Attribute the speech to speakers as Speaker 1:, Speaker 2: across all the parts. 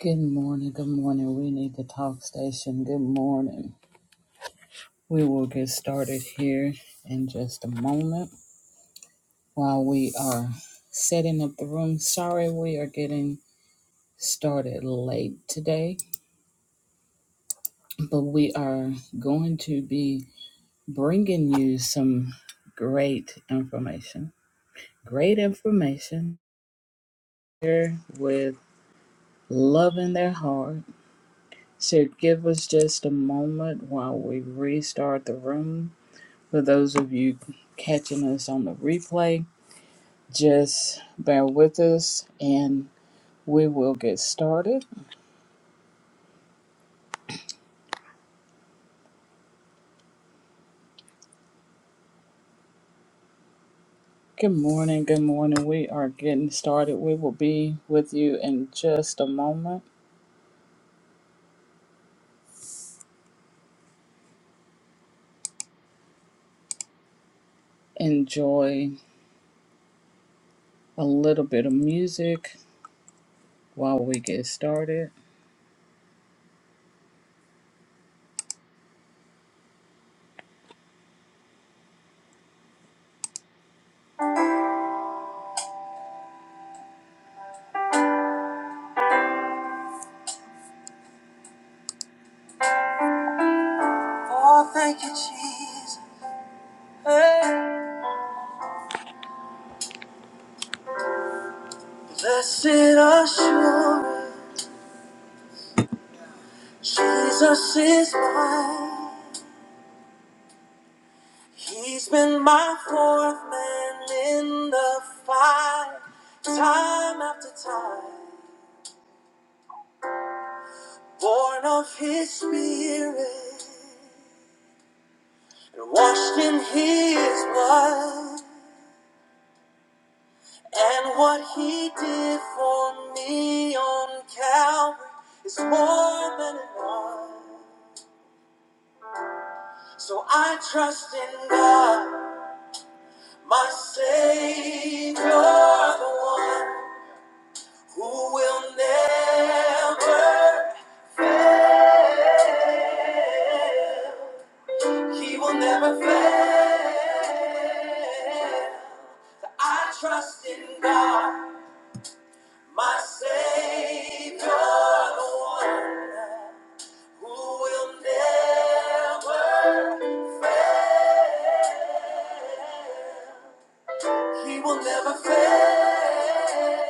Speaker 1: Good morning, good morning. We need the talk station. Good morning. We will get started here in just a moment while we are setting up the room. Sorry, we are getting started late today, but we are going to be bringing you some great information. Great information here with love in their heart. So give us just a moment while we restart the room For those of you catching us on the replay, just bear with us and we will get started. Good morning, good morning. We are getting started. We will be with you in just a moment. Enjoy a little bit of music while we get started. Oh, thank you, Jesus. Hey. Blessed assurance, Jesus is mine. He's been my fourth man in the fight, time after time, born of his spirit and washed in his blood. And what he did for me on Calvary is more than enough. So I trust in God, my Savior, the one who will never. He will never fail. I trust in God, my Savior, the one who will never fail. He will never fail.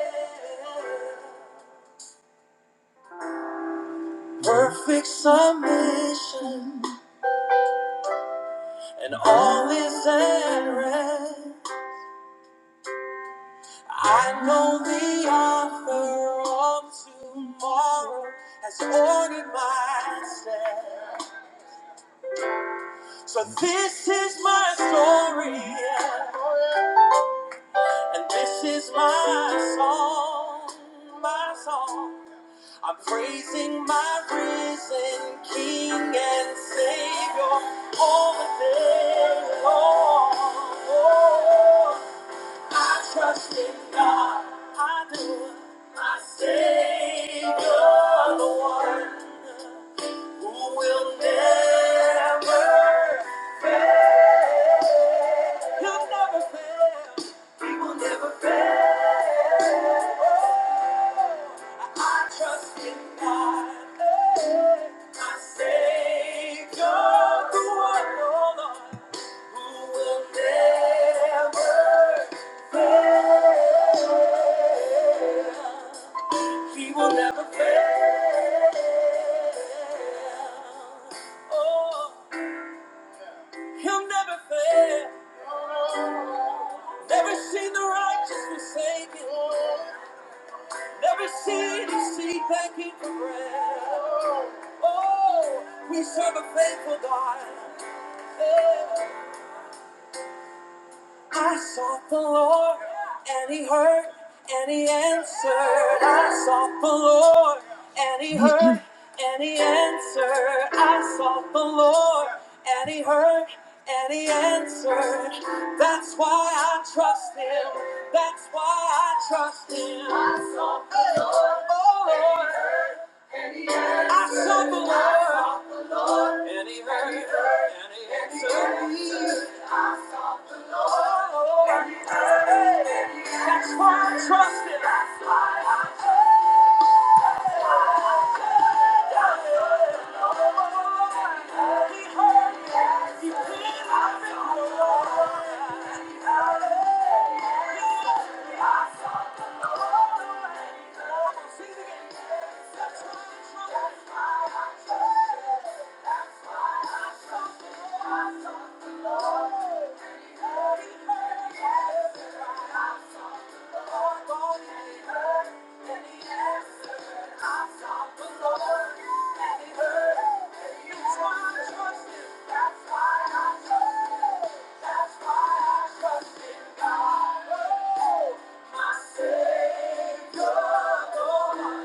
Speaker 1: Perfect submission, and all is at rest. I know the author of tomorrow has ordered my steps. So this is my story, yeah, and this is my song, my song. I'm praising my risen King and Savior all the day long. I trust in God. I do. My Savior, the one who will never fail. He'll never fail. I trust in God, my Savior, the one, oh who will never fail. He will never fail. Oh, he'll never fail. Never seen the righteous forsaken. Never seen his seed begging for bread. Oh, oh, we serve a faithful God. Yeah. I sought the Lord, and He heard, and He answered. I sought the Lord, and He heard, and He answered. I sought the Lord, and He heard, and He answered. That's why I trust Him. That's why I trust Him. I sought the Lord. Oh Lord. I sought the Lord. Any hurt, any heard, I he answered me. Oh, Lord. any hurt. Hey, That's why I trusted. That's why trust him. That's why I trust the Lord. Savior, God will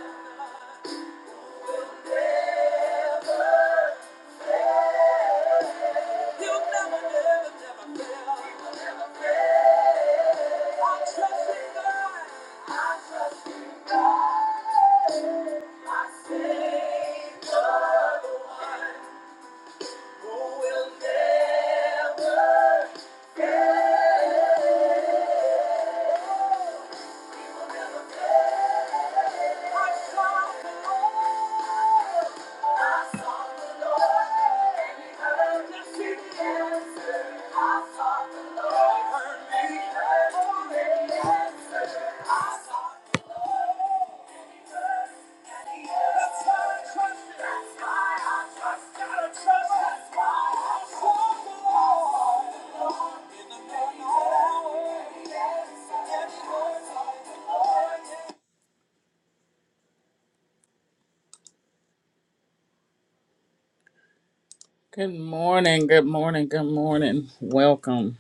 Speaker 1: never. You'll never, never, never fail. I trust in God. I trust in God. My Savior, the one who will never. I saw the Lord. I saw the Lord, and He heard us. He heard me. He heard me. I saw the Lord. Good morning, good morning, good morning. Welcome.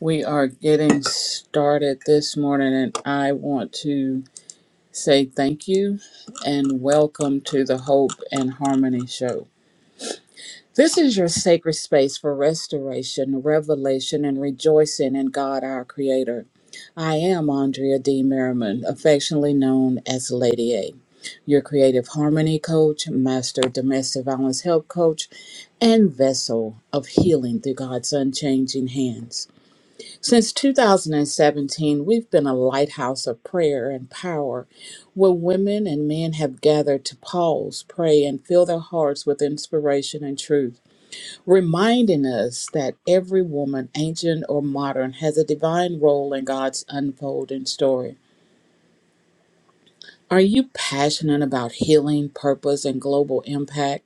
Speaker 1: We are getting started this morning, and I want to say thank you and welcome to the Hope and Harmony Show. This is your sacred space for restoration, revelation, and rejoicing in God our Creator. I am Andrea D. Merriman, affectionately known as Lady A, your creative harmony coach, master domestic violence help coach, and vessel of healing through God's unchanging hands. Since 2017, we've been a lighthouse of prayer and power where women and men have gathered to pause, pray, and fill their hearts with inspiration and truth reminding us that every woman, ancient or modern, has a divine role in God's unfolding story. Are you passionate about healing, purpose, and global impact?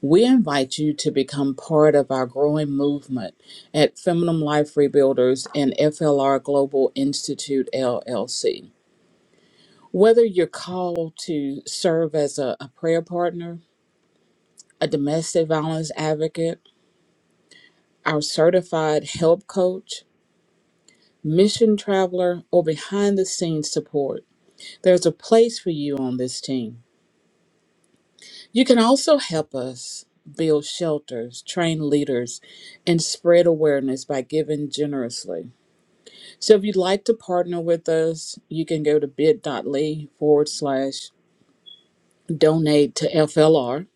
Speaker 1: We invite you to become part of our growing movement at Feminine Life Rebuilders and FLR Global Institute LLC. Whether you're called to serve as a, a prayer partner, a domestic violence advocate, our certified help coach, mission traveler, or behind the scenes support. There's a place for you on this team. You can also help us build shelters, train leaders, and spread awareness by giving generously. So if you'd like to partner with us, you can go to bit.ly forward slash donate to FLR.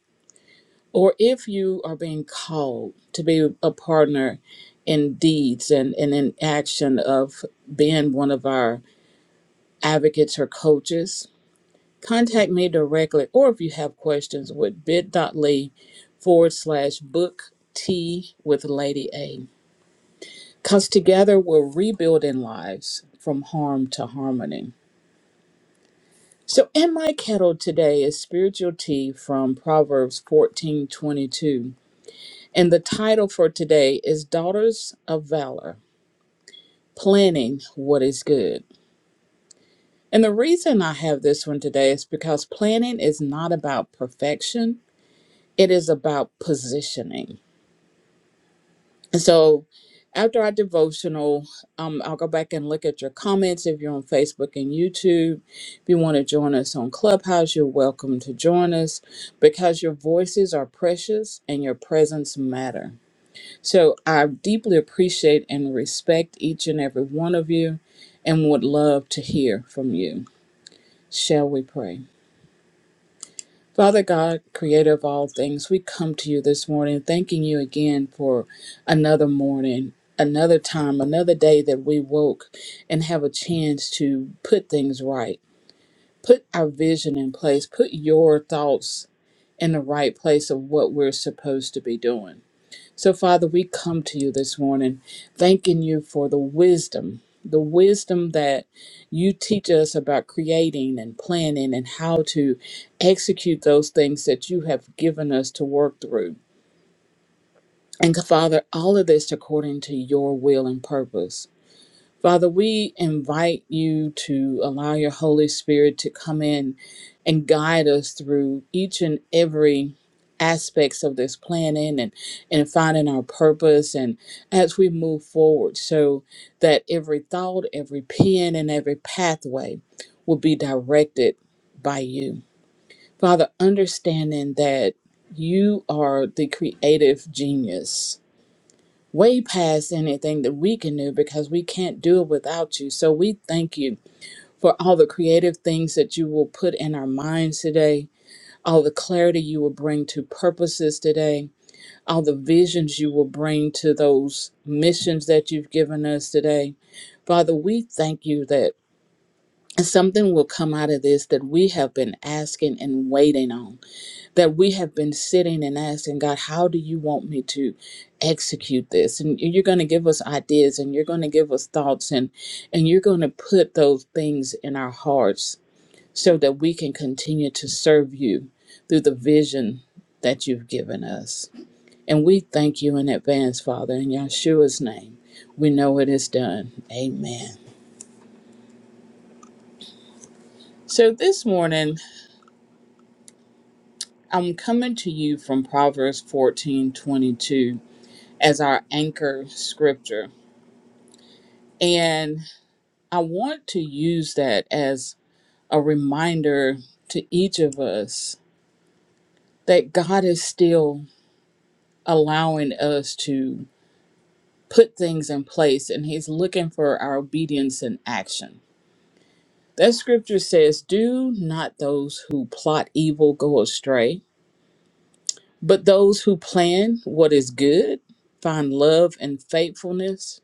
Speaker 1: Or if you are being called to be a partner in deeds and, and in action of being one of our advocates or coaches, Contact me directly, or if you have questions, with bit.ly forward slash book tea with Lady A. Because together we're rebuilding lives from harm to harmony. So, in my kettle today is spiritual tea from Proverbs fourteen twenty two, And the title for today is Daughters of Valor Planning What is Good. And the reason I have this one today is because planning is not about perfection, it is about positioning. And so after our devotional, um, I'll go back and look at your comments if you're on Facebook and YouTube. If you want to join us on Clubhouse, you're welcome to join us because your voices are precious and your presence matter. So I deeply appreciate and respect each and every one of you and would love to hear from you. Shall we pray? Father God, creator of all things, we come to you this morning, thanking you again for another morning, another time, another day that we woke and have a chance to put things right, put our vision in place, put your thoughts in the right place of what we're supposed to be doing. So, Father, we come to you this morning thanking you for the wisdom, the wisdom that you teach us about creating and planning and how to execute those things that you have given us to work through. And Father, all of this according to your will and purpose. Father, we invite you to allow your Holy Spirit to come in and guide us through each and every aspects of this planning and, and finding our purpose and as we move forward so that every thought, every pen, and every pathway will be directed by you. Father, understanding that you are the creative genius way past anything that we can do because we can't do it without you. So we thank you for all the creative things that you will put in our minds today, all the clarity you will bring to purposes today, all the visions you will bring to those missions that you've given us today. Father, we thank you that something will come out of this that we have been asking and waiting on that we have been sitting and asking God, how do you want me to execute this? And you're going to give us ideas and you're going to give us thoughts and and you're going to put those things in our hearts so that we can continue to serve you through the vision that you've given us. And we thank you in advance, Father, in Yeshua's name. We know it is done. Amen. So this morning, I'm coming to you from Proverbs 14:22 as our anchor scripture. And I want to use that as a reminder to each of us that God is still allowing us to put things in place and He's looking for our obedience and action. That scripture says, Do not those who plot evil go astray, but those who plan what is good find love and faithfulness.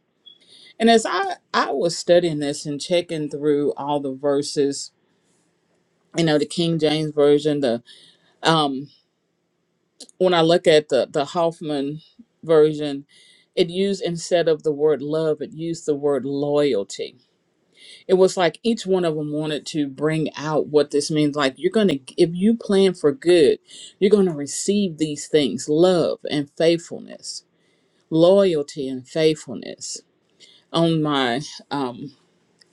Speaker 1: And as I, I was studying this and checking through all the verses, you know, the King James Version, the um, when I look at the the Hoffman version, it used instead of the word love, it used the word loyalty. It was like each one of them wanted to bring out what this means. Like you're gonna, if you plan for good, you're gonna receive these things: love and faithfulness, loyalty and faithfulness. On my um,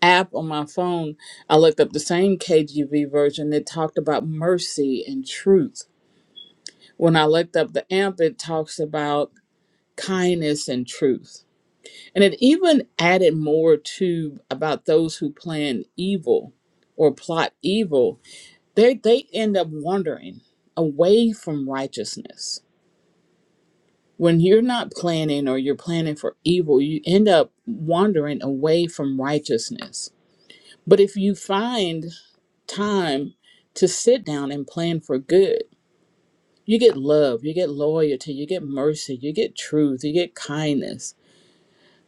Speaker 1: app on my phone, I looked up the same KJV version that talked about mercy and truth When I looked up the AMP, it talks about kindness and truth. And it even added more to about those who plan evil or plot evil. They, they end up wandering away from righteousness. When you're not planning or you're planning for evil, you end up wandering away from righteousness. But if you find time to sit down and plan for good, you get love, you get loyalty, you get mercy, you get truth, you get kindness.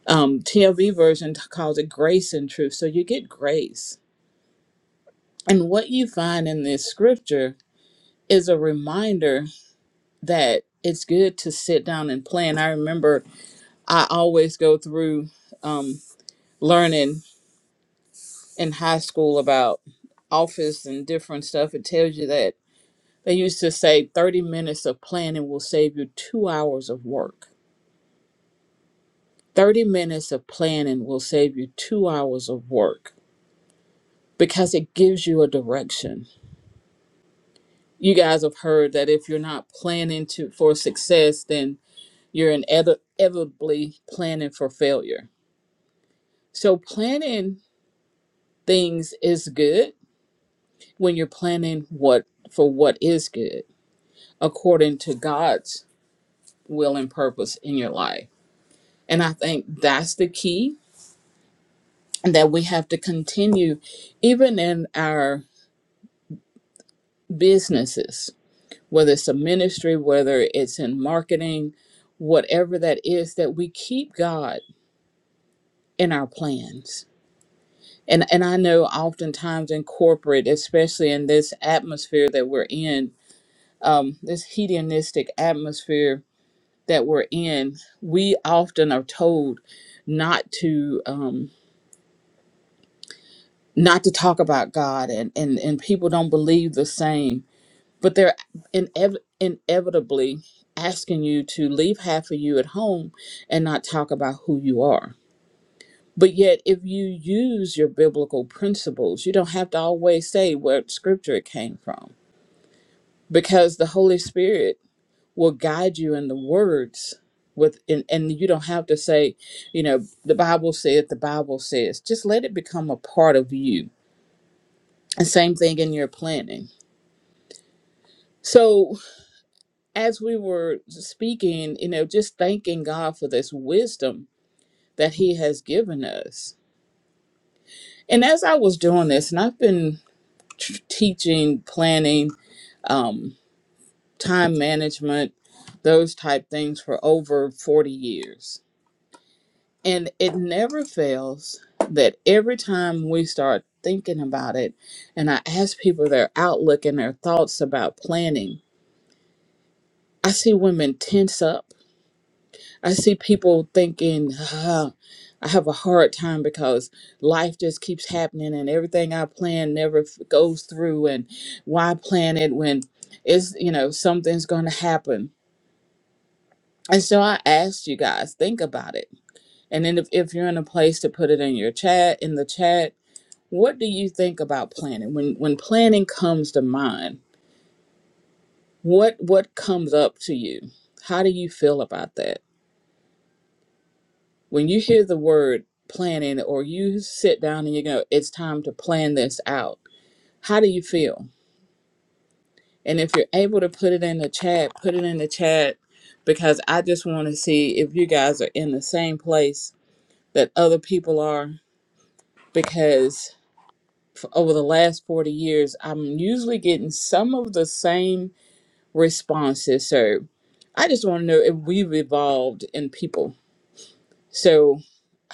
Speaker 1: Um, TLV version t- calls it grace and truth. So you get grace. And what you find in this scripture is a reminder that it's good to sit down and plan. I remember I always go through um, learning in high school about office and different stuff. It tells you that they used to say 30 minutes of planning will save you two hours of work 30 minutes of planning will save you two hours of work because it gives you a direction. You guys have heard that if you're not planning to for success, then you're inevit- inevitably planning for failure. So planning things is good when you're planning what for what is good according to God's will and purpose in your life. And I think that's the key that we have to continue even in our businesses whether it's a ministry, whether it's in marketing, whatever that is, that we keep God in our plans. And, and I know oftentimes in corporate, especially in this atmosphere that we're in, um, this hedonistic atmosphere that we're in, we often are told not to um, not to talk about God, and, and and people don't believe the same but they're inev- inevitably asking you to leave half of you at home and not talk about who you are. But yet, if you use your biblical principles, you don't have to always say what scripture it came from because the Holy Spirit will guide you in the words. With, and, and you don't have to say, you know, the Bible says, the Bible says. Just let it become a part of you. And same thing in your planning. So as we were speaking, you know, just thanking God for this wisdom that He has given us. And as I was doing this, and I've been t- teaching, planning, um, time management, those type things for over 40 years. And it never fails that every time we start thinking about it, and I ask people their outlook and their thoughts about planning, I see women tense up I see people thinking, "Ah, I have a hard time because life just keeps happening and everything I plan never f- goes through. And why plan it when it's, you know, something's going to happen? And so I asked you guys, think about it. And then if, if you're in a place to put it in your chat, in the chat, what do you think about planning? When when planning comes to mind, what what comes up to you? How do you feel about that? when you hear the word planning or you sit down and you go it's time to plan this out how do you feel and if you're able to put it in the chat put it in the chat because i just want to see if you guys are in the same place that other people are because f- over the last 40 years i'm usually getting some of the same responses so i just want to know if we've evolved in people so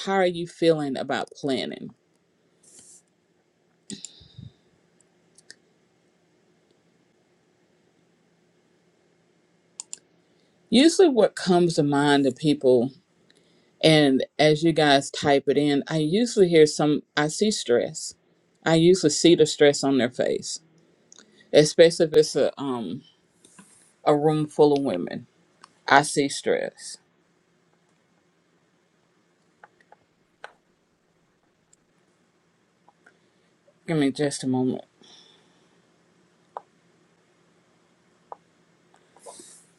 Speaker 1: how are you feeling about planning Usually, what comes to mind to people, and as you guys type it in, I usually hear some, I see stress. I usually see the stress on their face, especially if it's a, um, a room full of women. I see stress. Give me just a moment.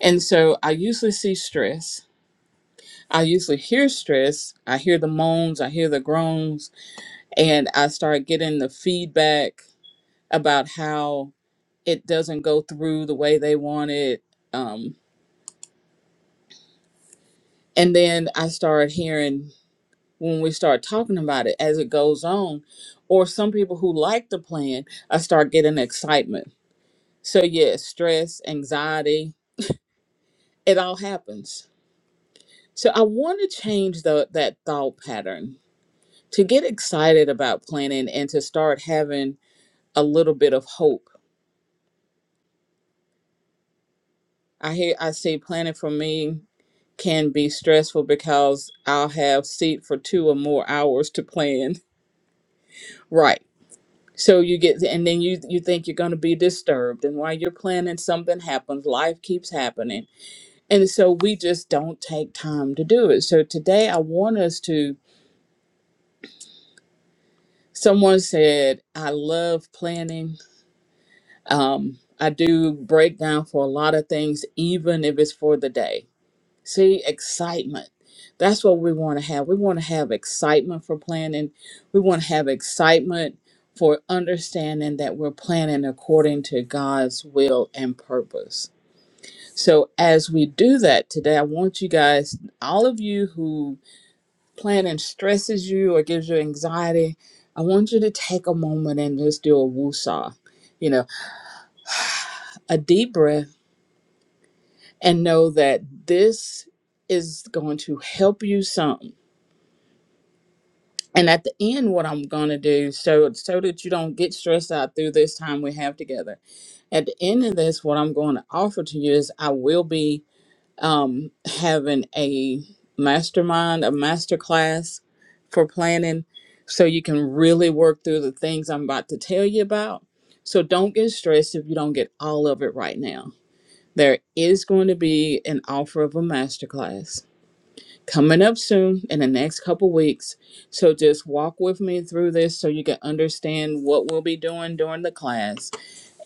Speaker 1: And so I usually see stress. I usually hear stress. I hear the moans, I hear the groans, and I start getting the feedback about how it doesn't go through the way they want it. Um, And then I started hearing when we start talking about it as it goes on, or some people who like the plan, I start getting excitement. So, yes, stress, anxiety, it all happens. So, I want to change the, that thought pattern to get excited about planning and to start having a little bit of hope. I hear, I see planning for me can be stressful because I'll have seat for two or more hours to plan. Right So you get, and then you you think you're going to be disturbed, and while you're planning, something happens. Life keeps happening, and so we just don't take time to do it. So today, I want us to. Someone said, "I love planning. Um, I do breakdown for a lot of things, even if it's for the day." See, excitement. That's what we want to have. We want to have excitement for planning. We want to have excitement for understanding that we're planning according to God's will and purpose. So, as we do that today, I want you guys, all of you who planning stresses you or gives you anxiety, I want you to take a moment and just do a woosah, you know, a deep breath and know that this is going to help you some And at the end, what I'm going to do, so so that you don't get stressed out through this time we have together. At the end of this, what I'm going to offer to you is I will be um, having a mastermind, a master class for planning, so you can really work through the things I'm about to tell you about. So don't get stressed if you don't get all of it right now. There is going to be an offer of a masterclass coming up soon in the next couple weeks. So just walk with me through this so you can understand what we'll be doing during the class.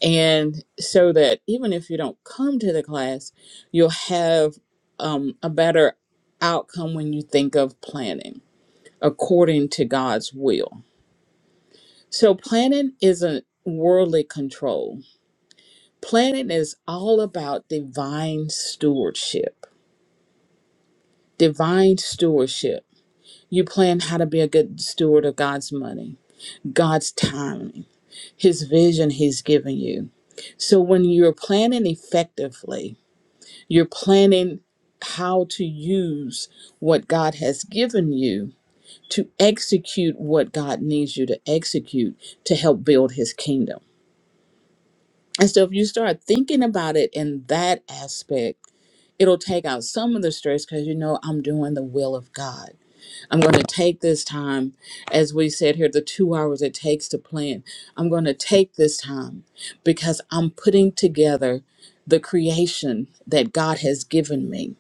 Speaker 1: And so that even if you don't come to the class, you'll have um, a better outcome when you think of planning according to God's will. So planning isn't worldly control. Planning is all about divine stewardship. Divine stewardship You plan how to be a good steward of God's money, God's timing, His vision He's given you. So when you're planning effectively, you're planning how to use what God has given you to execute what God needs you to execute to help build His kingdom. And so if you start thinking about it in that aspect, it'll take out some of the stress because you know I'm doing the will of God. I'm going to take this time, as we said here, the two hours it takes to plan. I'm going to take this time because I'm putting together the creation that God has given me.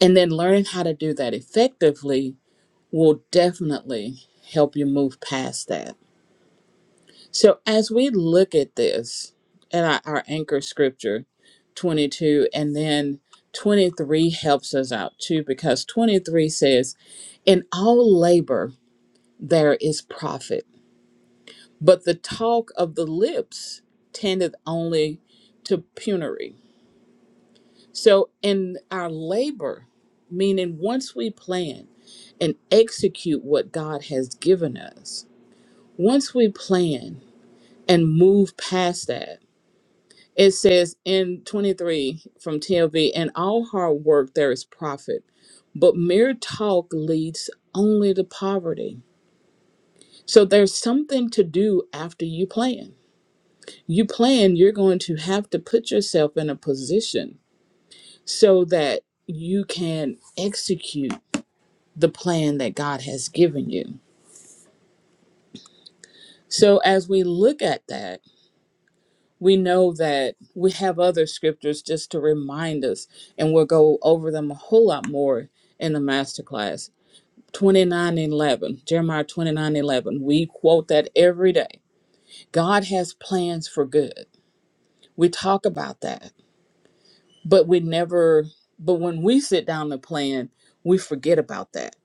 Speaker 1: And then learning how to do that effectively will definitely help you move past that. So, as we look at this, at our, our anchor scripture 22, and then 23 helps us out too, because 23 says, In all labor, there is profit. But the talk of the lips tendeth only to penury. So in our labor, meaning once we plan and execute what God has given us, once we plan and move past that, it says in 23 from TLV, in all hard work there is profit, but mere talk leads only to poverty. So there's something to do after you plan you plan, you're going to have to put yourself in a position so that you can execute the plan that God has given you. So, as we look at that, we know that we have other scriptures just to remind us, and we'll go over them a whole lot more in the masterclass. 29 11, Jeremiah 29 11. We quote that every day. God has plans for good. We talk about that. but we never but when we sit down to plan we forget about that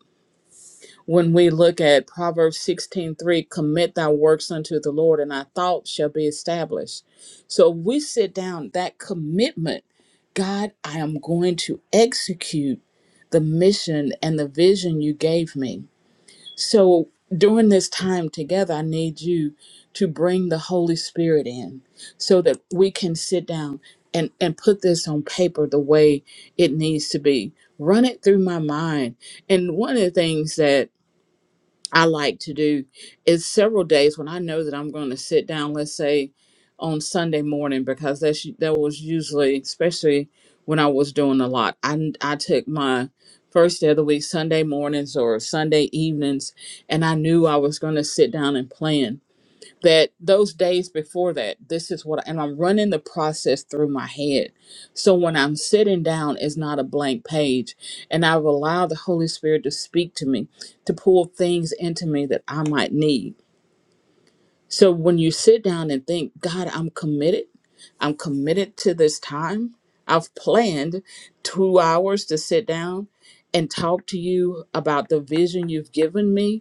Speaker 1: when we look at proverbs 16 3, commit thy works unto the lord and thy thoughts shall be established so we sit down that commitment god i am going to execute the mission and the vision you gave me so during this time together, I need you to bring the Holy Spirit in so that we can sit down and, and put this on paper the way it needs to be. Run it through my mind. And one of the things that I like to do is several days when I know that I'm going to sit down, let's say on Sunday morning, because that's that was usually, especially when I was doing a lot. I I took my first day of the week Sunday mornings or Sunday evenings, and I knew I was going to sit down and plan that those days before that this is what and i'm running the process through my head so when i'm sitting down it's not a blank page and i've allowed the holy spirit to speak to me to pull things into me that i might need so when you sit down and think god i'm committed i'm committed to this time i've planned two hours to sit down and talk to you about the vision you've given me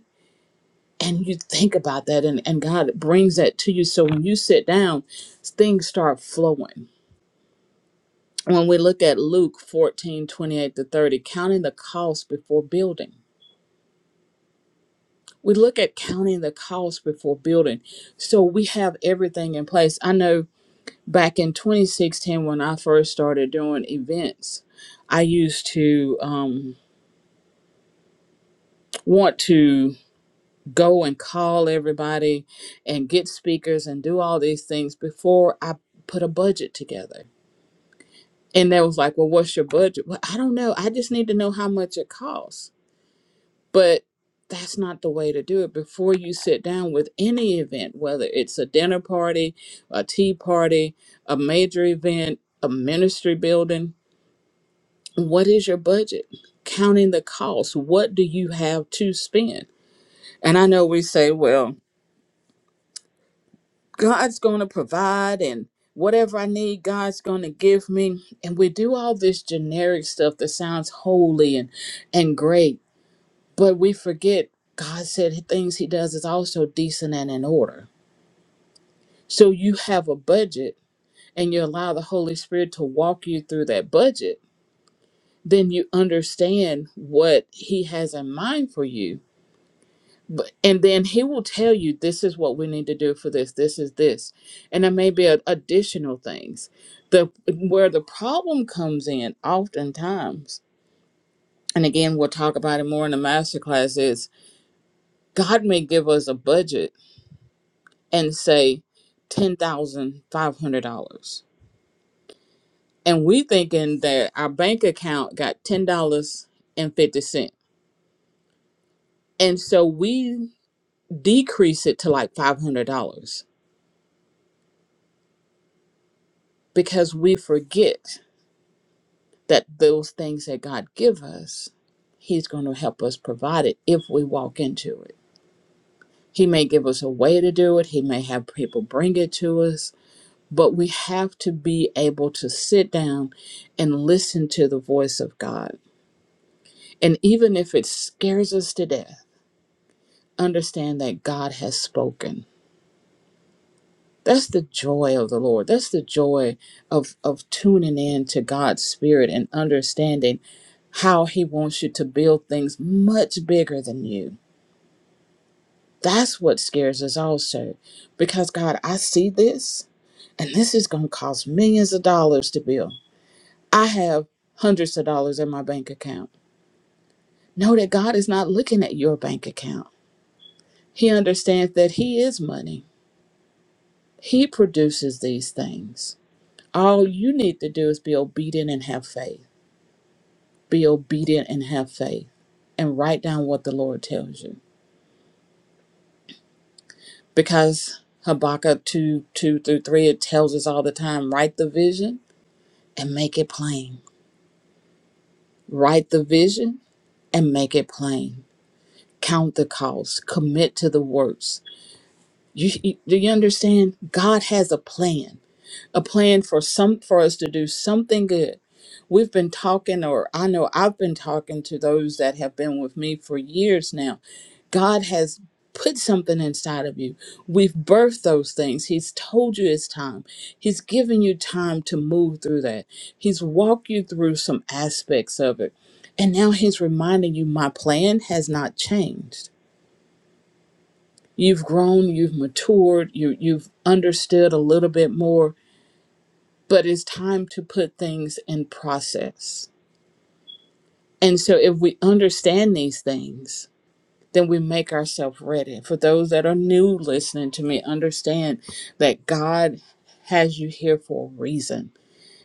Speaker 1: and you think about that and, and god brings that to you so when you sit down things start flowing when we look at luke 14 28 to 30 counting the cost before building we look at counting the cost before building so we have everything in place i know back in 2016 when i first started doing events i used to um, want to go and call everybody and get speakers and do all these things before I put a budget together. And they was like, Well, what's your budget? Well, I don't know. I just need to know how much it costs. But that's not the way to do it. Before you sit down with any event, whether it's a dinner party, a tea party, a major event, a ministry building, what is your budget? Counting the cost. What do you have to spend? And I know we say, well, God's going to provide and whatever I need, God's going to give me. And we do all this generic stuff that sounds holy and, and great, but we forget God said things He does is also decent and in order. So you have a budget and you allow the Holy Spirit to walk you through that budget, then you understand what He has in mind for you But, and then he will tell you this is what we need to do for this this is this and there may be a, additional things the where the problem comes in oftentimes and again we'll talk about it more in the master class is god may give us a budget and say $10500 and we thinking that our bank account got $10.50 and fifty cent, and so we decrease it to like $500 because we forget that those things that God give us, He's going to help us provide it if we walk into it. He may give us a way to do it. He may have people bring it to us, but we have to be able to sit down and listen to the voice of God. And even if it scares us to death, understand that God has spoken That's the joy of the Lord. That's the joy of, of tuning in to God's Spirit and understanding how He wants you to build things much bigger than you. That's what scares us also. Because, God, I see this, and this is going to cost millions of dollars to build. I have hundreds of dollars in my bank account. Know that God is not looking at your bank account, He understands that He is money, He produces these things. All you need to do is be obedient and have faith. be obedient and have faith and write down what the Lord tells you. Because Habakkuk 2 2 through 3, it tells us all the time write the vision and make it plain. Write the vision and make it plain. Count the cost, commit to the works. You, you- do you understand? God has a plan a plan for some for us to do something good. We've been talking or I know I've been talking to those that have been with me for years now. God has put something inside of you. We've birthed those things. He's told you it's time. He's given you time to move through that. He's walked you through some aspects of it. And now he's reminding you my plan has not changed. You've grown, you've matured, you you've understood a little bit more but it's time to put things in process. And so if we understand these things, then we make ourselves ready. For those that are new listening to me, understand that God has you here for a reason.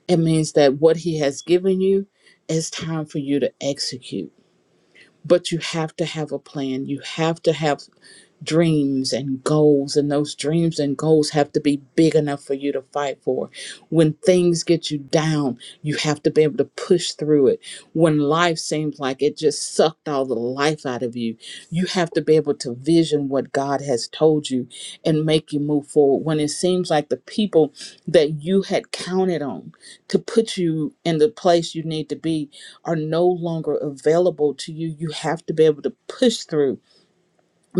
Speaker 1: It means that what He has given you, it's time for you to execute. But you have to have a plan. You have to have dreams and goals and those dreams and goals have to be big enough for you to fight for when things get you down you have to be able to push through it when life seems like it just sucked all the life out of you you have to be able to vision what god has told you and make you move forward when it seems like the people that you had counted on to put you in the place you need to be are no longer available to you you have to be able to push through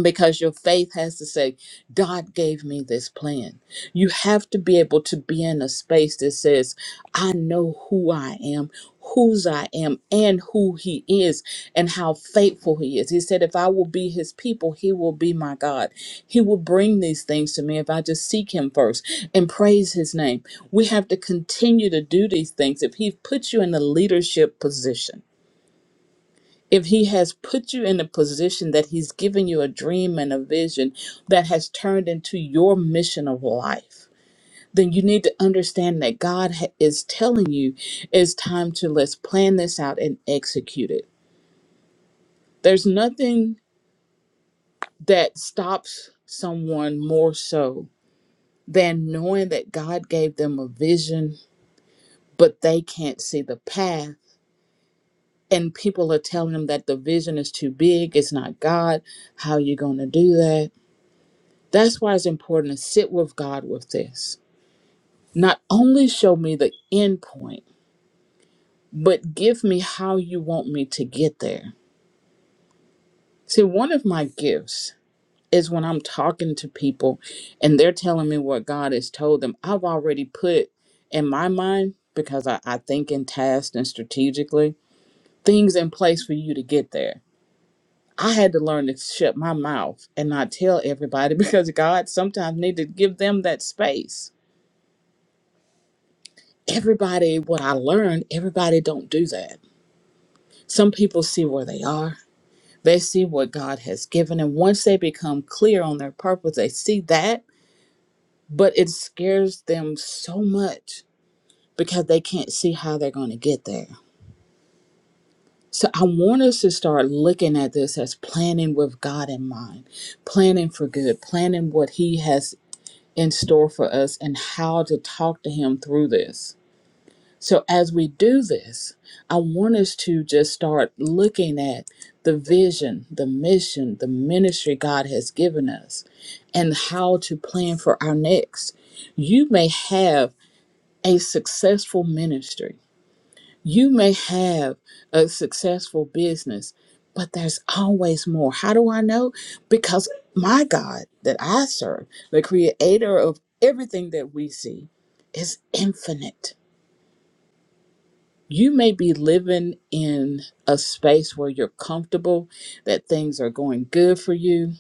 Speaker 1: because your faith has to say, God gave me this plan. You have to be able to be in a space that says, I know who I am, whose I am, and who He is, and how faithful He is. He said, If I will be His people, He will be my God. He will bring these things to me if I just seek Him first and praise His name. We have to continue to do these things. If He puts you in a leadership position, if he has put you in a position that he's given you a dream and a vision that has turned into your mission of life then you need to understand that god ha- is telling you it's time to let's plan this out and execute it there's nothing that stops someone more so than knowing that god gave them a vision but they can't see the path and people are telling them that the vision is too big it's not god how are you going to do that That's why it's important to sit with God with this. Not only show me the end point, but give me how you want me to get there. See, one of my gifts is when I'm talking to people and they're telling me what God has told them, I've already put in my mind, because I, I think in tasks and strategically, things in place for you to get there. I had to learn to shut my mouth and not tell everybody because God sometimes needed to give them that space everybody what i learned everybody don't do that some people see where they are they see what god has given and once they become clear on their purpose they see that but it scares them so much because they can't see how they're going to get there so i want us to start looking at this as planning with god in mind planning for good planning what he has in store for us and how to talk to him through this So, as we do this, I want us to just start looking at the vision, the mission, the ministry God has given us, and how to plan for our next. You may have a successful ministry, you may have a successful business, but there's always more. How do I know? Because my God that I serve, the creator of everything that we see, is infinite you may be living in a space where you're comfortable, that things are going good for you,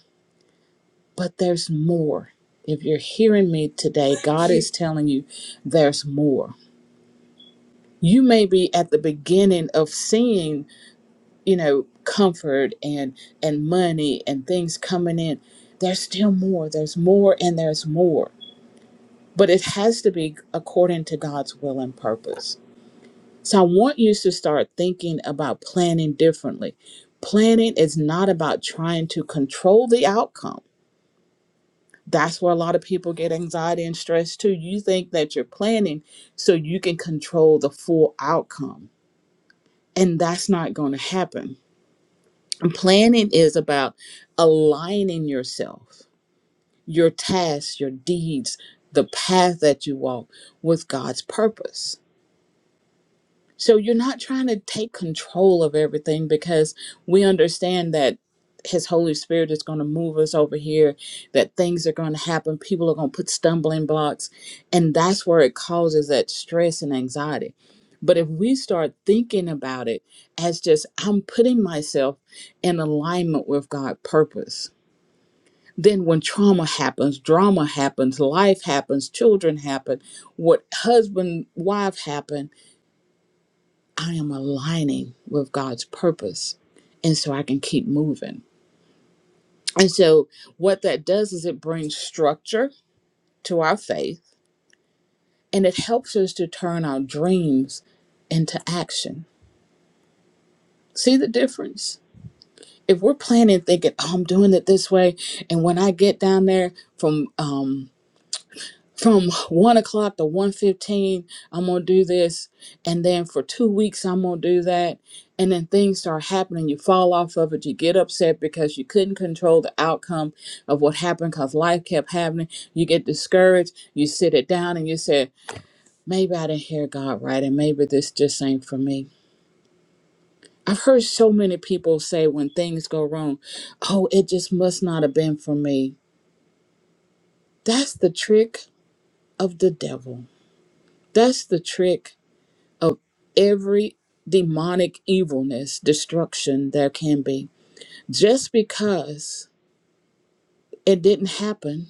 Speaker 1: but there's more. If you're hearing me today, God is telling you there's more. You may be at the beginning of seeing, you know, comfort and and money and things coming in. There's still more. There's more and there's more. But it has to be according to God's will and purpose. So I want you to start thinking about planning differently. Planning is not about trying to control the outcome. That's where a lot of people get anxiety and stress too. You think that you're planning so you can control the full outcome, and that's not going to happen. And planning is about aligning yourself, your tasks, your deeds, the path that you walk with God's purpose. So you're not trying to take control of everything because we understand that His Holy Spirit is going to move us over here, that things are going to happen, people are going to put stumbling blocks. And that's where it causes that stress and anxiety. But if we start thinking about it as just, I'm putting myself in alignment with God's purpose. Then, when trauma happens, drama happens, life happens, children happen, what husband, wife happen, I am aligning with God's purpose. And so I can keep moving. And so what that does is it brings structure to our faith and it helps us to turn our dreams into action. See the difference? If we're planning, thinking, oh, I'm doing it this way. And when I get down there from, um, from one o'clock to one fifteen, I'm gonna do this, and then for two weeks I'm gonna do that, and then things start happening. You fall off of it. You get upset because you couldn't control the outcome of what happened because life kept happening. You get discouraged. You sit it down and you say, maybe I didn't hear God right, and maybe this just ain't for me. I've heard so many people say when things go wrong, oh, it just must not have been for me. That's the trick of the devil. That's the trick of every demonic evilness, destruction there can be. Just because it didn't happen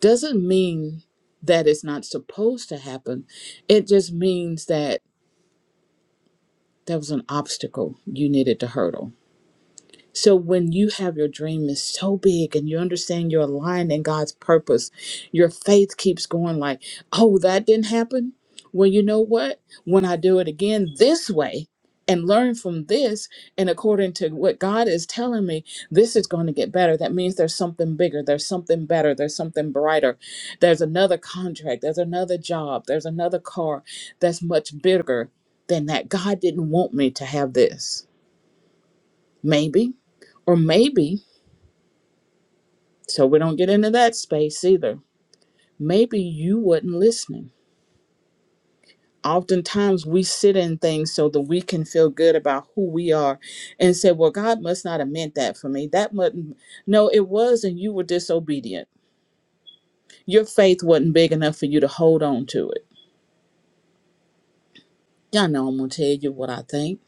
Speaker 1: doesn't mean that it's not supposed to happen. It just means that there was an obstacle you needed to hurdle So when you have your dream is so big and you understand you're aligned in God's purpose, your faith keeps going like, oh, that didn't happen. Well, you know what? When I do it again this way and learn from this, and according to what God is telling me, this is going to get better. That means there's something bigger, there's something better, there's something brighter. There's another contract, there's another job, there's another car that's much bigger than that. God didn't want me to have this. Maybe, or maybe So we don't get into that space either. Maybe you wasn't listening. Oftentimes we sit in things so that we can feel good about who we are and say, Well, God must not have meant that for me. That wasn't no, it was, and you were disobedient. Your faith wasn't big enough for you to hold on to it. Y'all know I'm gonna tell you what I think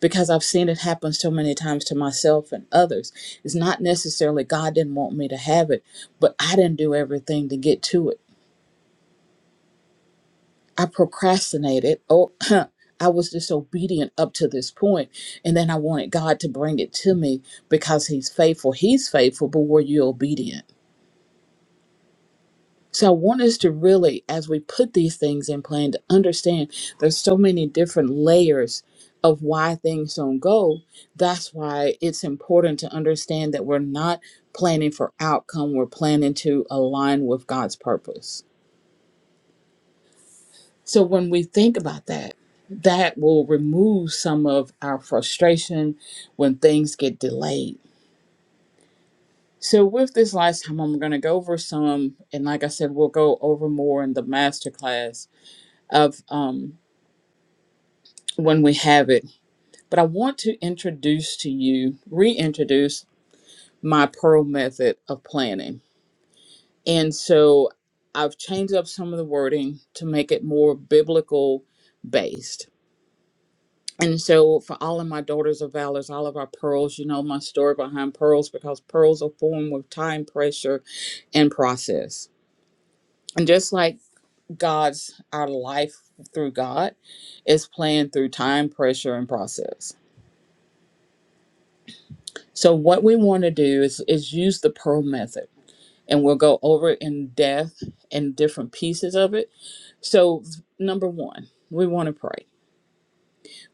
Speaker 1: because I've seen it happen so many times to myself and others. It's not necessarily God didn't want me to have it, but I didn't do everything to get to it. I procrastinated. Oh, I was disobedient up to this point, and then I wanted God to bring it to me because He's faithful. He's faithful, but were you obedient? So I want us to really, as we put these things in plan, to understand there's so many different layers of why things don't go. That's why it's important to understand that we're not planning for outcome. We're planning to align with God's purpose. So when we think about that, that will remove some of our frustration when things get delayed. So with this last time, I'm going to go over some, and like I said, we'll go over more in the masterclass of um, when we have it. But I want to introduce to you, reintroduce my Pearl method of planning, and so I've changed up some of the wording to make it more biblical based And so, for all of my daughters of valors, all of our pearls, you know my story behind pearls because pearls are formed with time, pressure, and process. And just like God's, our life through God is planned through time, pressure, and process. So, what we want to do is, is use the pearl method, and we'll go over it in depth and different pieces of it. So, number one, we want to pray.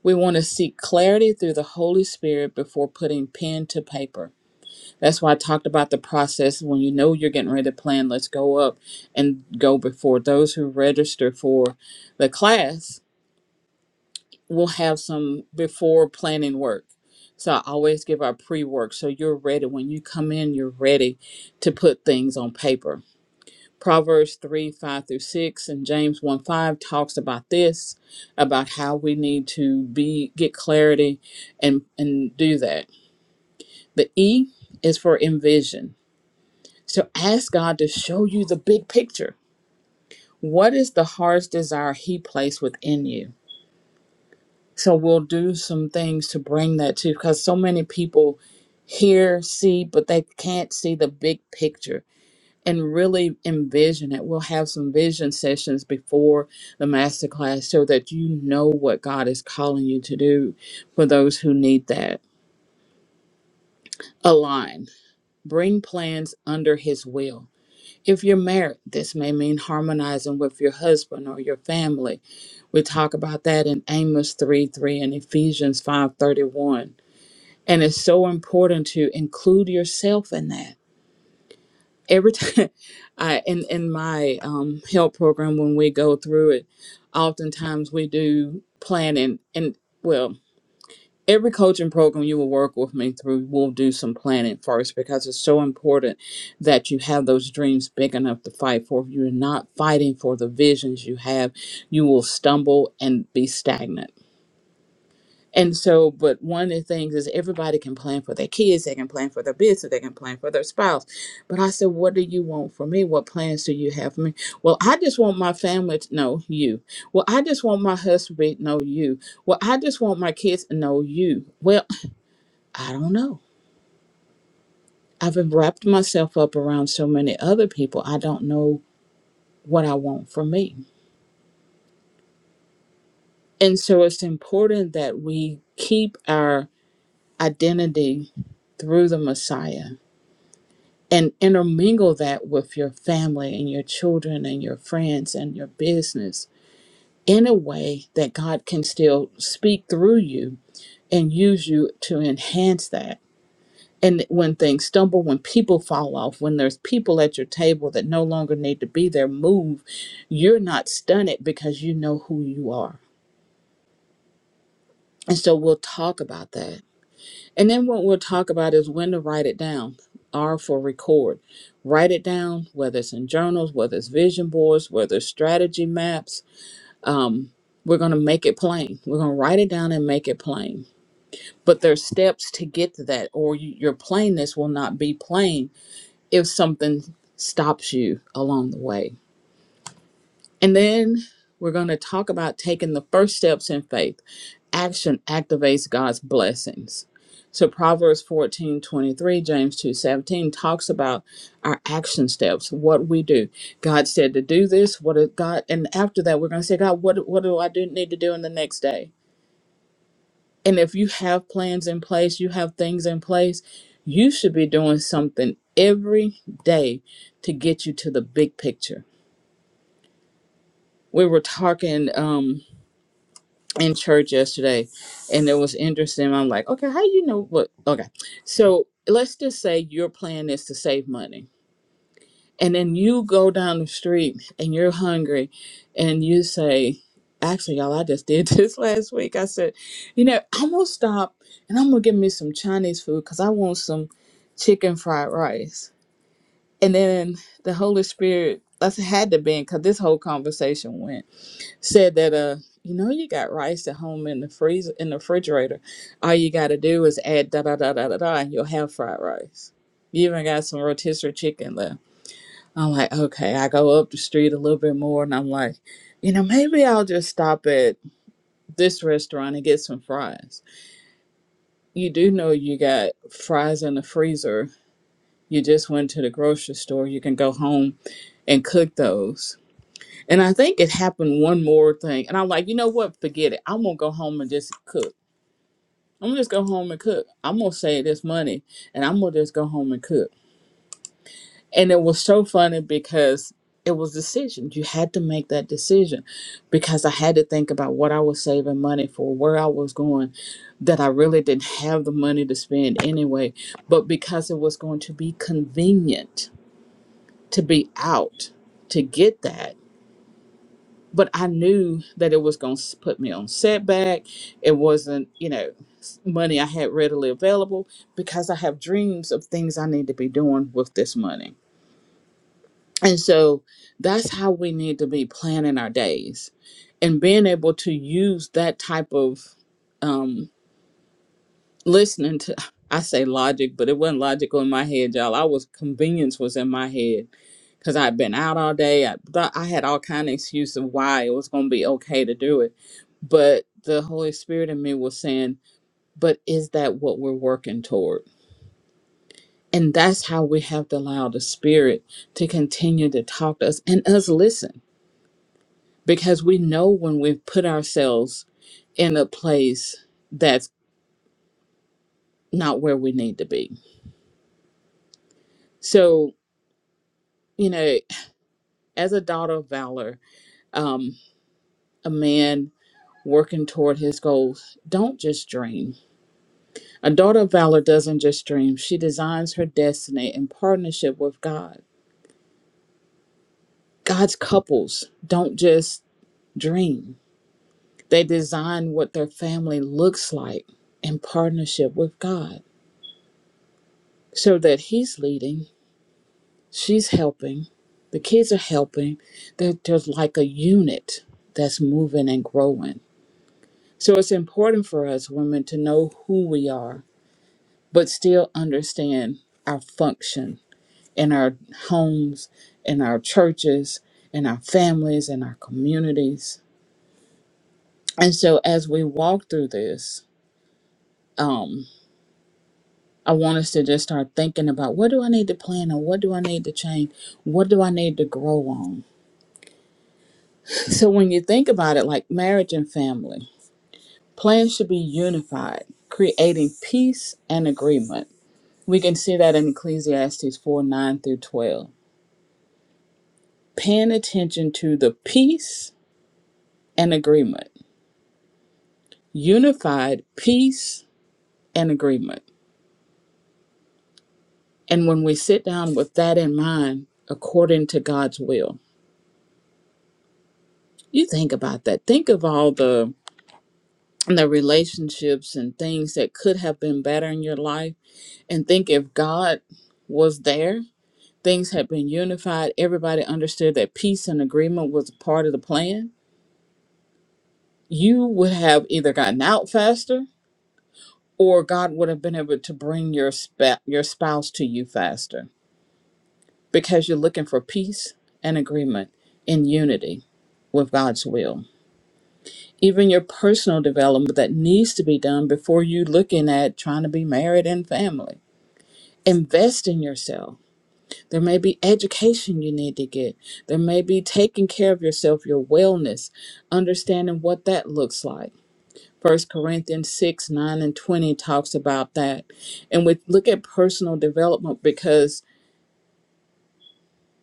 Speaker 1: We want to seek clarity through the Holy Spirit before putting pen to paper. That's why I talked about the process. When you know you're getting ready to plan, let's go up and go before. Those who register for the class will have some before planning work. So I always give our pre work. So you're ready. When you come in, you're ready to put things on paper. Proverbs 3 5 through 6 and James 1 5 talks about this, about how we need to be get clarity and, and do that. The E is for envision So ask God to show you the big picture. What is the heart's desire He placed within you? So we'll do some things to bring that to because so many people hear, see, but they can't see the big picture and really envision it. We'll have some vision sessions before the masterclass so that you know what God is calling you to do for those who need that. Align, bring plans under His will If you're married, this may mean harmonizing with your husband or your family. We talk about that in Amos 3 3 and Ephesians five thirty one. And it's so important to include yourself in that. Every time I in, in my um help program when we go through it, oftentimes we do planning and well every coaching program you will work with me through will do some planning first because it's so important that you have those dreams big enough to fight for. If you're not fighting for the visions you have, you will stumble and be stagnant. And so, but one of the things is everybody can plan for their kids, they can plan for their business, they can plan for their spouse. But I said, What do you want for me? What plans do you have for me? Well, I just want my family to know you. Well, I just want my husband to know you. Well, I just want my kids to know you. Well, I don't know. I've wrapped myself up around so many other people. I don't know what I want for me. And so it's important that we keep our identity through the Messiah and intermingle that with your family and your children and your friends and your business in a way that God can still speak through you and use you to enhance that and when things stumble when people fall off when there's people at your table that no longer need to be there move you're not stunned because you know who you are and so we'll talk about that and then what we'll talk about is when to write it down r for record write it down whether it's in journals whether it's vision boards whether it's strategy maps um, we're going to make it plain we're going to write it down and make it plain but there's steps to get to that or you, your plainness will not be plain if something stops you along the way. And then we're going to talk about taking the first steps in faith. Action activates God's blessings. So Proverbs 14 23, James 2 17 talks about our action steps, what we do. God said to do this, what did God and after that we're gonna say, God, what what do I do need to do in the next day? And if you have plans in place, you have things in place, you should be doing something every day to get you to the big picture. We were talking um, in church yesterday, and it was interesting. I'm like, okay, how do you know what? Okay, so let's just say your plan is to save money And then you go down the street and you're hungry and you say, Actually, y'all, I just did this last week. I said, You know, I'm going to stop and I'm going to get me some Chinese food because I want some chicken fried rice. And then the Holy Spirit, that's had to be because this whole conversation went, said that, uh, you know, you got rice at home in the freezer, in the refrigerator. All you got to do is add da da da da da da, and you'll have fried rice. You even got some rotisserie chicken left I'm like, okay, I go up the street a little bit more and I'm like, you know, maybe I'll just stop at this restaurant and get some fries. You do know you got fries in the freezer. You just went to the grocery store. You can go home and cook those. And I think it happened one more thing. And I'm like, you know what? Forget it. I'm going to go home and just cook. I'm going to just go home and cook. I'm going to save this money and I'm going to just go home and cook. And it was so funny because it was decisions. You had to make that decision because I had to think about what I was saving money for, where I was going, that I really didn't have the money to spend anyway. But because it was going to be convenient to be out to get that. But I knew that it was going to put me on setback. It wasn't, you know, s- money I had readily available because I have dreams of things I need to be doing with this money And so that's how we need to be planning our days and being able to use that type of um, listening to, I say logic, but it wasn't logical in my head, y'all. I was, convenience was in my head because I'd been out all day. I thought I had all kind of excuses of why it was going to be okay to do it. But the Holy Spirit in me was saying, but is that what we're working toward? And that's how we have to allow the Spirit to continue to talk to us and us listen because we know when we put ourselves in a place that's not where we need to be. So, you know, as a daughter of valor, um, a man working toward his goals, don't just dream. A daughter of valor doesn't just dream, she designs her destiny in partnership with God. God's couples don't just dream, they design what their family looks like in partnership with God so that He's leading She's helping. The kids are helping. They're, they're like a unit that's moving and growing. So it's important for us women to know who we are, but still understand our function in our homes, in our churches, in our families, in our communities. And so as we walk through this, um, I want us to just start thinking about what do I need to plan on? What do I need to change? What do I need to grow on? So when you think about it, like marriage and family, plans should be unified, creating peace and agreement. We can see that in Ecclesiastes 4 9 through 12. Paying attention to the peace and agreement, unified peace and agreement. And when we sit down with that in mind, according to God's will, you think about that. Think of all the the relationships and things that could have been better in your life and think if God was there Things had been unified. Everybody understood that peace and agreement was a part of the plan. You would have either gotten out faster or God would have been able to bring your, sp- your spouse to you faster because you're looking for peace and agreement in unity with God's will. Even your personal development that needs to be done before you looking at trying to be married and family. Invest in yourself There may be education you need to get. There may be taking care of yourself, your wellness, understanding what that looks like. First Corinthians 6, 9, and 20 talks about that. And we look at personal development because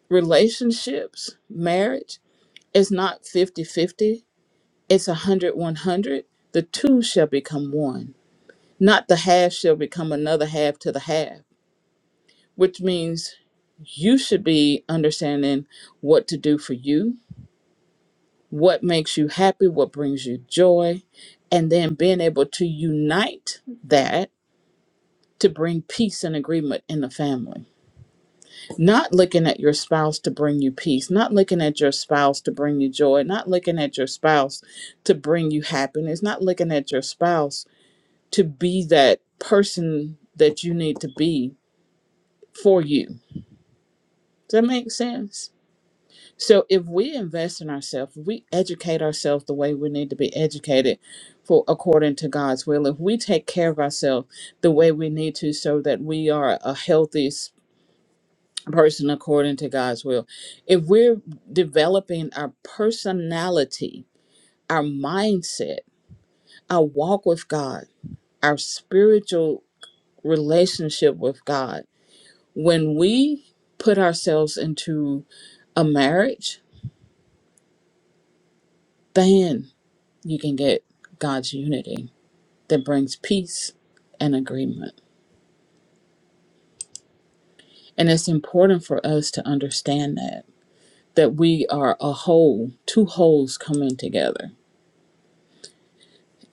Speaker 1: relationships, marriage, is not 50 50. it's 100 100. The two shall become one, not the half shall become another half to the half, which means you should be understanding what to do for you what makes you happy, what brings you joy, and then being able to unite that to bring peace and agreement in the family. Not looking at your spouse to bring you peace, not looking at your spouse to bring you joy, not looking at your spouse to bring you happiness, not looking at your spouse to be that person that you need to be for you. Does that make sense? So if we invest in ourselves, if we educate ourselves the way we need to be educated for according to God's will, if we take care of ourselves the way we need to so that we are a healthy s- person according to God's will, if we're developing our personality, our mindset, our walk with God, our spiritual relationship with God, when we put ourselves into a marriage, then you can get God's unity that brings peace and agreement. And it's important for us to understand that that we are a whole, two wholes coming together.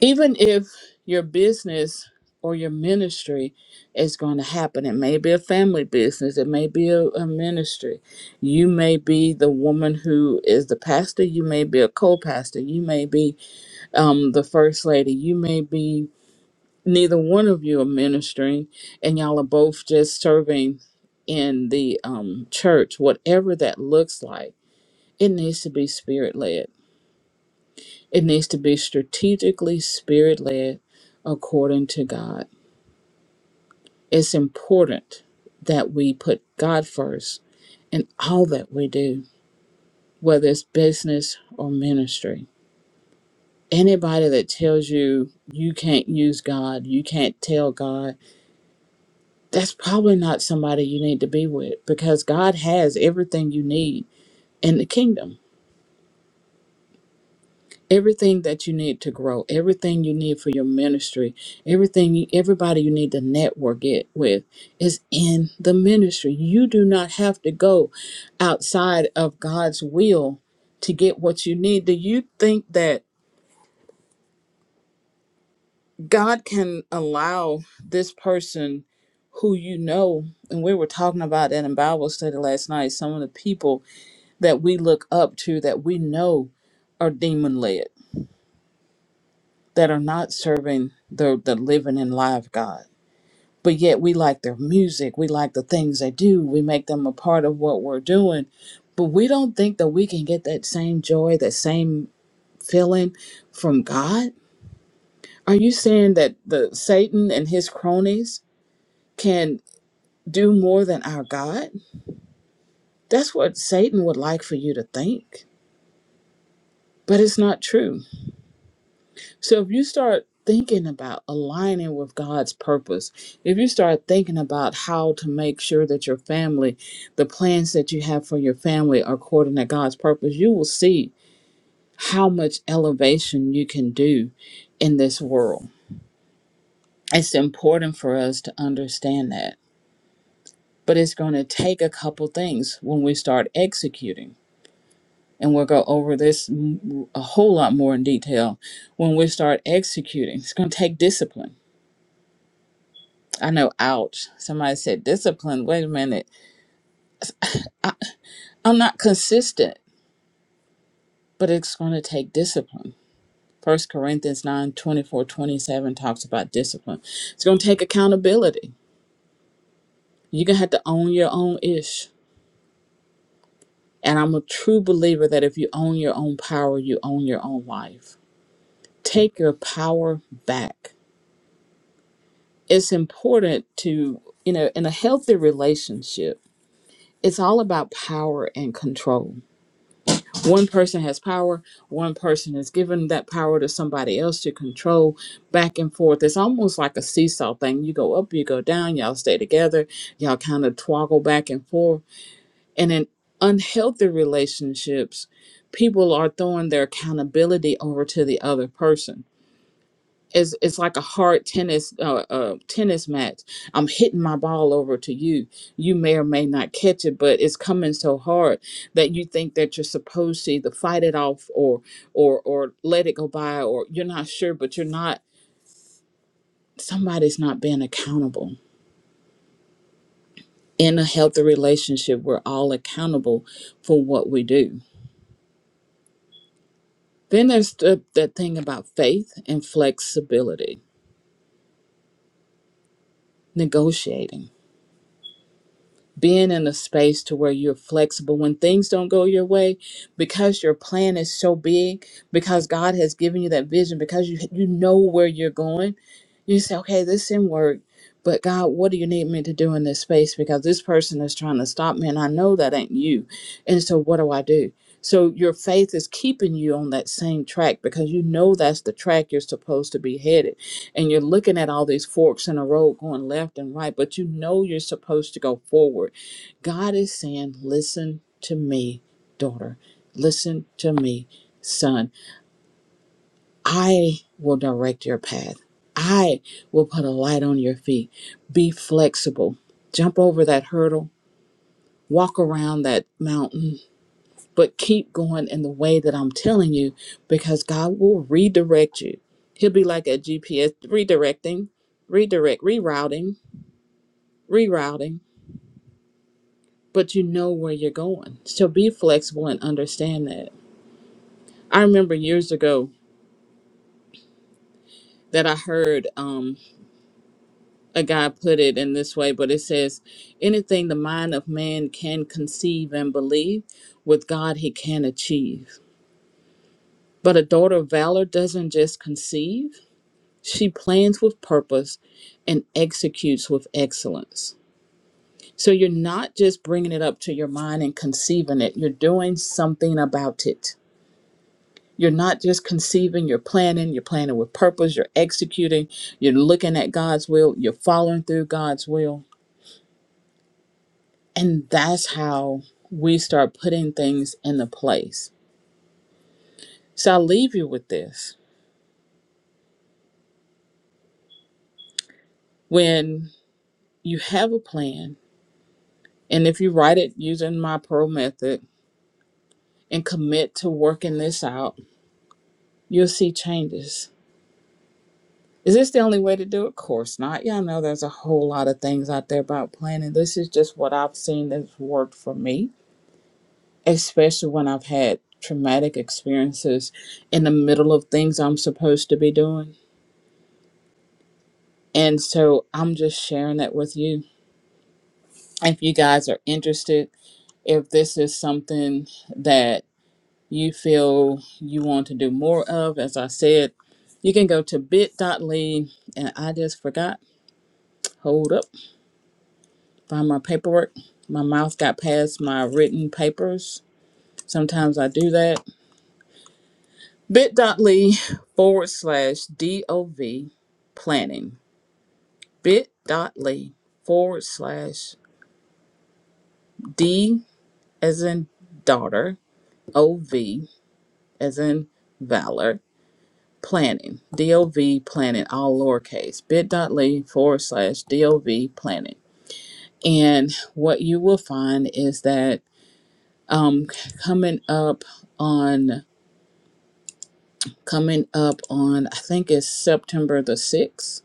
Speaker 1: Even if your business or your ministry is going to happen, it may be a family business, it may be a, a ministry. You may be the woman who is the pastor, you may be a co pastor, you may be um, the first lady, you may be neither one of you are ministering and y'all are both just serving in the um, church, whatever that looks like, it needs to be spirit led. It needs to be strategically spirit led according to God. It's important that we put God first in all that we do, whether it's business or ministry. Anybody that tells you you can't use God, you can't tell God that's probably not somebody you need to be with because God has everything you need in the kingdom. Everything that you need to grow, everything you need for your ministry, everything you- everybody you need to network it with is in the ministry. You do not have to go outside of God's will to get what you need. Do you think that God can allow this person who you know and we were talking about that in Bible study last night, some of the people that we look up to that we know are demon led, that are not serving the, the living and live God. But yet we like their music, we like the things they do, we make them a part of what we're doing. But we don't think that we can get that same joy, that same feeling from God. Are you saying that the Satan and his cronies can do more than our God? That's what Satan would like for you to think, but it's not true So if you start thinking about aligning with God's purpose, if you start thinking about how to make sure that your family, the plans that you have for your family are according to God's purpose, you will see how much elevation you can do in this world. It's important for us to understand that. But it's going to take a couple things when we start executing. And we'll go over this m- a whole lot more in detail when we start executing. It's going to take discipline I know, ouch. Somebody said discipline. Wait a minute. I, I'm not consistent, but it's going to take discipline. First Corinthians 9 24 27 talks about discipline. It's going to take accountability. You're going to have to own your own ish. And I'm a true believer that if you own your own power, you own your own life. Take your power back. It's important to, you know, in a healthy relationship, it's all about power and control One person has power, one person is giving that power to somebody else to control back and forth. It's almost like a seesaw thing. You go up, you go down, y'all stay together, y'all kind of twoggle back and forth. And in unhealthy relationships, people are throwing their accountability over to the other person it's it's like a hard tennis uh, uh tennis match. I'm hitting my ball over to you. You may or may not catch it, but it's coming so hard that you think that you're supposed to either fight it off or or or let it go by, or you're not sure, but you're not. Somebody's not being accountable. In a healthy relationship, we're all accountable for what we do. Then there's the, the thing about faith and flexibility, negotiating. being in a space to where you're flexible when things don't go your way because your plan is so big because god has given you that vision because you you know where you're going you say okay this didn't work but god what do you need me to do in this space because this person is trying to stop me and i know that ain't you and so what do i do so your faith is keeping you on that same track because you know that's the track you're supposed to be headed and you're looking at all these forks in a road going left and right, but you know you're supposed to go forward. God is saying, Listen to me, daughter. Listen to me, son. I will direct your path, I will put a light on your feet. Be flexible, jump over that hurdle. Walk around that mountain, but keep going in the way that I'm telling you because God will redirect you. He'll be like a GPS redirecting, redirect, rerouting rerouting, but you know where you're going. So be flexible and understand that. I remember years ago that I heard um, a guy put it in this way, but it says, anything the mind of man can conceive and believe, with God he can achieve. But a daughter of valor doesn't just conceive, she plans with purpose and executes with excellence. So you're not just bringing it up to your mind and conceiving it, you're doing something about it You're not just conceiving, you're planning, you're planning with purpose, you're executing, you're looking at God's will, you're following through God's will. And that's how we start putting things into place. So I'll leave you with this. When you have a plan, and if you write it using my pro method and commit to working this out, you'll see changes. Is this the only way to do it? Of course not. Y'all know there's a whole lot of things out there about planning. This is just what I've seen that's worked for me especially when I've had traumatic experiences in the middle of things I'm supposed to be doing. And so I'm just sharing that with you. If you guys are interested, if this is something that you feel you want to do more of, as I said, you can go to bit.ly and I just forgot. Hold up, find my paperwork. My mouth got past my written papers. Sometimes I do that bit.ly forward slash DOV planning. Bit.ly forward slash D as in daughter, OV as in valor, planning. DOV planning, all lowercase. Bit.ly forward slash DOV planning. And what you will find is that um, coming up on, coming up on, I think it's September the 6th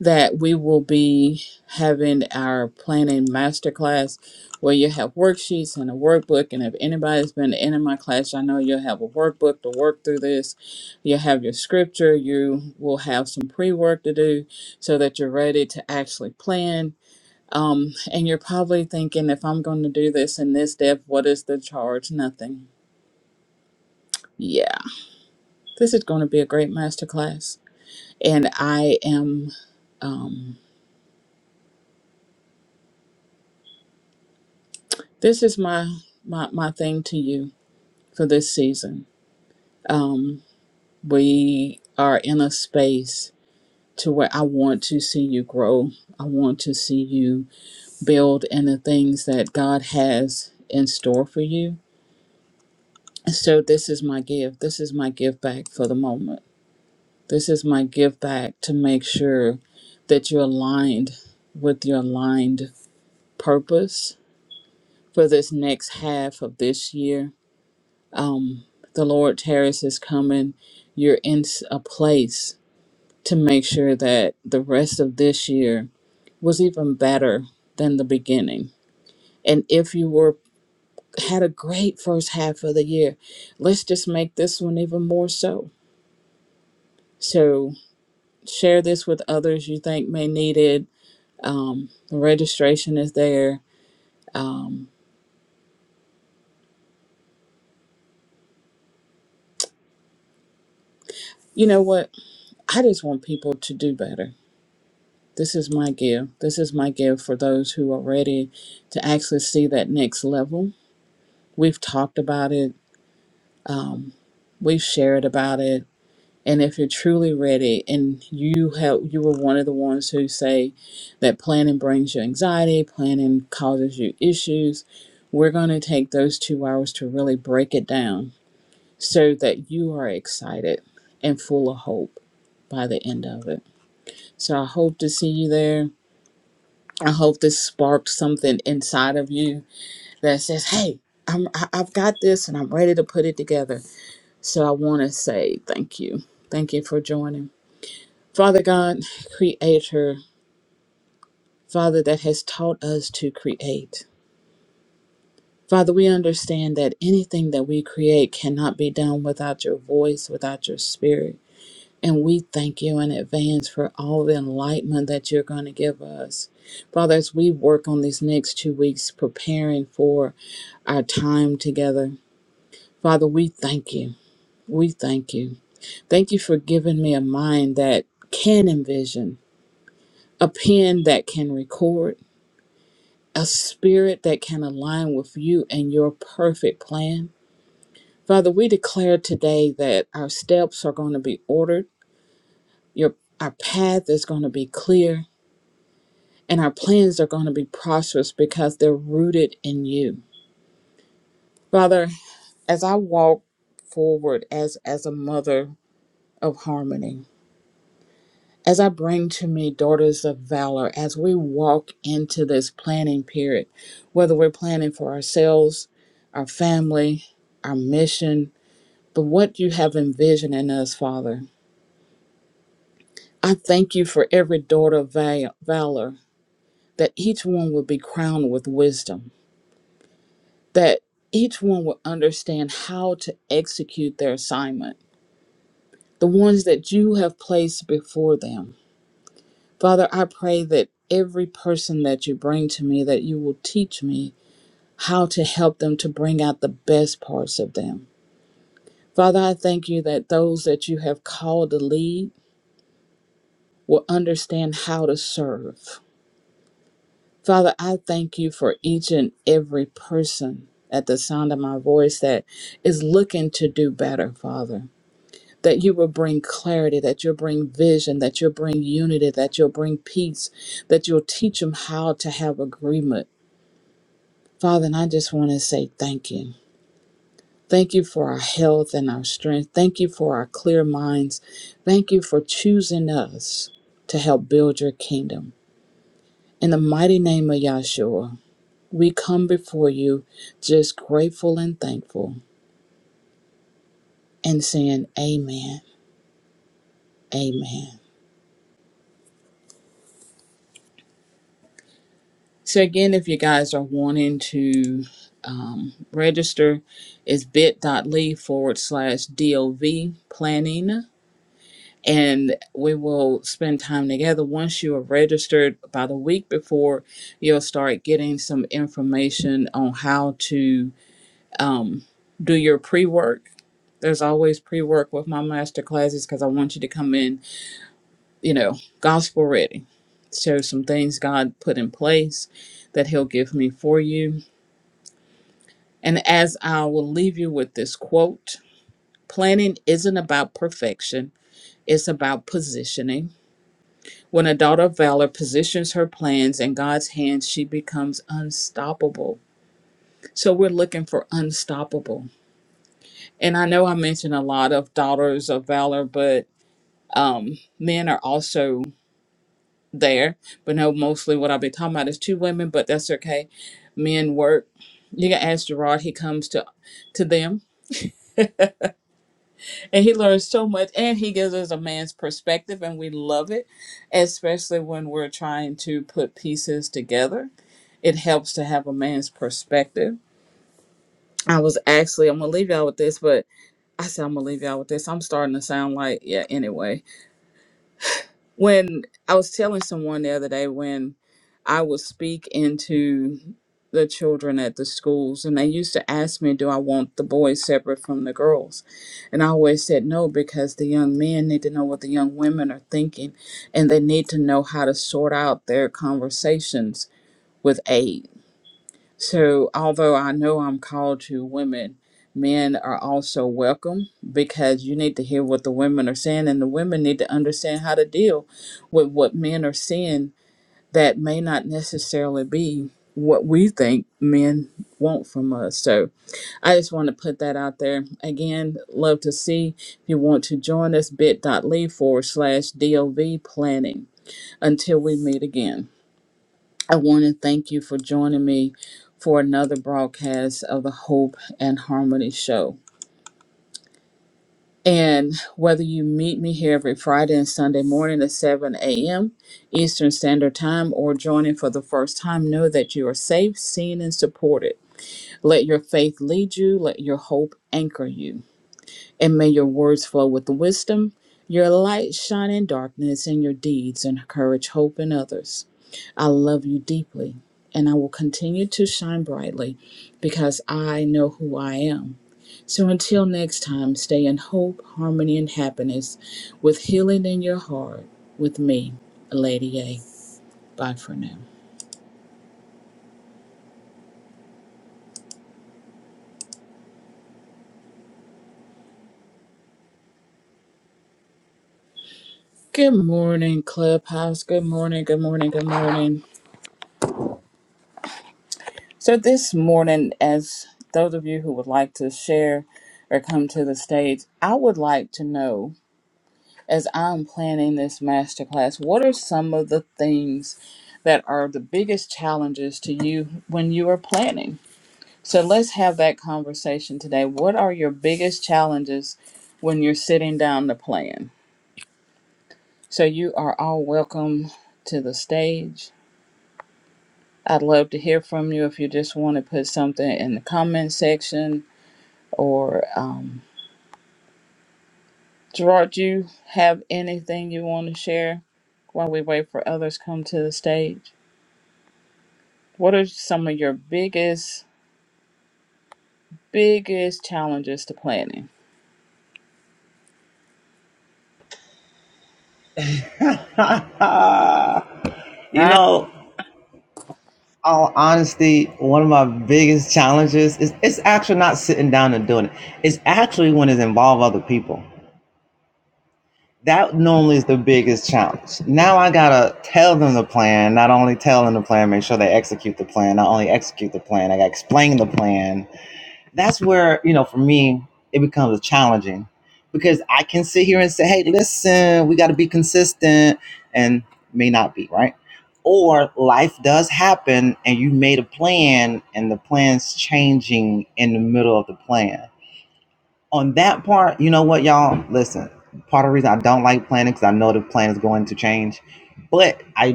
Speaker 1: that we will be having our planning masterclass where you have worksheets and a workbook. And if anybody's been in my class, I know you'll have a workbook to work through this. you have your scripture, you will have some pre work to do so that you're ready to actually plan. Um, and you're probably thinking, if I'm going to do this in this depth, what is the charge? Nothing. Yeah, this is going to be a great masterclass. And I am. um, this is my my my thing to you for this season. Um, we are in a space to where I want to see you grow. I want to see you build in the things that God has in store for you. So this is my give. This is my give back for the moment. This is my give back to make sure that you're aligned with your aligned purpose for this next half of this year um, the Lord Terrace is coming, you're in s- a place to make sure that the rest of this year was even better than the beginning. And if you were had a great first half of the year, let's just make this one even more so. So share this with others you think may need it. Um, the registration is there. Um, you know what? I just want people to do better. This is my gift. This is my gift for those who are ready to actually see that next level. We've talked about it, we've shared about it. And if you're truly ready and you have you were one of the ones who say that planning brings you anxiety, planning causes you issues, we're going to take those 2 hours to really break it down so that you are excited and full of hope by the end of it. So I hope to see you there. I hope this sparked something inside of you that says, "Hey, I'm I- I've got this and I'm ready to put it together." So I want to say thank you. Thank you for joining. Father God, creator, Father that has taught us to create. Father, we understand that anything that we create cannot be done without your voice, without your spirit. And we thank you in advance for all the enlightenment that you're going to give us. Father, as we work on these next two weeks preparing for our time together, Father, we thank you. We thank you. Thank you for giving me a mind that can envision, a pen that can record, a spirit that can align with you and your perfect plan. Father, we declare today that our steps are going to be ordered. Your our path is going to be clear and our plans are going to be prosperous because they're rooted in you. Father, as I walk forward as as a mother of harmony, as I bring to me daughters of valor, as we walk into this planning period, whether we're planning for ourselves, our family, our mission, but what you have envisioned in us, Father. I thank you for every daughter of val- valor, that each one will be crowned with wisdom that each one will understand how to execute their assignment, the ones that you have placed before them. Father, I pray that every person that you bring to me, that you will teach me how to help them to bring out the best parts of them. Father, I thank you that those that you have called to lead will understand how to serve. Father, I thank you for each and every person at the sound of my voice that is looking to do better, Father. that you will bring clarity, that you'll bring vision, that you'll bring unity, that you'll bring peace, that you'll teach them how to have agreement. Father, and I just want to say thank you. Thank you for our health and our strength. Thank you for our clear minds. Thank you for choosing us to help build your kingdom. In the mighty name of Yahshua, we come before you just grateful and thankful and saying, Amen. Amen. So again, if you guys are wanting to um, register, it's bit.ly forward slash DOV planning. And we will spend time together. Once you are registered, about a week before, you'll start getting some information on how to um, do your pre work. There's always pre work with my master classes because I want you to come in, you know, gospel ready. So, some things God put in place that He'll give me for you And as I will leave you with this quote planning isn't about perfection, it's about positioning. When a daughter of valor positions her plans in God's hands, she becomes unstoppable. So we're looking for unstoppable. And I know I mentioned a lot of daughters of valor, but um, men are also there. But no, mostly what I'll be talking about is two women, but that's okay. Men work. You can ask Gerard, he comes to to them And he learns so much, and he gives us a man's perspective, and we love it, especially when we're trying to put pieces together. It helps to have a man's perspective. I was actually, I'm gonna leave y'all with this, but I said I'm gonna leave y'all with this. I'm starting to sound like, yeah, anyway when I was telling someone the other day when I would speak into the children at the schools, and they used to ask me, Do I want the boys separate from the girls? And I always said no because the young men need to know what the young women are thinking and they need to know how to sort out their conversations with age so, although I know I'm called to women, men are also welcome because you need to hear what the women are saying, and the women need to understand how to deal with what men are saying that may not necessarily be what we think men want from us. So, I just want to put that out there. Again, love to see if you want to join us bit.ly forward slash DOV planning. Until we meet again. I want to thank you for joining me for another broadcast of the Hope and Harmony Show. And whether you meet me here every Friday and Sunday morning at 7 a.m. Eastern Standard Time or joining for the first time, know that you are safe, seen, and supported. Let your faith lead you, let your hope anchor you. And may your words flow with wisdom, your light shine in darkness, and your deeds encourage hope in others. I love you deeply, and I will continue to shine brightly because I know who I am. So until next time, stay in hope, harmony, and happiness with healing in your heart with me, Lady A. Bye for now. Good morning, Clubhouse. Good morning, good morning, good morning. So, this morning, as those of you who would like to share or come to the stage, I would like to know as I'm planning this masterclass, what are some of the things that are the biggest challenges to you when you are planning? So let's have that conversation today. What are your biggest challenges when you're sitting down to plan? So you are all welcome to the stage. I'd love to hear from you if you just want to put something in the comment section or um, Gerard, do you have anything you want to share while we wait for others come to the stage? What are some of your biggest, biggest challenges to planning? Right.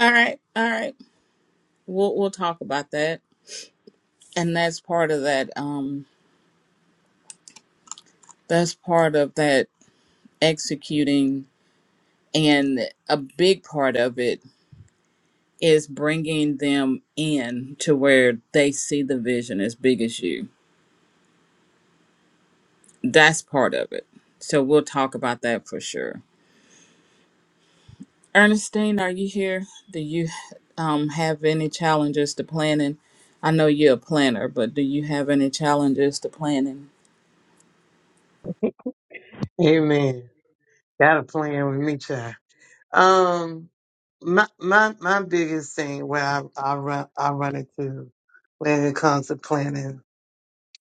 Speaker 1: All right. All right. We'll we'll talk about that. And that's part of that. Um, that's part of that executing, and a big part of it is bringing them in to where they see the vision as big as you. That's part of it. So we'll talk about that for sure. Ernestine, are you here? Do you um, have any challenges to planning? I know you're a planner, but do you have any challenges to planning?
Speaker 2: Amen. Got a plan with me, child. Um, my my my biggest thing where I, I run I run into when it comes to planning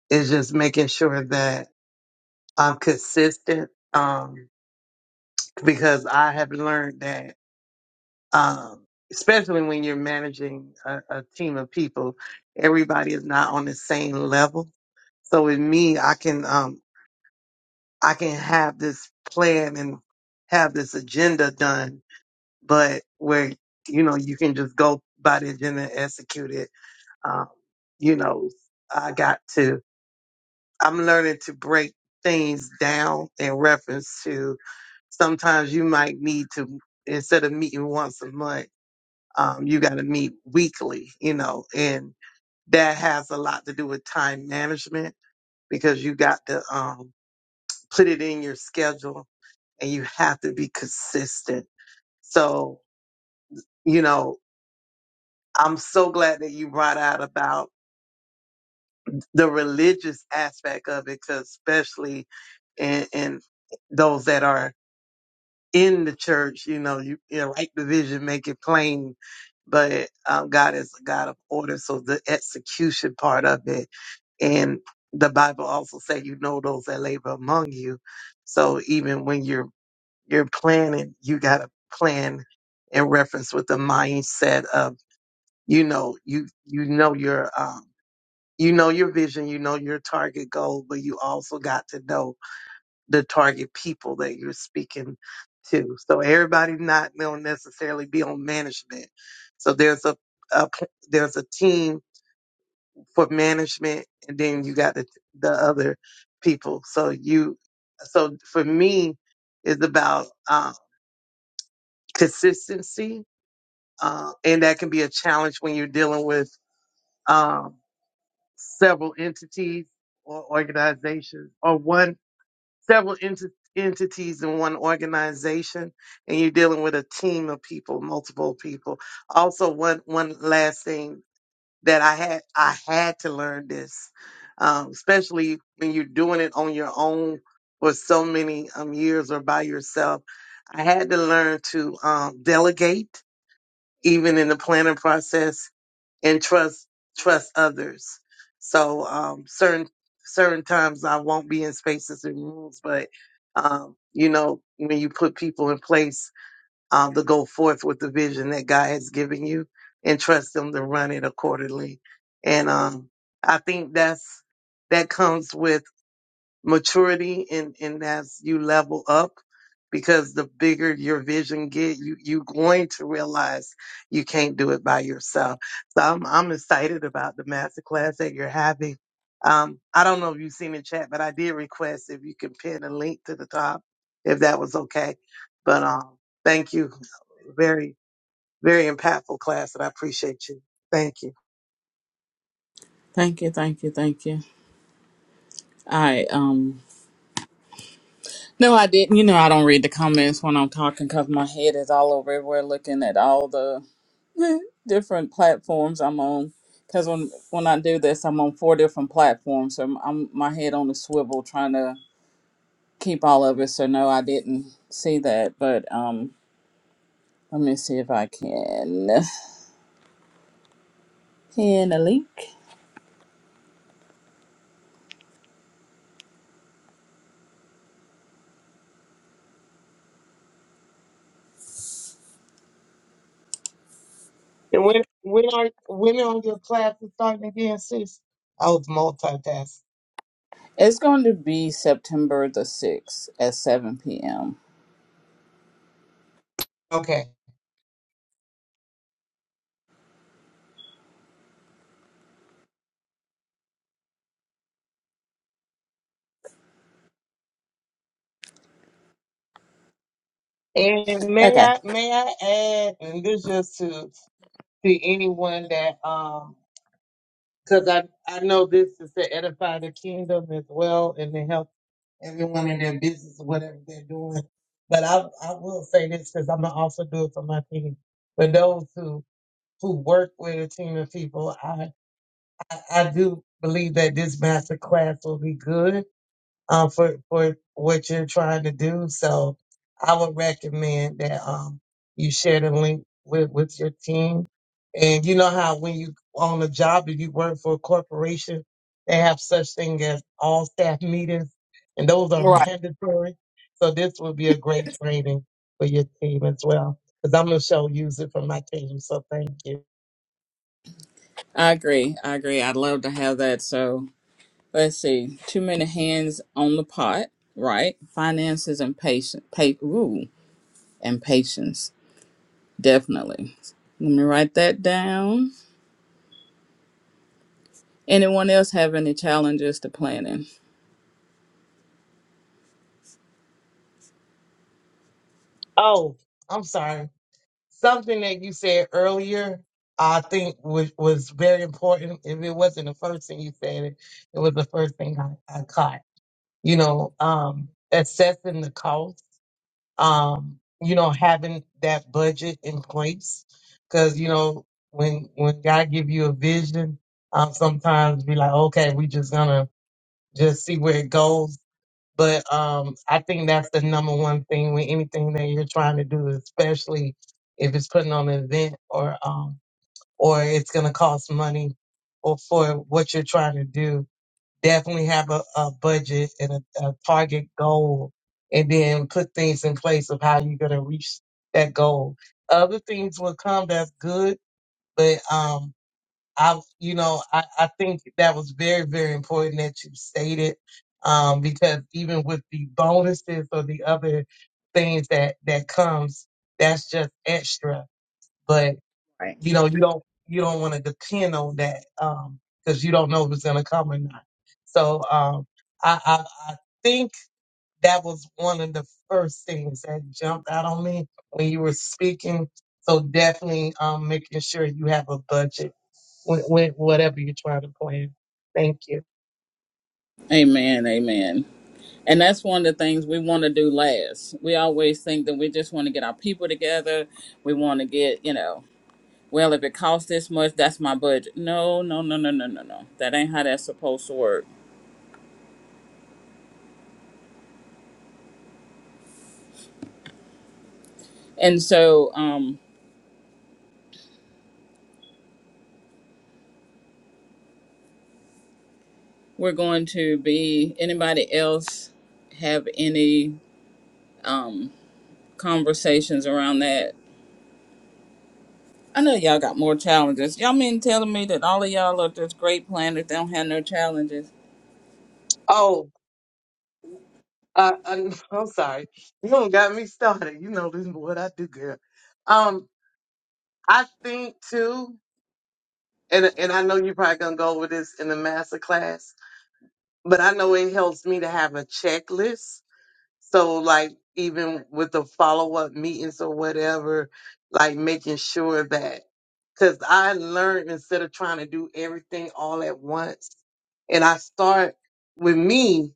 Speaker 2: is just making sure that I'm consistent. Um, because I have learned that um, especially when you're managing a, a team of people, everybody is not on the same level. So with me, I can um I can have this plan and have this agenda done but where you know you can just go by the agenda and execute it. Um, you know, I got to. I'm learning to break things down in reference to. Sometimes you might need to instead of meeting once a month, um, you got to meet weekly. You know, and that has a lot to do with time management because you got to um, put it in your schedule and you have to be consistent. So you know. I'm so glad that you brought out about the religious aspect of it, 'cause especially in, in those that are in the church, you know, you, you write the vision, make it plain. But um, God is a God of order, so the execution part of it, and the Bible also say, you know, those that labor among you. So even when you're you're planning, you gotta plan in reference with the mindset of, you know, you you know your um you know your vision, you know your target goal, but you also got to know the target people that you're speaking to. So everybody not don't necessarily be on management. So there's a, a p- there's a team for management, and then you got the the other people. So you so for me it's about uh, consistency, uh, and that can be a challenge when you're dealing with um, several entities or organizations or one several ent- entities in one organization and you're dealing with a team of people multiple people also one one last thing that i had i had to learn this um, especially when you're doing it on your own for so many um, years or by yourself i had to learn to um, delegate even in the planning process and trust trust others. So um, certain certain times I won't be in spaces and rooms, but um, you know when you put people in place um, to go forth with the vision that God has given you, and trust them to run it accordingly. And um, I think that's that comes with maturity and and as you level up because the bigger your vision get you you going to realize you can't do it by yourself so i'm i'm excited about the masterclass that you're having um i don't know if you've seen the chat but i did request if you can pin a link to the top if that was okay but um thank you very very impactful class and i appreciate you thank you
Speaker 1: Thank you, thank you, thank you. I um no, I didn't. You know, I don't read the comments when I'm talking because my head is all over everywhere, looking at all the different platforms I'm on. Because when when I do this, I'm on four different platforms, so I'm, I'm my head on a swivel trying to keep all of it. So no, I didn't see that, but um Let me see if I can pin a link.
Speaker 2: and when when are when are your classes starting again sis i was multitasking
Speaker 1: It's going to be September the 6th at 7 p.m.
Speaker 2: Okay. And may
Speaker 1: Okay.
Speaker 2: I may I add, and this just to to anyone that um because I I know this is to edify the kingdom as well and to help everyone in their business or whatever they're doing. But I I will say this because I'm gonna also do it for my team. For those who who work with a team of people, I I, I do believe that this master class will be good um, for for what you're trying to do. So I would recommend that um, you share the link with with your team. And you know how when you on a job, if you work for a corporation, they have such thing as all staff meetings, and those are
Speaker 1: Right.
Speaker 2: mandatory. So this would be a great training for your team as well, because I'm gonna show use it for my team. So thank you.
Speaker 1: I agree. I agree. I'd love to have that. So let's see. Too many hands on the pot, right? Finances and patience. Pa- ooh, and patience. Definitely. Let me write that down. Anyone else have any challenges to planning?
Speaker 2: Oh, I'm sorry. something that you said earlier, I think was, was very important. If it wasn't the first thing you said, it, it was the first thing I, I caught. You know, um, assessing the cost, um, you know, having that budget in place. Cause, you know, when, when God give you a vision, um, sometimes be like, okay, we just gonna just see where it goes but um, I think that's the number one thing with anything that you're trying to do, especially if it's putting on an event or um, or it's going to cost money or for what you're trying to do. Definitely have a, a budget and a, a target goal, and then put things in place of how you're going to reach that goal. Other things will come that's good, but um, I, you know, I, I think that was very, very important that you stated, um, because even with the bonuses or the other things that that comes, that's just extra. But
Speaker 1: Right.
Speaker 2: you know, you don't you don't want to depend on that um, because you don't know if it's gonna come or not. So um, I, I I think that was one of the first things that jumped out on me when you were speaking. So definitely um, making sure you have a budget with, with whatever you're trying to plan. Thank you.
Speaker 1: Amen. Amen. And that's one of the things we want to do last. We always think that we just want to get our people together. We want to get, you know, well, if it costs this much, that's my budget. No, no, no, no, no, no, no. That ain't how that's supposed to work. And so um, we're going to be, anybody else have any um, conversations around that? I know y'all got more challenges. Y'all mean telling me that all of y'all are just great planners, they don't have no challenges?
Speaker 2: Oh, uh, I'm, I'm sorry. You don't got me started. You know this is what I do, girl. Um, I think too, and and I know you're probably gonna go over this in the master class, but I know it helps me to have a checklist. So like even with the follow up meetings or whatever, like making sure that because I learned instead of trying to do everything all at once, and I start with me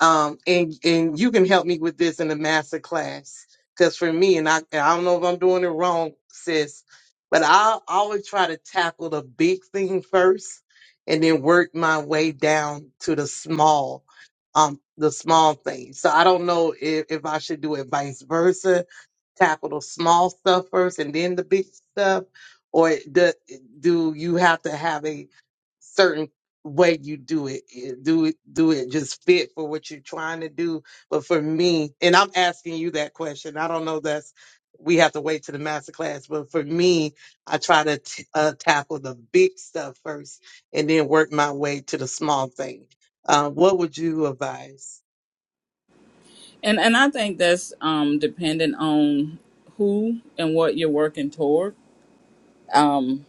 Speaker 2: um, and and you can help me with this in the master class. Because for me, and I, I don't know if I'm doing it wrong, sis, but I always try to tackle the big thing first, and then work my way down to the small, um, the small things. So I don't know if if I should do it vice versa tackle the small stuff first and then the big stuff, or do, do you have to have a certain way you do it? Eh, Do it do it just fit for what you're trying to do? But for me, and I'm asking you that question. I don't know. That's we have to wait to the master class. But for me, I try to t- uh, tackle the big stuff first and then work my way to the small thing. Uh, what would you advise?
Speaker 1: And and I think that's um dependent on who and what you're working toward. Um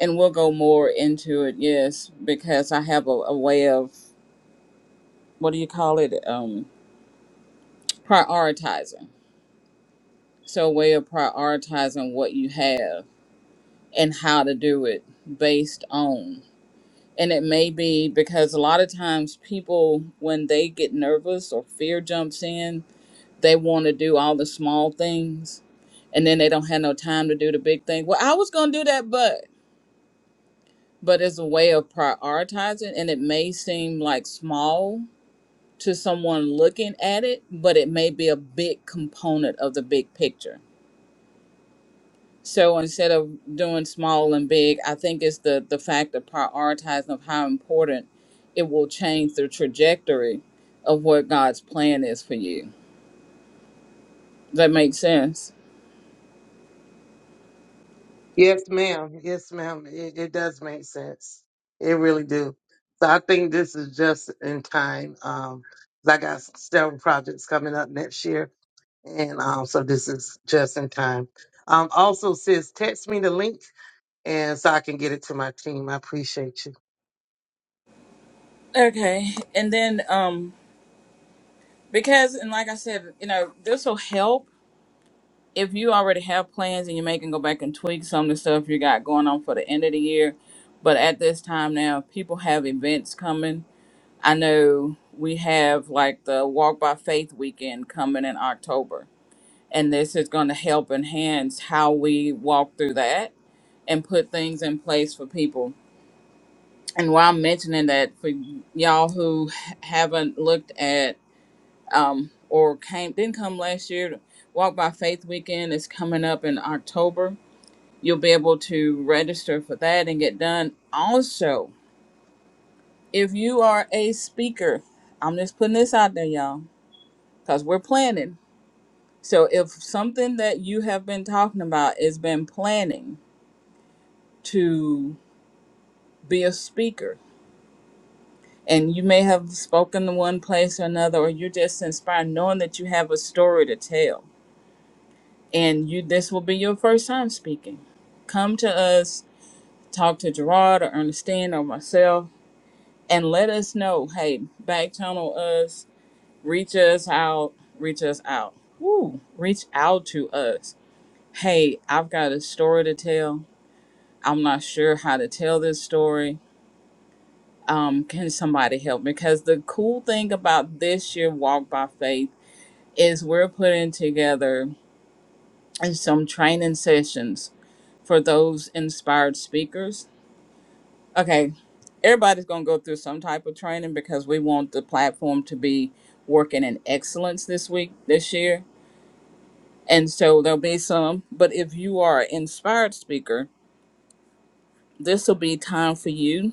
Speaker 1: and we'll go more into it, yes, because I have a, a way of what do you call it? Um prioritizing. So a way of prioritizing what you have and how to do it based on and it may be because a lot of times people when they get nervous or fear jumps in They want to do all the small things and then they don't have no time to do the big thing. Well, I was going to do that, but but it's a way of prioritizing and it may seem like small to someone looking at it, but it may be a big component of the big picture. So instead of doing small and big, I think it's the the fact of prioritizing of how important it will change the trajectory of what God's plan is for you. Does that make sense?
Speaker 2: Yes, ma'am. Yes, ma'am. It, it does make sense. It really do. So I think this is just in time. Um, 'cause I got several projects coming up next year, and um, so this is just in time. Um, also, sis, text me the link, and so I can get it to my team. I appreciate you.
Speaker 1: Okay. And then um Because, and like I said, you know, this will help if you already have plans and you may can go back and tweak some of the stuff you got going on for the end of the year. But at this time now, people have events coming. I know we have like the Walk by Faith weekend coming in October. And this is going to help enhance how we walk through that and put things in place for people. And while I'm mentioning that, for y'all who haven't looked at um, or came didn't come last year. Walk by Faith weekend is coming up in October. You'll be able to register for that and get done. Also, if you are a speaker, I'm just putting this out there, y'all, because we're planning. So if something that you have been talking about is been planning to be a speaker, and you may have spoken in one place or another, or you're just inspired knowing that you have a story to tell and you this will be your first time speaking come to us talk to gerard or ernestine or myself and let us know hey back channel us reach us out reach us out Woo, reach out to us hey i've got a story to tell i'm not sure how to tell this story um, can somebody help me because the cool thing about this year walk by faith is we're putting together some training sessions for those inspired speakers. Okay, everybody's going to go through some type of training because we want the platform to be working in excellence this week, this year. And so there'll be some, but if you are an inspired speaker, this will be time for you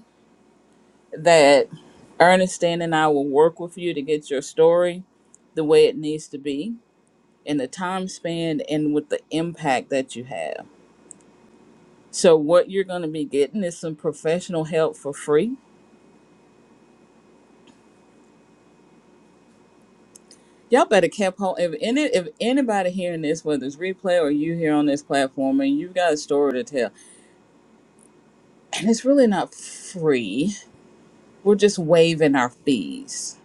Speaker 1: that Ernestine and I will work with you to get your story the way it needs to be in the time span and with the impact that you have. So, what you're going to be getting is some professional help for free Y'all better keep home. If any, if anybody hearing this, whether it's replay or you here on this platform, and you've got a story to tell, and it's really not free, we're just waiving our fees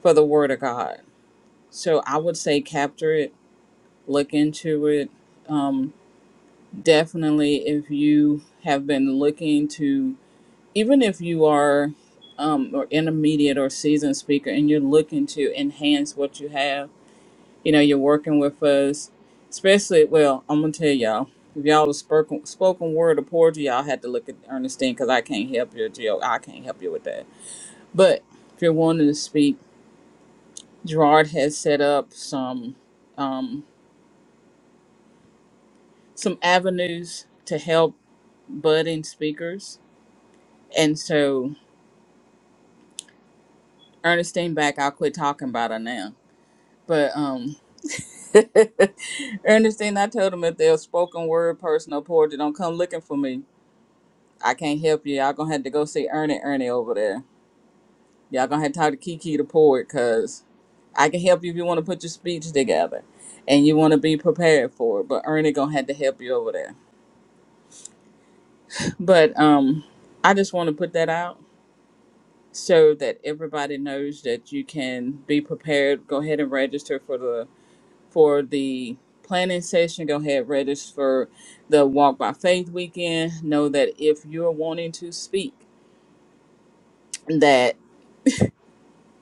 Speaker 1: for the Word of God. So I would say capture it, look into it. Um, definitely, if you have been looking to, even if you are um, or intermediate or seasoned speaker, and you're looking to enhance what you have You know, you're working with us, especially. Well, I'm gonna tell y'all. If y'all was spoken, spoken word or poetry, y'all had to look at Ernestine because I can't help you, Jill. I can't help you with that. But if you're wanting to speak, Gerard has set up some um, some avenues to help budding speakers, and so Ernestine back. I'll quit talking about her now. But um, Ernestine, I told them if they're a spoken word person or poetry, don't come looking for me I can't help you. Y'all gonna have to go see Ernie Ernie over there. Y'all gonna have to talk to Kiki the poet, cause I can help you if you want to put your speech together, and you want to be prepared for it. But Ernie gonna have to help you over there. But um, I just want to put that out so that everybody knows that you can be prepared. Go ahead and register for the for the planning session. Go ahead register for the Walk by Faith weekend. Know that if you're wanting to speak, that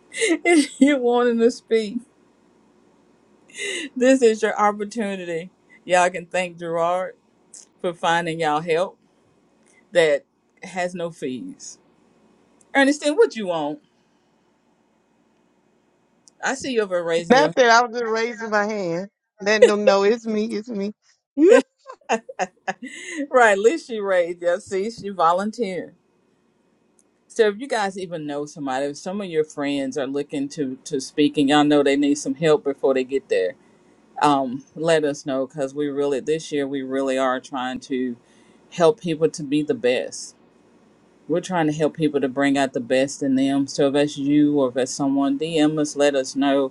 Speaker 1: if you're wanting to speak This is your opportunity. Y'all can thank Gerard for finding y'all help that has no fees. Ernestine, what you want? I see you over raising your
Speaker 2: Nothing. I was just raising my hand, letting them know it's me, it's me.
Speaker 1: right. At least she raised. Yeah, see, she volunteered. So if you guys even know somebody, if some of your friends are looking to to speak and y'all know they need some help before they get there, um, let us know because we really this year we really are trying to help people to be the best We're trying to help people to bring out the best in them. So if that's you or if that's someone, DM us, let us know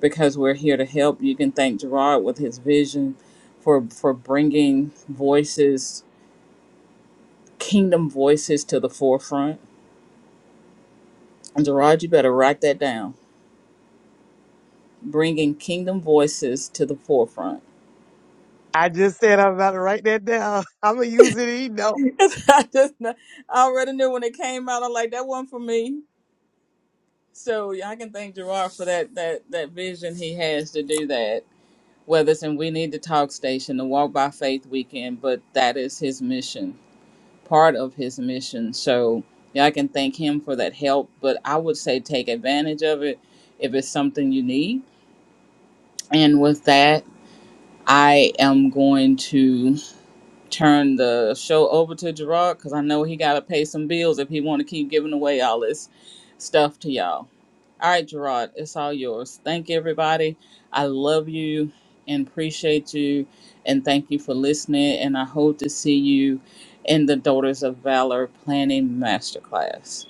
Speaker 1: because we're here to help. You can thank Gerard with his vision for for bringing voices, kingdom voices to the forefront. And Gerard, you better write that down. Bringing kingdom voices to the forefront.
Speaker 2: I just said I'm about to write that down. I'm gonna use it. You know.
Speaker 1: I just kn- I already knew when it came out. I'm like that one for me. So yeah, I can thank Gerard for that that that vision he has to do that. whether it's in We Need to Talk Station, the Walk by Faith weekend, but that is his mission, part of his mission. So yeah, I can thank him for that help, but I would say take advantage of it if it's something you need. And with that, I am going to turn the show over to Gerard because I know he got to pay some bills if he want to keep giving away all this stuff to y'all. All right, Gerard, it's all yours. Thank you, everybody. I love you and appreciate you, and thank you for listening. And I hope to see you in the Daughters of Valor Planning Masterclass.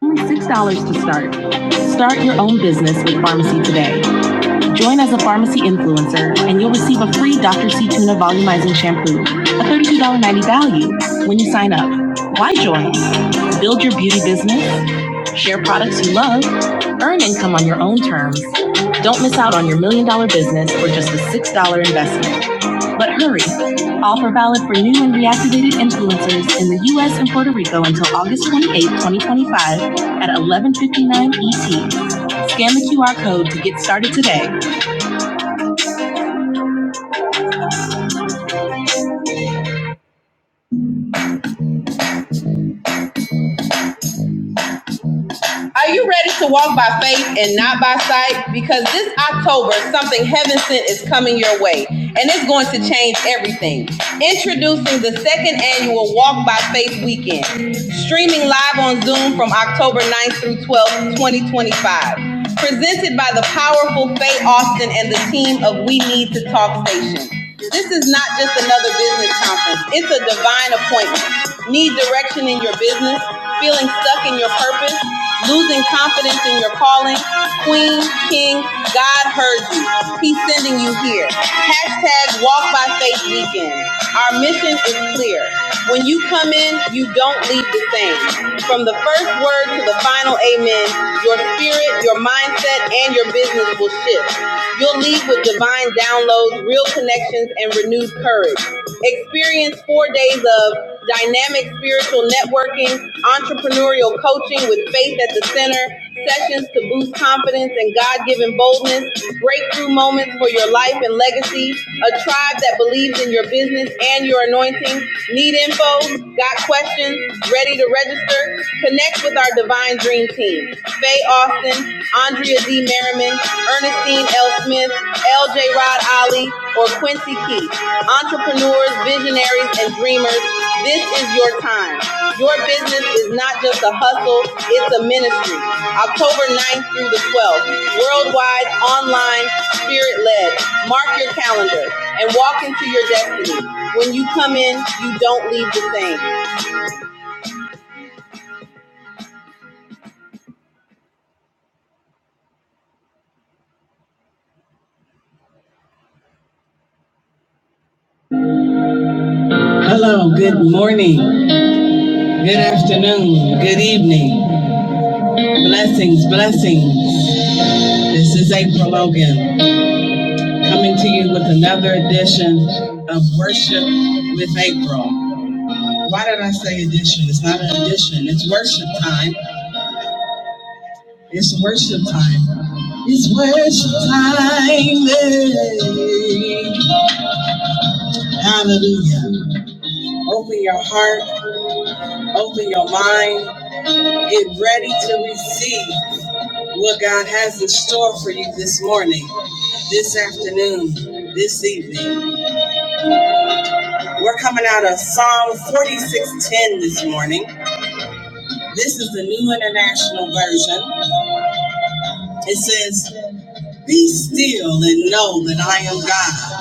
Speaker 3: Only $6 to start. Start your own business with pharmacy today. Join as a pharmacy influencer and you'll receive a free Dr. C Tuna Volumizing Shampoo, a $32.90 value when you sign up. Why join? Build your beauty business, share products you love, earn income on your own terms. Don't miss out on your million dollar business for just a $6 investment. But hurry, offer valid for new and reactivated influencers in the US and Puerto Rico until August 28, 2025 at 11:59 ET. Scan the QR code to get started today. Are you ready to walk by faith and not by sight? Because this October, something heaven sent is coming your way, and it's going to change everything. Introducing the second annual Walk by Faith Weekend, streaming live on Zoom from October ninth through 12th, 2025. Presented by the powerful Faye Austin and the team of We Need to Talk Station. This is not just another business conference. It's a divine appointment. Need direction in your business? Feeling stuck in your purpose? Losing confidence in your calling? Queen, King, God heard you. He's sending you here. Hashtag Walk by Faith Weekend. Our mission is clear. When you come in, you don't leave the same. From the first word to the final amen, your spirit, your mindset, and your business will shift. You'll leave with divine downloads, real connections, and renewed courage. Experience four days of dynamic spiritual networking, entrepreneurial coaching with faith at the center, sessions to boost confidence and God given boldness, breakthrough moments for your life and legacy, a tribe that believes in your business and your anointing. Need info? Got questions? Ready to register? Connect with our divine Dream Team. Faye Austin, Andrea D. Merriman, Ernestine L. Smith, LJ Rod Ali, or Quincy Keith. Entrepreneurs, visionaries, and dreamers, this is your time. Your business is not just a hustle, it's a ministry. October ninth through the 12th, worldwide, online, spirit-led. Mark your calendar and walk into your destiny. When you come in, you don't leave the same. Hello, good morning. Good afternoon, good evening, blessings, blessings. This is April Logan coming to you with another edition of Worship with April. Why did I say edition? It's not an edition, it's worship time. It's worship time. It's worship time. hey. Hallelujah. Open your heart, open your mind, get ready to receive what God has in store for you this morning, this afternoon, this evening. We're coming out of Psalm 46:10 this morning. This is the New International Version. It says, "Be still and know that I am God.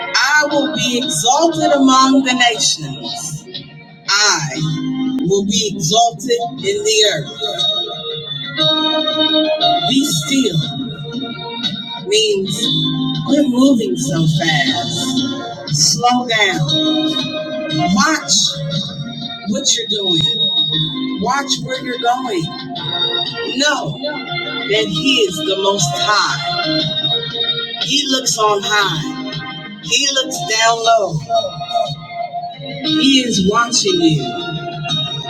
Speaker 3: I will be exalted among the nations. I will be exalted in the earth." Be still means quit moving so fast slow down, watch what you're doing. Watch where you're going. Know that He is the Most High. He looks on high. He looks down low. He is watching you.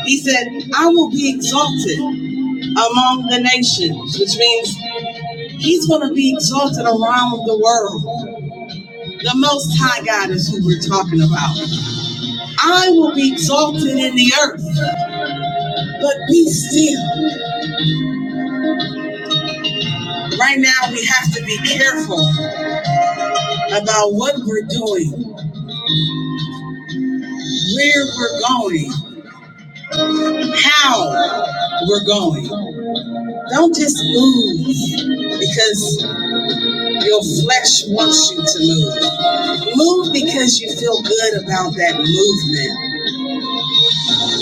Speaker 3: He said, I will be exalted among the nations, which means He's going to be exalted around the world. The Most High God is who we're talking about. I will be exalted in the earth, but be still. Right now, we have to be careful about what we're doing where we're going, how we're going. Don't just move because your flesh wants you to move. Move because you feel good about that movement.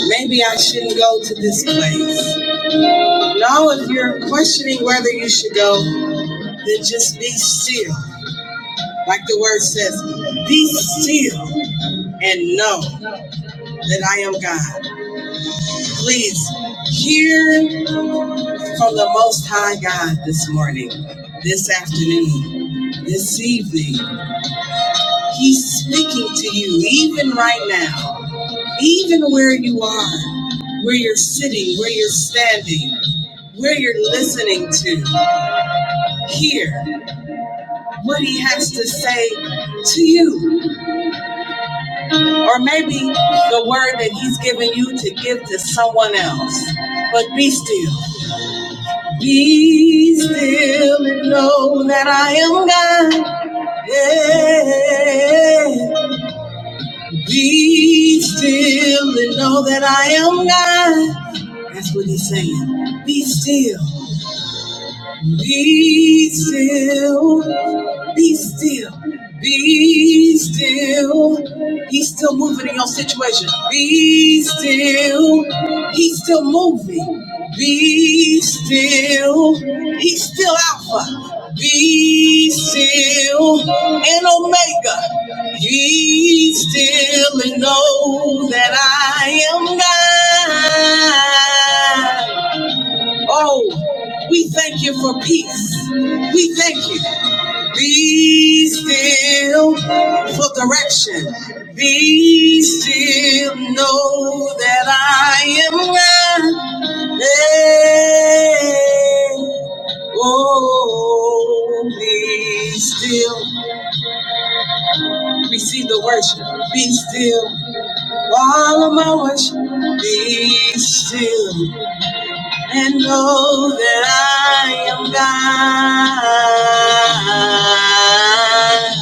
Speaker 3: Maybe I shouldn't go to this place. No, if you're questioning whether you should go, then just be still. Like the word says, be still and know that I am God. Please hear from the Most High God this morning, this afternoon, this evening. He's speaking to you even right now, even where you are, where you're sitting, where you're standing, where you're listening to. Hear what He has to say to you, or maybe the word that He's given you to give to someone else. But be still. Be still and know that I am God. Yeah. Be still and know that I am God. That's what he's saying. Be still. Be still Be still. Be still. He's still moving in your situation. Be still. He's still moving. Be still. He's still Alpha. Be still. And Omega. Be still and know that I am God. Oh, we thank you for peace. We thank you. Be still for direction. Be still, know that I am God. Hey, oh, be still. Receive the worship. Be still. Follow my worship. Be still and know that I am God.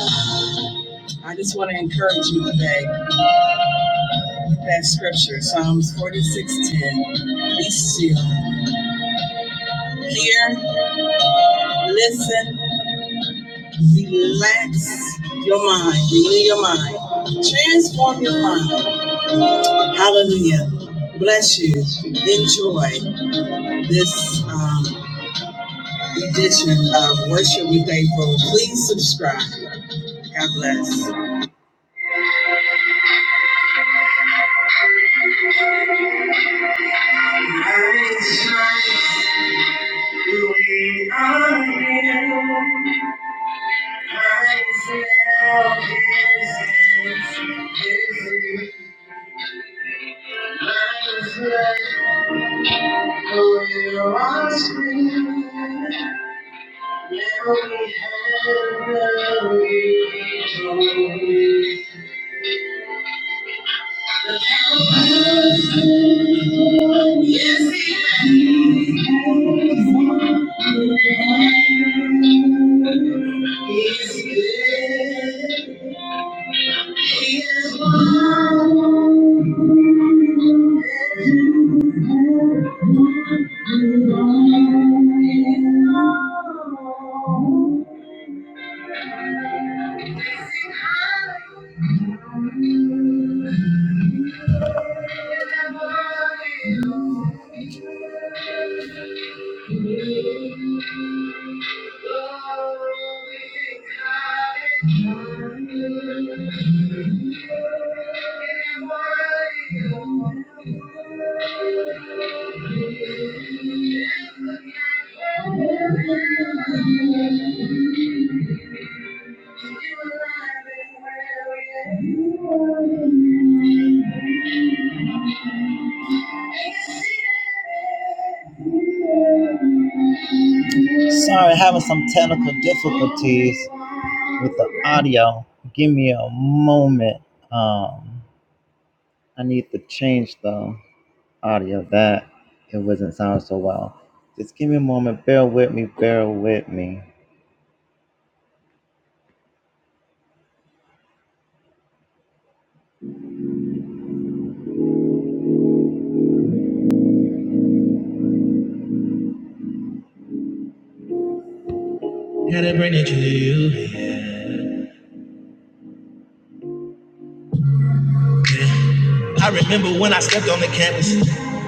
Speaker 3: I just want to encourage you today with that scripture, Psalms 46:10. Be still, hear, listen, relax your mind, renew your mind, transform your mind. Hallelujah. Bless you. Enjoy this um, edition of Worship with April. Please subscribe. God bless. We are healed. Gotta bring it to you. I remember when I stepped on the campus.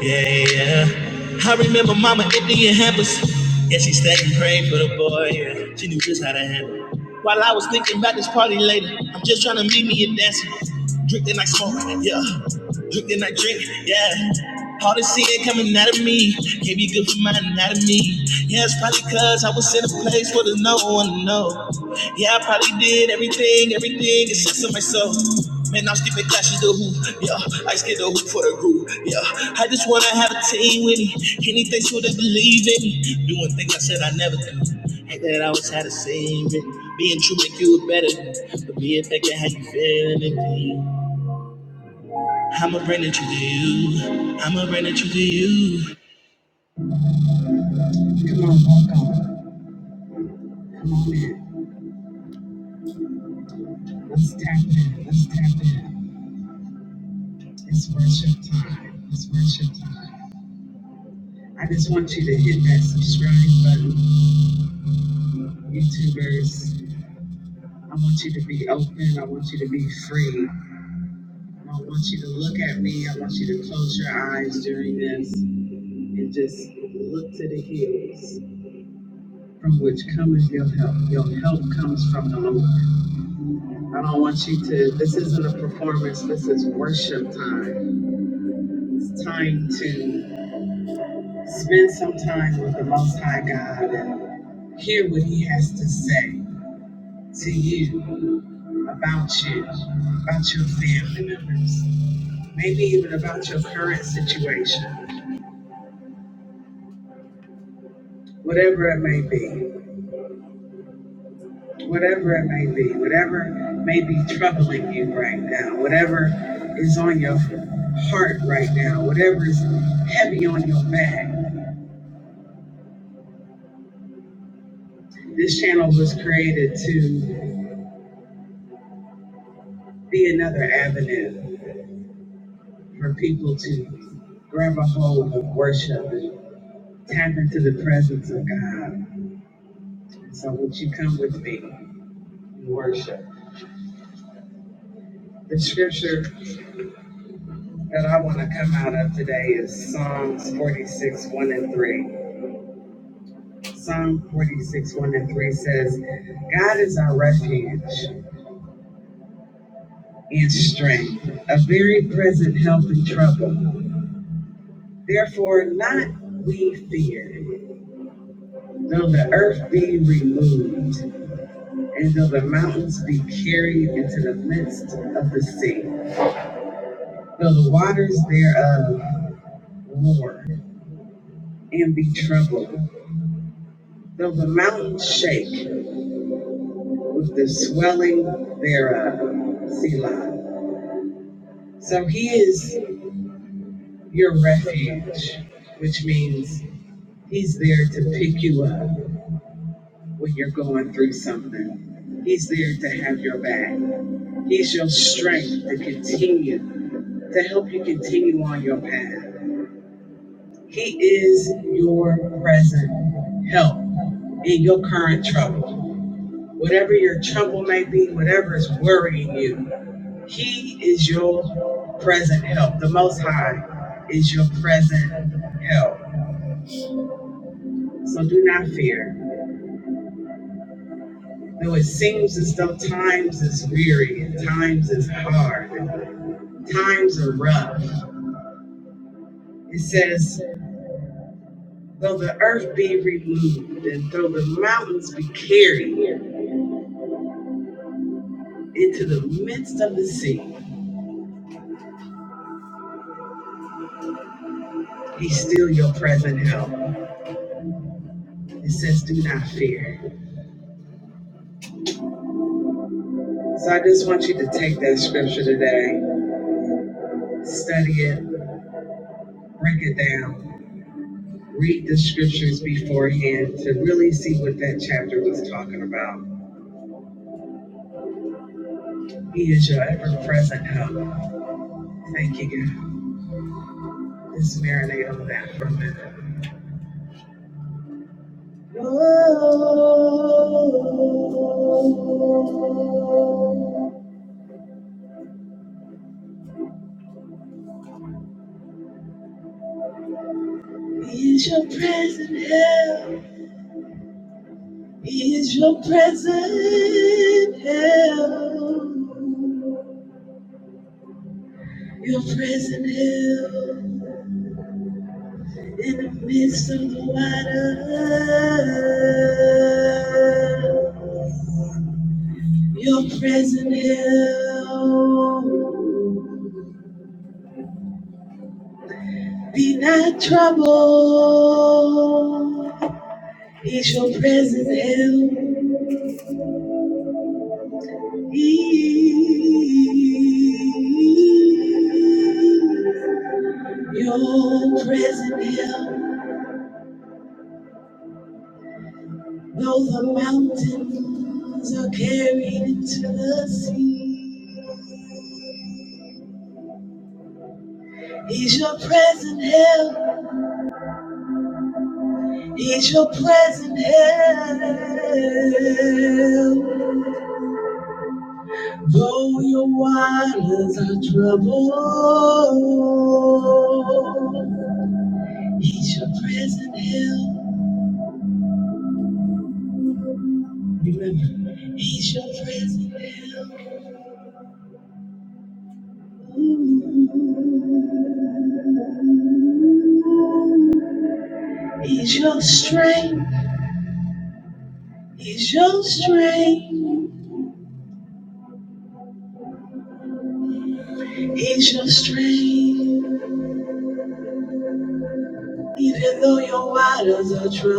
Speaker 3: Yeah, yeah. I remember Mama emptying hampers. Yeah, she stayed and prayed for the boy. Yeah, she knew just how to handle. it. While I was thinking about this party later, I'm just trying to meet me a dancer. Drink then I smoke, yeah. Drink then I drink, yeah. Hard to see it coming out of me can't be good for my anatomy. Yeah, it's probably cause I was in a place where there's no one to know. Yeah, I probably did everything, everything except for myself. Man, I'm skipping clashes to hoop. Yeah, I skip the hoop for the group. Yeah, I just wanna have a team with me. Anything so they believe in me. Doing things I said I never do. Hate that I always had a same it. Being true make you a better. But being fake and how you feeling it. I'ma bring it to you. I'ma bring it to you. Come on, welcome. Come on in. Let's tap in. Let's tap in. It's worship time. It's worship time. I just want you to hit that subscribe button, YouTubers. I want you to be open. I want you to be free. I want you to look at me. I want you to close your eyes during this and just look to the hills from which cometh your help. Your help comes from the Lord. I don't want you to, this isn't a performance, this is worship time. It's time to Spend some time with the Most High God and hear what He has to say to you about you, about your family members, maybe even about your current situation, whatever it may be. Whatever it may be, whatever may be troubling you right now, whatever is on your heart right now, whatever is heavy on your back, this channel was created to be another avenue for people to grab a hold of worship and tap into the presence of God. So would you come with me in worship? The scripture that I want to come out of today is Psalms 46, 1 and 3. Psalm 46, 1 and 3 says, God is our refuge and strength, a very present help in trouble. Therefore, not we fear, though the earth be removed and though the mountains be carried into the midst of the sea, though the waters thereof roar and be troubled, though the mountains shake with the swelling thereof. Selah. So he is your refuge, which means he's there to pick you up when you're going through something. He's there to have your back. He's your strength to continue, to help you continue on your path. He is your present help in your current trouble. Whatever your trouble may be, whatever is worrying you, He is your present help. The Most High is your present help. So do not fear. Though it seems as though times is weary and times is hard, times are rough. It says, though the earth be removed and though the mountains be carried into the midst of the sea. He's still your present help. It says, Do not fear. So I just want you to take that scripture today, study it, break it down, read the scriptures beforehand to really see what that chapter was talking about. He is your ever present help. Thank you, God. Let's marinate on that for a minute. Oh, see, he's your present help. He's your present help. Though your waters are troubled, He's your present help, strong.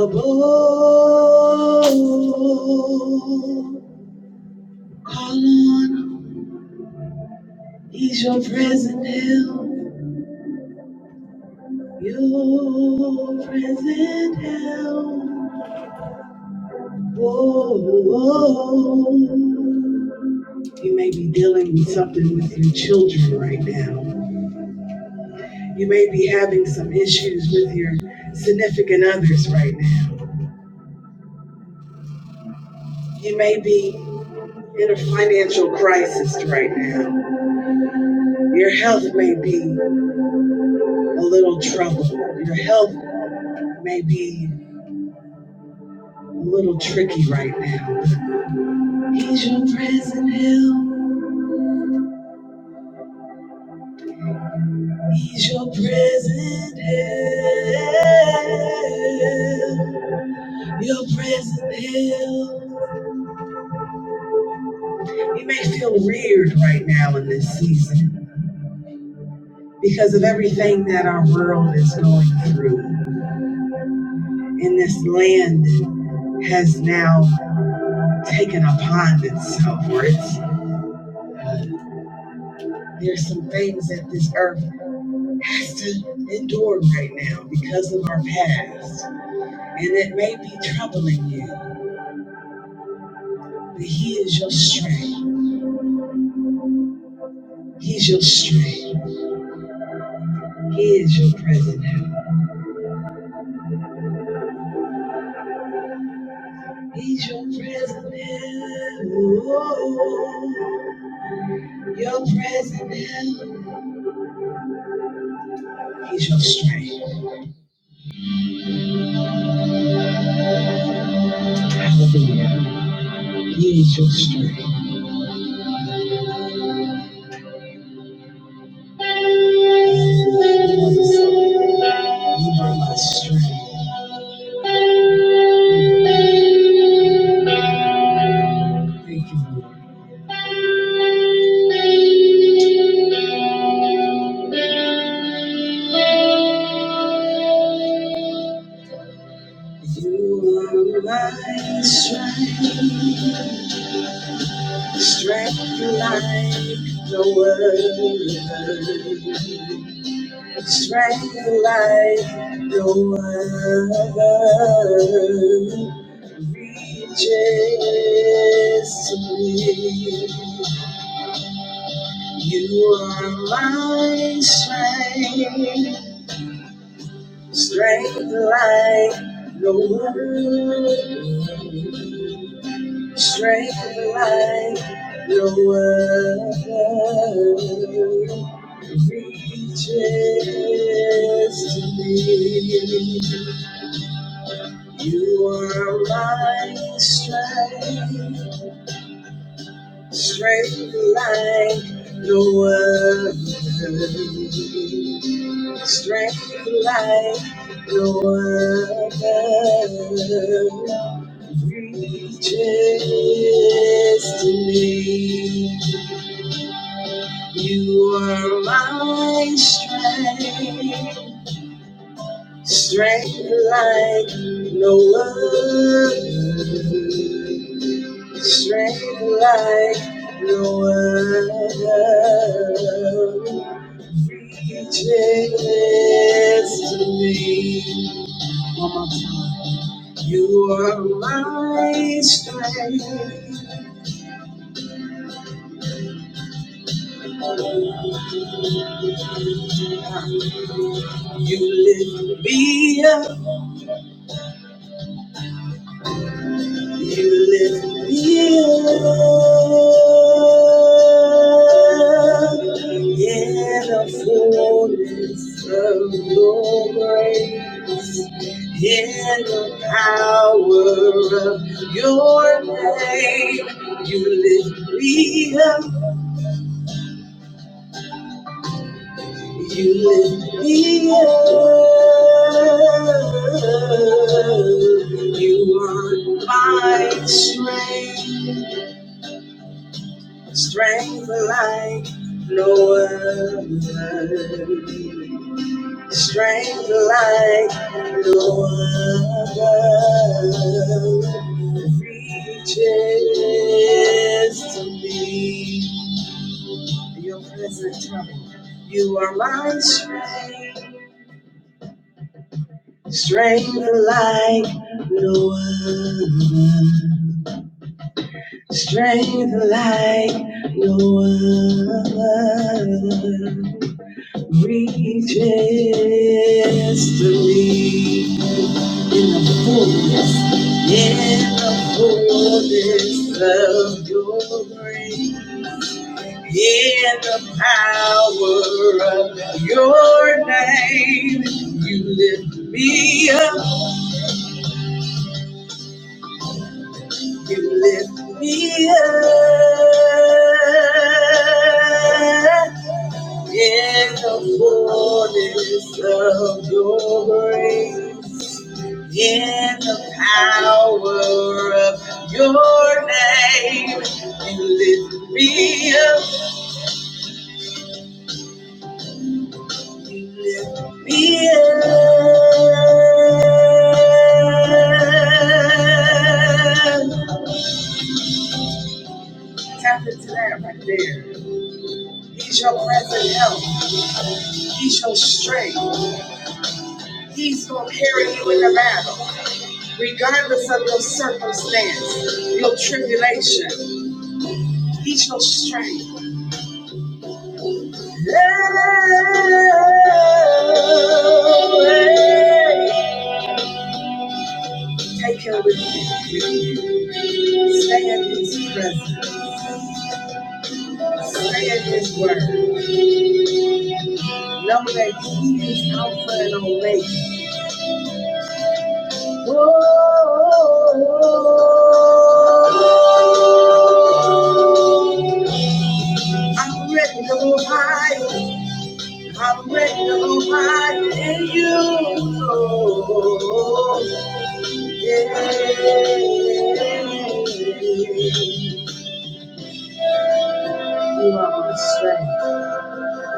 Speaker 3: bold. Call on, Him, He's your present help, your present help. Whoa. You may be dealing with something with your children right now. You may be having some issues with your significant others right now. You may be in a financial crisis right now. Your health may be a little troubled. Your health may be a little tricky right now. He's your present help. He's your present help. Your present help. You may feel weird right now in this season. because of everything that our world is going through. And this land has now taken upon itself, or it's uh, there's some things that this earth has to endure right now because of our past. And it may be troubling you, but He is your strength. He's your strength. He is your present help. He's your present help. Your present help. He's your strength. Hallelujah. He is your strength. You are my strength. Thank you, Lord. You are my strength. Strength like no other. Strength like no other. Reaches to me. You are my strength. Strength like no other. Strength like no other. Reaches to me. You are my strength. Strength like no other. Strength like no other. Reaches to me. You are my strength. Strength like no other. Strength like no other reaches to me. One more time. You are my strength. You lift me up. You lift me up in the fullness of your grace, in the power of your name. You lift me up, you lift me up. You are my strength. Strength like no other. Strength like no other. Reaches to me. Your presence, you are my strength. Strength like no other. Strength like no other. Reach history in the fullness, in the fullness of your grace, in the power of your name. You lift me up, you lift me up. In the fullness of your grace, in the power of your name, you lift me up, you lift me up. Tap into that right there. He's your present help. He's your strength. He's gonna carry you in the battle. regardless of your circumstance, your tribulation, he's your strength. Take care with you. Stay in his presence. Stay in his word. Know that he is Alpha and Omega. I'm ready to go high. I'm ready to go high in you. You are my strength.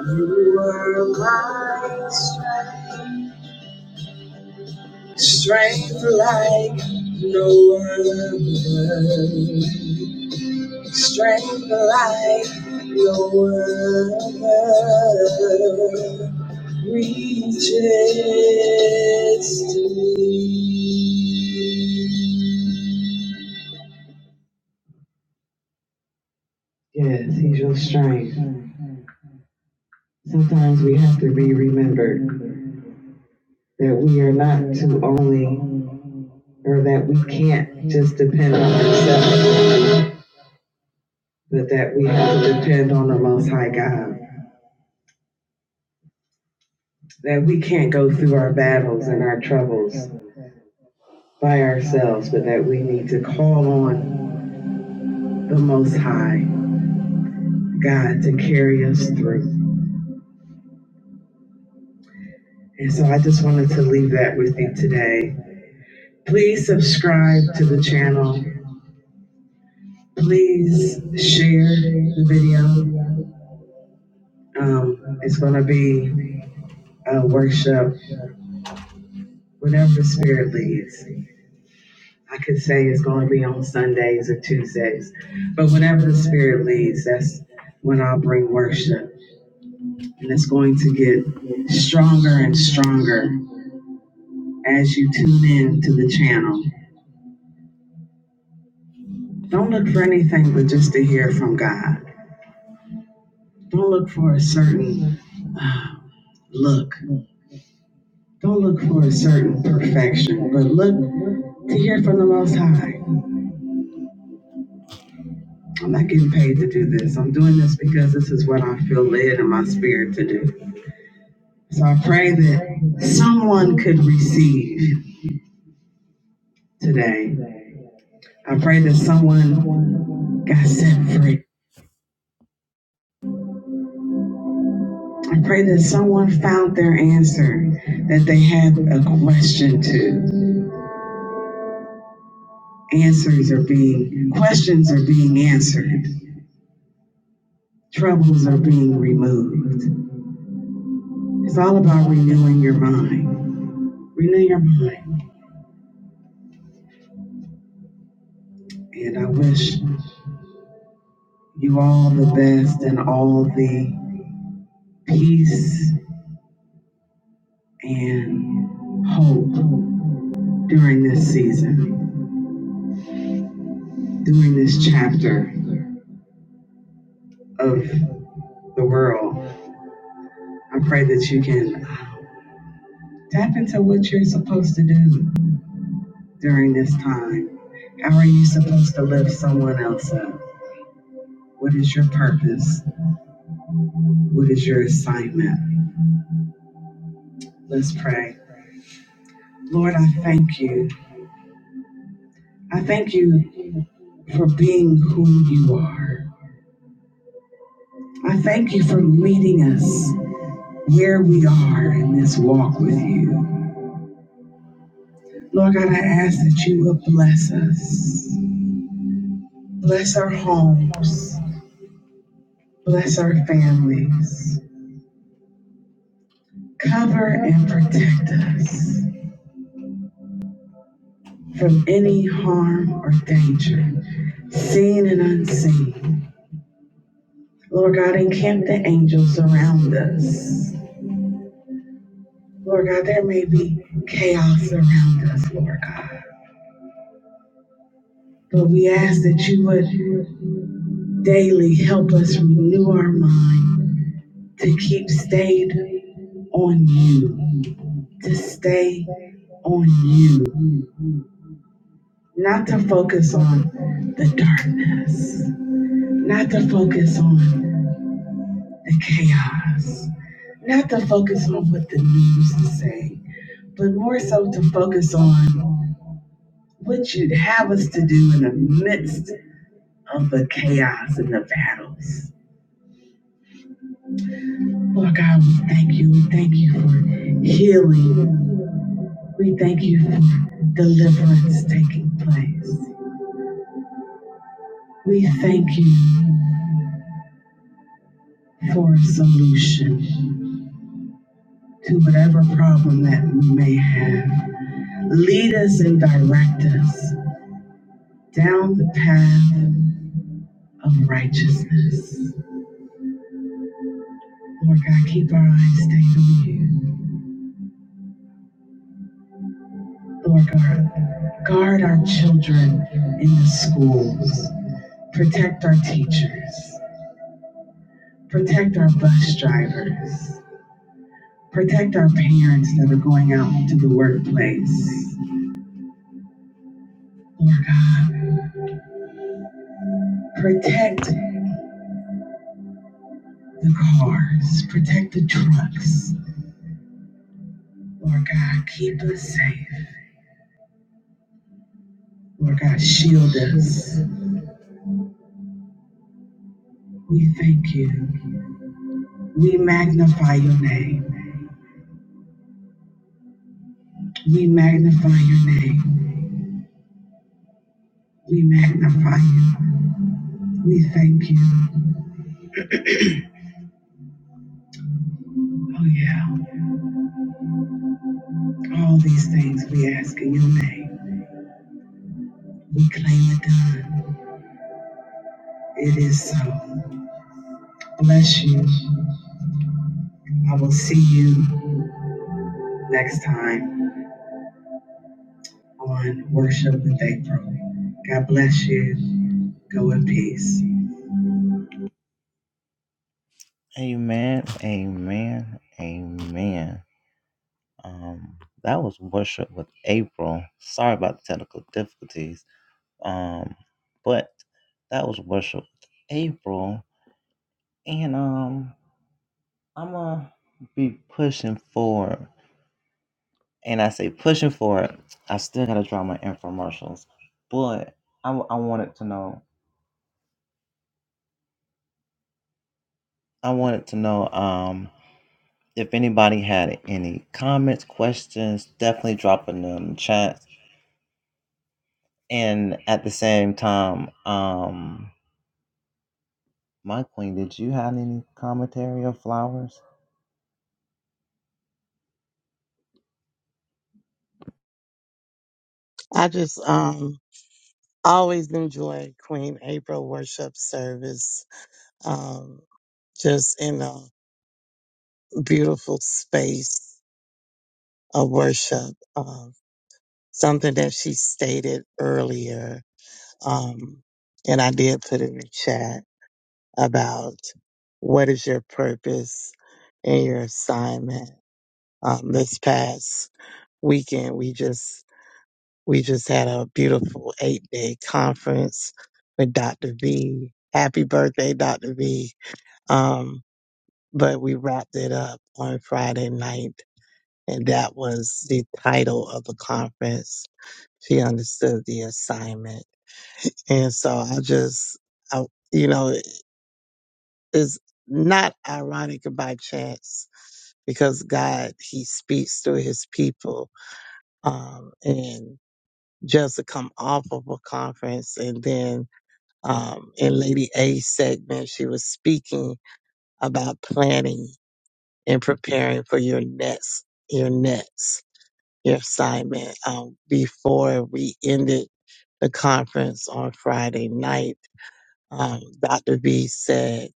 Speaker 3: You are my strength. Strength like no other. Strength like no other. Reaches to Yes, he's your strength. Sometimes we have to be remembered that we are not to only or that we can't just depend on ourselves, but that we have to depend on the Most High God. That we can't go through our battles and our troubles by ourselves, but that we need to call on the Most High God to carry us through. And so I just wanted to leave that with you today. Please subscribe to the channel. Please share the video. Um, it's going to be a workshop, whenever the Spirit leads. I could say it's going to be on Sundays or Tuesdays, but whenever the Spirit leads, that's when I'll bring worship. And it's going to get stronger and stronger as you tune in to the channel. Don't look for anything but just to hear from God. Don't look for a certain uh, look. Don't look for a certain perfection, but look to hear from the Most High. I'm not getting paid to do this. I'm doing this because this is what I feel led in my spirit to do. So I pray that someone could receive today. I pray that someone got set free. I pray that someone found their answer that they had a question to. Answers are being, questions are being answered. Troubles are being removed. It's all about renewing your mind. Renew your mind. And I wish you all the best and all the peace and hope during this season, during this chapter of the world. I pray that you can tap into what you're supposed to do during this time. How are you supposed to lift someone else up? What is your purpose? What is your assignment? Let's pray. Lord, I thank you. I thank you for being who you are. I thank you for meeting us where we are in this walk with you. Lord God, I ask that you will bless us, bless our homes, bless our families, cover and protect us from any harm or danger, seen and unseen. Lord God, encamp the angels around us. Lord God, there may be chaos around us, Lord God. But we ask that you would daily help us renew our mind to keep stayed on you, to stay on you, not to focus on the darkness, not to focus on the chaos, not to focus on what the news is saying, but more so to focus on what you'd have us to do in the midst of the chaos and the battles. Lord God, we thank you. We thank you for healing. We thank you for deliverance taking place. We thank you for a solution to whatever problem that we may have. Lead us and direct us down the path of righteousness. Lord God, keep our eyes stayed on you. Lord God, guard our children in the schools. Protect our teachers. Protect our bus drivers. Protect our parents that are going out into the workplace. Lord God, protect the cars, protect the trucks. Lord God, keep us safe. Lord God, shield us. We thank you. We magnify your name. We magnify your name. We magnify you. We thank you. Oh, yeah. All these things we ask in your name. We claim it done. It is so. Bless you. I will see you next time on Worship with April. God bless you. Go in peace.
Speaker 2: I just um. always enjoy Queen April worship service. Um, just in a beautiful space of worship. Um, something that she stated earlier, um, and I did put in the chat about what is your purpose and your assignment. Um, this past weekend, we just we just had a beautiful eight day conference with Dr. V. Happy birthday, Dr. V Um, but we wrapped it up on Friday night, and that was the title of the conference. She understood the assignment. And so I just, I, you know, it's not ironic and by chance because God, He speaks through His people. Um, and just to come off of a conference and then um, in Lady A's segment, she was speaking about planning in preparing for your next, your next, your assignment. Um, before we ended the conference on Friday night, um, Dr. V said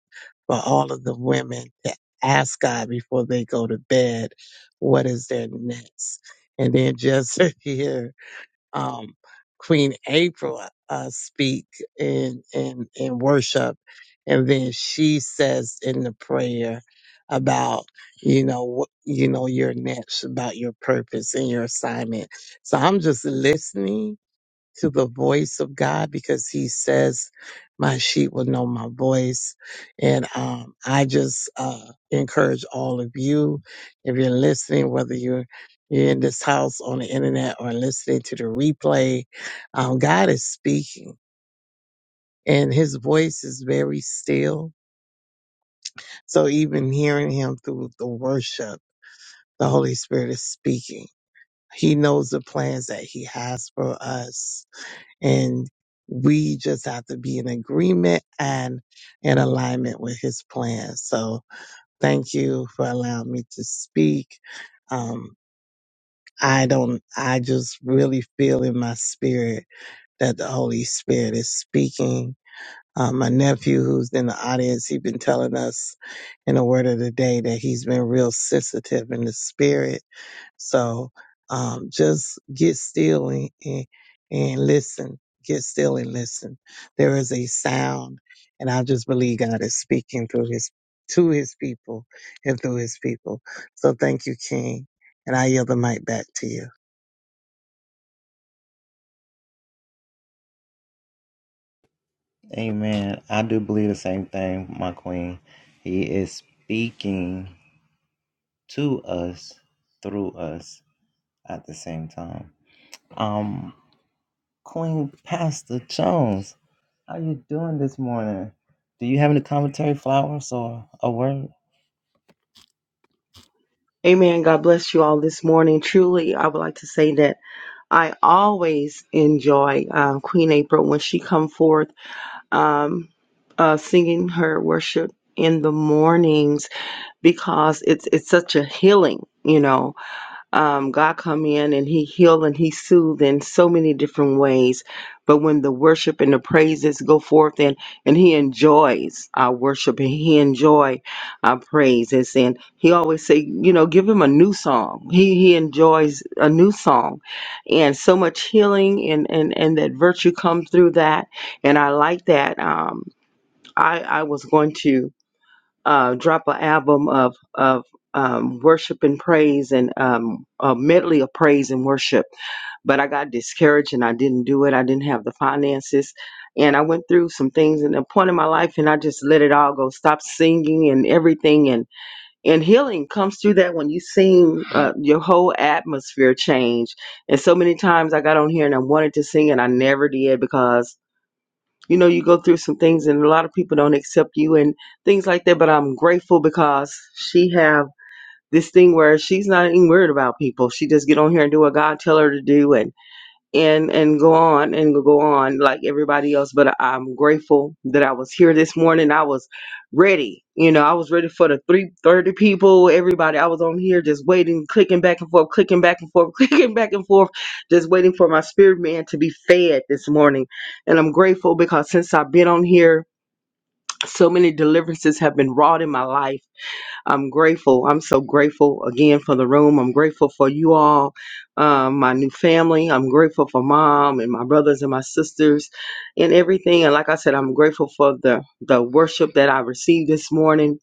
Speaker 2: for all of the women to ask God before they go to bed, what is their next? And then just to hear um, Queen April uh, uh, speak in, in in worship, and then she says in the prayer about you know wh- you know your next about your purpose and your assignment. So I'm just listening to the voice of God because he says, my sheep will know my voice. And, um, I just, uh, encourage all of you, if you're listening, whether you're, you're in this house on the internet or listening to the replay, um, God is speaking and his voice is very still. So even hearing him through the worship, the Holy Spirit is speaking. He knows the plans that he has for us And we just have to be in agreement and in alignment with his plan. So thank you for allowing me to speak. Um, I don't, I just really feel in my spirit that the Holy Spirit is speaking. Uh, my nephew who's in the audience, he's been telling us in the word of the day that he's been real sensitive in the spirit so um, just get still and, and, and listen. Get still and listen. There is a sound, and I just believe God is speaking through His to His people and through His people. So thank you, King, and I yield the mic back to you.
Speaker 4: Amen. God bless you all this morning. Truly, I would like to say that I always enjoy uh, Queen April when she come forth um, uh, singing her worship in the mornings because it's it's such a healing, you know um, God come in and he healed and he soothed in so many different ways. But when the worship and the praises go forth and, and he enjoys our worship and he enjoy our praises. And he always say, you know, give him a new song. He, he enjoys a new song and so much healing and, and, and that virtue comes through that. And I like that. Um, I, I was going to, uh, drop an album of of um, worship and praise and um, a medley of praise and worship. But I got discouraged and I didn't do it. I didn't have the finances, and I went through some things in a point in my life, and I just let it all go. Stop singing and everything, and and healing comes through that when you sing. Uh, your whole atmosphere change. And so many times I got on here and I wanted to sing and I never did because you know you go through some things and a lot of people don't accept you and things like that but i'm grateful because she have this thing where she's not even worried about people she just get on here and do what god tell her to do and and and go on and go on like everybody else but I- am grateful that i was here this morning i was ready you know i was ready for the 330 people everybody i was on here just waiting clicking back and forth clicking back and forth clicking back and forth just waiting for my spirit man to be fed this morning and i'm grateful because since i've been on here so many deliverances have been wrought in my life I'm grateful. I'm so grateful again for the room. I'm grateful for you all, um, my new family. I'm grateful for mom and my brothers and my sisters and everything. And like I said, I'm grateful for the, the worship that I received this morning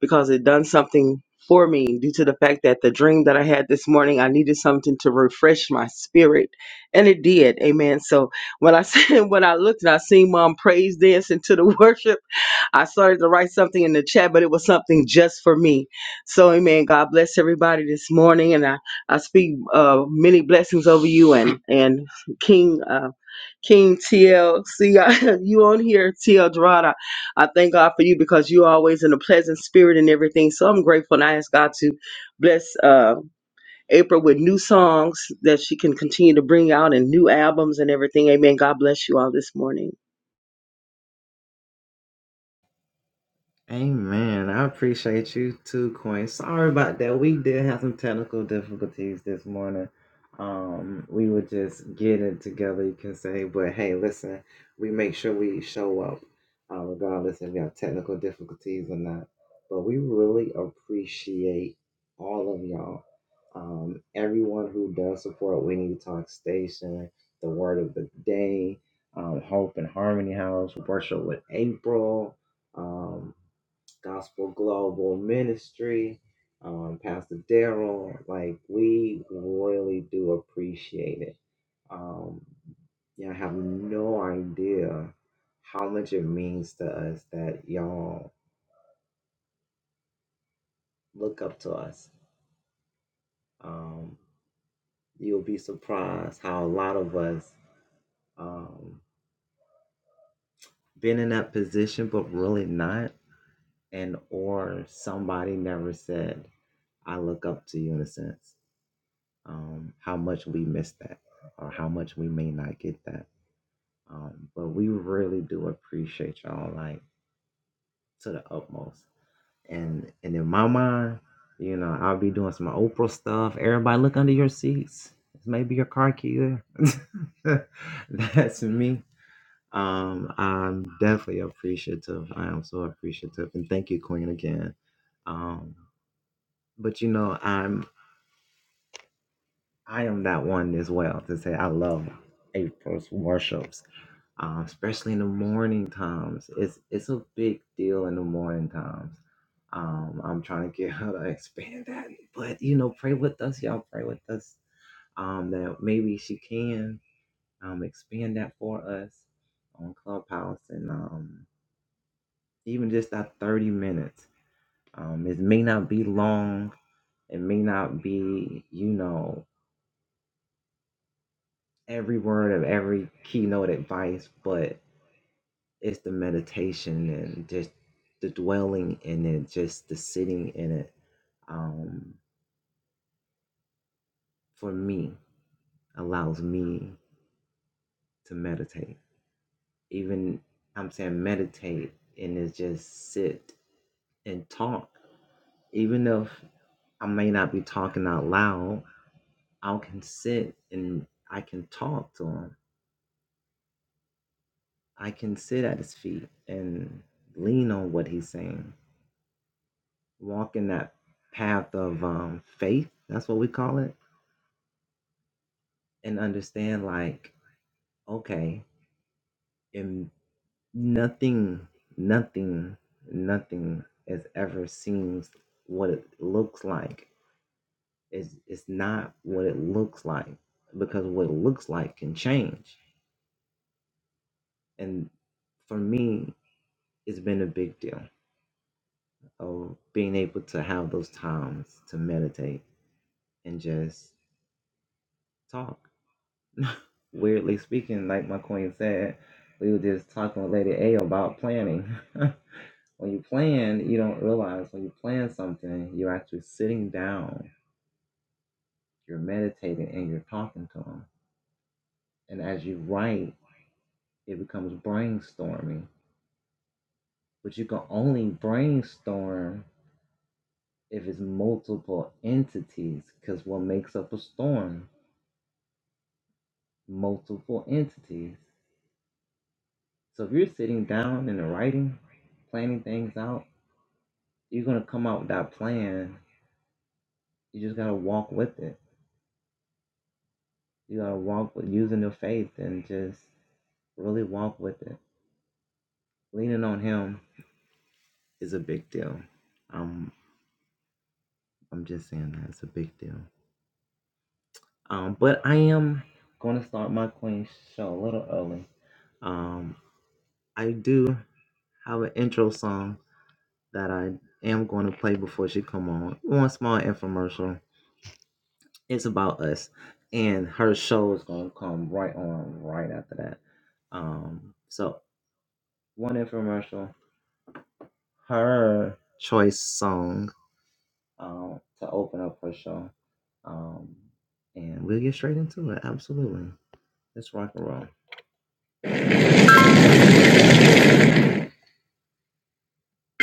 Speaker 4: because it done something for me due to the fact that the dream that I had this morning, I needed something to refresh my spirit. And it did. Amen. So when I said when I looked and I seen mom praise dancing to the worship. I started to write something in the chat, but it was something just for me. So, amen. God bless everybody this morning, and I I speak uh, many blessings over you and and King uh, King TLC. I- you on here, TL Dorada. I thank God for you because you're always in a pleasant spirit and everything. So I'm grateful, and I ask God to bless uh, April with new songs that she can continue to bring out and new albums and everything. Amen. God bless you all this morning.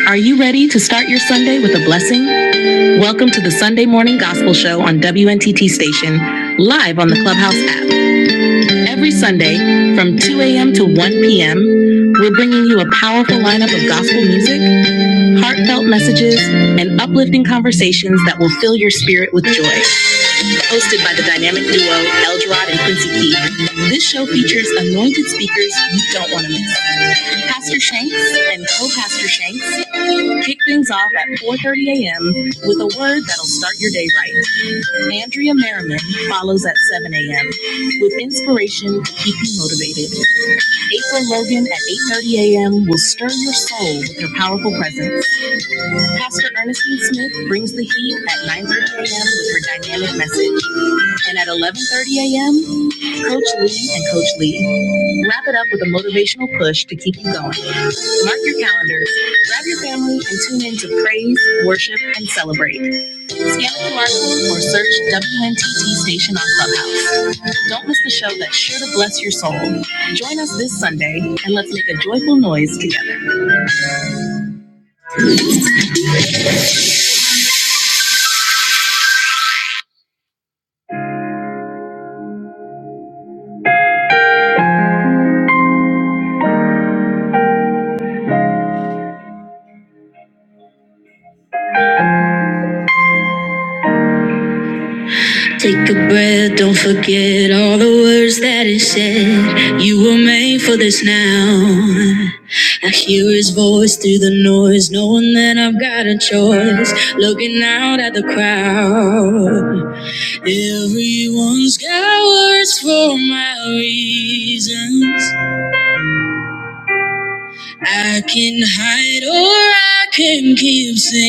Speaker 3: Are you ready to start your Sunday with a blessing? Welcome to the Sunday Morning Gospel Show on WNTT Station, live on the Clubhouse app. Every Sunday from 2 a.m. to 1 p.m., we're bringing you a powerful lineup of gospel music, heartfelt messages, and uplifting conversations that will fill your spirit with joy. hosted by the dynamic duo Eldrod and Quincy Key. This show features anointed speakers you don't want to miss. Pastor Shanks and co-pastor Shanks kick things off at 4:30 a.m. with a word that'll start your day right. Andrea Merriman follows at 7 a.m. with inspiration to keep you motivated. April Logan at 8:30 a.m. will stir your soul with her powerful presence. Pastor Ernestine Smith brings the heat at 9:30 a.m. with her dynamic message, and at 11:30 a.m. Coach Lee and Coach Lee wrap it up with a motivational push to keep you going. Mark your calendars, grab your family, and tune in to praise, worship, and celebrate. Scan the QR code or search WNTT Station on Clubhouse. Don't miss the show that's sure to bless your soul. Join us this Sunday and let's make a joyful noise together. Take a breath, don't forget all the words that it said. You were made for this now. I hear his voice through the noise, knowing that I've got a choice. Looking out at the crowd, everyone's got words for my reasons.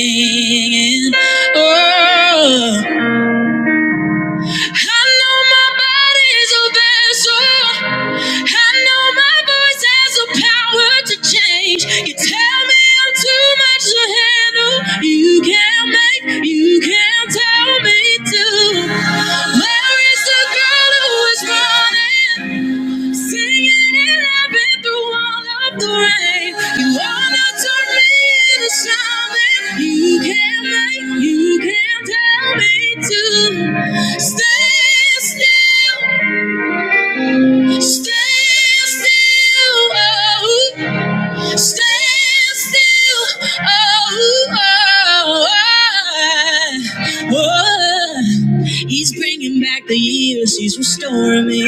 Speaker 3: Singing, oh. I know my body is a vessel. I know my voice has the power to change. You tell me I'm too much to handle. You can't make, you can't tell me to. Where is the girl who is running? Singing and laughing through all of the rain. You are not to me in the shaman. You can't make, you can't tell me to stay still, stay still, oh, stay still, oh, oh, oh, oh. He's bringing back the years, he's restoring me.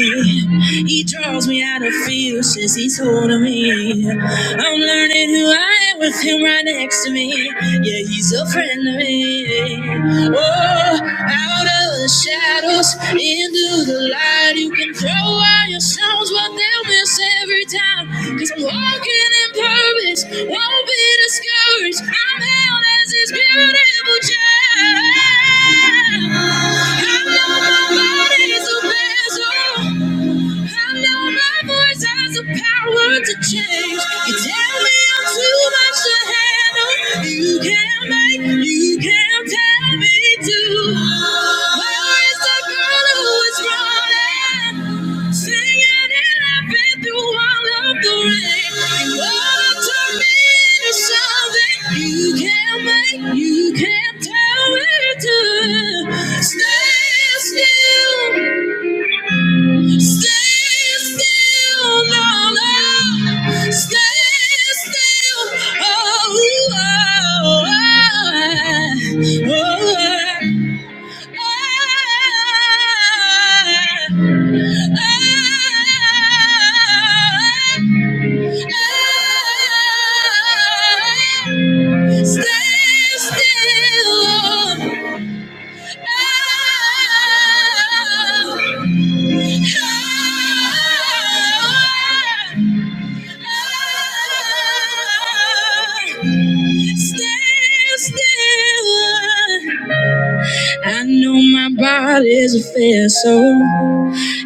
Speaker 3: He draws me out of fear, says he's holding me. I'm learning who I am with him right next to me. Yeah, he's a friend of me. Oh, out of the shadows, into the light, you can throw out your stones, but they'll miss every time. Cause I'm walking in purpose, won't be discouraged. I'm held as his beautiful child. I know nobody's a special. I know my voice has the power to change. You tell me I'm too much to handle. You can't make, you can't tell me to. Where is the girl who is running? Singing and I've been through all of the rain. You wanna turn me into something you can't make, you can't tell me to. Stay still. Stay still, no, no. Stay still. Oh, oh, oh, oh. Stay still. Oh, oh, oh. Still, still, I know my body's a fair soul.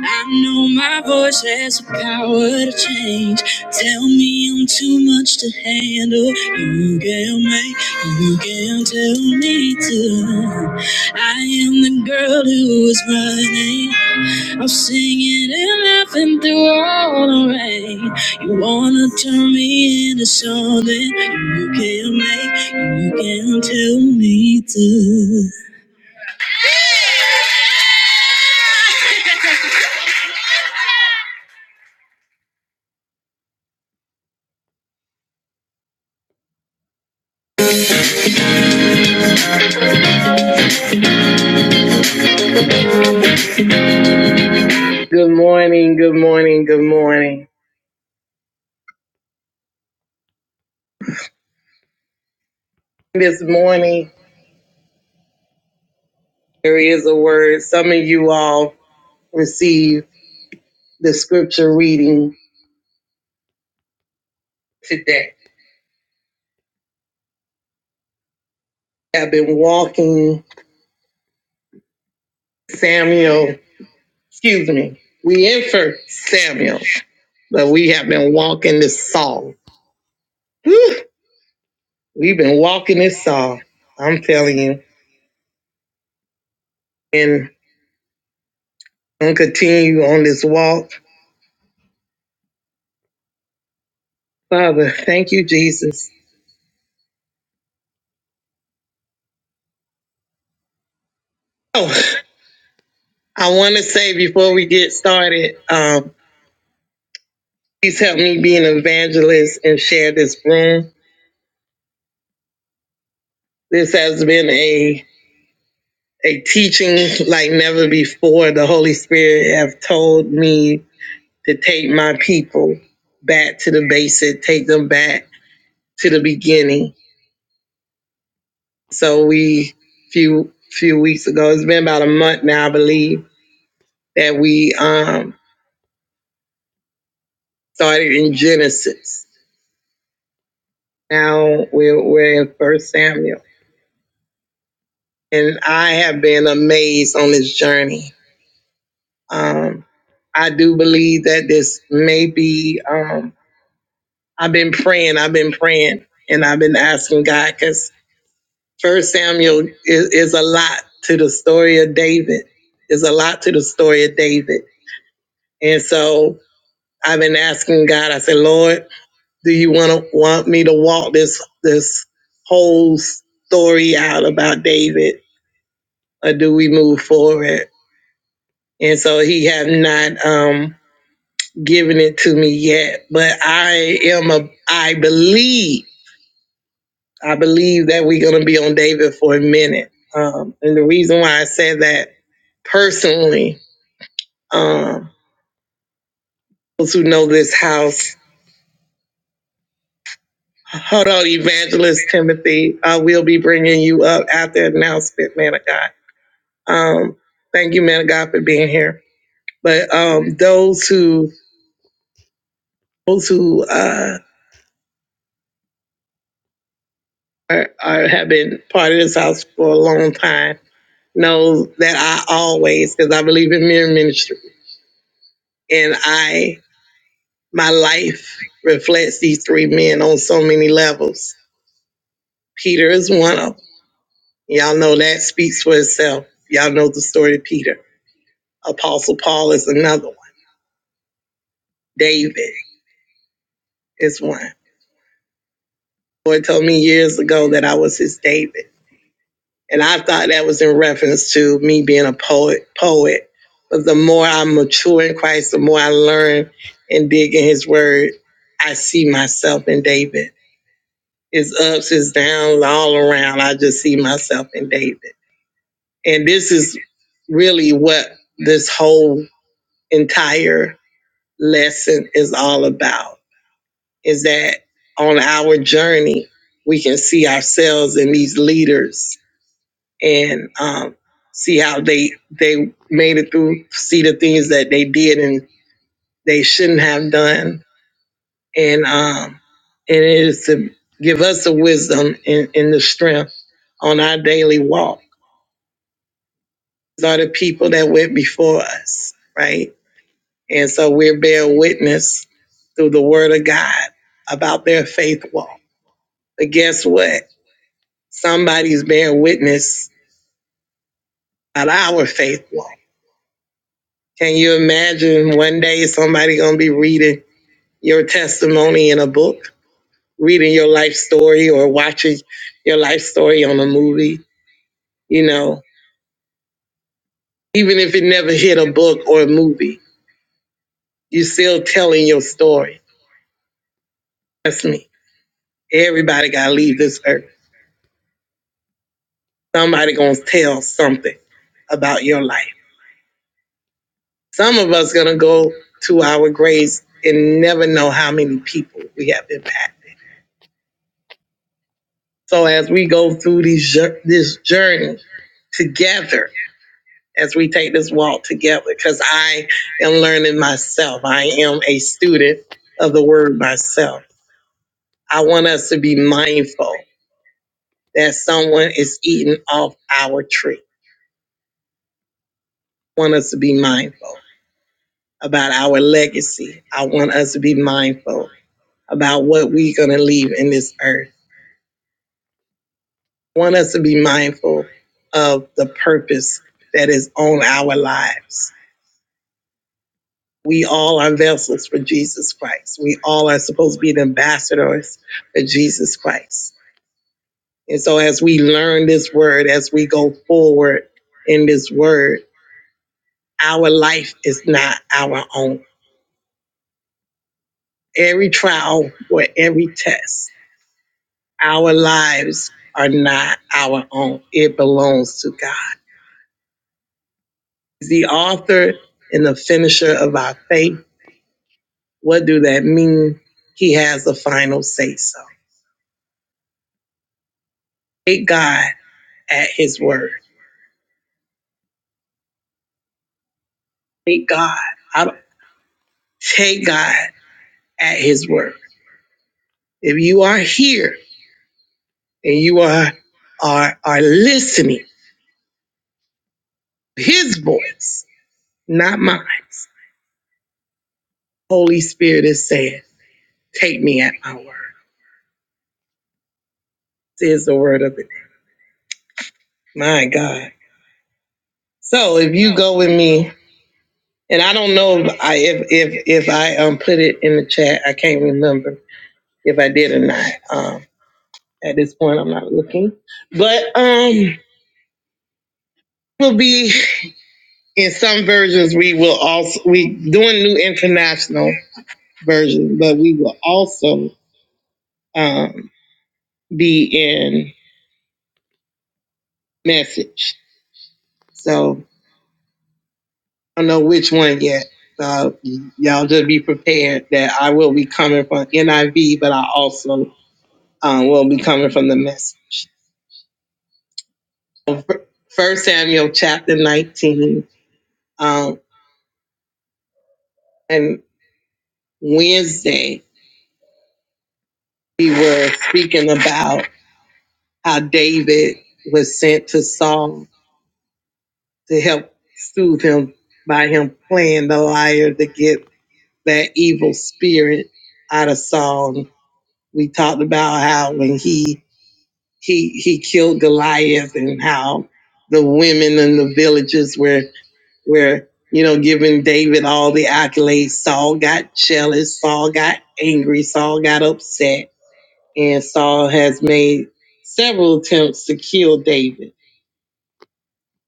Speaker 3: I know my voice has the power to change. Tell me I'm too much to handle. You can make, you can tell me to. I am the girl who is running. I'm singing and laughing through all the rain. You wanna turn me into something you can make, you can tell me to. Good morning, good morning, good morning. This morning. There is a word. Some of you all receive the scripture reading today. I've been walking Samuel, excuse me. We infer Samuel, but we have been walking this Saul. Whew, We've been walking this Saul. I'm telling you. And I'm gonna continue on this walk. Father, thank you, Jesus. Oh, I want to say before we get started, um, please help me be an evangelist and share this room This has been a a teaching like never before. The Holy Spirit have told me to take my people back to the basic, take them back to the beginning. So we few few weeks ago, it's been about a month now, I believe, that we um started in Genesis. Now we're we're in First Samuel. And I have been amazed on this journey. Um I do believe that this may be. um, I've been praying, I've been praying, and I've been asking God because First Samuel is, is a lot to the story of David. Is a lot to the story of David, and so I've been asking God. I said, Lord, do you want to want me to walk this this whole story out about David, or do we move forward? And so He have not um, given it to me yet, but I am a I believe I believe that we're going to be on David for a minute. Um, and the reason why I said that personally, um, those who know this house, hold on, Evangelist Timothy, I will be bringing you up after the announcement, man of God. Um, thank you, man of God, for being here. But um, those who those who uh, are, are, have been part of this house for a long time know that I always, because I believe in mere ministry, and I My life reflects these three men on so many levels. Peter is one of them. Y'all know that speaks for itself. Y'all know the story of Peter. Apostle Paul is another one. David is one. The Lord told me years ago that I was his David. And I thought that was in reference to me being a poet poet. But the more I mature in Christ, the more I learn and dig in his word, I see myself in David. His ups, his downs, all around. I just see myself in David. And this is really what this whole entire lesson is all about is that on our journey, we can see ourselves in these leaders and um, see how they they made it through, see the things that they did and they shouldn't have done. And um, and it is to give us the wisdom and, and the strength on our daily walk. These are the people that went before us, right? And so we're bearing witness through the word of God about their faith walk. But guess what? Somebody's bearing witness about our faith walk. Can you imagine one day somebody gonna be reading your testimony in a book, reading your life story or watching your life story on a movie, you know, even if it never hit a book or a movie, you are still telling your story. That's me. Everybody gotta leave this earth Somebody gonna tell something about your life. Some of us gonna go to our graves and never know how many people we have impacted. So as we go through these this journey together, as we take this walk together, because I am learning myself. I am a student of the word myself. I want us to be mindful that someone is eating off our tree. I want us to be mindful. about our legacy. I want us to be mindful about what we're going to leave in this earth. I want us to be mindful of the purpose that is on our lives. We all are vessels for Jesus Christ. We all are supposed to be the ambassadors for Jesus Christ. And so, as we learn this word, as we go forward in this word, our life is not our own. Every trial or every test Our lives are not our own, it belongs to God. He's the author and the finisher of our faith. What do that mean? He has the final say so. Take God at His word. Take God. I- Take God at His word. If you are here and you are are are listening, His voice, not mine. Holy Spirit is saying, "Take me at my word." This Is the word of it. My God. So if you go with me, and I don't know if I if if, if I um put it in the chat, I can't remember if I did or not. Um, at this point, I'm not looking, but um, will be in some versions. We will also we doing new international versions, but we will also um be in message. So I don't know which one yet. So y'all just be prepared that I will be coming from NIV, but I also um, will be coming from the message. First Samuel chapter 19. Um, and Wednesday, we were speaking about how David was sent to Saul to help soothe him by him playing the lyre to get that evil spirit out of Saul. We talked about how when he he he killed Goliath and how the women in the villages were where you know giving David all the accolades. Saul got jealous, Saul got angry, Saul got upset, and Saul has made several attempts to kill David.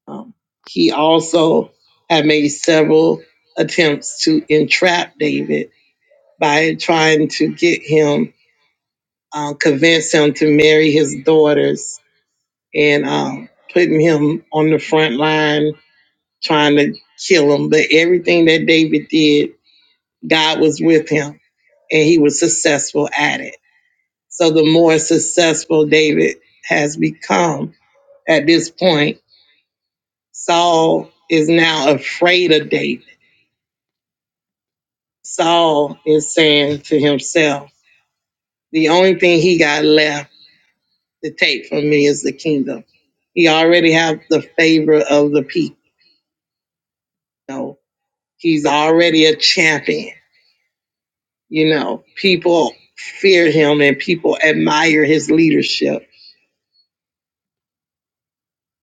Speaker 3: Um, he also had made several attempts to entrap David by trying to get him, uh, convince him to marry his daughters, and um, putting him on the front line, trying to kill him. But everything that David did God was with him and he was successful at it. So the more successful David has become at this point, Saul is now afraid of David. Saul is saying to himself, the only thing he got left to take from me is the kingdom. He already have the favor of the people. You know, he's already a champion. You know, people fear him and people admire his leadership.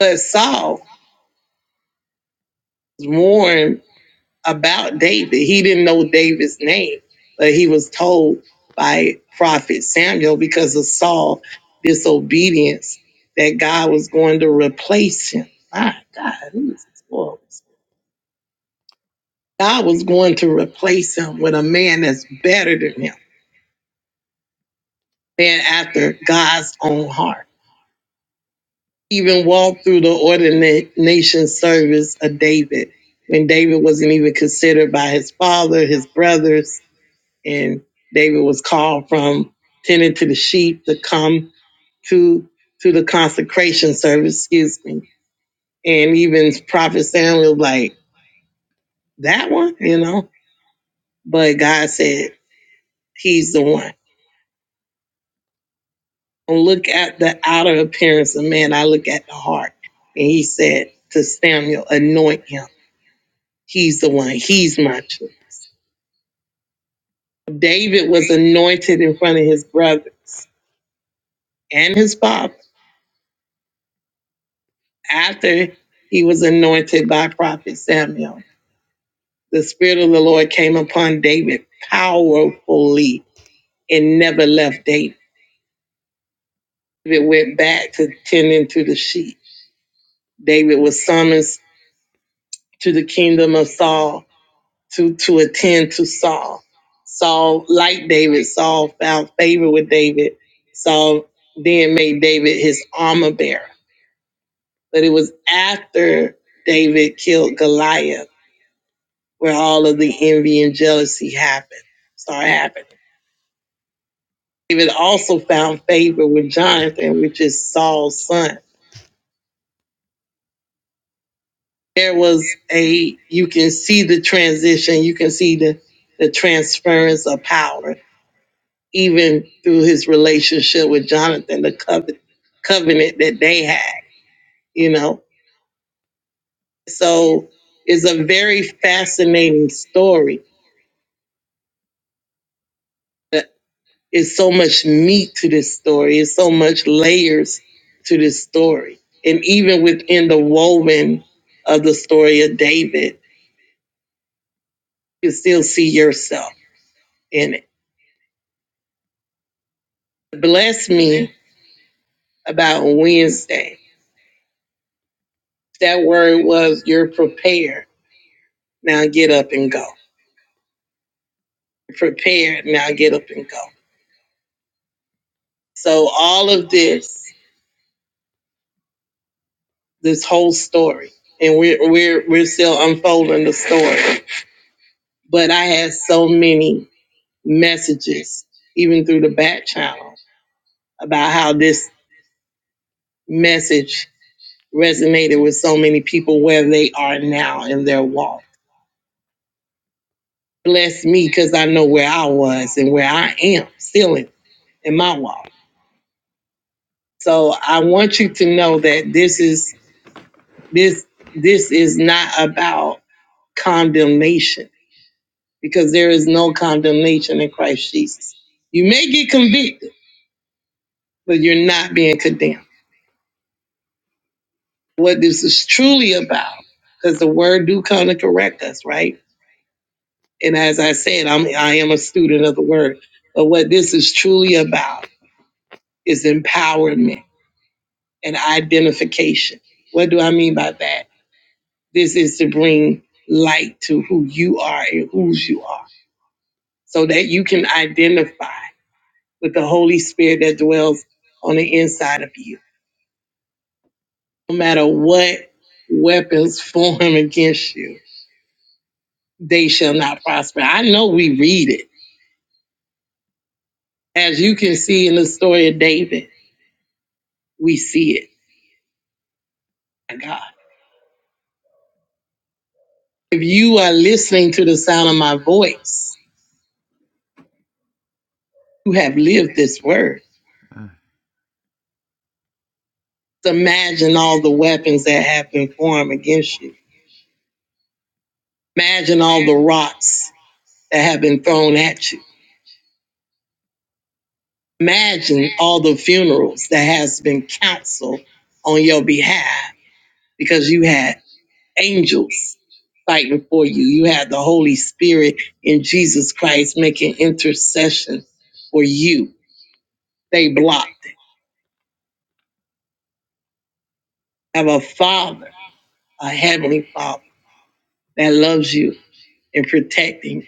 Speaker 3: But Saul warned about David. He didn't know David's name, but he was told by prophet Samuel because of Saul's disobedience that God was going to replace him. My God, who is this world? God was going to replace him with a man that's better than him, man after God's own heart. Even walked through the ordination service of David when David wasn't even considered by his father, his brothers and David was called from tending to the sheep to come to to the consecration service, excuse me. And even Prophet Samuel was like, that one, you know? But God said, He's the one. Don't look at the outer appearance of man, I look at the heart. And he said to Samuel, anoint him. He's the one. He's my choice. David was anointed in front of his brothers and his father after he was anointed by prophet Samuel, the Spirit of the Lord came upon David powerfully and never left David. David went back to tending to the sheep. David was summoned to the kingdom of Saul to, to attend to Saul. Saul, like David, Saul found favor with David. Saul then made David his armor bearer. But it was after David killed Goliath where all of the envy and jealousy happened, start happening. David also found favor with Jonathan, which is Saul's son. There was a, you can see the transition, you can see the, the transference of power, even through his relationship with Jonathan, the covenant, covenant that they had, you know. So it's a very fascinating story. The It's so much meat to this story. It's so much layers to this story. And even within the woven of the story of David, you still see yourself in it. Bless me about Wednesday. That word was you're prepared. Now get up and go. Prepared. Now get up and go. So all of this, this whole story, and we're we're we're still unfolding the story. But I had so many messages, even through the back channel, about how this message resonated with so many people where they are now in their walk. Bless me because I know where I was and where I am still in, in my walk. So I want you to know that this is this this is not about condemnation because there is no condemnation in Christ Jesus. You may get convicted, but you're not being condemned. what this is truly about because the word do kind of correct us right and as i said i'm i am a student of the word but what this is truly about is empowerment and identification what do i mean by that this is to bring light to who you are and whose you are so that you can identify with the holy spirit that dwells on the inside of you no matter what weapons form against you they shall not prosper. I know we read it. As you can see in the story of David, we see it. My God. If you are listening to the sound of my voice, you have lived this word. So Imagine all the weapons that have been formed against you. Imagine all the rocks that have been thrown at you. Imagine all the funerals that has been counseled on your behalf because you had angels fighting for you. You have the Holy Spirit in Jesus Christ making intercession for you. They blocked it. Have a father, a heavenly father that loves you and protecting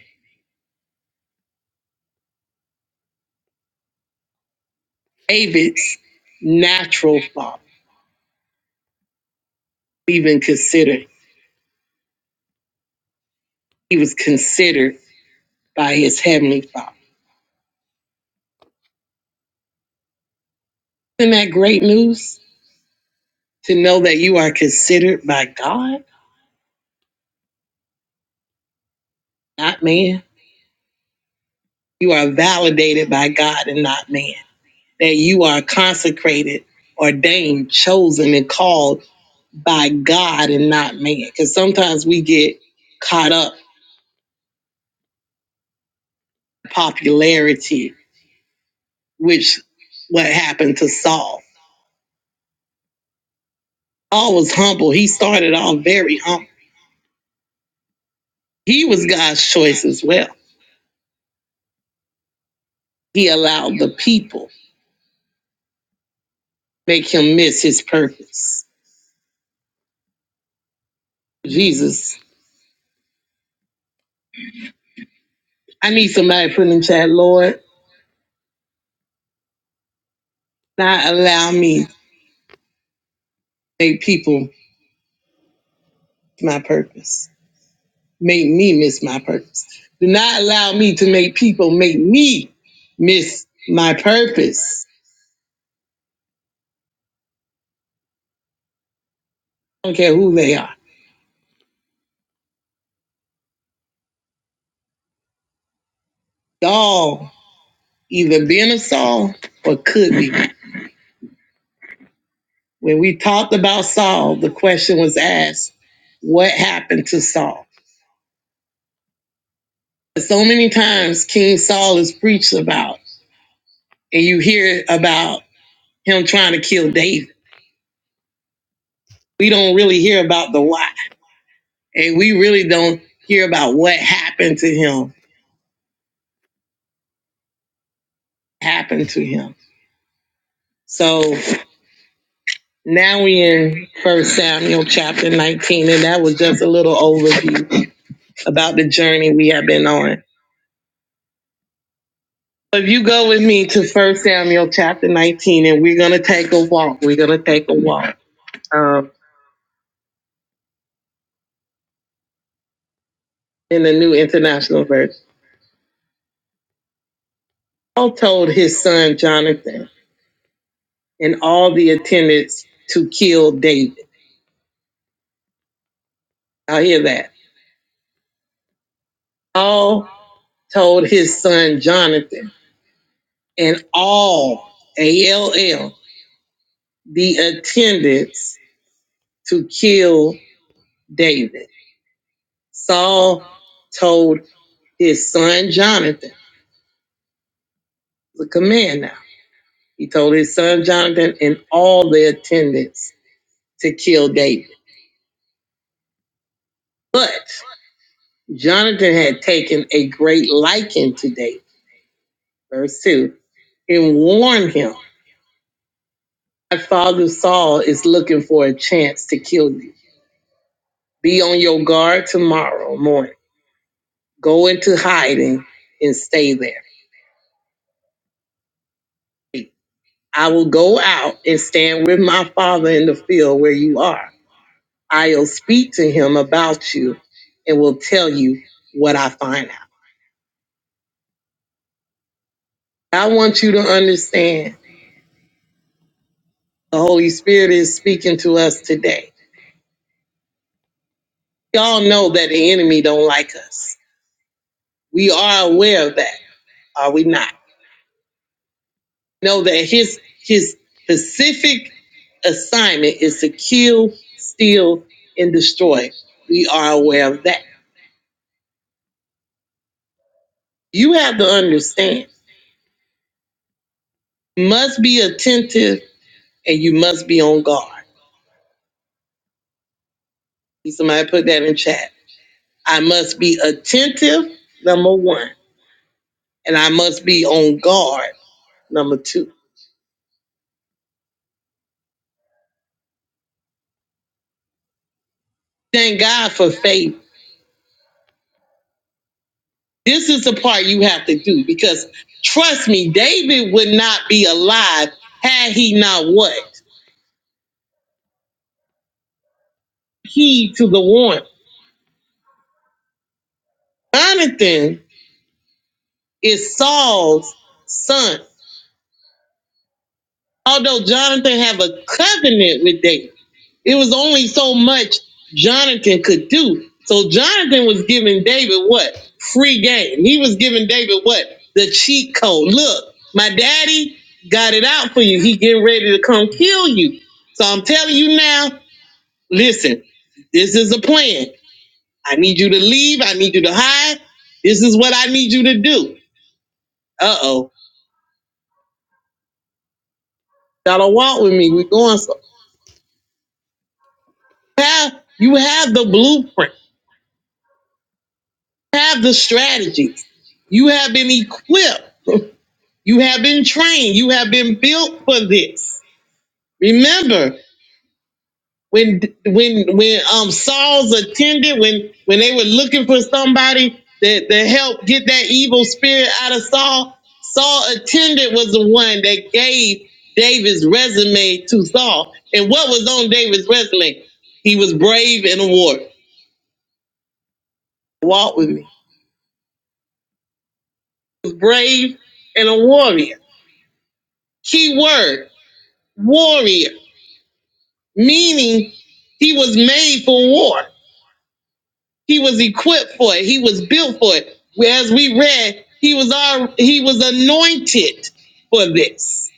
Speaker 3: David's natural father. Even considered, he was considered by his heavenly father. Isn't that great news? To know that you are considered by God, not man. You are validated by God and not man that you are consecrated, ordained, chosen, and called by God and not man. Because sometimes we get caught up in popularity, which what happened to Saul. Saul was humble. He started off very humble. He was God's choice as well. He allowed the people make him miss his purpose. Jesus, I need somebody to put in the chat, Lord, not allow me to make people my purpose make me miss my purpose. Do not allow me to make people make me miss my purpose. I don't care who they are. Y'all, either been a Saul or could be. When we talked about Saul, the question was asked, what happened to Saul? So many times King Saul is preached about, and you hear about him trying to kill David. We don't really hear about the why, and we really don't hear about what happened to him, happened to him So now we in First Samuel chapter 19, and that was just a little overview about the journey we have been on. So, If you go with me to First Samuel chapter 19, and we're gonna take a walk. We're gonna take a walk um, in the New International Version. Paul told his son Jonathan and all the attendants to kill David. I hear that. Paul told his son Jonathan and all A L L the attendants to kill David. Saul told his son Jonathan, the command now, he told his son Jonathan and all the attendants to kill David. But Jonathan had taken a great liking to David, verse 2, and warned him, My father Saul is looking for a chance to kill you. Be on your guard tomorrow morning. Go into hiding and stay there. I will go out and stand with my father in the field where you are. I'll speak to him about you and will tell you what I find out. I want you to understand the Holy Spirit is speaking to us today. Y'all know that the enemy don't like us. We are aware of that, are we not? Know that his his specific assignment is to kill, steal, and destroy. We are aware of that. You have to understand. must be attentive and you must be on guard. Somebody put that in chat. I must be attentive, number one, and I must be on guard, number two. Thank God for faith. This is the part you have to do because trust me, David would not be alive had he not what? Heed to the warning. Jonathan is Saul's son. Although Jonathan have a covenant with David, it was only so much Jonathan could do. So Jonathan was giving David what? Free game. He was giving David what? The cheat code. Look, my daddy got it out for you. He getting ready to come kill you. So I'm telling you now, listen, this is a plan. I need you to leave. I need you to hide. This is what I need you to do. Uh-oh. Y'all don't walk with me. We're going so. Have, you have the blueprint. have the strategy. You have been equipped. You have been trained. You have been built for this. Remember when when when um Saul's attended when when they were looking for somebody that to help get that evil spirit out of Saul. Saul attended was the one that gave David's resume to Saul. And what was on David's resume? He was brave and a warrior. Walk with me. He was brave and a warrior. Key word warrior, meaning he was made for war. He was equipped for it. He was built for it. As we read, he was our, he was anointed for this.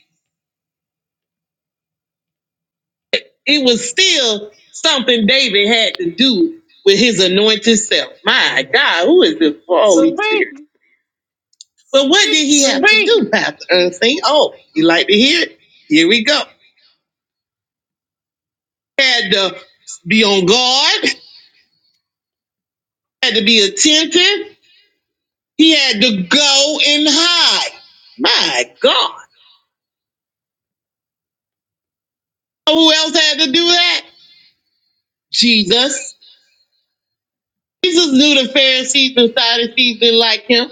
Speaker 3: It was still something David had to do with his anointed self. My God, who is this Holy Spirit?
Speaker 2: Sweet,
Speaker 3: But what did he have to do, Pastor Ernestine? Oh, you like to hear it? Here we go. Had to be on guard, had to be attentive, He had to go and hide. My God. So Who else had to do that? Jesus. Jesus knew the Pharisees and Sadducees didn't like him.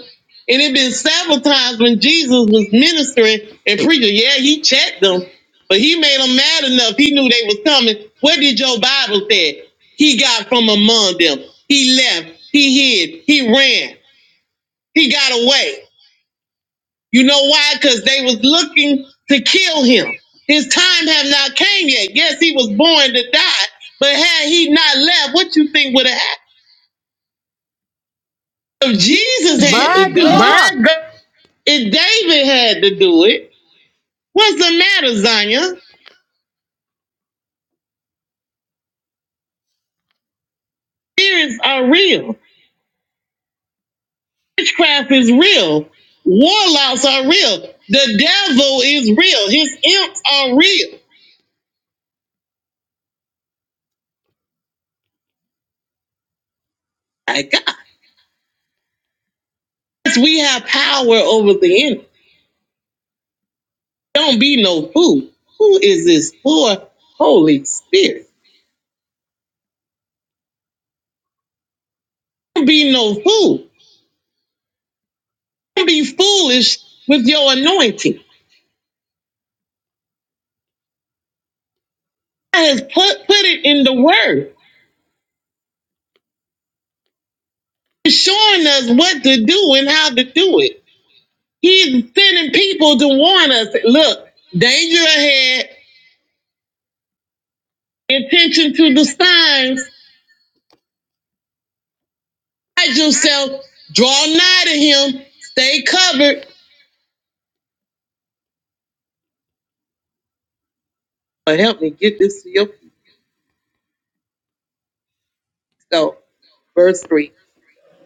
Speaker 3: And it been several times when Jesus was ministering and preaching. Yeah, he checked them, but he made them mad enough. He knew they was coming. What did your Bible say? He got from among them. He left. He hid. He ran. He got away. You know why? Because they was looking to kill him. His time had not came yet. Yes, he was born to die, but had he not left, what you think would have happened? If Jesus had to
Speaker 2: my
Speaker 3: do it,
Speaker 2: God,
Speaker 3: if David had to do it, what's the matter, Zanya? Spirits are real. Witchcraft is real. Warlocks are real. The devil is real. His imps are real. My God. Yes, We have power over the enemy. Don't be no fool. Who is this poor Holy Spirit? Don't be no fool. Don't be foolish with your anointing. I has put put it in the word, It's showing us what to do and how to do it. He's sending people to warn us. Look, danger ahead. Attention to the signs. Hide yourself. Draw nigh to Him. Stay covered. But help me get this to your people. So, verse three.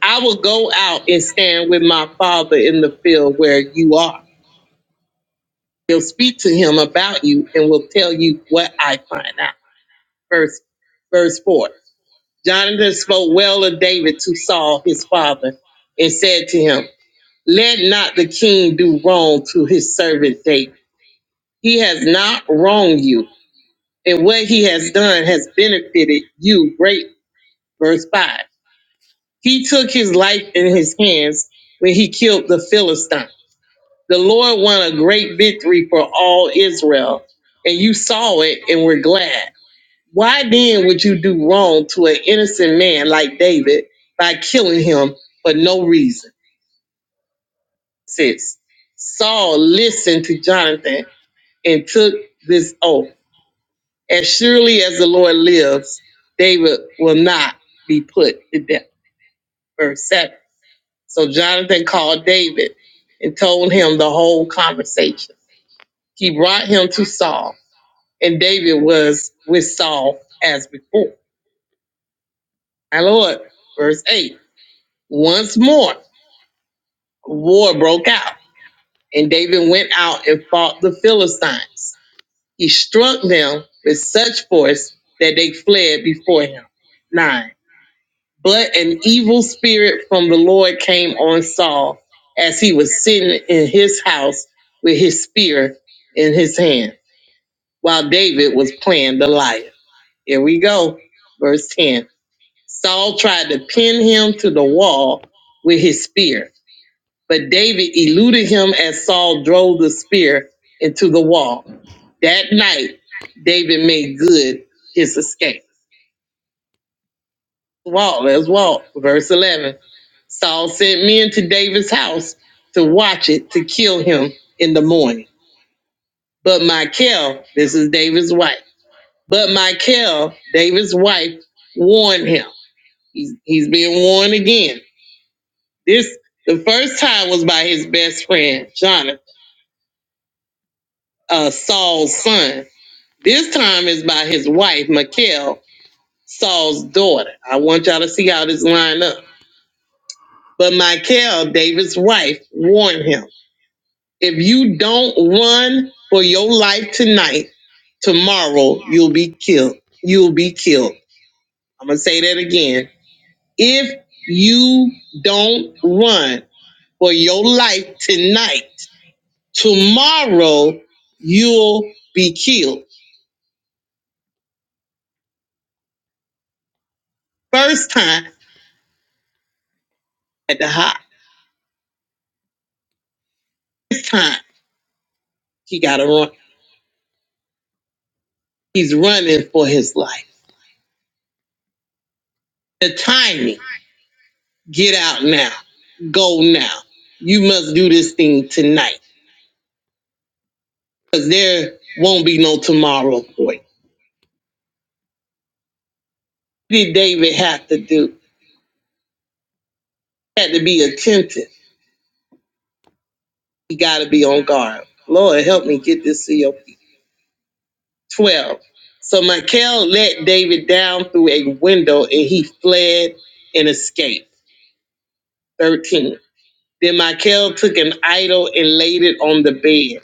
Speaker 3: I will go out and stand with my father in the field where you are. He'll speak to him about you and will tell you what I find out. Verse, verse 4. Jonathan spoke well of David to Saul, his father, and said to him, Let not the king do wrong to his servant David. He has not wronged you, and what he has done has benefited you greatly. Verse 5. He took his life in his hands when he killed the Philistine The Lord won a great victory for all Israel, and you saw it and were glad. Why then would you do wrong to an innocent man like David by killing him for no reason? Six. Saul listened to Jonathan and took this oath. As surely as the Lord lives, David will not be put to death. Verse 7. So Jonathan called David and told him the whole conversation. He brought him to Saul. and David was with Saul as before. My Lord, verse 8 Once more, war broke out, and David went out and fought the Philistines. He struck them with such force that they fled before him. 9. But an evil spirit from the Lord came on Saul as he was sitting in his house with his spear in his hand while David was playing the lyre. Here we go, verse 10. Saul tried to pin him to the wall with his spear, but David eluded him as Saul drove the spear into the wall. That night, David made good his escape. Walt, let's walk. Verse 11. Saul sent men to David's house to watch it to kill him in the morning. But Michal, this is David's wife, but Michal, David's wife, warned him. He's, he's being warned again This the first time was by his best friend, Jonathan, uh, Saul's son. This time is by his wife, Michal, Saul's daughter. I want y'all to see how this line up. But Michal, David's wife, warned him, if you don't run for your life tonight, tomorrow you'll be killed. You'll be killed. I'm going to say that again. If you don't run for your life tonight, Tomorrow you'll be killed. First time at the high. This time he got to run. He's running for his life. The timing. Get out now. Go now. You must do this thing tonight because there won't be no tomorrow for you. What did David have to do? He had to be attentive. He got to be on guard. Lord, help me get this to your 12. So Michael let David down through a window and he fled and escaped. 13. Then Michael took an idol and laid it on the bed,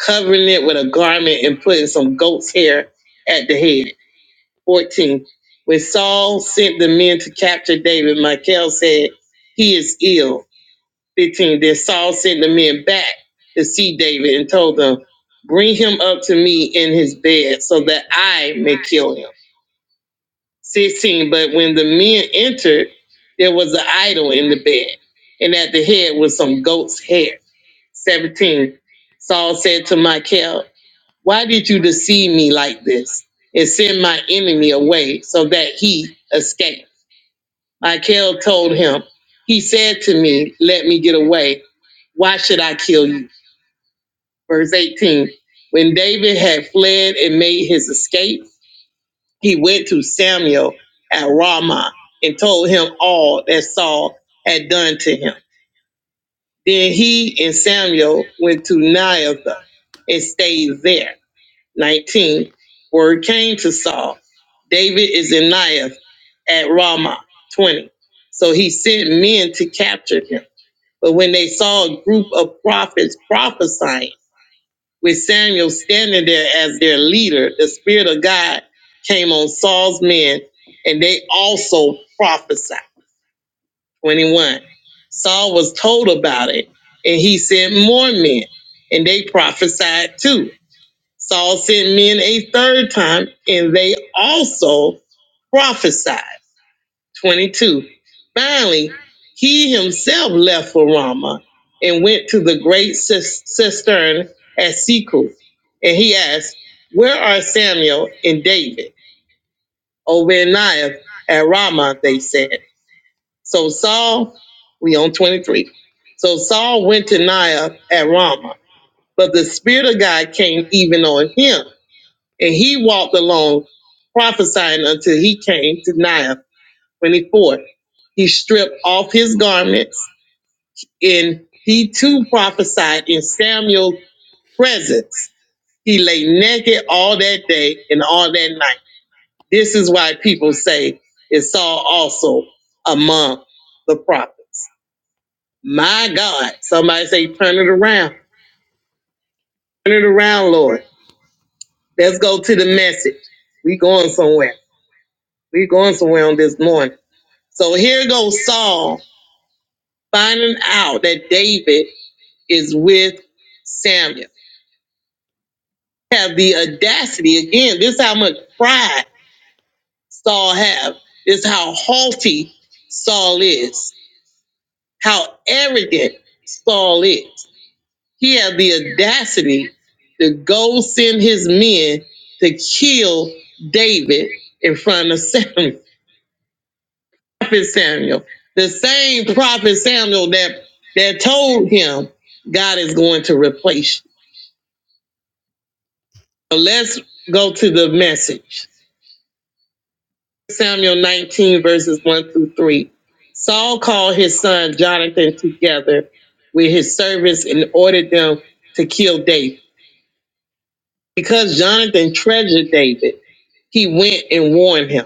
Speaker 3: covering it with a garment and putting some goat's hair at the head. 14. When Saul sent the men to capture David, Michael said, He is ill. 15. Then Saul sent the men back to see David and told them, Bring him up to me in his bed so that I may kill him. 16. But when the men entered, there was an idol in the bed, and at the head was some goat's hair. 17. Saul said to Michael, Why did you deceive me like this and send my enemy away so that he escaped? Michael told him, He said to me, 'Let me get away. Why should I kill you? Verse 18. When David had fled and made his escape, he went to Samuel at Ramah and told him all that Saul had done to him. Then he and Samuel went to Naioth and stayed there. 19. Word came to Saul David is in Naioth at Ramah. 20. So he sent men to capture him. But when they saw a group of prophets prophesying, with Samuel standing there as their leader, the Spirit of God came on Saul's men, and they also prophesied. 21. Saul was told about it, and he sent more men, and they prophesied too. Saul sent men a third time, and they also prophesied. 22. Finally, he himself left for Ramah and went to the great cistern at Siku. And he asked, Where are Samuel and David? Obadiah at Ramah, they said. So Saul, we on 23. So Saul went to Niah at Ramah, but the Spirit of God came even on him, and he walked along prophesying until he came to Niah 24. He stripped off his garments, and he too prophesied in Samuel's presence. He lay naked all that day and all that night. This is why people say it's Saul also among the prophets. My God. Somebody say, turn it around. Turn it around, Lord. Let's go to the message. We going somewhere. We going somewhere on this morning. So here goes Saul finding out that David is with Samuel. Have the audacity again. This is how much pride Saul have. This is how haughty Saul is. How arrogant Saul is. He had the audacity to go send his men to kill David in front of Samuel. Prophet Samuel, the same prophet Samuel that that told him God is going to replace you. But let's go to the message. Samuel 19, verses 1 through 3. Saul called his son Jonathan together with his servants and ordered them to kill David. Because Jonathan treasured David, he went and warned him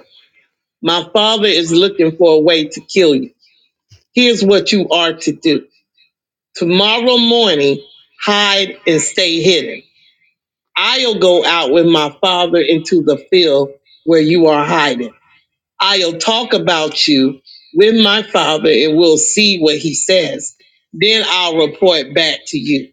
Speaker 3: My father is looking for a way to kill you. Here's what you are to do. Tomorrow morning, hide and stay hidden. I'll go out with my father into the field where you are hiding. I'll talk about you with my father and we'll see what he says. Then I'll report back to you.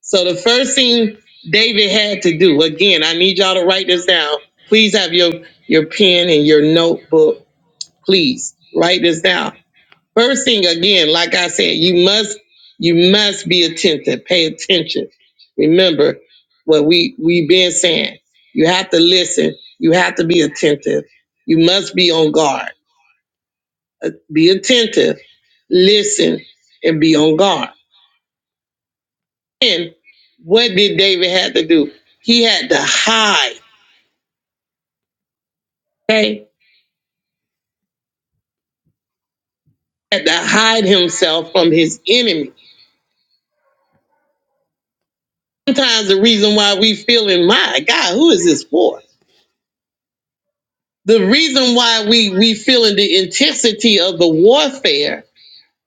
Speaker 3: So the first thing David had to do, again, I need y'all to write this down. Please have your, your pen and your notebook. Please write this down. First thing again, like I said, you must you must be attentive. Pay attention. Remember what we we've been saying. You have to listen. You have to be attentive. You must be on guard be attentive, listen, and be on guard. And what did David have to do? He had to hide. Okay, had to hide himself from his enemy. Sometimes the reason why we feeling, my God, who is this for? The reason why we we feeling the intensity of the warfare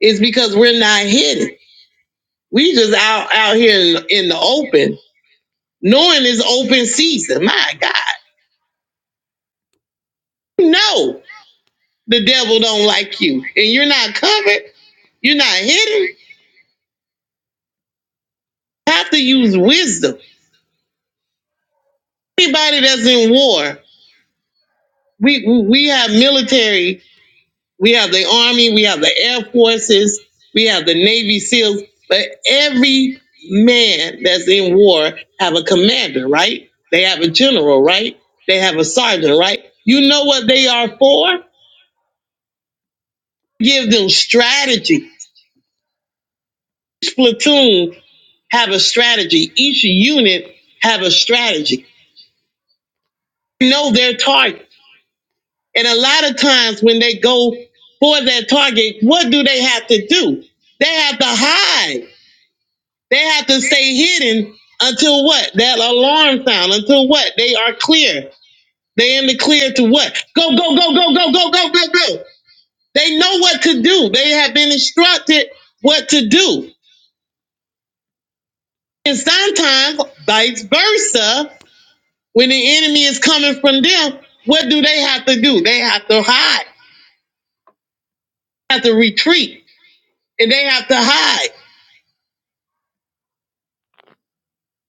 Speaker 3: is because we're not hidden. We just out out here in, in the open, knowing it's open season. My God, no. The devil don't like you, and you're not covered. You're not hidden. You have to use wisdom. Anybody that's in war, we we have military, we have the army, we have the air forces, we have the navy seals. But every man that's in war have a commander, right? They have a general, right? They have a sergeant, right? You know what they are for? Give them strategy. Each platoon have a strategy. Each unit have a strategy know their target. And a lot of times when they go for their target, what do they have to do? They have to hide. They have to stay hidden until what? That alarm sound, until what? They are clear. They in the clear to what? Go, go, go, go, go, go, go, go, go. They know what to do. They have been instructed what to do. And sometimes vice versa, when the enemy is coming from them, what do they have to do? They have to hide, have to retreat and they have to hide.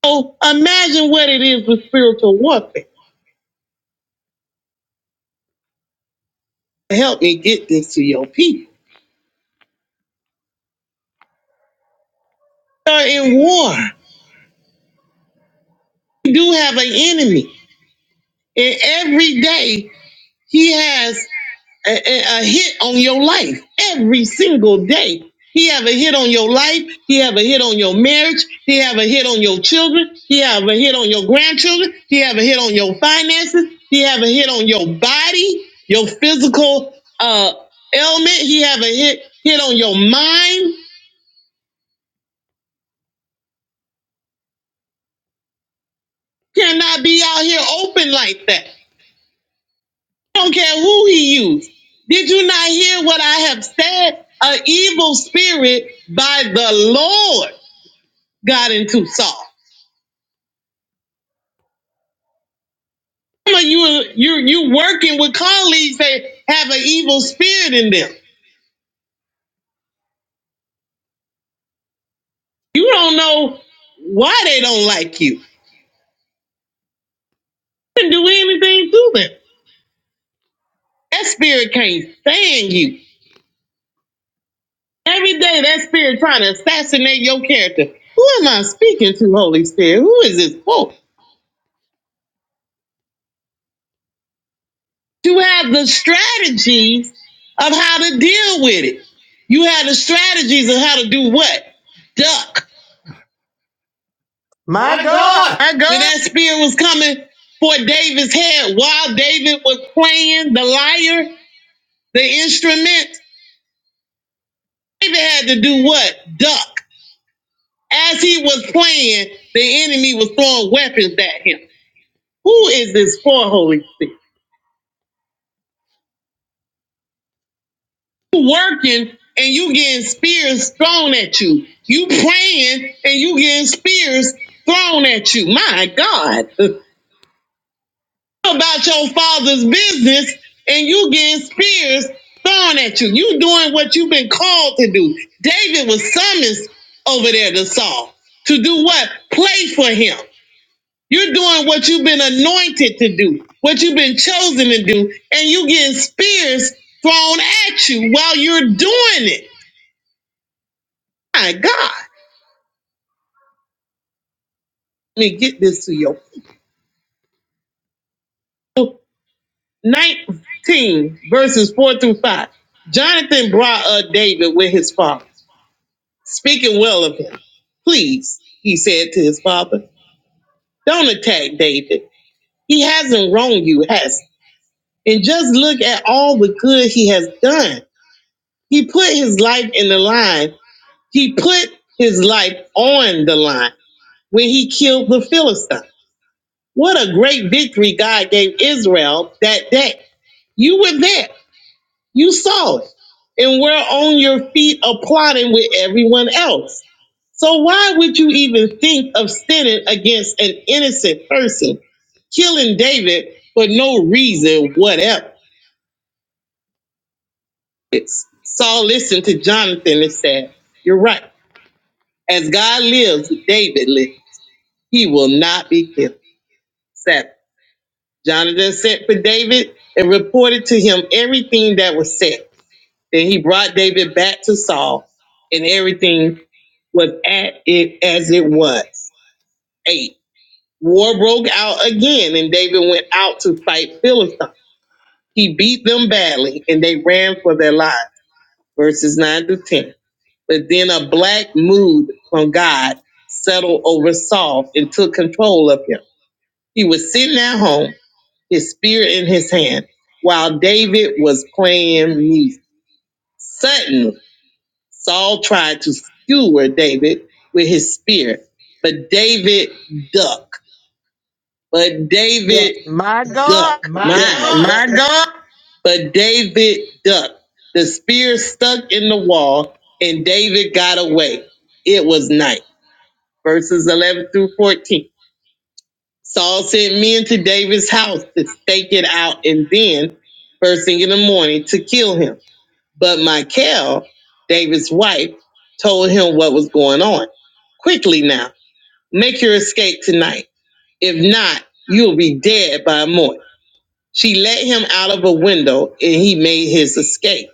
Speaker 3: So imagine what it is with spiritual warfare. Help me get this to your people. They're in war. You do have an enemy, and every day he has. a, a- a hit on your life every single day. He have a hit on your life. He have a hit on your marriage. He have a hit on your children. He have a hit on your grandchildren. He have a hit on your finances. He have a hit on your body, your physical uh, ailment. He have a hit hit on your mind. Cannot be out here open like that. Don't care who he used. Did you not hear what I have said? An evil spirit by the Lord God into Saul. Some of you you you working with colleagues that have an evil spirit in them. You don't know why they don't like you. You didn't do anything to them. That spirit can't stand you. Every day that spirit trying to assassinate your character. Who am I speaking to, Holy Spirit? Who is this for? You have the strategies of how to deal with it. You have the strategies of how to do what? Duck
Speaker 2: my God,
Speaker 3: Her God. that spirit was coming for David's head while David was playing the lyre, the instrument. David had to do what? Duck. As he was playing, the enemy was throwing weapons at him. Who is this for, Holy Spirit? You working and you getting spears thrown at you. You praying and you getting spears thrown at you. My God. about your father's business and you getting spears thrown at you. You doing what you've been called to do. David was summoned over there to Saul to do what? Play for him. You're doing what you've been anointed to do, what you've been chosen to do, and you getting spears thrown at you while you're doing it. My God. Let me get this to you. 19 verses 4 through 5. Jonathan brought up David with his father. Speaking well of him, please, he said to his father, don't attack David. He hasn't wronged you, has he? And just look at all the good he has done. He put his life in the line. He put his life on the line when he killed the Philistine. What a great victory God gave Israel that day. You were there. You saw it. And we're on your feet applauding with everyone else So why would you even think of sinning against an innocent person, killing David for no reason whatever? It's, Saul listened to Jonathan and said, "You're right. As God lives, David lives. He will not be killed." Seven. Jonathan sent for David and reported to him everything that was said. Then he brought David back to Saul, and everything was at it as it was. Eight. War broke out again, and David went out to fight Philistine. He beat them badly, and they ran for their lives. Verses 9 to 10. But then a black mood from God settled over Saul and took control of him. He was sitting at home, his spear in his hand, while David was playing music. Suddenly, Saul tried to skewer David with his spear, but David ducked. But
Speaker 2: Yeah.
Speaker 3: David
Speaker 2: my God.
Speaker 3: duck. My My my God. But David ducked. The spear stuck in the wall, and David got away. It was night. Verses 11 through 14. Saul sent men to David's house to stake it out, and then, first thing in the morning, to kill him. But Michal, David's wife, told him what was going on. Quickly now, make your escape tonight. If not, you'll be dead by morning. She let him out of a window and he made his escape.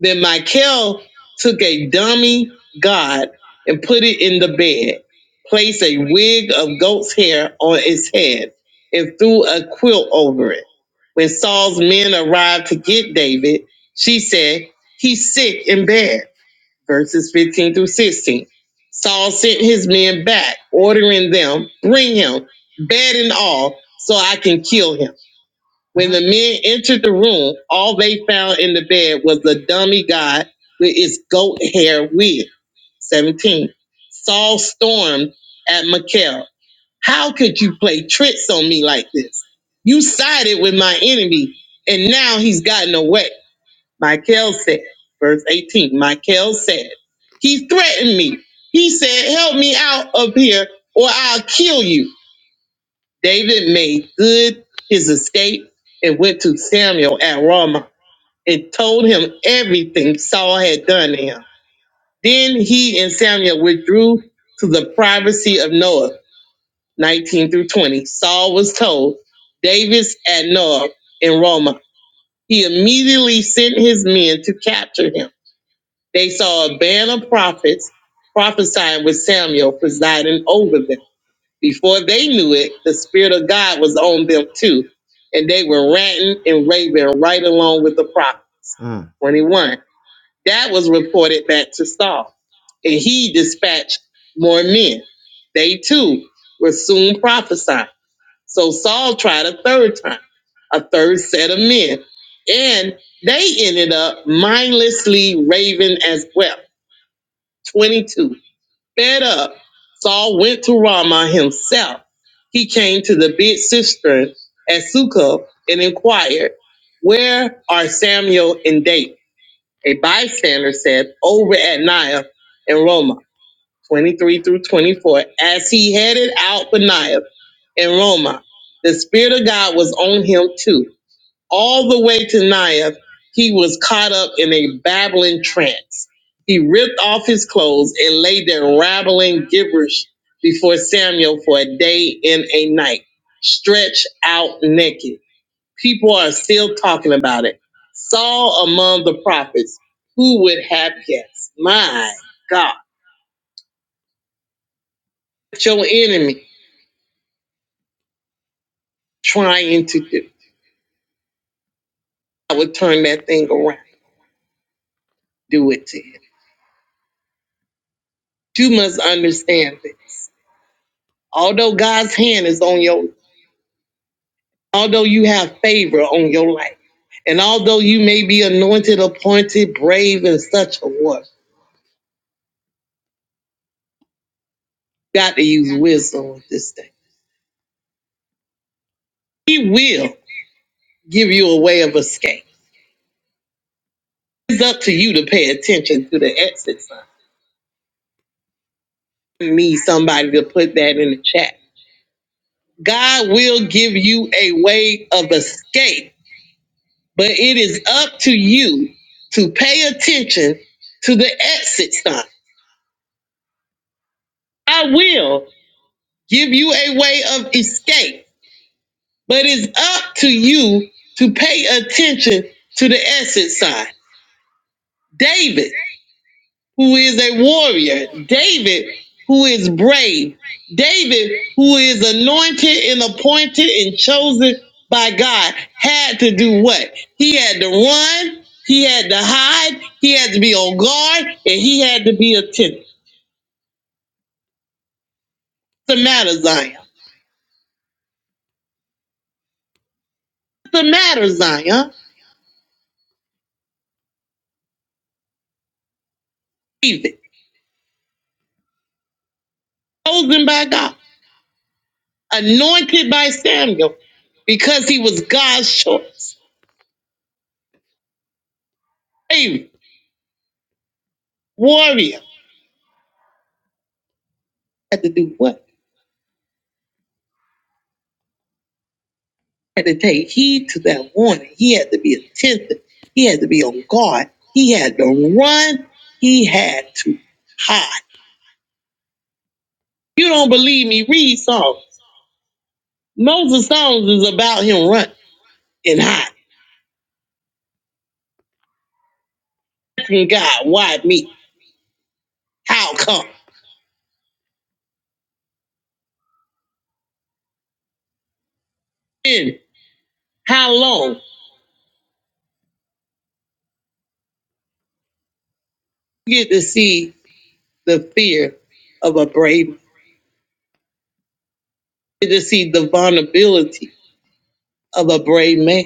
Speaker 3: Then Michael took a dummy god and put it in the bed, placed a wig of goat's hair on its head, and threw a quilt over it. When Saul's men arrived to get David, she said, He's sick in bed. Verses 15 through 16. Saul sent his men back, ordering them, Bring him, bed and all, so I can kill him. When the men entered the room, all they found in the bed was a dummy god with its goat hair wig. 17. Saul stormed at Mikhail. How could you play tricks on me like this? You sided with my enemy, and now he's gotten away. Michael said, verse 18, Michael said, He threatened me. He said, Help me out of here, or I'll kill you. David made good his escape and went to Samuel at Ramah and told him everything Saul had done to him. Then he and Samuel withdrew to the privacy of Noah, 19 through 20. Saul was told, David's at Noah in Ramah. He immediately sent his men to capture him. They saw a band of prophets prophesying with Samuel presiding over them. Before they knew it, the Spirit of God was on them too. And they were ranting and raving right along with the prophet 21. That was reported back to Saul. And he dispatched more men. They too were soon prophesying. So Saul tried a third time, a third set of men. And they ended up mindlessly raving as well. 22 fed up, Saul went to Ramah himself. He came to the big cistern at Succoth and inquired, Where are Samuel and David? A bystander said, Over at Nioth in Ramah." 23 through 24. As he headed out for Nioth in Ramah, the Spirit of God was on him too all the way to Naya, he was caught up in a babbling trance. He ripped off his clothes and lay there rattling gibberish before Samuel for a day and a night, stretched out naked. People are still talking about it. Saul among the prophets, who would have guessed? My God, What your enemy trying to do. I would turn that thing around, do it to him. You must understand this. Although God's hand is on your, although you have favor on your life, and although you may be anointed, appointed, brave, and such a what, you got to use wisdom with this thing. He will give you a way of escape. It's up to you to pay attention to the exit sign. I Need somebody to put that in the chat. God will give you a way of escape, but it is up to you to pay attention to the exit sign. I will. give you a way of escape. But it's up to you to pay attention to the essence side. David, who is a warrior, David, who is brave, David, who is anointed and appointed and chosen by God, had to do what? He had to run, he had to hide, he had to be on guard, and he had to be attentive. What's the matter, Zion? What's the matter, Zion? David, chosen by God. anointed by Samuel because he was God's choice, favorite warrior. Had to do what? Had to take heed to that warning. He had to be attentive. He had to be on guard. He had to run. He had to hide. You don't believe me? Read Psalms. Most of Psalms is about him running and hiding. Asking God, why me? How come? And how long? You get to see the fear of a brave. You get to see the vulnerability of a brave man.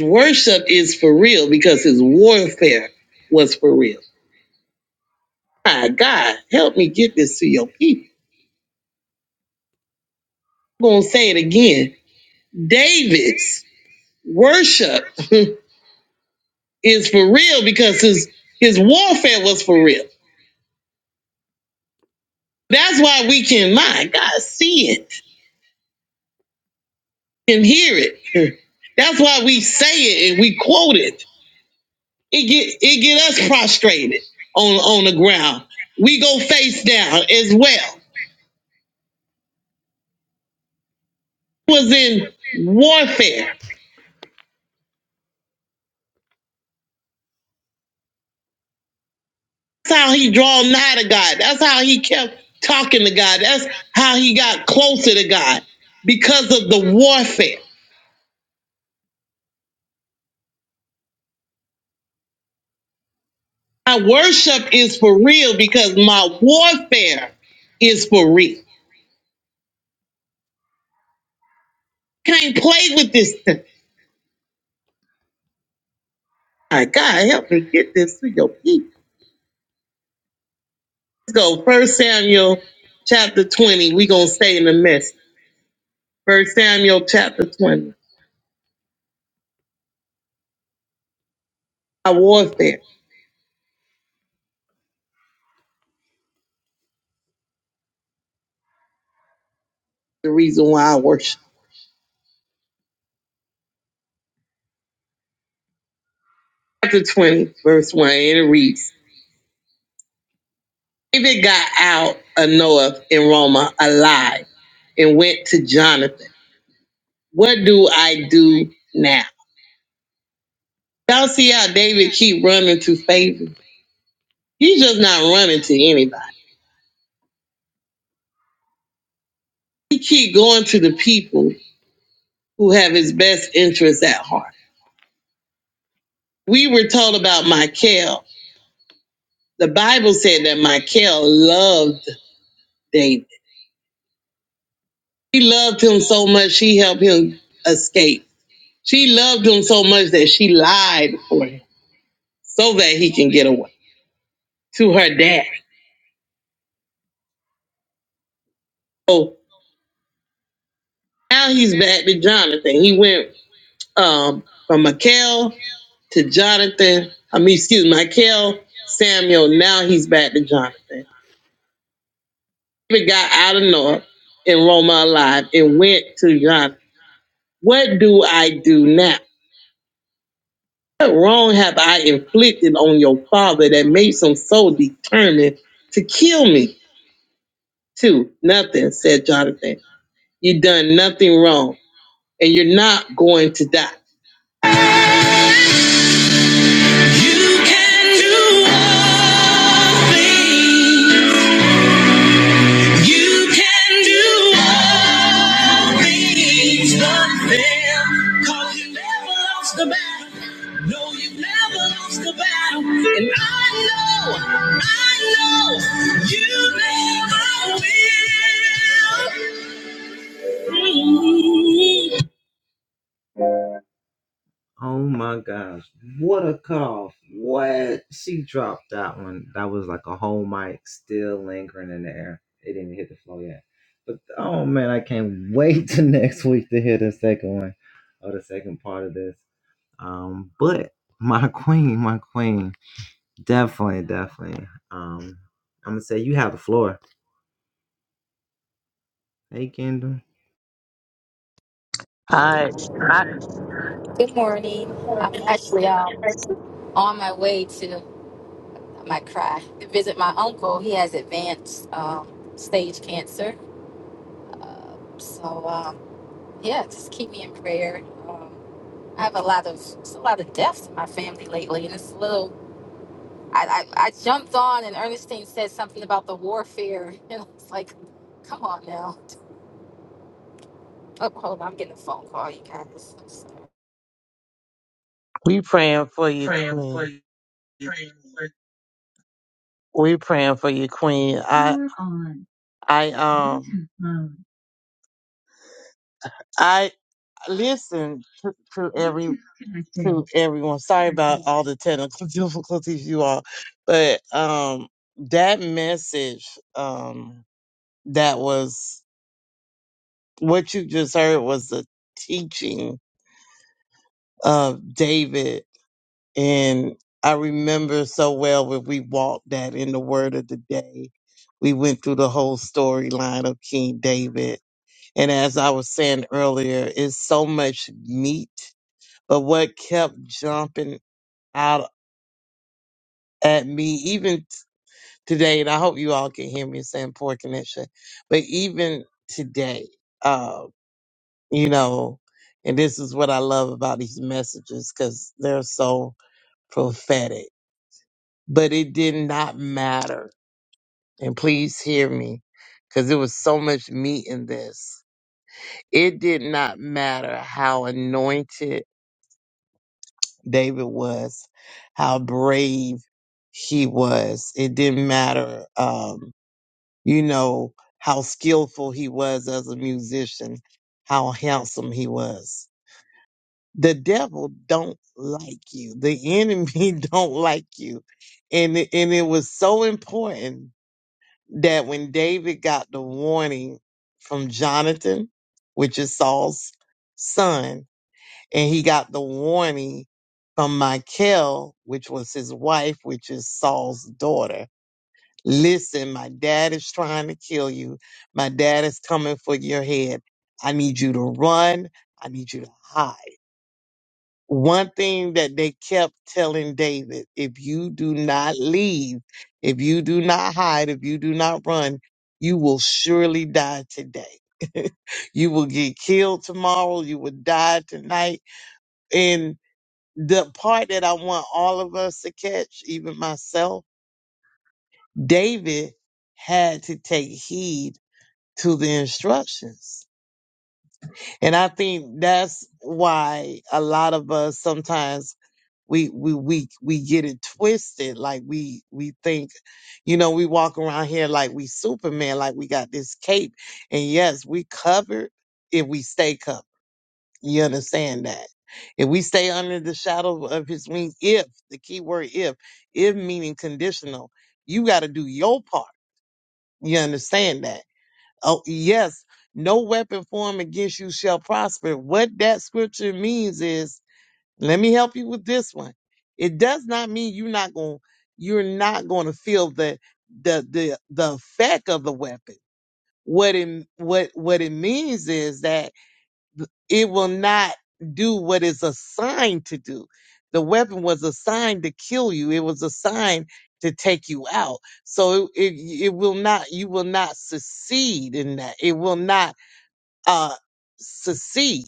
Speaker 3: Worship is for real because his warfare was for real. My God, help me get this to your people. I'm going to say it again. David's worship is for real because his, his warfare was for real. That's why we can, my God, see it and hear it. That's why we say it and we quote it. It get it get us prostrated on on the ground. We go face down as well was in warfare. That's how he draw nigh to God. That's how he kept talking to God. That's how he got closer to God because of the warfare. My worship is for real because my warfare is for real. Can't play with this thing. My God, help me get this to your people. Let's go. First Samuel chapter 20. we gonna stay in the mess. First Samuel chapter 20. Our warfare, the reason why I worship. chapter 20, verse 1, and it reads David got out of Noah in Roma alive and went to Jonathan. What do I do now? Y'all see how David keep running to favor? He's just not running to anybody. He keep going to the people who have his best interests at heart. We were told about Michael. The Bible said that Michael loved David. He loved him so much he helped him escape. She loved him so much that she lied for him so that he can get away to her dad. So now he's back to Jonathan. He went um, from Michael to Jonathan. I mean, excuse me, Mikel Samuel. Now he's back to Jonathan. David got out of North and Roma alive and went to Jonathan. What do I do now? What wrong have I inflicted on your father that makes him so determined to kill me? Too nothing, said Jonathan. You've done nothing wrong, and you're not going to die. You can do all things. You can do all things but fail. 'Cause you never lost the battle. No, you never lost the battle. And I know, I know, you never will.
Speaker 2: All right, I,
Speaker 5: Good morning. I'm actually um, on my way to I might cry to visit my uncle. He has advanced um, stage cancer, so um, yeah, just keep me in prayer. Um, I have a lot of it's a lot of deaths in my family lately, and it's a little. I, I, I jumped on and Ernestine said something about the warfare, and I was like, "Come on now!" Oh, hold on, I'm getting a phone call, you guys. I'm sorry.
Speaker 2: we praying for you, Queen. We praying for you, Queen. I I um I listen to, to every to everyone. Sorry about all the technical difficulties you all, but um that message um that was what you just heard was the teaching of David and I remember so well when we walked that in the word of the day. We went through the whole storyline of King David And as I was saying earlier, it's so much meat. But what kept jumping out at me, even t- today, and I hope you all can hear me saying poor connection, but even today, uh, you know, and this is what I love about these messages because they're so prophetic. But it did not matter. And please hear me because there was so much meat in this. It did not matter how anointed David was, how brave he was. It didn't matter, um, you know, how skillful he was as a musician, how handsome he was. The devil don't like you. The enemy don't like you. And it- and it was so important that when David got the warning from Jonathan, which is Saul's son, and he got the warning from Michal, which was his wife, which is Saul's daughter. Listen, my dad is trying to kill you. My dad is coming for your head. I need you to run. I need you to hide. One thing that they kept telling David if you do not leave, if you do not hide, if you do not run, you will surely die today. you will get killed tomorrow. You will die tonight. And the part that I want all of us to catch, even myself, David had to take heed to the instructions. And I think that's why a lot of us sometimes we we we we get it twisted. Like we we think, you know, we walk around here like we Superman, like we got this cape. And yes, we covered if we stay covered. You understand that? If we stay under the shadow of his wings, if the key word if, if meaning conditional, you got to do your part. You understand that? Oh, yes, no weapon formed against you shall prosper. What that scripture means is, let me help you with this one. It does not mean you're not going, you're not going to feel the, the, the, the effect of the weapon. What it, what, what it means is that it will not do what it's assigned to do. The weapon was assigned to kill you. It was assigned to take you out. So it, it, it will not, you will not succeed in that. It will not uh succeed.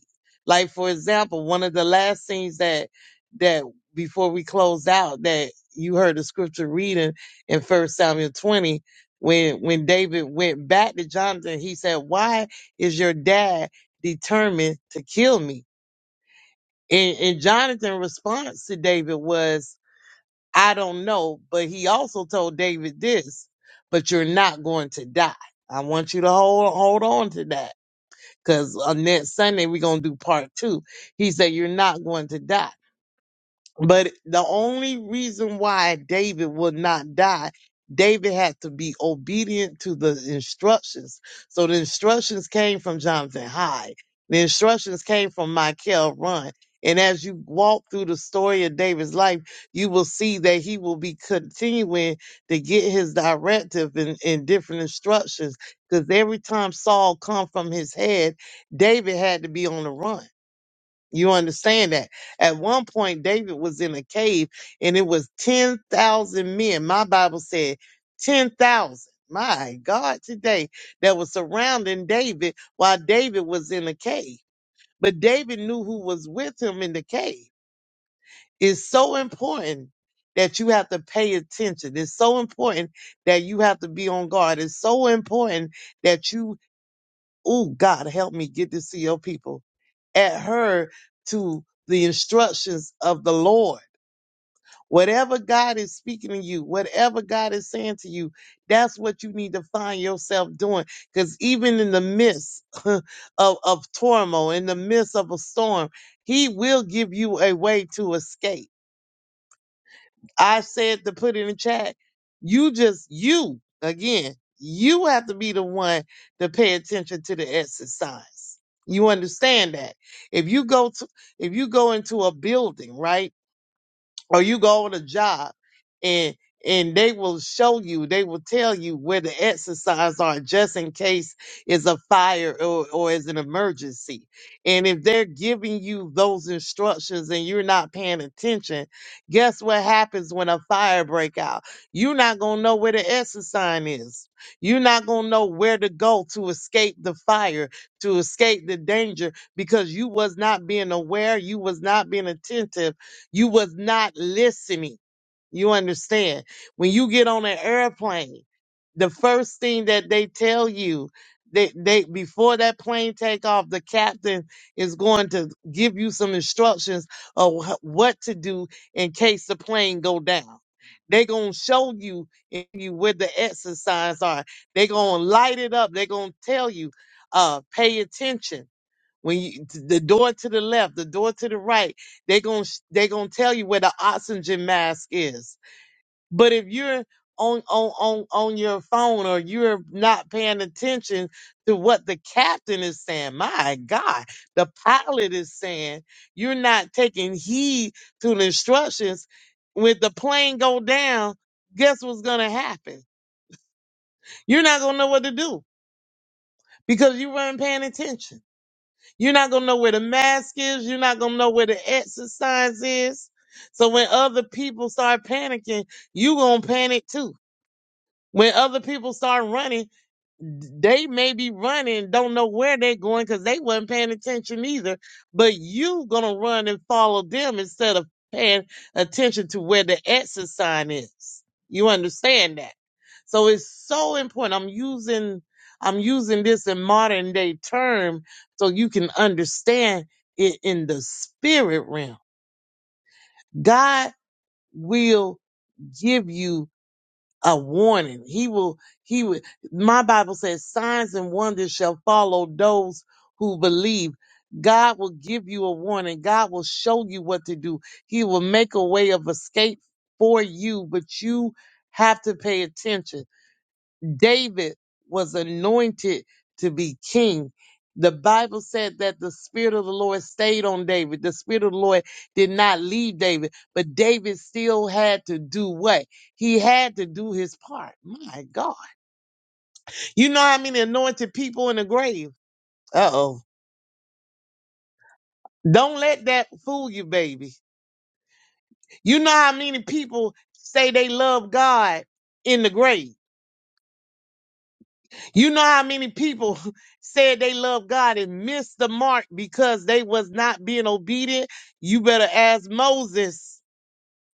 Speaker 2: Like for example, one of the last things that that before we closed out that you heard the scripture reading in First Samuel twenty, when when David went back to Jonathan, he said, Why is your dad determined to kill me? And and Jonathan's response to David was, I don't know, but he also told David this, but you're not going to die. I want you to hold hold on to that because on next Sunday, we're going to do part two. He said, You're not going to die. But the only reason why David would not die, David had to be obedient to the instructions. So the instructions came from Jonathan Hyde. The instructions came from Michael Run. And as you walk through the story of David's life, you will see that he will be continuing to get his directive and, and different instructions. Because every time Saul come from his head, David had to be on the run. You understand that? At one point, David was in a cave and it was 10,000 men. My Bible said 10,000. My God, today that was surrounding David while David was in a cave. But David knew who was with him in the cave. It's so important that you have to pay attention. It's so important that you have to be on guard. It's so important that you. Oh, God, help me get this to your people adhere to the instructions of the Lord. Whatever God is speaking to you, whatever God is saying to you, that's what you need to find yourself doing. Because even in the midst of, of turmoil, in the midst of a storm, He will give you a way to escape. I said to put it in chat. You just you again. You have to be the one to pay attention to the exercise. You understand that if you go to if you go into a building, right? or you go on a job and and they will show you, they will tell you where the exercise are just in case it's a fire or, or is an emergency. And if they're giving you those instructions and you're not paying attention, guess what happens when a fire break out? You're not gonna know where the exit sign is. You're not gonna know where to go to escape the fire, to escape the danger, because you was not being aware, you was not being attentive you was not listening. You understand? When you get on an airplane, the first thing that they tell you, they, they before that plane take off, the captain is going to give you some instructions of wh- what to do in case the plane go down. They gonna show you in you where the exercise are. They gonna light it up. They gonna tell you, uh, pay attention when you, t- the door to the left, the door to the right, they going they going to tell you where the oxygen mask is. But if you're on on on on your phone or you're not paying attention to what the captain is saying, my God, the pilot is saying, you're not taking heed to the instructions. When the plane go down, guess what's going to happen? You're not going to know what to do because you weren't paying attention. You're not gonna know where the mask is. You're not gonna know where the exercise is. So when other people start panicking, you gonna panic too. When other people start running, they may be running, don't know where they're going because they wasn't paying attention either. But you gonna run and follow them instead of paying attention to where the exit sign is. You understand that? So it's so important. I'm using I'm using this in modern day term so you can understand it in the spirit realm. God will give you a warning. He will, he will, my Bible says signs and wonders shall follow those who believe. God will give you a warning. God will show you what to do. He will make a way of escape for you, but you have to pay attention David was anointed to be king. The Bible said that the Spirit of the Lord stayed on David. The Spirit of the Lord did not leave David, but David still had to do what? He had to do his part. My God. You know how many anointed people in the grave? Uh oh. Don't let that fool you, baby. You know how many people say they love God in the grave? You know how many people said they love God and missed the mark because they was not being obedient? You better ask Moses.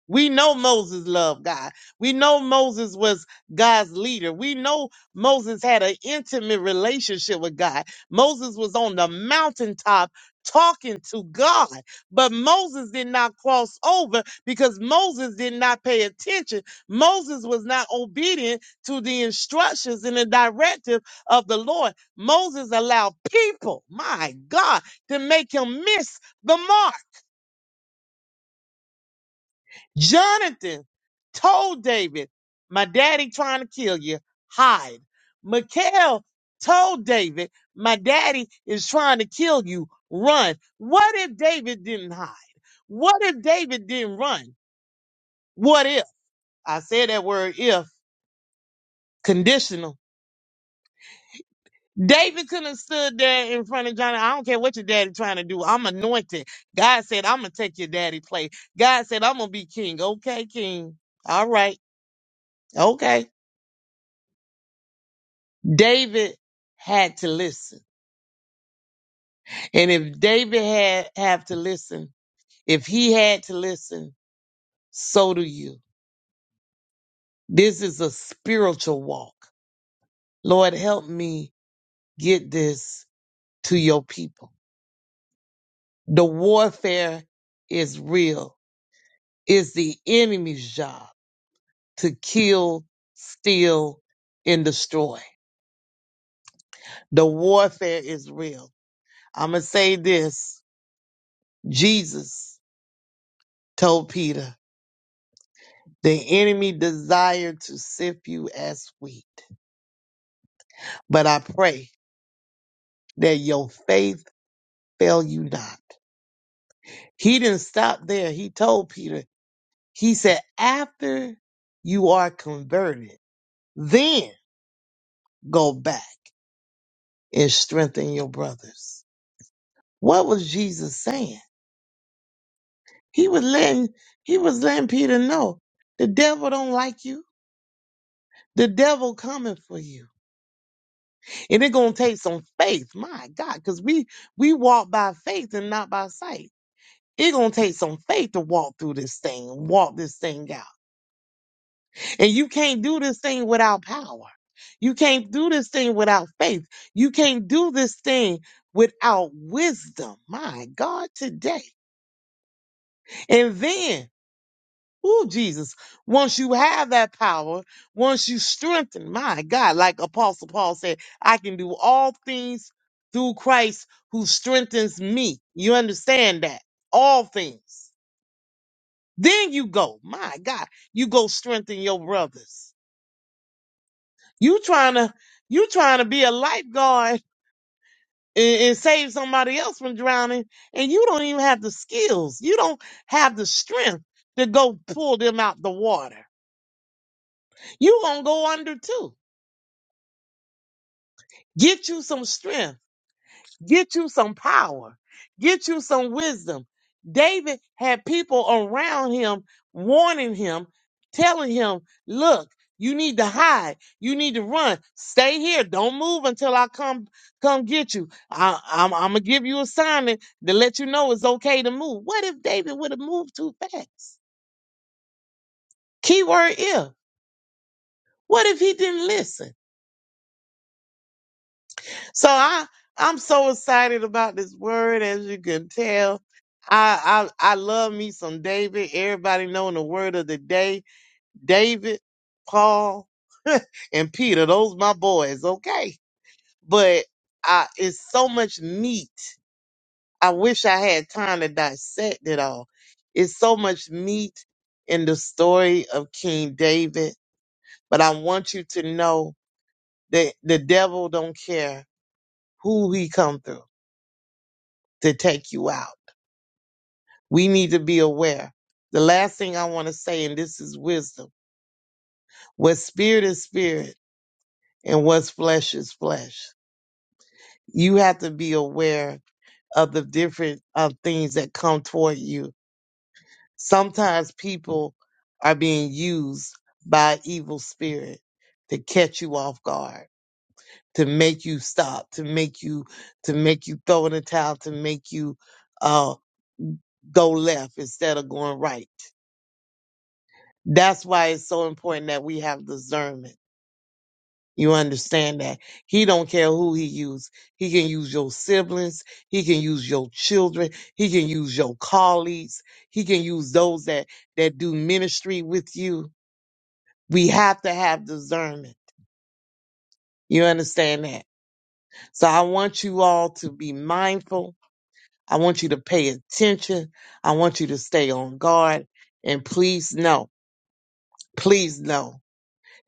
Speaker 2: We know Moses loved God. We know Moses was God's leader. We know Moses had an intimate relationship with God. Moses was on the mountaintop talking to God. But Moses did not cross over because Moses did not pay attention. Moses was not obedient to the instructions and the directive of the Lord. Moses allowed people, my God, to make him miss the mark. Jonathan told David, My daddy trying to kill you, hide. Mikhail told David, My daddy is trying to kill you, run. What if David didn't hide? What if David didn't run? What if? I said that word if, conditional. David could have stood there in front of Jonathan. I don't care what your daddy trying to do. I'm anointed. God said, I'm going to take your daddy place. God said, I'm going to be king. Okay, king. All right. Okay. David had to listen. And if David had have to listen, if he had to listen, so do you. This is a spiritual walk. Lord, help me get this to your people. The warfare is real. It's the enemy's job to kill, steal, and destroy. The warfare is real. I'm going to say this. Jesus told Peter, The enemy desire to sift you as wheat, but I pray that your faith fail you not. He didn't stop there. He told Peter, he said, after you are converted, then go back and strengthen your brothers. What was Jesus saying? He was letting he was letting Peter know the devil don't like you. The devil coming for you. And it's gonna take some faith, my God, because we we walk by faith and not by sight. It's gonna take some faith to walk through this thing, walk this thing out. And you can't do this thing without power. You can't do this thing without faith. You can't do this thing without wisdom. My God, today. And then Ooh, Jesus. Once you have that power, once you strengthen, my God, like Apostle Paul said, I can do all things through Christ who strengthens me. You understand that? All things. Then you go, my God, you go strengthen your brothers. You trying to, you trying to be a lifeguard and, and save somebody else from drowning, and you don't even have the skills. You don't have the strength to go pull them out the water. You gonna go under too Get you some strength. Get you some power. Get you some wisdom. David had people around him warning him, telling him, look, you need to hide. You need to run. Stay here. Don't move until I come come get you. I, I'm, I'm gonna give you a sign to to let you know it's okay to move. What if David would have moved too fast? Keyword if. What if he didn't listen? So I I'm so excited about this word, as you can tell. I I I love me some David. Everybody knowing the word of the day. David, Paul, and Peter. Those my boys, okay? But I it's so much meat. I wish I had time to dissect it all. It's so much meat in the story of King David. But I want you to know that the devil don't care who he come through to take you out. We need to be aware. The last thing I want to say, and this is wisdom what spirit is spirit and what's flesh is flesh. You have to be aware of the different uh, things that come toward you. Sometimes people are being used by evil spirit to catch you off guard, to make you stop, to make you to make you throw in the towel, to make you uh, go left instead of going right That's why it's so important that we have discernment. You understand that he don't care who he use. He can use your siblings. He can use your children. He can use your colleagues. He can use those that that do ministry with you. We have to have discernment. You understand that? So I want you all to be mindful. I want you to pay attention. I want you to stay on guard. And please know, please know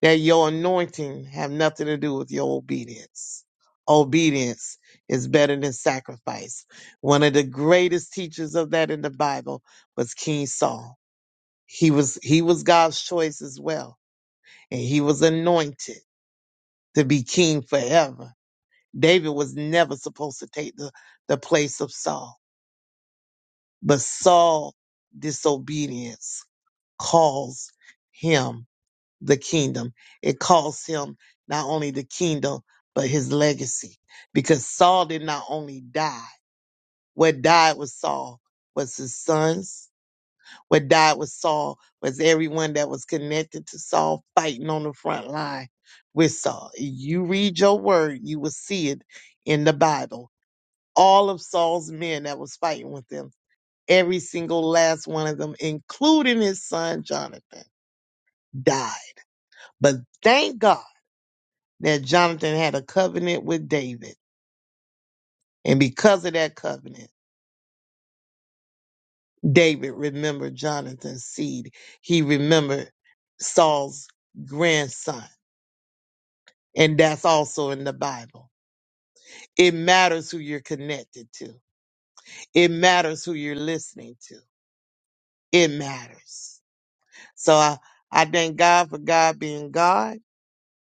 Speaker 2: that your anointing have nothing to do with your obedience. Obedience is better than sacrifice. One of the greatest teachers of that in the Bible was King Saul. He was he was God's choice as well, and he was anointed to be king forever. David was never supposed to take the, the place of Saul, but Saul disobedience caused him the kingdom. It cost him not only the kingdom, but his legacy. Because Saul did not only die, what died was Saul was his sons. What died was Saul was everyone that was connected to Saul fighting on the front line with Saul. If You read your word, you will see it in the Bible. All of Saul's men that was fighting with him, every single last one of them, including his son Jonathan, died. But thank God. that Jonathan had a covenant with David. And because of that covenant, David remembered Jonathan's seed. He remembered Saul's grandson. And that's also in the Bible. It matters who you're connected to. It matters who you're listening to. It matters. So I, I thank God for God being God.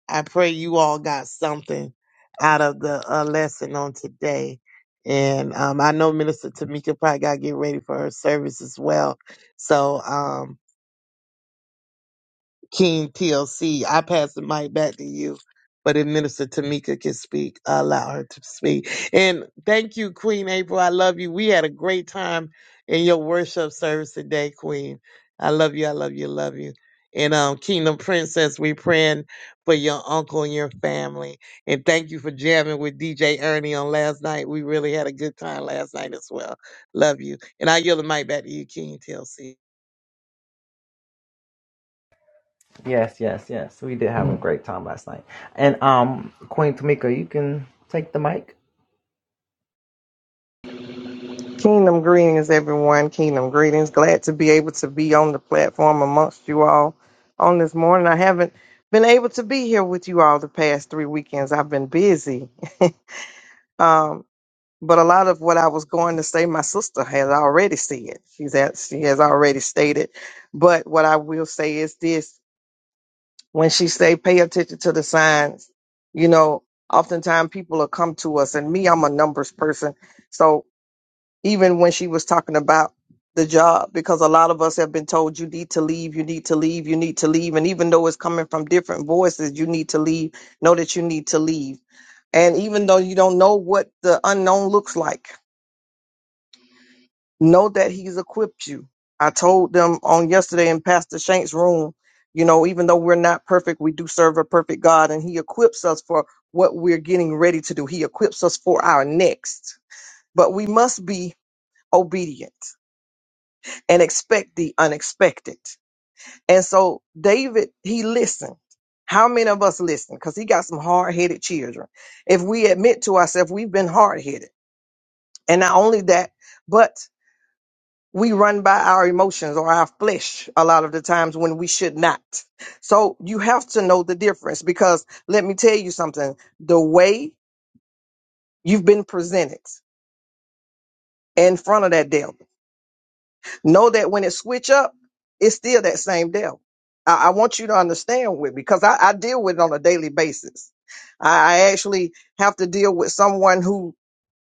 Speaker 2: I pray you all got something out of the uh, lesson on today. And um, I know Minister Tamika probably got to get ready for her service as well. So, um, King TLC. I pass the mic back to you. But if Minister Tamika can speak, I allow her to speak. And thank you, Queen April. I love you. We had a great time in your worship service today, Queen. I love you. I love you. Love you. And um, Kingdom Princess, we praying for your uncle and your family. And thank you for jamming with DJ Ernie on last night. We really had a good time last night as well. Love you. And I yield the mic back to you, King TLC.
Speaker 6: Kingdom greetings, everyone. Kingdom greetings. Glad to be able to be on the platform amongst you all on this morning. I haven't been able to be here with you all the past three weekends. I've been busy. Um, but a lot of what I was going to say, my sister has already said. She's at, she has already stated. But what I will say is this: when she say, "Pay attention to the signs," you know, oftentimes people will come to us, and me, I'm a numbers person, so even when she was talking about the job because a lot of us have been told you need to leave you need to leave you need to leave and even though it's coming from different voices you need to leave know that you need to leave and even though you don't know what the unknown looks like know that he's equipped you i told them on yesterday in pastor shank's room you know even though we're not perfect we do serve a perfect god and he equips us for what we're getting ready to do he equips us for our next but we must be obedient and expect the unexpected. And so David, he listened. How many of us listen? Because he got some hard headed children. If we admit to ourselves, we've been hard headed. And not only that, but we run by our emotions or our flesh a lot of the times when we should not. So you have to know the difference because let me tell you something the way you've been presented in front of that devil Know that when it switch up, it's still that same devil. I, I want you to understand with me because I, I deal with it on a daily basis. I, I actually have to deal with someone who,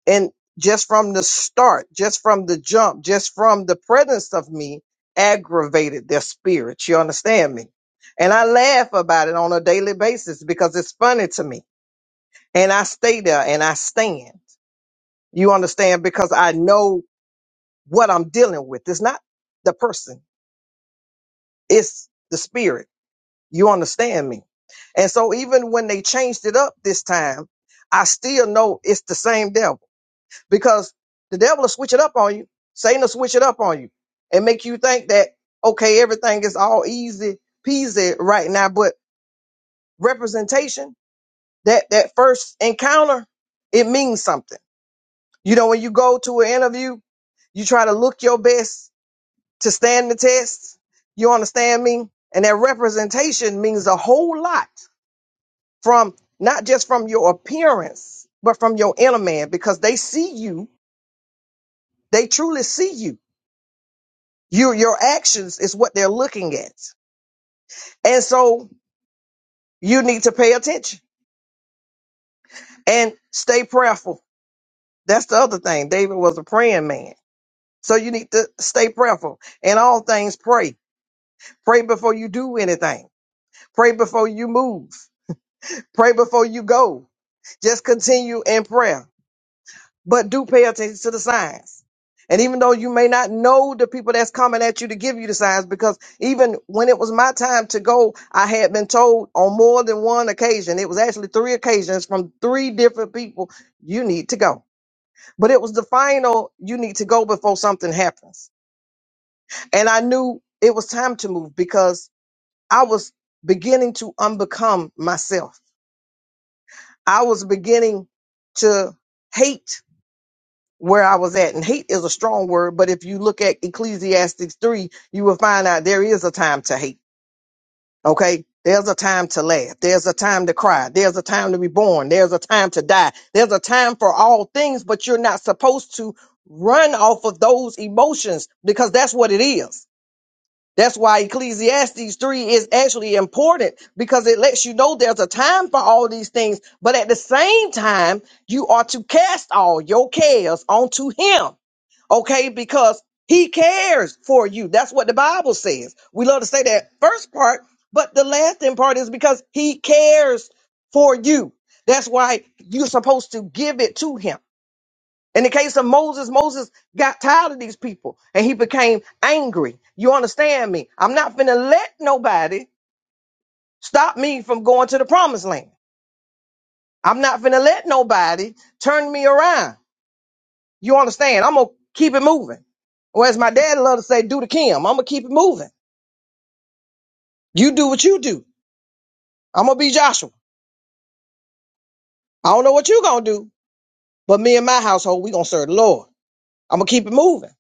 Speaker 6: and just from the start, just from the jump, just from the presence of me, aggravated their spirits. You understand me? And I laugh about it on a daily basis because it's funny to me. And I stay there and I stand. You understand? Because I know what I'm dealing with. It's not the person. It's the spirit. You understand me? And so even when they changed it up this time, I still know it's the same devil because the devil will switch it up on you. Satan will switch it up on you and make you think that, okay, everything is all easy peasy right now. But representation, that, that first encounter, it means something. You know, when you go to an interview, you try to look your best to stand the test. You understand me? And that representation means a whole lot from not just from your appearance, but from your inner man, because they see you. They truly see you. You, your actions is what they're looking at. And so you need to pay attention and stay prayerful. That's the other thing. David was a praying man. So you need to stay prayerful and all things pray. Pray before you do anything. Pray before you move. Pray before you go Just continue in prayer, but do pay attention to the signs. And even though you may not know the people that's coming at you to give you the signs, because even when it was my time to go, I had been told on more than one occasion, it was actually three occasions from three different people, you need to go. But it was the final, you need to go before something happens. And I knew it was time to move because I was beginning to unbecome myself. I was beginning to hate where I was at. And hate is a strong word, but if you look at Ecclesiastes 3, you will find out there is a time to hate. Okay. There's a time to laugh. There's a time to cry. There's a time to be born. There's a time to die. There's a time for all things, but you're not supposed to run off of those emotions because that's what it is. That's why Ecclesiastes 3 is actually important because it lets you know there's a time for all these things, but at the same time, you are to cast all your cares onto him okay? Because he cares for you. That's what the Bible says. We love to say that first part, but the lasting part is because he cares for you. That's why you're supposed to give it to him. In the case of Moses, Moses got tired of these people and he became angry. You understand me? I'm not finna let nobody stop me from going to the promised land. I'm not finna let nobody turn me around. You understand? I'm gonna keep it moving. Or as my dad loved to say, do the Kim. I'm gonna keep it moving. You do what you do. I'm gonna be Joshua. I don't know what you gonna do, but me and my household, we gonna serve the Lord. I'm gonna keep it moving.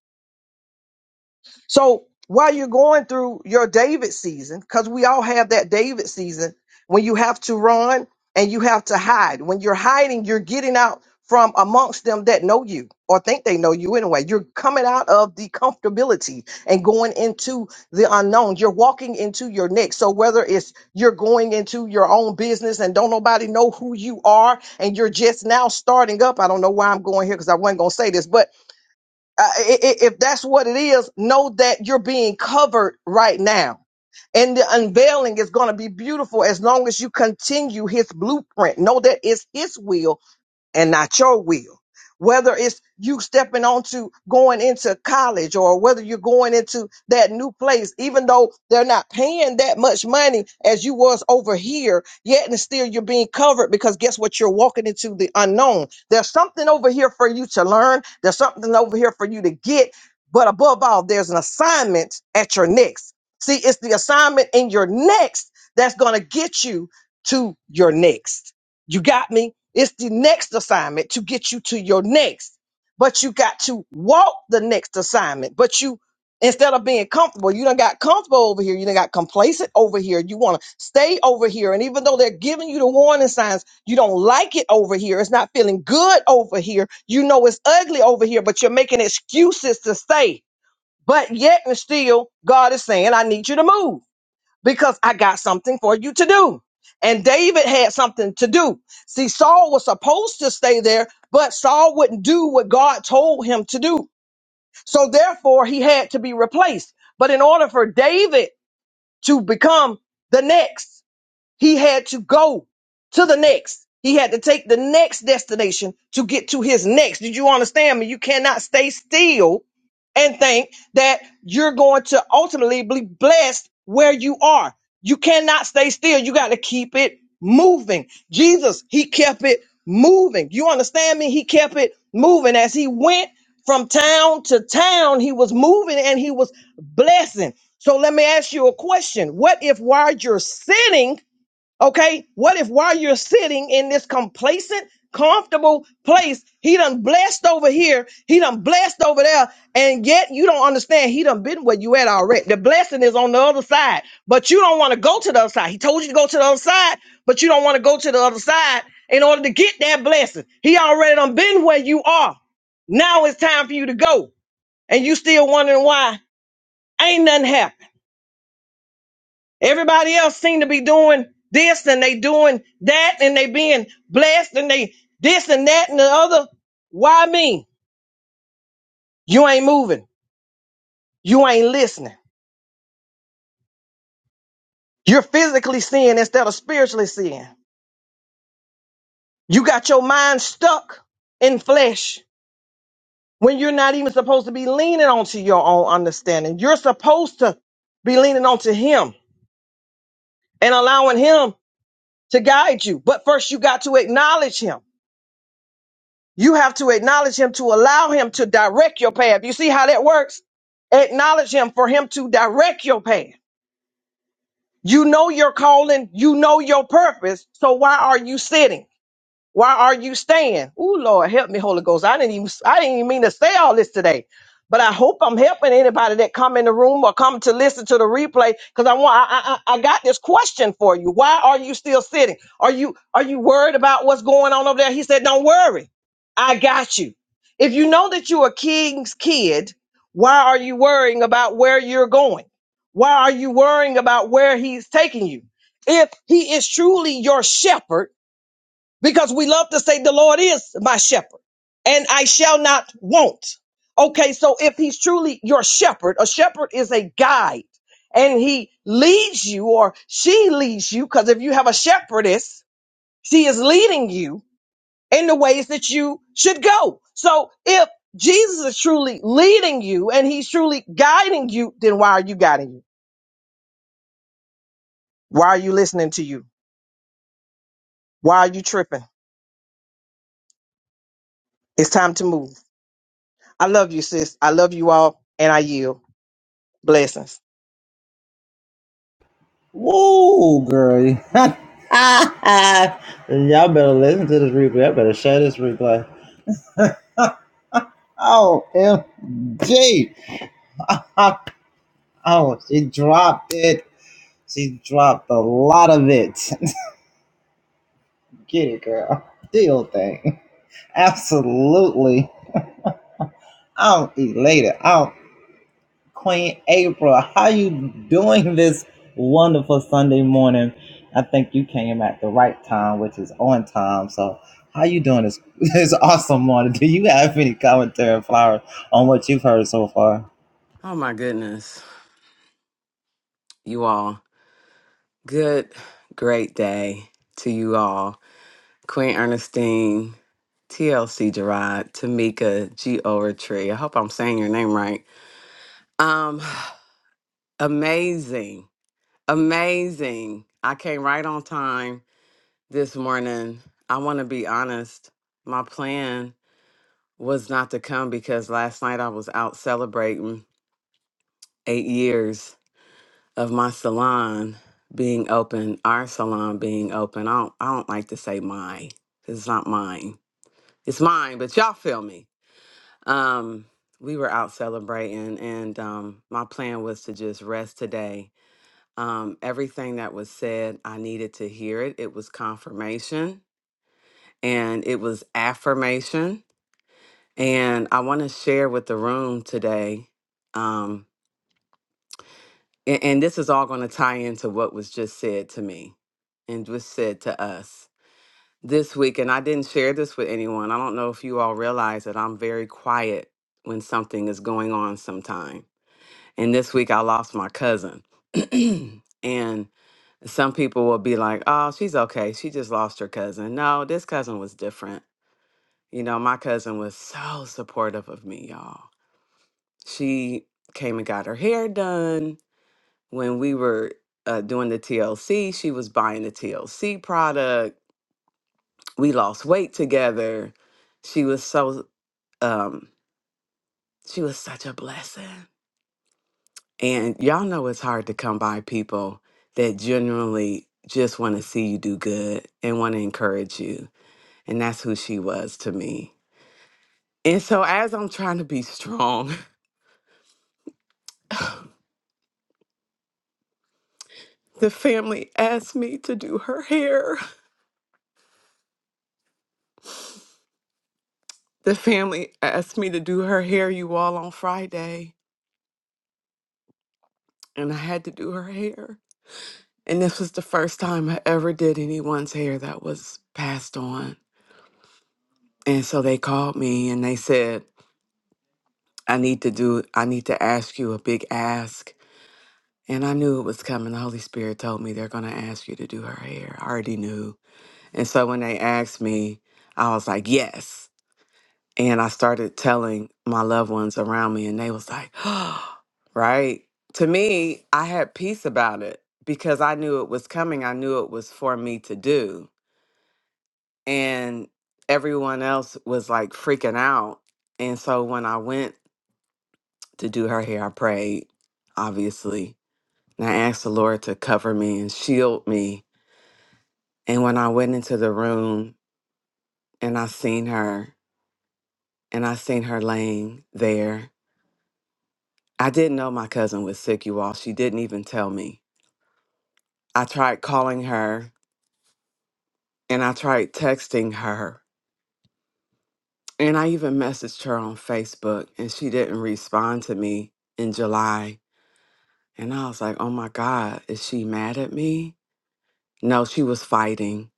Speaker 6: So while you're going through your David season, because we all have that David season when you have to run and you have to hide. When you're hiding, you're getting out from amongst them that know you or think they know you anyway. You're coming out of the comfortability and going into the unknown. You're walking into your next. So whether it's you're going into your own business and don't nobody know who you are and you're just now starting up. I don't know why I'm going here because I wasn't going to say this, but uh, i- i- if that's what it is, know that you're being covered right now. And the unveiling is going to be beautiful as long as you continue his blueprint. Know that it's his will and not your will. Whether it's you stepping onto going into college or whether you're going into that new place, even though they're not paying that much money as you was over here, yet and still you're being covered because guess what? You're walking into the unknown. There's something over here for you to learn. There's something over here for you to get. But above all, there's an assignment at your next. See, it's the assignment in your next that's going to get you to your next. You got me? It's the next assignment to get you to your next. But you got to walk the next assignment. But you, instead of being comfortable, you done got comfortable over here. You done got complacent over here. You want to stay over here. And even though they're giving you the warning signs, you don't like it over here. It's not feeling good over here. You know it's ugly over here, but you're making excuses to stay. But yet and still, God is saying, I need you to move because I got something for you to do. And David had something to do. See, Saul was supposed to stay there, but Saul wouldn't do what God told him to do. So therefore, he had to be replaced. But in order for David to become the next, he had to go to the next. He had to take the next destination to get to his next. Did you understand me? You cannot stay still and think that you're going to ultimately be blessed where you are. You cannot stay still. You got to keep it moving. Jesus, he kept it moving. You understand me? He kept it moving as he went from town to town. He was moving and he was blessing. So let me ask you a question. What if while you're sitting, Okay. What if while you're sitting in this complacent, comfortable place, he done blessed over here, he done blessed over there, and yet you don't understand he done been where you at already. The blessing is on the other side, but you don't want to go to the other side. He told you to go to the other side, but you don't want to go to the other side in order to get that blessing. He already done been where you are. Now it's time for you to go. And you still wondering why ain't nothing happened. Everybody else seem to be doing this and they doing that and they being blessed and they this and that and the other. Why me? You ain't moving. You ain't listening. You're physically seeing instead of spiritually seeing. You got your mind stuck in flesh when you're not even supposed to be leaning onto your own understanding. You're supposed to be leaning onto him and allowing him to guide you. But first you got to acknowledge him. You have to acknowledge him to allow him to direct your path. You see how that works? Acknowledge him for him to direct your path. You know your calling, you know your purpose. So why are you sitting? Why are you staying? Ooh, Lord, help me, Holy Ghost. I didn't even I didn't even mean to say all this today. But I hope I'm helping anybody that come in the room or come to listen to the replay because I want I, I I I got this question for you. Why are you still sitting? Are you are you worried about what's going on over there? He said, Don't worry, I got you. If you know that you're a king's kid, why are you worrying about where you're going? Why are you worrying about where he's taking you? If he is truly your shepherd because we love to say the Lord is my shepherd and I shall not want. Okay, so if he's truly your shepherd, a shepherd is a guide and he leads you or she leads you because if you have a shepherdess, she is leading you in the ways that you should go. So if Jesus is truly leading you and he's truly guiding you, then why are you guiding you? Why are you listening to you? Why are you tripping? It's time to move. I love you, sis. I love you all and I yield. Blessings.
Speaker 7: Oh my goodness, you all. Good, great day to you all. Queen Ernestine, TLC Gerard, Tamika G. Overtree. I hope I'm saying your name right. Um, amazing, amazing. I came right on time this morning. I want to be honest. My plan was not to come because last night I was out celebrating eight years of my salon being open, our salon being open. I don't, I don't like to say my. 'cause It's not mine. It's mine, but y'all feel me. Um, we were out celebrating, and um, my plan was to just rest today. Um, everything that was said, I needed to hear it. It was confirmation and it was affirmation. And I want to share with the room today. Um, and, and this is all going to tie into what was just said to me and was said to us this week and i didn't share this with anyone i don't know if you all realize that i'm very quiet when something is going on sometime and this week i lost my cousin and some people will be like oh she's okay she just lost her cousin no this cousin was different you know my cousin was so supportive of me y'all she came and got her hair done when we were uh, doing the TLC, she was buying the TLC product. We lost weight together. She was so um, she was such a blessing. And y'all know it's hard to come by people that genuinely just want to see you do good and want to encourage you. And that's who she was to me. And so as I'm trying to be strong, the family asked me to do her hair. The family asked me to do her hair you all on Friday. and I had to do her hair. And this was the first time I ever did anyone's hair that was passed on. And so they called me and they said, I need to do, I need to ask you a big ask. And I knew it was coming. The Holy Spirit told me they're going to ask you to do her hair. I already knew. And so when they asked me, I was like, yes. and I started telling my loved ones around me, and they was like, right? To me, I had peace about it because I knew it was coming. I knew it was for me to do. And everyone else was like freaking out. And so when I went to do her hair, I prayed, obviously. And I asked the Lord to cover me and shield me. And when I went into the room and I seen her, and I seen her laying there I didn't know my cousin was sick, you all. She didn't even tell me. I tried calling her and I tried texting her. And I even messaged her on Facebook and she didn't respond to me in July. And I was like, oh my God, is she mad at me? No, she was fighting.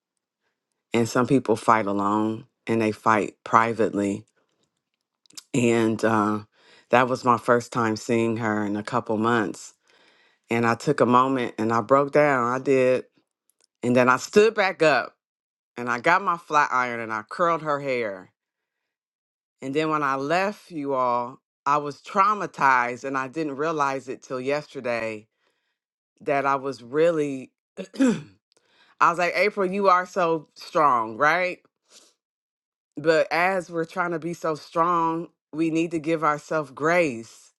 Speaker 7: And some people fight alone and they fight privately. And uh, that was my first time seeing her in a couple months. And I took a moment and I broke down. I did. And then I stood back up and I got my flat iron and I curled her hair. And then when I left you all, I was traumatized and I didn't realize it till yesterday that I was really I was like, April, you are so strong, right? But as we're trying to be so strong, we need to give ourselves grace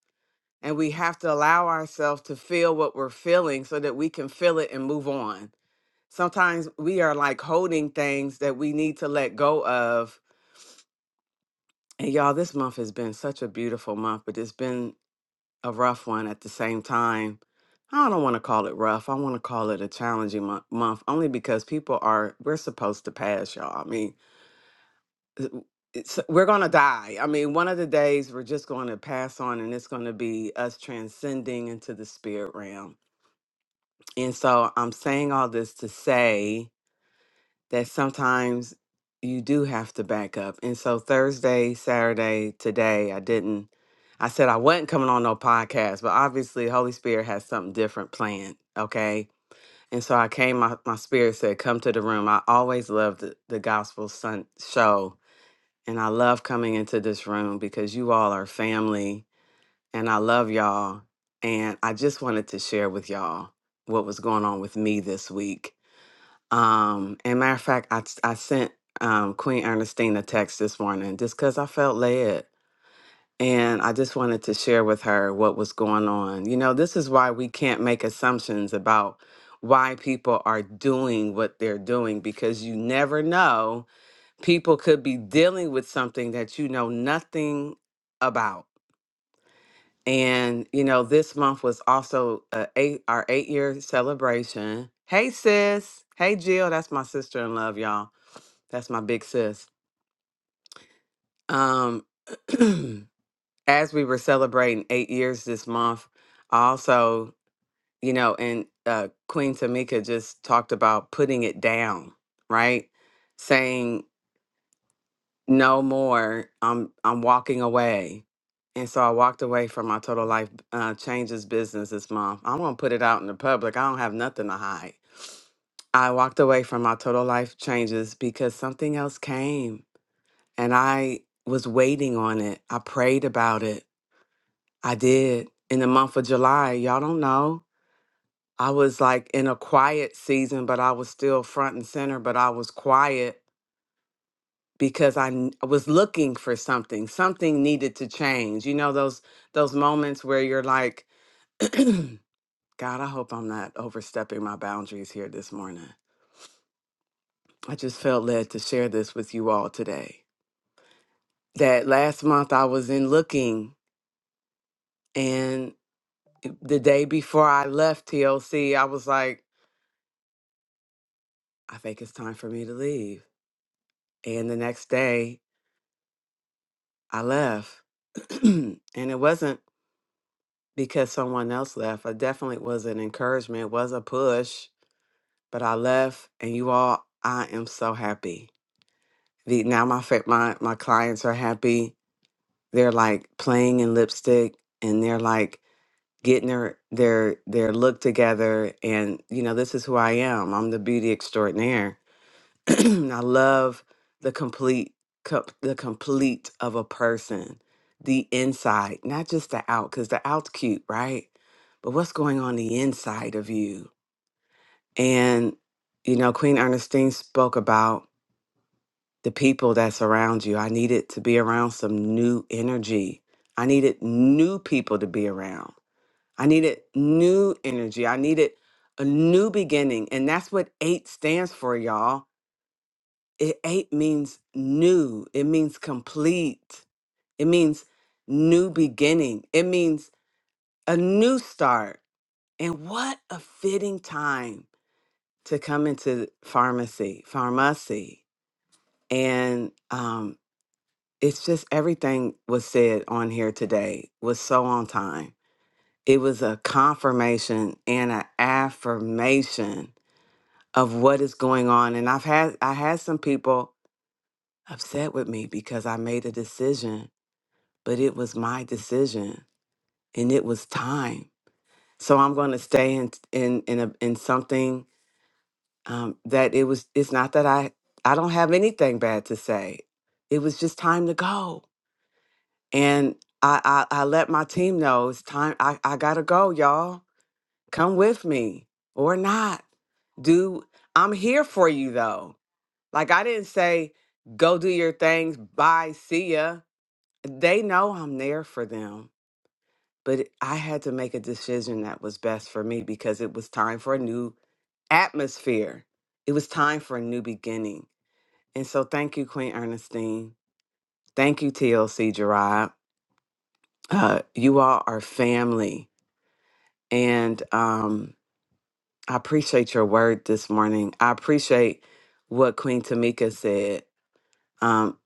Speaker 7: and we have to allow ourselves to feel what we're feeling so that we can feel it and move on. Sometimes we are like holding things that we need to let go of And y'all, this month has been such a beautiful month, but it's been a rough one at the same time. I don't want to call it rough. I want to call it a challenging mo- month only because people are, we're supposed to pass, y'all. I mean, it- it's, we're going to die. I mean, one of the days we're just going to pass on and it's going to be us transcending into the spirit realm. And so I'm saying all this to say that sometimes you do have to back up. And so Thursday, Saturday, today, I didn't I said I wasn't coming on no podcast, but obviously Holy Spirit has something different planned, okay? And so I came my, my spirit said come to the room. I always loved the, the gospel sun show and I love coming into this room because you all are family and I love y'all and I just wanted to share with y'all what was going on with me this week um, and matter of fact, I I sent um, Queen Ernestine a text this morning just because I felt led, and I just wanted to share with her what was going on. You know, this is why we can't make assumptions about why people are doing what they're doing because you never know. People could be dealing with something that you know nothing about. And you know, this month was also a eight, our eight year celebration. Hey sis, hey Jill, that's my sister in love, y'all that's my big sis. Um, as we were celebrating eight years this month, I also, you know, and uh, Queen Tamika just talked about putting it down, right? Saying no more. I'm I'm walking away, and so I walked away from my total life uh, changes business this month. I won't put it out in the public. I don't have nothing to hide. I walked away from my total life changes because something else came and I was waiting on it. I prayed about it. I did. In the month of July, y'all don't know. I was like in a quiet season, but I was still front and center, but I was quiet because I, n- I was looking for something. Something needed to change. You know those those moments where you're like, God, I hope I'm not overstepping my boundaries here this morning. I just felt led to share this with you all today. That last month I was in looking the day before I left TLC, I was like, I think it's time for me to leave. And the next day, I left. and it wasn't because someone else left. It definitely was an encouragement, it was a push, but I left. And you all, I am so happy. The, now my, fa- my my clients are happy. They're like playing in lipstick and they're like getting their their their look together and you know this is who I am. I'm the beauty extraordinaire I love the complete co- the complete of a person, the inside, not just the out, because the out's cute, right? But what's going on the inside of you? And you know, Queen Ernestine spoke about the people that surround you. I needed to be around some new energy. I needed new people to be around. I needed new energy. I needed a new beginning. And that's what eight stands for, y'all it eight means new it means complete it means new beginning it means a new start and what a fitting time to come into pharmacy pharmacy and um it's just everything was said on here today was so on time it was a confirmation and an affirmation of what is going on and i've had i had some people upset with me because i made a decision but it was my decision and it was time. So I'm going to stay in in in a, in something um, that it was. It's not that I I don't have anything bad to say. It was just time to go, and I I, I let my team know it's time. I I gotta go, y'all. Come with me or not. Do I'm here for you though. Like I didn't say go do your things. Bye. See ya. They know I'm there for them but I had to make a decision that was best for me because it was time for a new atmosphere. It was time for a new beginning. And so, thank you, Queen Ernestine. Thank you, TLC Gerard. Uh, you all are family. And um, I appreciate your word this morning. I appreciate what Queen Tamika said. Um,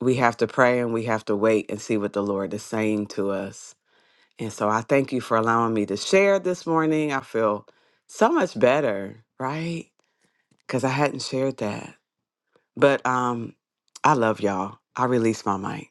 Speaker 7: we have to pray and we have to wait and see what the Lord is saying to us. And so I thank you for allowing me to share this morning. I feel so much better, right? Because I hadn't shared that. But um, I love y'all. I release my mic.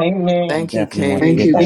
Speaker 2: Amen.
Speaker 7: Thank you, King.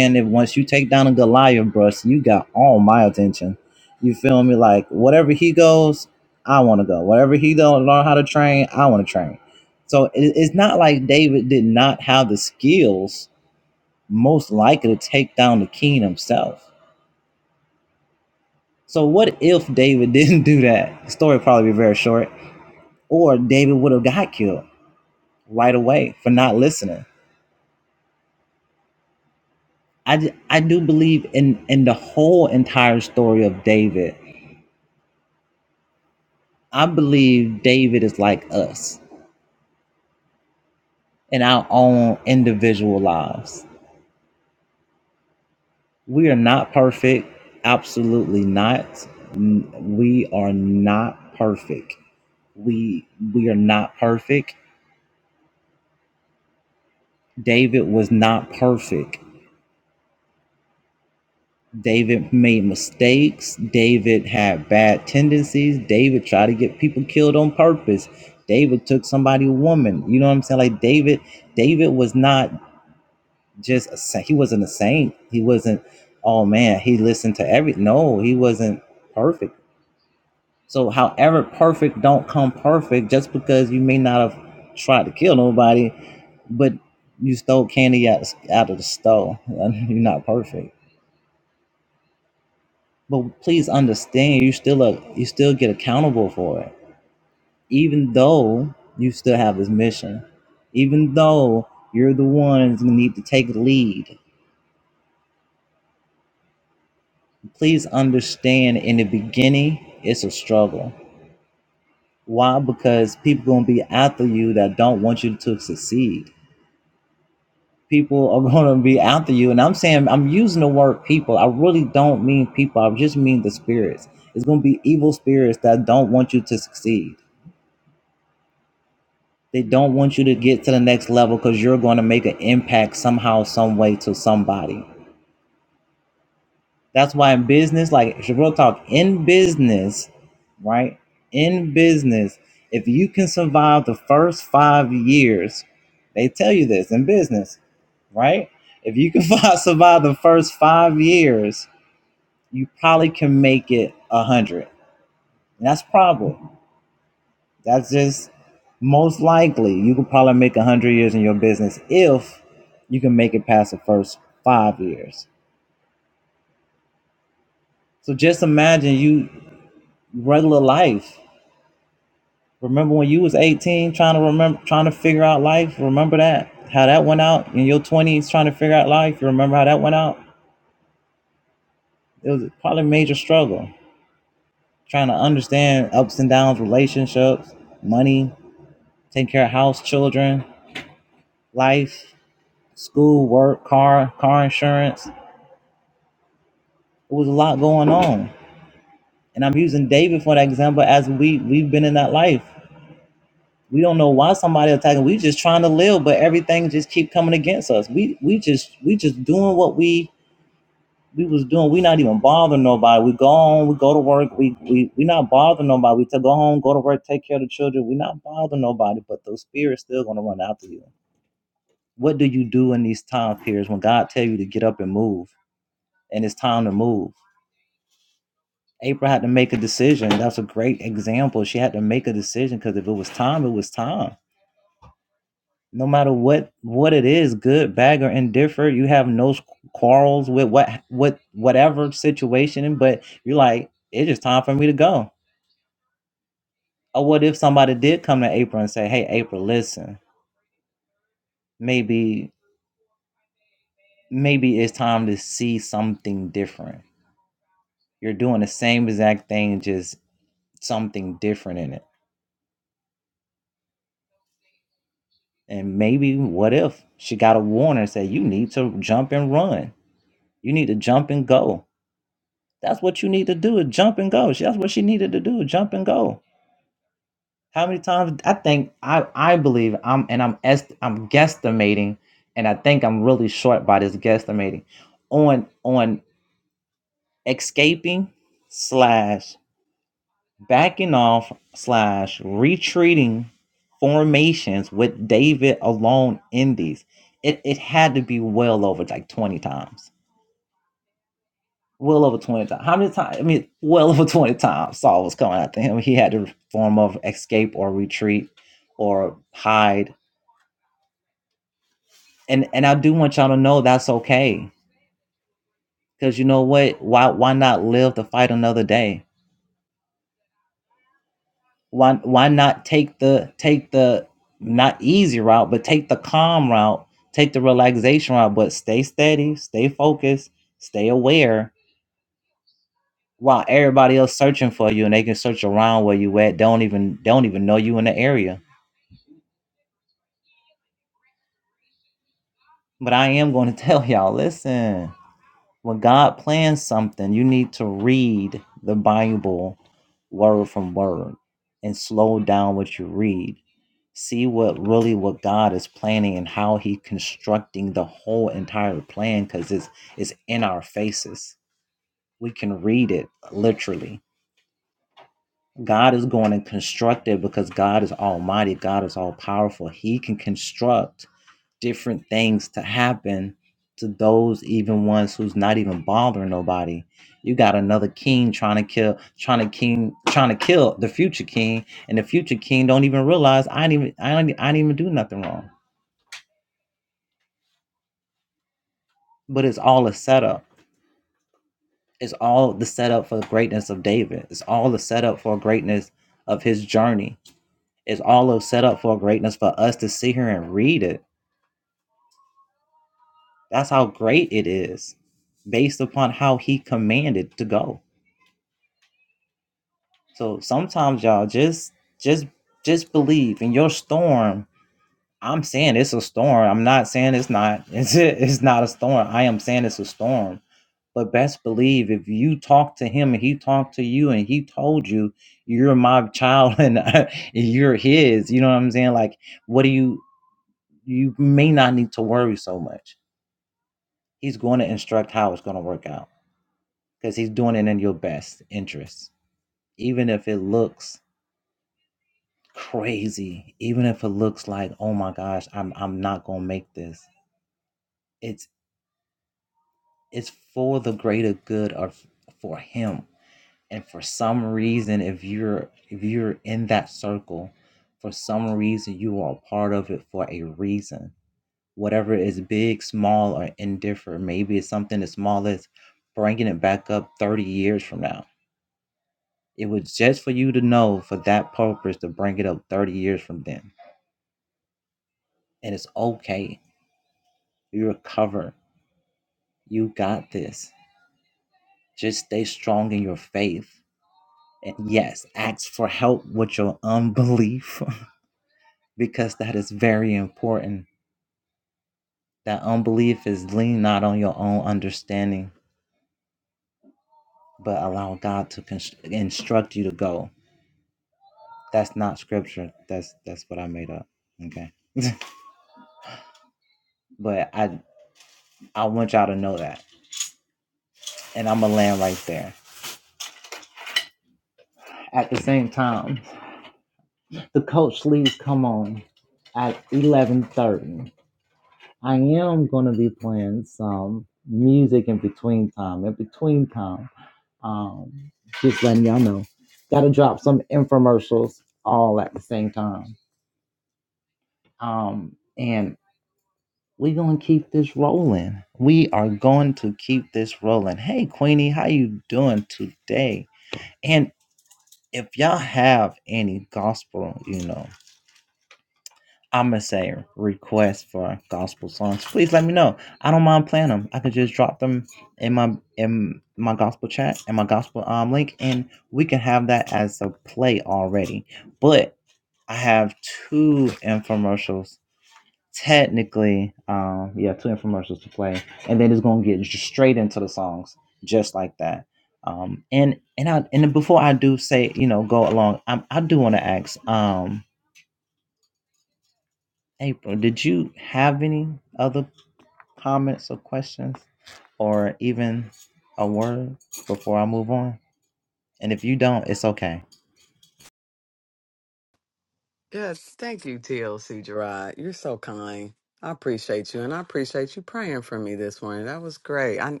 Speaker 7: Yes, thank you, TLC Gerard. You're so kind. I appreciate you, and I appreciate you praying for me this morning. That was great. I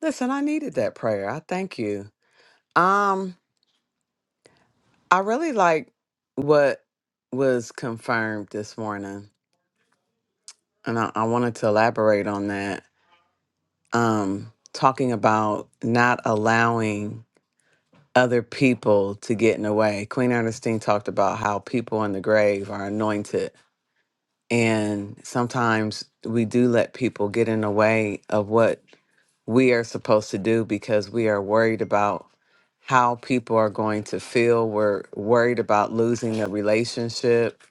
Speaker 7: listen. I needed that prayer. I thank you. Um, I really like what was confirmed this morning, and I, I wanted to elaborate on that um, talking about not allowing other people to get in the way. Queen Ernestine talked about how people in the grave are anointed. And sometimes we do let people get in the way of what we are supposed to do because we are worried about how people are going to feel. We're worried about losing a relationship.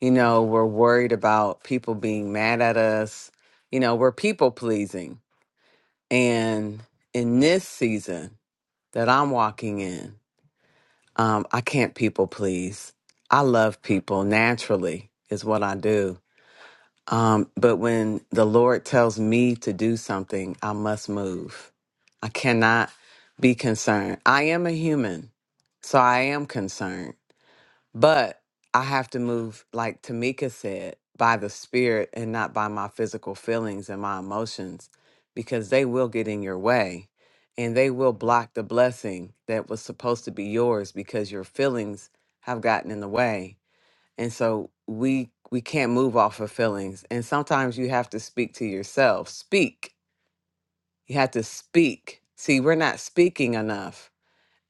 Speaker 7: You know, we're worried about people being mad at us. You know, we're people pleasing and in this season that I'm walking in, um, I can't people please. I love people naturally, is what I do. Um, but when the Lord tells me to do something, I must move. I cannot be concerned. I am a human, so I am concerned. But I have to move, like Tamika said, by the spirit and not by my physical feelings and my emotions, because they will get in your way and they will block the blessing that was supposed to be yours because your feelings have gotten in the way. And so we we can't move off of feelings. And sometimes you have to speak to yourself. Speak. You have to speak. See, we're not speaking enough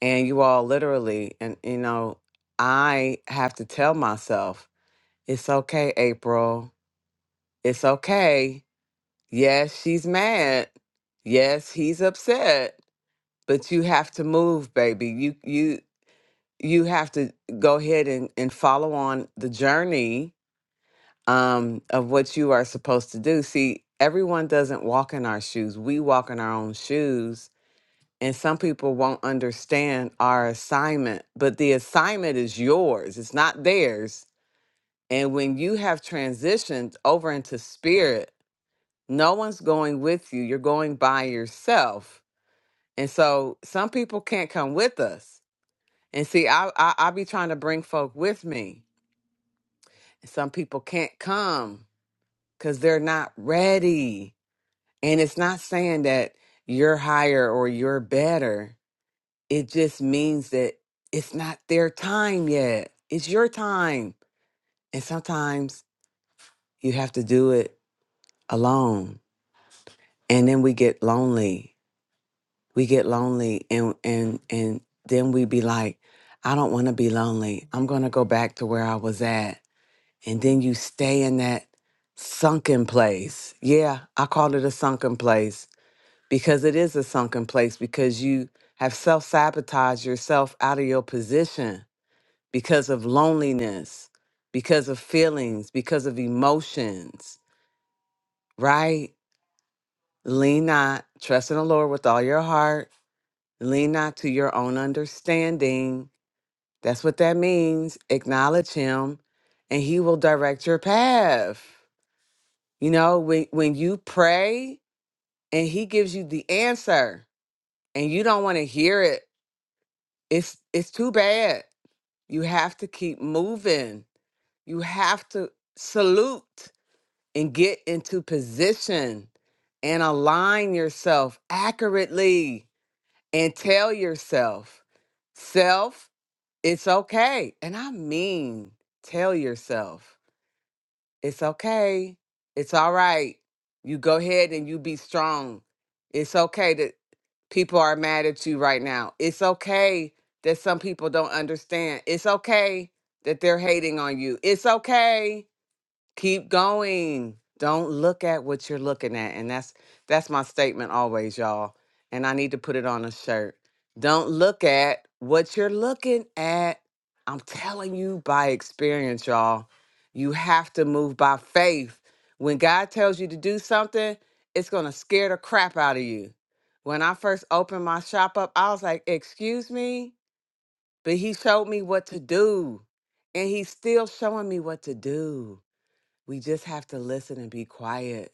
Speaker 7: and you all literally and you know i have to tell myself it's okay april it's okay yes she's mad yes he's upset but you have to move baby you you you have to go ahead and, and follow on the journey um, of what you are supposed to do see everyone doesn't walk in our shoes we walk in our own shoes and some people won't understand our assignment, but the assignment is yours, it's not theirs. And when you have transitioned over into spirit, no one's going with you, you're going by yourself. And so some people can't come with us. And see, I, I, I be trying to bring folk with me. Some people can't come because they're not ready. And it's not saying that you're higher or you're better It just means that it's not their time yet. It's your time. And sometimes you have to do it alone. And then we get lonely. We get lonely and and and then we be like, I don't want to be lonely. I'm going to go back to where I was at. And then you stay in that sunken place. Yeah, I call it a sunken place because it is a sunken place because you have self sabotaged yourself out of your position because of loneliness, because of feelings, because of emotions, right? Lean not, trust in the Lord with all your heart. Lean not to your own understanding. That's what that means. Acknowledge Him, and He will direct your path. You know, when, when you pray and He gives you the answer and you don't want to hear it, it's, it's too bad. You have to keep moving. You have to salute and get into position and align yourself accurately and tell yourself, self, it's okay. And I mean, tell yourself, it's okay. It's all right. You go ahead and you be strong. It's okay that people are mad at you right now. It's okay that some people don't understand. It's okay that they're hating on you. It's okay keep going don't look at what you're looking at and that's that's my statement always y'all and i need to put it on a shirt don't look at what you're looking at i'm telling you by experience y'all you have to move by faith when god tells you to do something it's going to scare the crap out of you when i first opened my shop up i was like excuse me but he showed me what to do and he's still showing me what to do we just have to listen and be quiet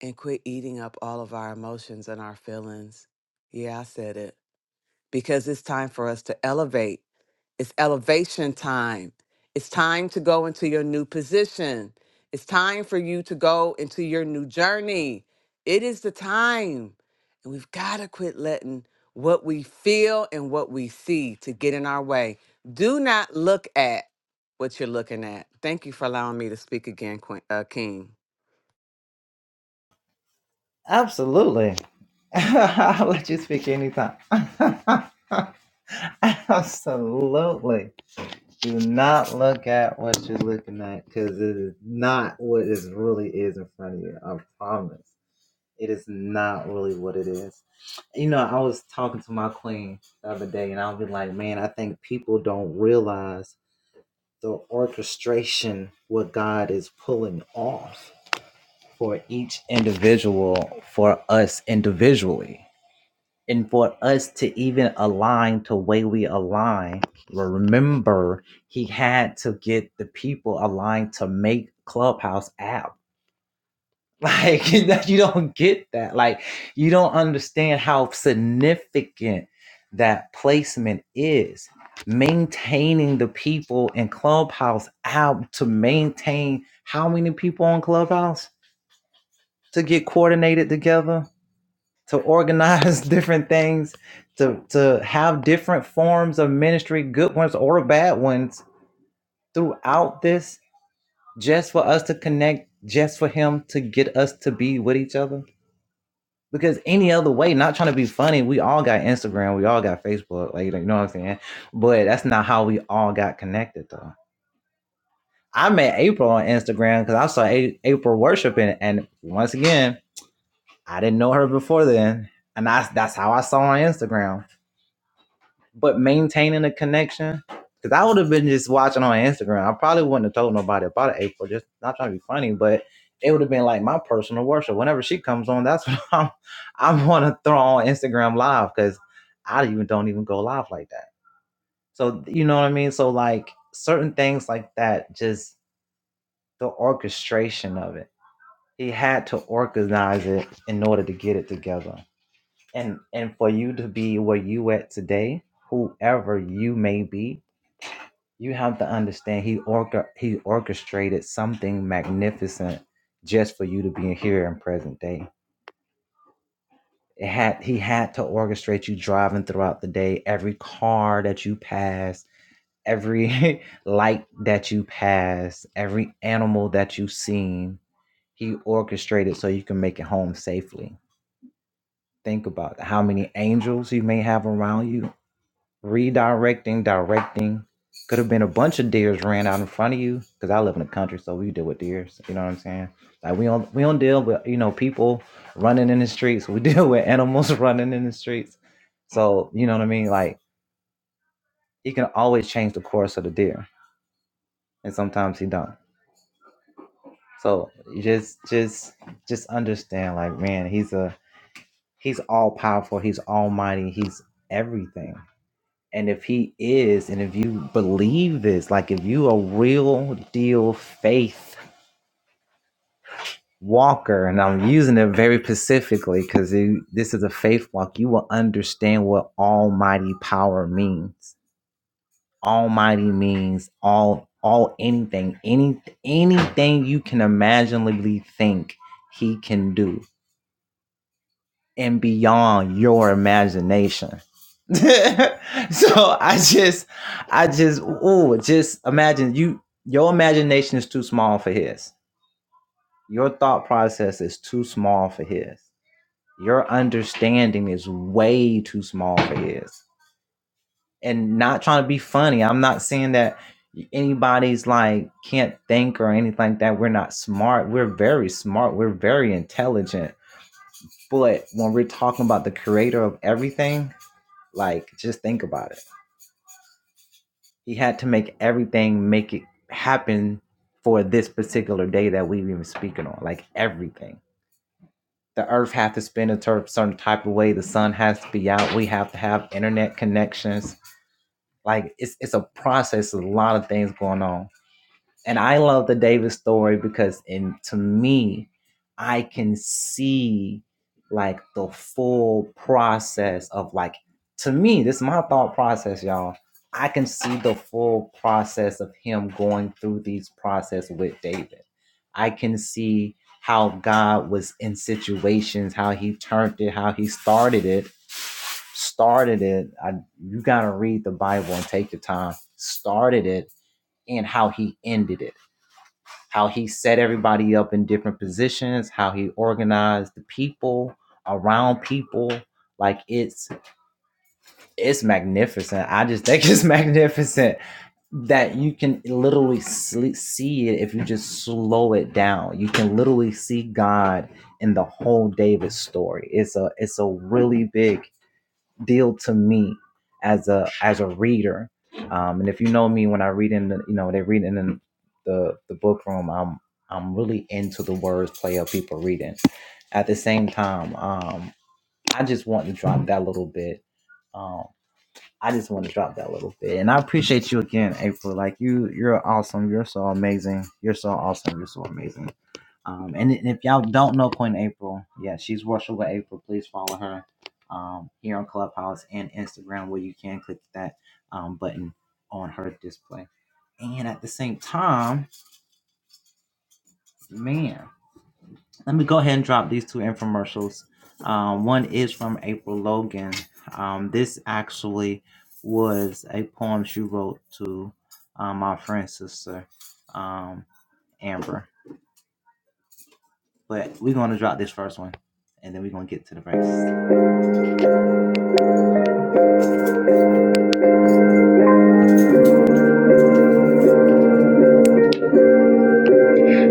Speaker 7: and quit eating up all of our emotions and our feelings. Yeah, I said it because it's time for us to elevate. It's elevation time. It's time to go into your new position. It's time for you to go into your new journey. It is the time. And we've got to quit letting what we feel and what we see to get in our way. Do not look at what you're looking at. Thank you for allowing me to speak again, Queen, uh, King.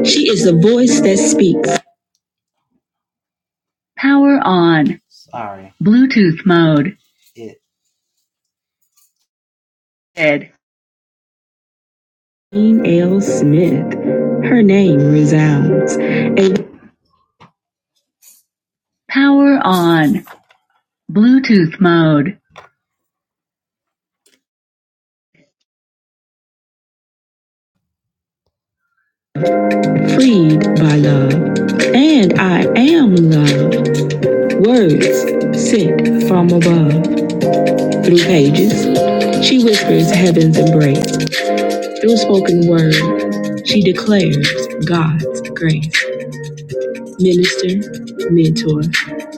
Speaker 3: She is the voice that speaks. Power on. Bluetooth mode. Ed. Jean L. Smith. Her name resounds. A power on. Bluetooth mode. Freed by love. And I am love. Words sent from above. Through pages. She whispers heaven's embrace. Through spoken word. She declares God's grace. Minister, mentor,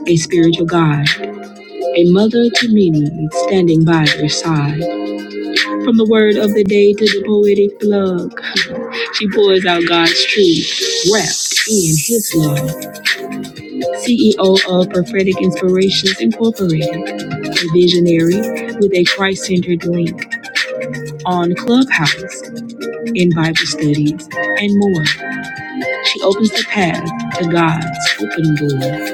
Speaker 3: a spiritual guide A mother to many standing by their side. From the word of the day to the poetic plug, she pours out God's truth, wrapped in His love. CEO of Prophetic Inspirations Incorporated, a visionary with a Christ centered link on Clubhouse, in Bible studies, and more. She opens the path to God's open door.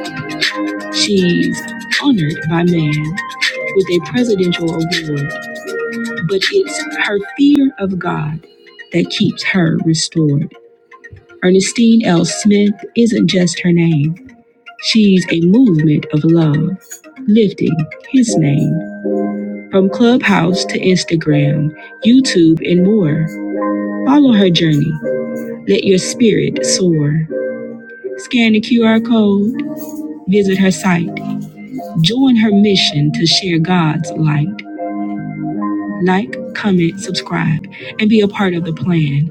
Speaker 3: She's honored by man with a presidential award but it's her fear of God that keeps her restored. Ernestine L. Smith isn't just her name, she's a movement of love, lifting his name. From Clubhouse to Instagram, YouTube, and more, follow her journey. Let your spirit soar. Scan the QR code, visit her site, join her mission to share God's light. Like, comment, subscribe, and be a part of the plan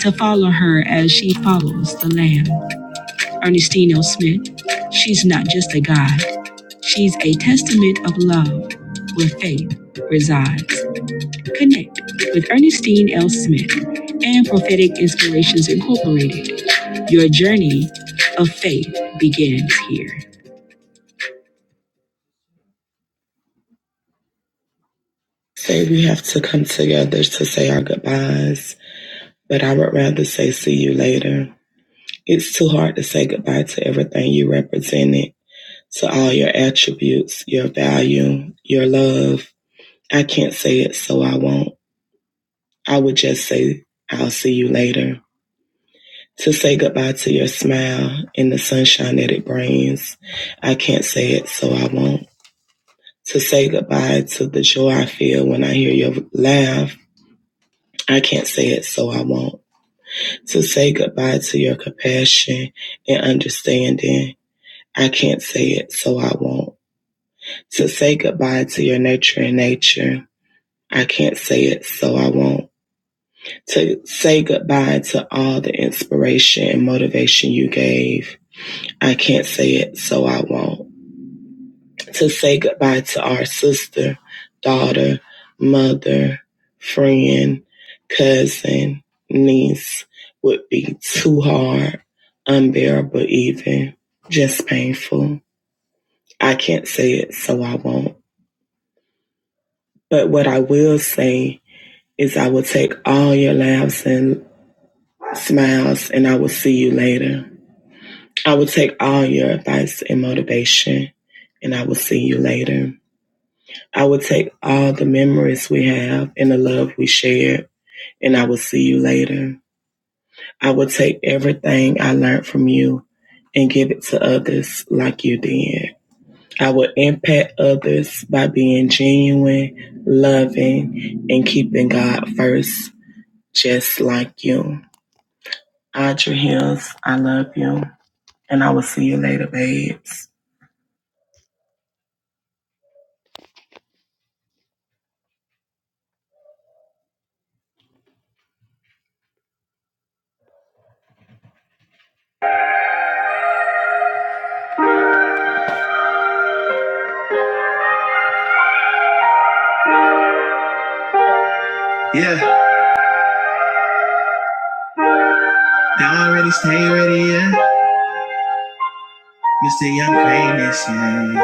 Speaker 3: to follow her as she follows the Lamb. Ernestine L. Smith, she's not just a guide, she's a testament of love where faith resides. Connect with Ernestine L. Smith and Prophetic Inspirations Incorporated. Your journey of faith begins here. Say we have to come together to say our goodbyes, but I would rather say see you later. It's too hard to say goodbye to everything you represented, to all your attributes, your value, your love. I can't say it, so I won't. I would just say, I'll see you later. To say goodbye to your smile and the sunshine that it brings. I can't say it, so I won't. To say goodbye to the joy I feel when I hear your laugh. I can't say it, so I won't. To say goodbye to your compassion and understanding. I can't say it, so I won't to say goodbye to your nature and nature. I can't say it, so I won't. To say goodbye to all the inspiration and motivation you gave. I can't say it, so I won't. To say goodbye to our sister, daughter, mother, friend, cousin, niece would be too hard, unbearable, even just painful. I can't say it, so I won't. But what I will say is I will take all your laughs and smiles and I will see you later. I will take all your advice and motivation and I will see you later. I will take all the memories we have and the love we shared and I will see you later. I will take everything I learned from you and give it to others like you did. I will impact others by being genuine, loving, and keeping God first, just like you. Audrey Hills, I love you. And I will see you later, babes. Yeah, they already stay ready, yeah. Mr. Young Famous, yeah.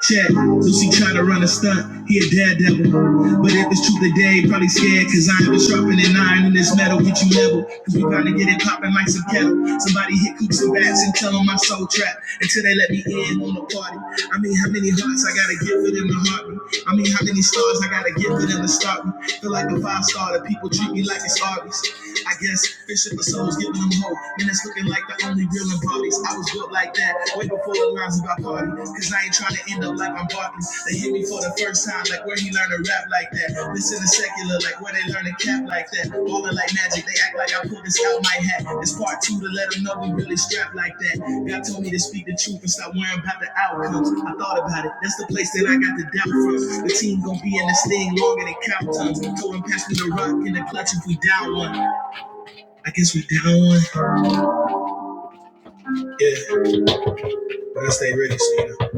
Speaker 3: Check, Lucy tried to run a stunt, he a daredevil. But if it's true today, probably scared, cause I ain't been sharpening an iron in this metal, get you level. Cause we bound to get it poppin' like some kettle. Somebody hit coops and bats and tell 'em I'm soul trapped until they let me in on the party. I mean, how many hearts I gotta give it in my heartbeat? I mean, how many stars I gotta give it in the start? me? Feel like a five star, the people treat me like it's Arby's. I guess fishing for souls, giving them hope. Man, it's looking like the only real in parties. I was built like that, way before the rhymes about party. Cause I ain't trying to end up like I'm Barton. They hit me for the first time, like where he learned to rap like that. Listen to secular, like where they learn to cap like that. Ballin' like magic, they act like I pulled this out my hat. It's part two to let them know we really strapped like that. God told me to speak the truth and stop worrying about the outcomes. I thought about it. That's the place that I got the doubt from. The team gonna be in this thing longer than count times. Told him pass me the rock in the clutch if we down one. I guess we down one. Yeah, but I stay ready, so you know.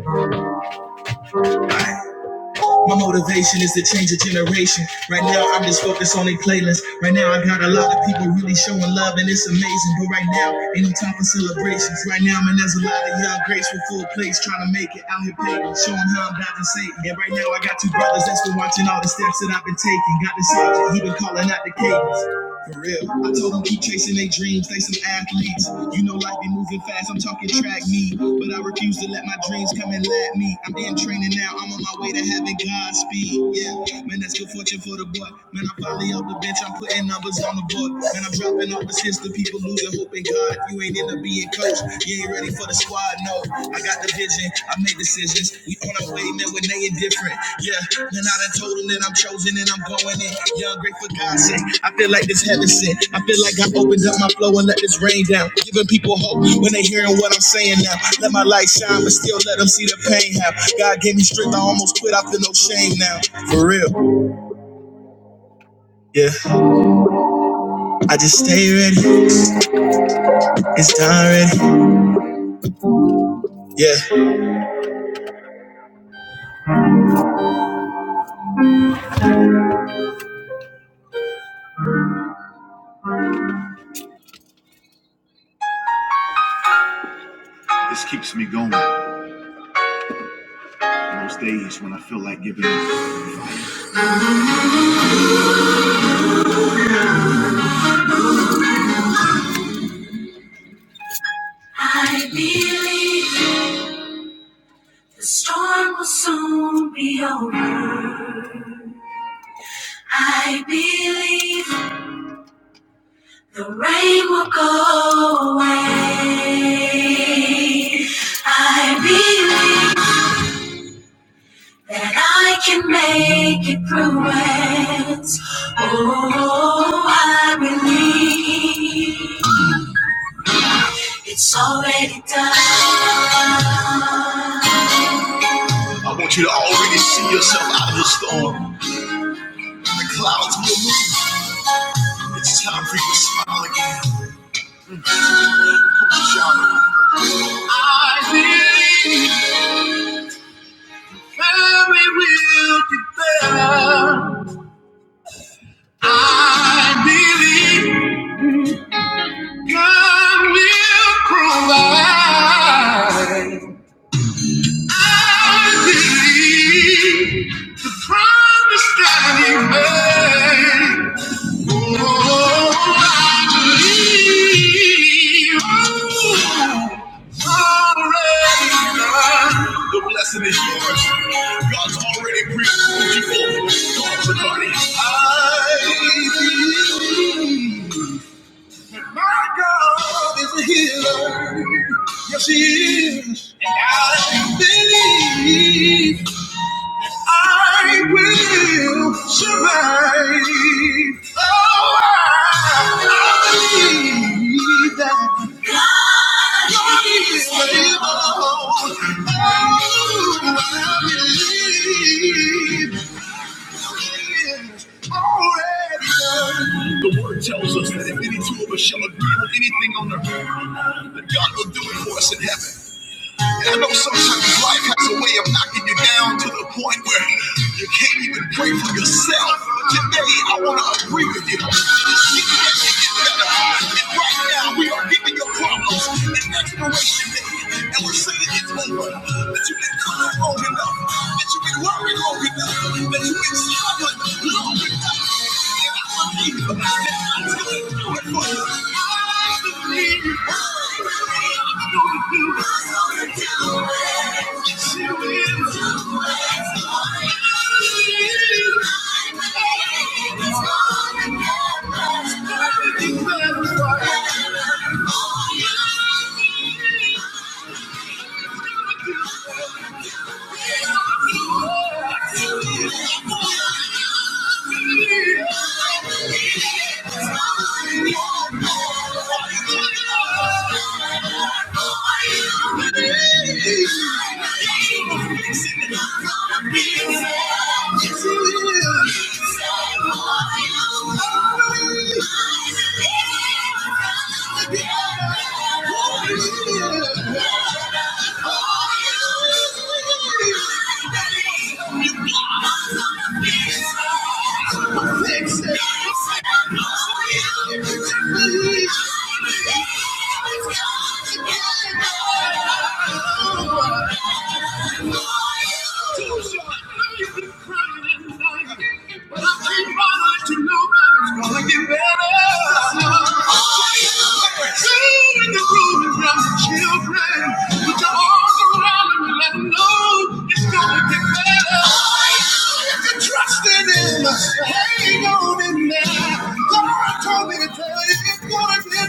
Speaker 3: My motivation is to change a generation. Right now, I'm just focused on a playlist. Right now, I got a lot of people really showing love, and it's amazing. But right now, ain't no time for celebrations. Right now, man, there's a lot of young, graceful, full plates trying to make it out here pagan, showing how I'm dodging Satan. And right now, I got two brothers that's been watching all the steps that I've been taking. Got the sergeant, he been calling out the cadence. For real. I told them keep chasing their dreams, they some athletes. You know life be moving fast, I'm talking track meet, But I refuse to let my dreams come and lap me. I'm in training now, I'm on my way to having Godspeed. Yeah, man, that's good fortune for the boy. Man, I'm finally off the bench, I'm putting numbers on the board. Man, I'm dropping off assists to people losing hope in God. If you ain't end up being coach, you ain't ready for the squad. no. I got the vision, I make decisions. We on our way, man, when they indifferent. Yeah, man, I done told them that I'm chosen and I'm going in. Yeah, I'm grateful for God's sake. I feel like this heaven sent. I feel like I opened up my flow and let this rain down. Giving people hope when they hearing what I'm saying now. Let my light shine, but still let them see the pain have. God gave me strength, I almost quit, I feel no shame now. For real, yeah. I just stay ready, it's time ready, yeah. This keeps me going. And I can make it through it. Oh, I believe it's already. I want you to already see yourself out of the storm. The clouds will move. It's time for you to smile again. Shout. I believe we will be better. I believe God will provide. I believe the promise that He made. The blessing is yours. God's already pre-approved you for God's authority. I believe that my God is a healer. Yes, He is. And I believe. I will survive. Oh, I, I believe that God is able. Oh, I believe He is already done. The word tells us that if any two of us shall agree on anything on earth, that God will do it for us in heaven. And I know sometimes life has a way of knocking you down to the point where you can't even pray for yourself. But today, I want to agree with you. You can get better. And right now, we are giving your problems an expiration date. And we're saying it's over. That you've been crying long enough. That you've been worried long enough. That you've been struggling long enough. I you. Thank you. It's gonna Thank you. Trust in him, hang on in there. God told me to tell you, it's gonna get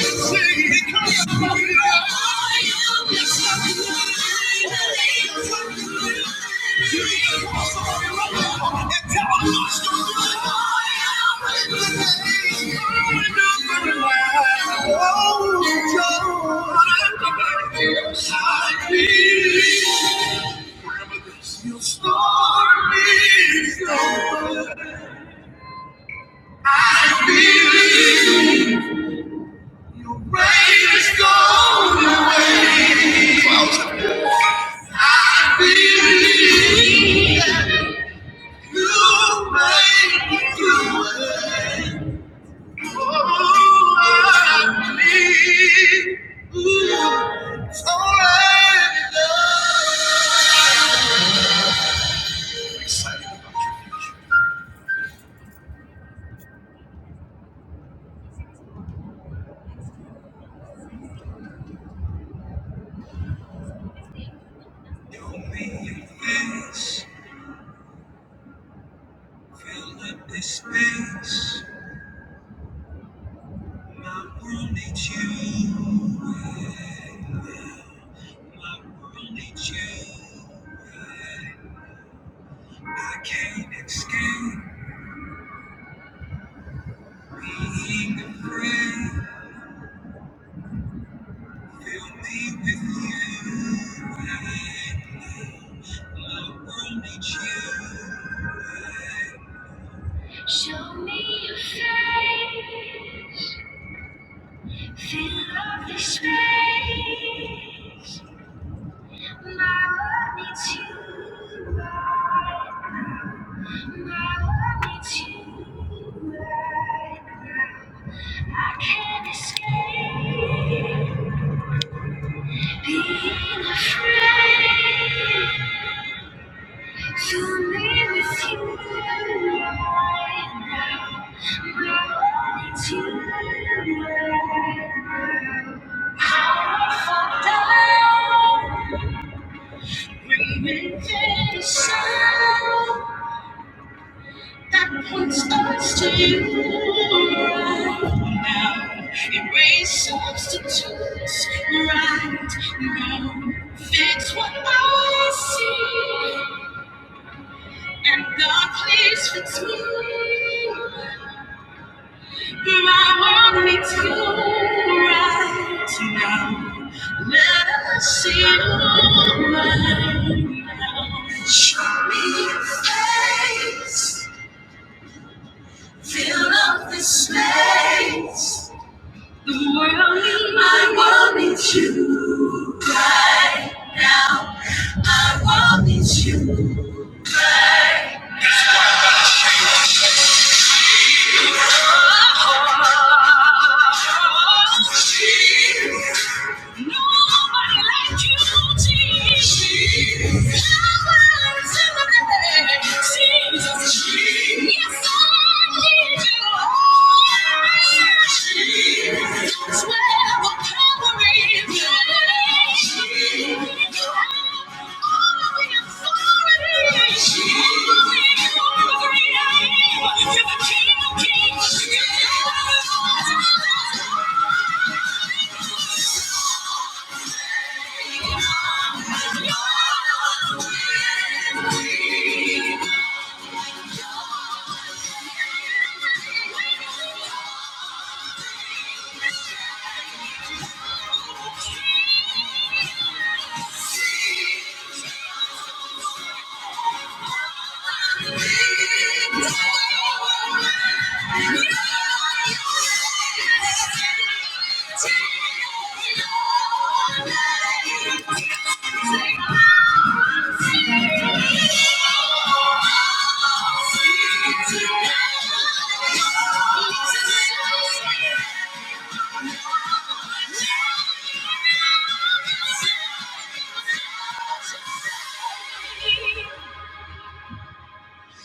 Speaker 3: Somebody. I believe. Rain is gone away. I believe that you made the way. Oh, I believe it's already done. Excited. Don't be fast. Fill up this space. My world needs you. My world needs you. I can't escape being a friend. Fill me with you. My world needs you. Show me your face. Fill up the space. My my world needs you. I can't live with That puts us to you right now. Erase substitutes right now. Fix what I see, and God, please fix me. I want me to right now. Let us see your mind now. Show me your face. Fill up the space. The world needs I want it to right now. I want it right. That's where the power is. Thank you. Thank you.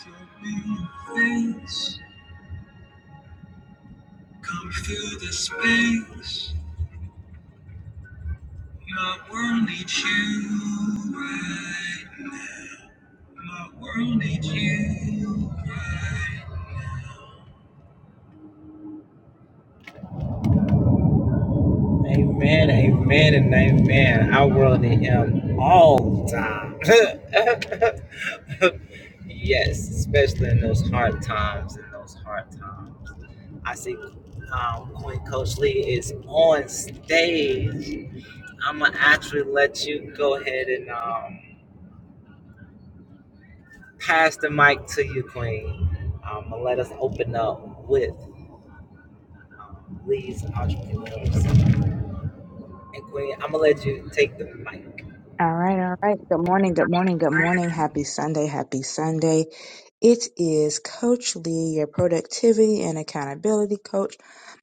Speaker 3: So many things come through the space. My world needs you right. My world needs you.
Speaker 8: All right, all right. Good morning, good morning, good morning. Happy Sunday, happy Sunday. It is Coach Lee, your productivity and accountability coach.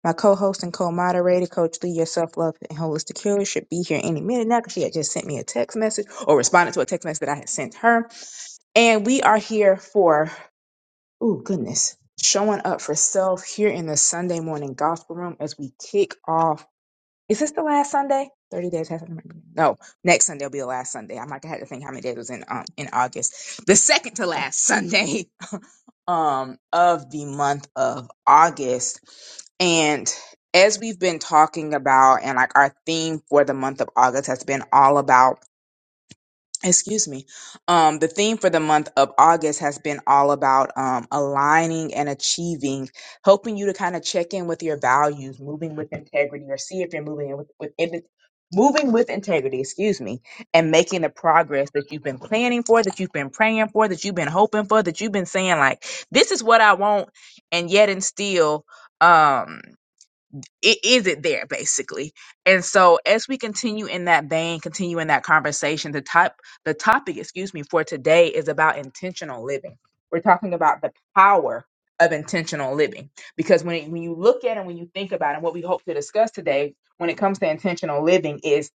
Speaker 8: My co host and co moderator, Coach Lee, your self love and holistic healer, should be here any minute now because she had just sent me a text message or responded to a text message that I had sent her. And we are here for, oh, goodness, showing up for self here in the Sunday morning gospel room as we kick off. Is this the last Sunday? Thirty days has no. Next Sunday will be the last Sunday. I might have had to think how many days was in um in August. The second to last Sunday um of the month of August. And as we've been talking about, and like our theme for the month of August has been all about excuse me um the theme for the month of august has been all about um aligning and achieving helping you to kind of check in with your values moving with integrity or see if you're moving with, with in- moving with integrity excuse me and making the progress that you've been planning for that you've been praying for that you've been hoping for that you've been saying like this is what i want and yet and still um it is it there basically and so as we continue in that vein continue in that conversation the top, the topic excuse me for today is about intentional living we're talking about the power of intentional living because when, when you look at it when you think about it what we hope to discuss today when it comes to intentional living is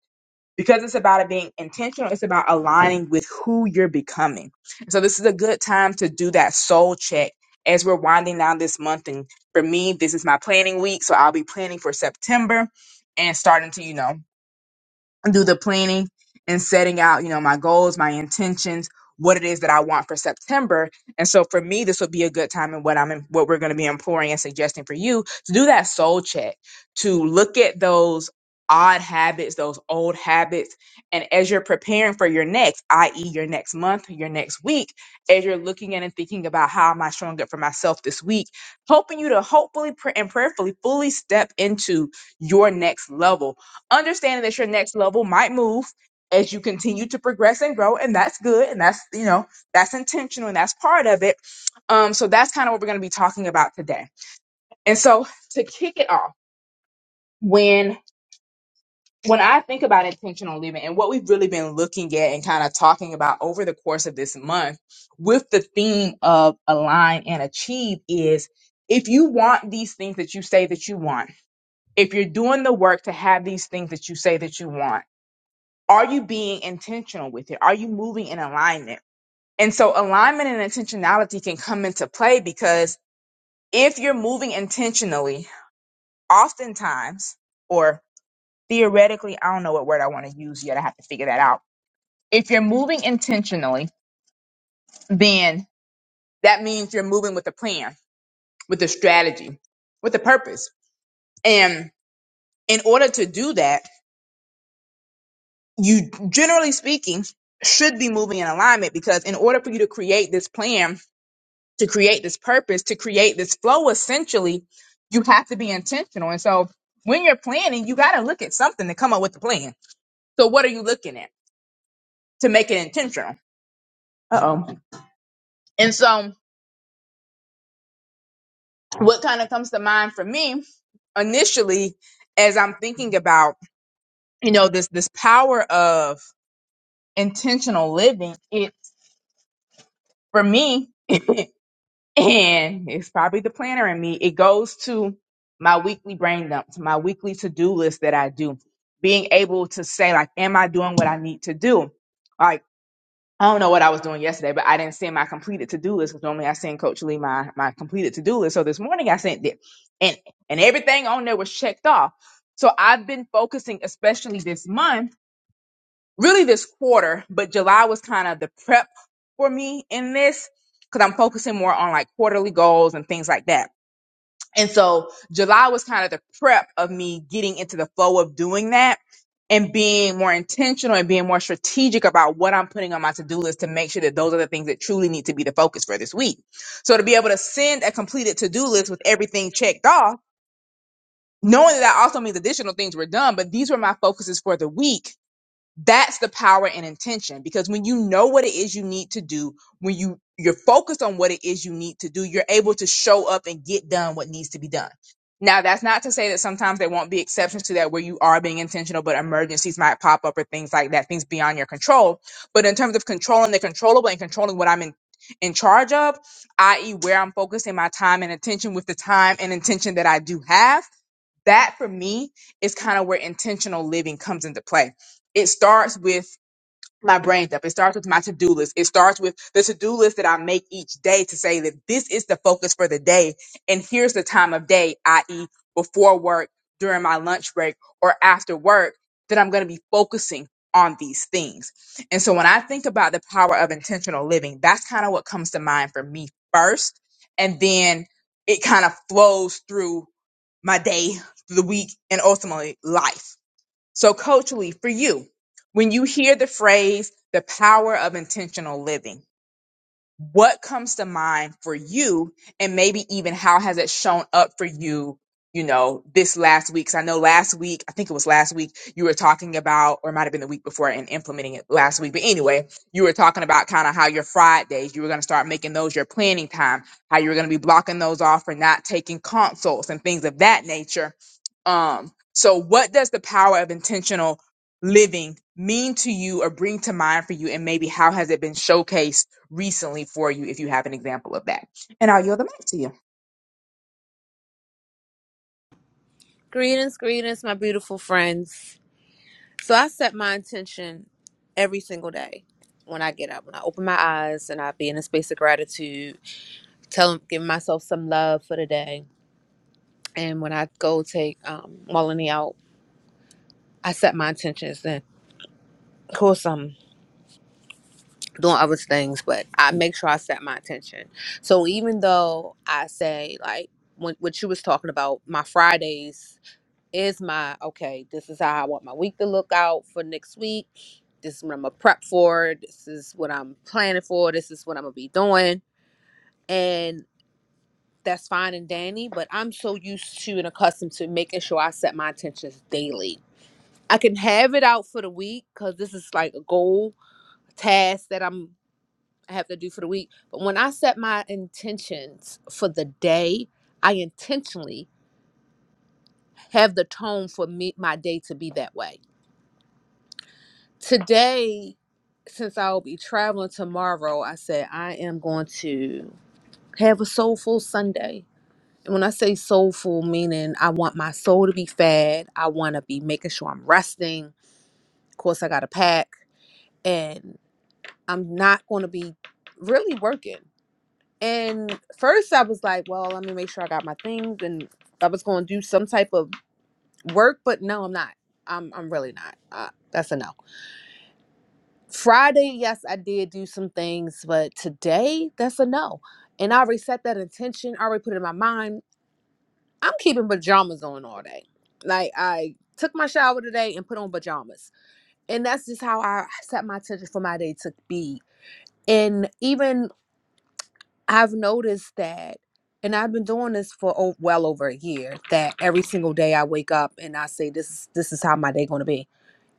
Speaker 8: because it's about it being intentional it's about aligning with who you're becoming so this is a good time to do that soul check as we're winding down this month and for me this is my planning week so i'll be planning for september and starting to you know do the planning and setting out, you know, my goals, my intentions, what it is that I want for September. And so for me, this would be a good time and what I'm what we're going to be imploring and suggesting for you to do that soul check, to look at those odd habits, those old habits. And as you're preparing for your next, i.e. your next month, your next week, as you're looking at and thinking about how am I showing up for myself this week, helping you to hopefully pr- and prayerfully fully step into your next level understanding that your next level might move as you continue to progress and grow and that's good and that's you know that's intentional and that's part of it um so that's kind of what we're going to be talking about today and so to kick it off when when i think about intentional living and what we've really been looking at and kind of talking about over the course of this month with the theme of align and achieve is if you want these things that you say that you want if you're doing the work to have these things that you say that you want are you being intentional with it? Are you moving in alignment? And so alignment and intentionality can come into play because if you're moving intentionally, oftentimes, or theoretically, I don't know what word I want to use yet. I have to figure that out. If you're moving intentionally, then that means you're moving with a plan, with a strategy, with a purpose. And in order to do that, you generally speaking should be moving in alignment because in order for you to create this plan to create this purpose, to create this flow, essentially, you have to be intentional. And so when you're planning, you got to look at something to come up with the plan. So what are you looking at to make it intentional? Uh oh. And so what kind of comes to mind for me initially as I'm thinking about, you know, this, this power of intentional living, it for me and it's probably the planner in me. It goes to my weekly brain dump, to my weekly to do list that I do. Being able to say, like, am I doing what I need to do? Like, I don't know what I was doing yesterday, but I didn't send my completed to do list because normally I send Coach Lee my, my completed to do list. So this morning I sent it, and and everything on there was checked off. So I've been focusing, especially this month really this quarter, but July was kind of the prep for me in this because I'm focusing more on like quarterly goals and things like that. And so July was kind of the prep of me getting into the flow of doing that and being more intentional and being more strategic about what I'm putting on my to-do list to make sure that those are the things that truly need to be the focus for this week. So to be able to send a completed to-do list with everything checked off, knowing that that also means additional things were done, but these were my focuses for the week that's the power and intention because when you know what it is you need to do when you you're focused on what it is you need to do you're able to show up and get done what needs to be done now that's not to say that sometimes there won't be exceptions to that where you are being intentional but emergencies might pop up or things like that things beyond your control but in terms of controlling the controllable and controlling what i'm in in charge of i.e where i'm focusing my time and attention with the time and intention that i do have that for me is kind of where intentional living comes into play. It starts with my brain up. It starts with my to-do list. It starts with the to-do list that I make each day to say that this is the focus for the day. And here's the time of day, i.e. before work, during my lunch break, or after work, that I'm going to be focusing on these things. And so when I think about the power of intentional living, that's kind of what comes to mind for me first. And then it kind of flows through my day, the week, and ultimately life. So, coach Lee, for you, when you hear the phrase the power of intentional living, what comes to mind for you and maybe even how has it shown up for you you know this last week 'Cause i know last week i think it was last week you were talking about or it might have been the week before and implementing it last week but anyway you were talking about kind of how your fridays you were going to start making those your planning time how you were going to be blocking those off for not taking consults and things of that nature um so what does the power of intentional living mean to you or bring to mind for you and maybe how has it been showcased recently for you if you have an example of that. And I'll yield the mic to you.
Speaker 9: Greetings, greetings, my beautiful friends. So I set my intention every single day when I get up, when I open my eyes and I be in a space of gratitude, telling, giving myself some love for the day. And when I go take um Melanie out, I set my intentions then of course I'm doing other things, but I make sure I set my intention. So even though I say like when, what you was talking about, my Fridays is my okay, this is how I want my week to look out for next week. This is what I'm gonna prep for. This is what I'm planning for. This is what I'm gonna be doing. And that's fine and dandy, but I'm so used to and accustomed to making sure I set my intentions daily. I can have it out for the week because this is like a goal, a task that I'm I have to do for the week. But when I set my intentions for the day, I intentionally have the tone for me my day to be that way today, since I'll be traveling tomorrow, I said I am going to have a soulful Sunday. And when I say soulful, meaning I want my soul to be fed, I want to be making sure I'm resting. Of course, I got to pack, and I'm not going to be really working. And first, I was like, well, let me make sure I got my things, and I was going to do some type of work, but no, I'm not. I'm I'm really not. Uh, that's a no. Friday, yes, I did do some things, but today, that's a no. And I already set that intention, I already put it in my mind. I'm keeping pajamas on all day. Like, I took my shower today and put on pajamas. And that's just how I set my intention for my day to be. And even I've noticed that, and I've been doing this for o well over a year, that every single day I wake up and I say, this is, this is how my day going to be.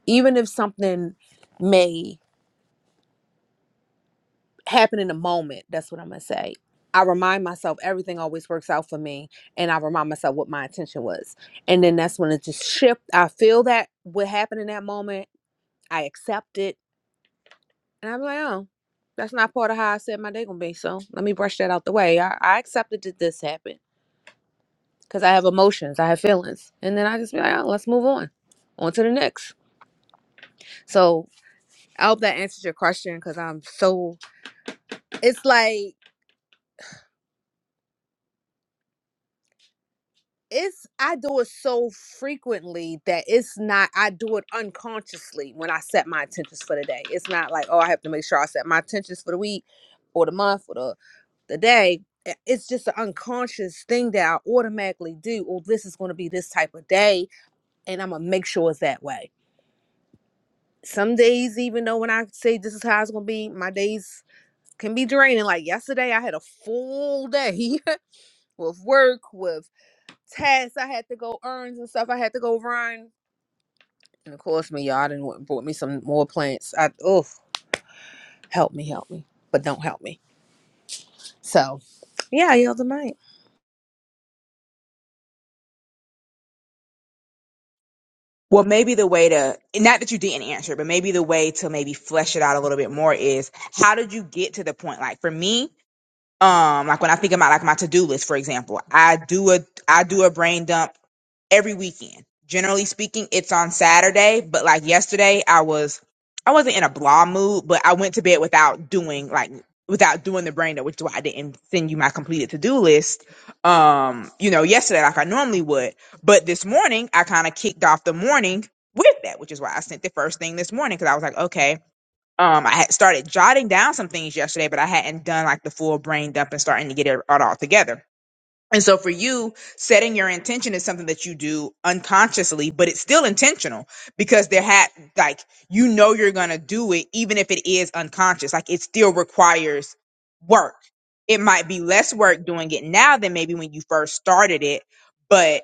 Speaker 9: Even if something may happen in the moment. That's what I'm gonna say. I remind myself everything always works out for me, and I remind myself what my intention was, and then that's when it just shift. I feel that what happened in that moment, I accept it, and I'm like, oh, that's not part of how I said my day gonna be. So let me brush that out the way. I, I accepted that this happened because I have emotions, I have feelings, and then I just be like, oh, let's move on, on to the next. So I hope that answers your question because I'm so. It's like it's I do it so frequently that it's not I do it unconsciously when I set my intentions for the day. It's not like, oh, I have to make sure I set my intentions for the week or the month or the the day. I- It's just an unconscious thing that I automatically do. Oh, this is gonna be this type of day, and I'm gonna make sure it's that way. Some days, even though when I say this is how it's gonna be, my days can be draining. Like yesterday, I had a full day with work, with tasks I had to go errands and stuff I had to go run. And of course, me, y'all I didn't went and bought me some more plants. I oof, help me, help me, but don't help me. So, yeah, I yelled the mic.
Speaker 8: Well, maybe the way to, not that you didn't answer, but maybe the way to maybe flesh it out a little bit more is how did you get to the point? Like for me, um like when i think about like my to-do list for example i do a i do a brain dump every weekend generally speaking it's on saturday but like yesterday i was i wasn't in a blah mood but i went to bed without doing like without doing the brain dump which is why i didn't send you my completed to-do list um you know yesterday like i normally would but this morning i kind of kicked off the morning with that which is why i sent the first thing this morning because i was like okay um, I had started jotting down some things yesterday, but I hadn't done like the full brain dump and starting to get it all all together. And so for you, setting your intention is something that you do unconsciously, but it's still intentional because there had like you know you're gonna do it even if it is unconscious. Like it still requires work. It might be less work doing it now than maybe when you first started it, but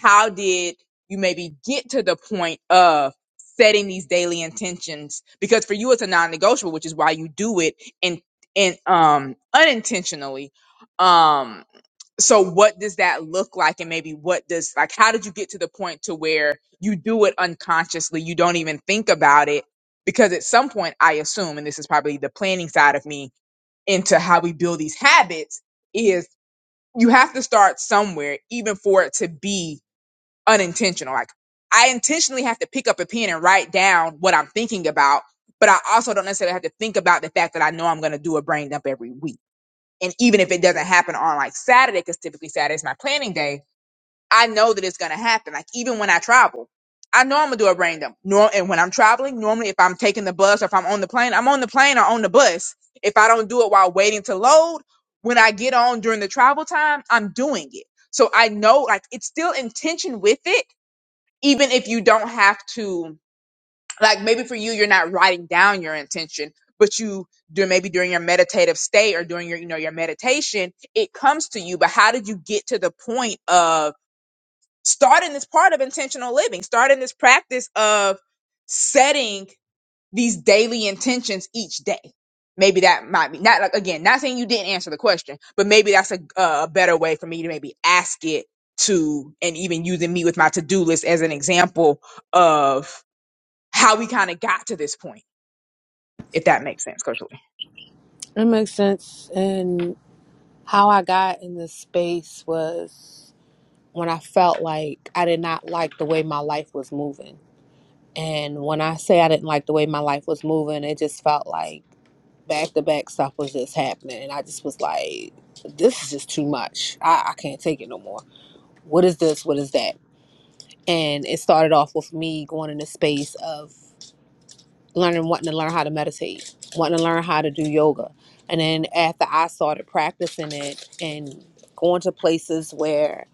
Speaker 8: how did you maybe get to the point of setting these daily intentions? Because for you it's a non-negotiable, which is why you do it in in um unintentionally. Um so what does that look like and maybe what does like how did you get to the point to where you do it unconsciously you don't even think about it because at some point i assume and this is probably the planning side of me into how we build these habits is you have to start somewhere even for it to be unintentional like i intentionally have to pick up a pen and write down what i'm thinking about but i also don't necessarily have to think about the fact that i know i'm going to do a brain dump every week and even if it doesn't happen on like Saturday, because typically Saturday's my planning day, I know that it's gonna happen. Like even when I travel, I know I'm gonna do a brain dump. Nor- and when I'm traveling, normally if I'm taking the bus or if I'm on the plane, I'm on the plane or on the bus. If I don't do it while waiting to load, when I get on during the travel time, I'm doing it. So I know like it's still intention with it, even if you don't have to like maybe for you you're not writing down your intention but you do maybe during your meditative state or during your you know your meditation it comes to you but how did you get to the point of starting this part of intentional living starting this practice of setting these daily intentions each day maybe that might be not like again not saying you didn't answer the question but maybe that's a, a better way for me to maybe ask it to and even using me with my to-do list as an example of how we kind of got to this point if that makes sense, Coach Lee.
Speaker 9: It makes sense. And how I got in this space was when I felt like I did not like the way my life was moving. And when I say I didn't like the way my life was moving, it just felt like back to back stuff was just happening. And I just was like, this is just too much. I, I can't take it no more. what is this what is that and it started off with me going in the space of learning wanting to learn how to meditate wanting to learn how to do yoga and then after i started practicing it and going to places where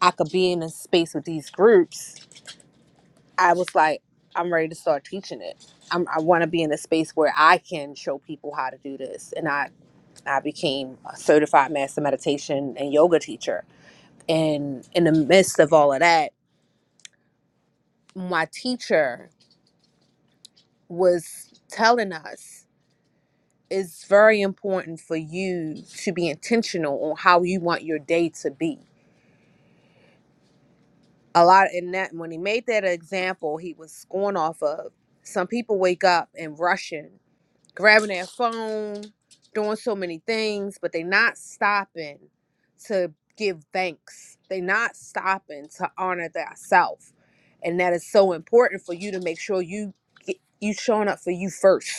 Speaker 9: i could be in a space with these groups i was like i'm ready to start teaching it I'm, i want to be in a space where i can show people how to do this and i i became a certified master meditation and yoga teacher and in the midst of all of that my teacher was telling us it's very important for you to be intentional on how you want your day to be. A lot in that when he made that example, he was going off of some people wake up and rushing, grabbing their phone, doing so many things, but they're not stopping to give thanks. They're not stopping to honor thyself. And that is so important for you to make sure you get you showing up for you first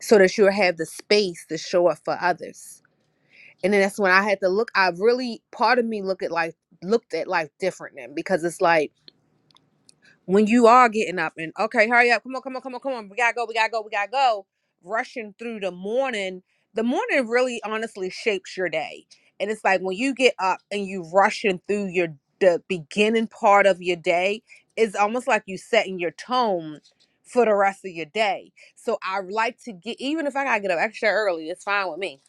Speaker 9: so that you'll have the space to show up for others. And then that's when I had to look. I really, part of me look at life, looked at life different then because it's like when you are getting up and okay, hurry up, come on, come on, come on, come on, we gotta go, we gotta go, we gotta go, rushing through the morning, the morning really honestly shapes your day. And it's like when you get up and you rushing through your the beginning part of your day, it's almost like you setting your tone for the rest of your day. So I like to get even if I gotta get up extra early, it's fine with me.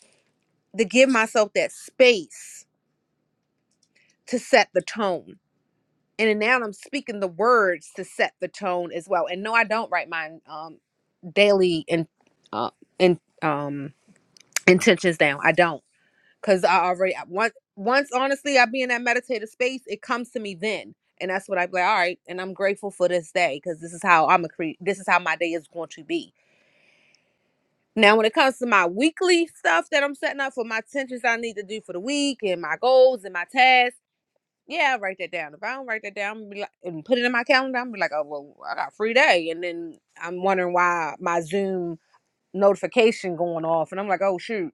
Speaker 9: To give myself that space to set the tone and then now I'm speaking the words to set the tone as well. And no, I don't write my um daily and uh in um intentions down. I don't because I already I- once once honestly I be in that meditative space, it comes to me then, and that's what I be like. All right, and I'm grateful for this day because this is how I'm a create. This is how my day is going to be. Now, when it comes to my weekly stuff that I'm setting up for my intentions I need to do for the week and my goals and my tasks yeah, i write that down. If I don't write that down I'm be like, and put it in my calendar, I'm be like, oh well, I got a free day, and then I'm wondering why my Zoom notification going off, and I'm like, oh shoot.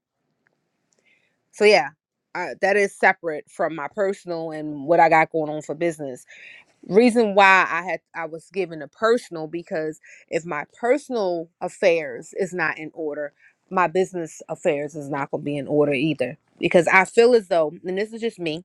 Speaker 9: So yeah, I, that is separate from my personal and what I got going on for business. Reason why I had I was given a personal because if my personal affairs is not in order, my business affairs is not going to be in order either. Because I feel as though, and this is just me,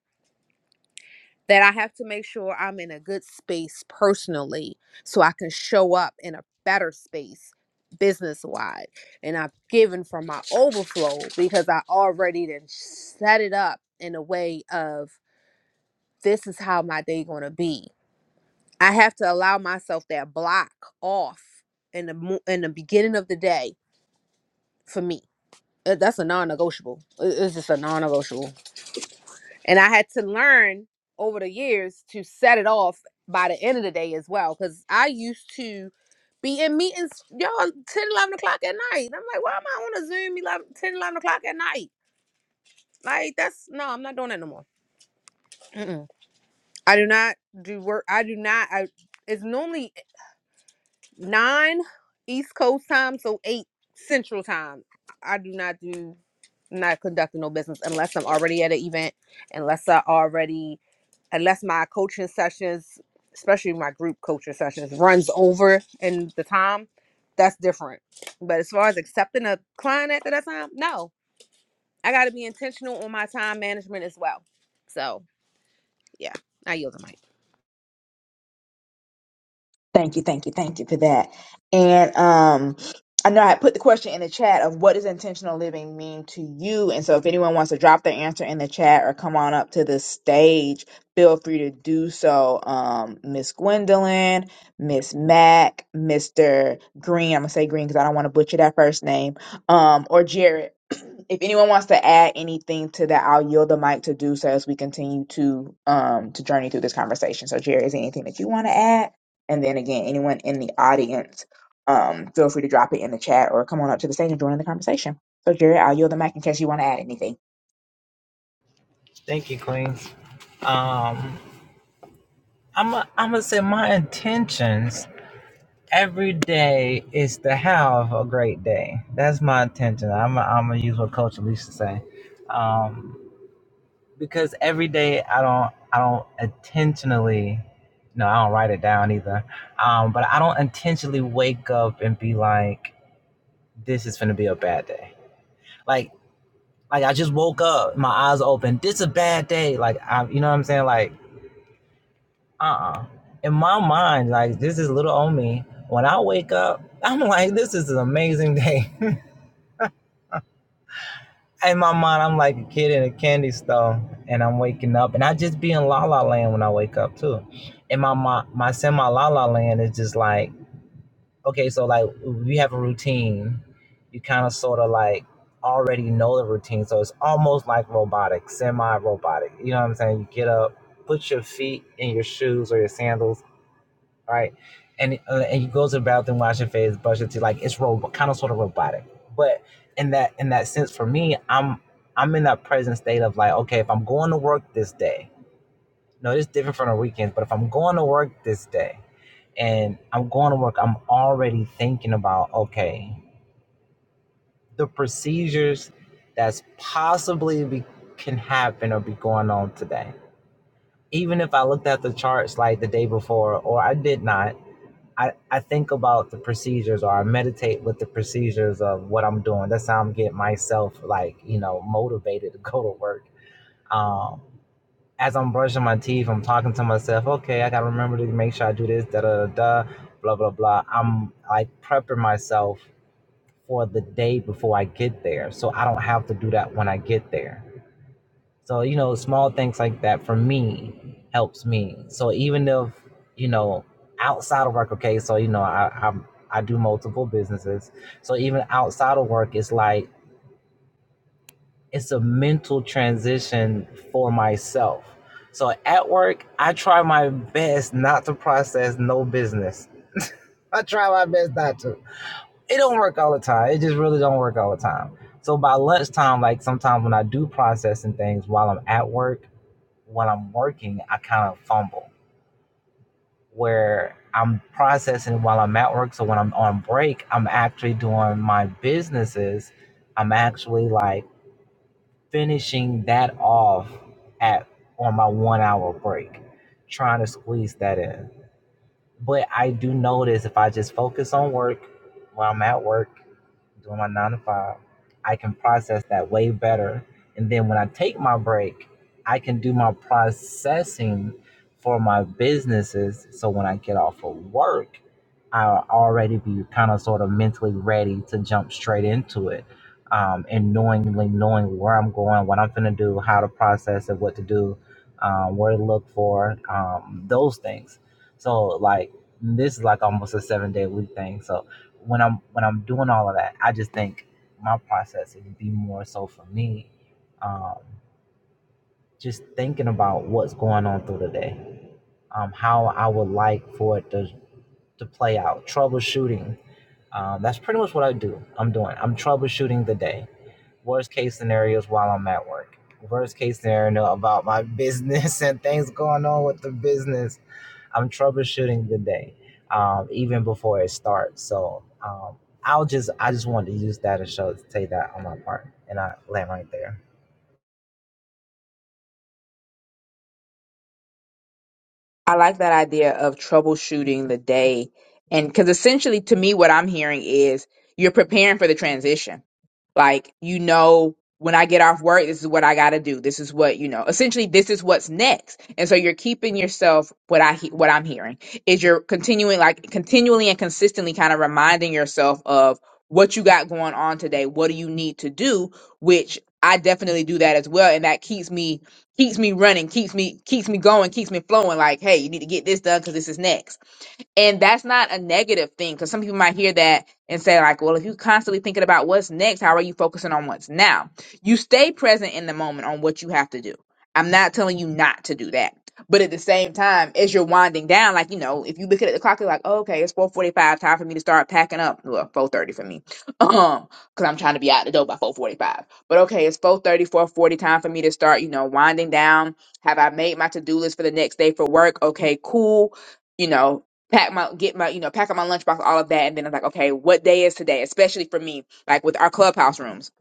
Speaker 9: that I have to make sure I'm in a good space personally so I can show up in a better space business wide. And I've given from my overflow because I already then set it up in a way of this is how my day gonna be. I have to allow myself that block off in the mo- in the beginning of the day for me. Uh, That's a non-negotiable. It- It's just a non-negotiable And I had to learn over the years to set it off by the end of the day as well. Cause I used to be in meetings, y'all, ten, eleven o'clock at night. And I'm like, why am I on a Zoom 11, 10, eleven o'clock at night? Like, that's no, I'm not doing that no more. Mm-mm. I do not do work. I do not. I, it's normally nine East Coast time, so eight Central time. I do not do, not conducting no business unless I'm already at an event, unless I already unless my coaching sessions, especially my group coaching sessions, runs over in the time, that's different. But as far as accepting a client at that time, no. I got to be intentional on my time management as well. So, yeah, I yield the mic.
Speaker 8: Thank you, thank you, thank you for that. And um, I know I put the question in the chat of what does intentional living mean to you? And so if anyone wants to drop their answer in the chat or come on up to the stage, feel free to do so. Um, Miss Gwendolyn, Miss Mac, Mr. Green, I'm gonna say Green because I don't want to butcher that first name, um, or Jared. If anyone wants to add anything to that, I'll yield the mic to do so as we continue to um to journey through this conversation. So, Jared, is there anything that you want to add? And then again, anyone in the audience, um, feel free to drop it in the chat or come on up to the stage and join in the conversation. So, Jerry, I'll yield the mic in case you want to add anything. I like that idea of troubleshooting the day. And because essentially, to me, what I'm hearing is you're preparing for the transition. Like, you know, when I get off work, this is what I got to do. This is what, you know, essentially, this is what's next. And so you're keeping yourself, what I, he- what I'm hearing is you're continuing, like, continually and consistently kind of reminding yourself of what you got going on today. What do you need to do? Which I definitely do that as well. And that keeps me keeps me running, keeps me keeps me going, keeps me flowing. Like, hey, you need to get this done because this is next. And that's not a negative thing because some people might hear that and say, like, well, if you're constantly thinking about what's next, how are you focusing on what's now? You stay present in the moment on what you have to do. I'm not telling you not to do that. But at the same time, as you're winding down, like, you know, if you look at the clock, you're like, oh, okay, it's 445, time for me to start packing up. Well, 430 for me. Um, because I'm trying to be out the door by 445. But okay, it's 430, 440, time for me to start, you know, winding down. Have I made my to-do list for the next day for work? Okay, cool you know pack my get my you know pack up my lunchbox all of that and then i'm like okay what day is today especially for me like with our clubhouse rooms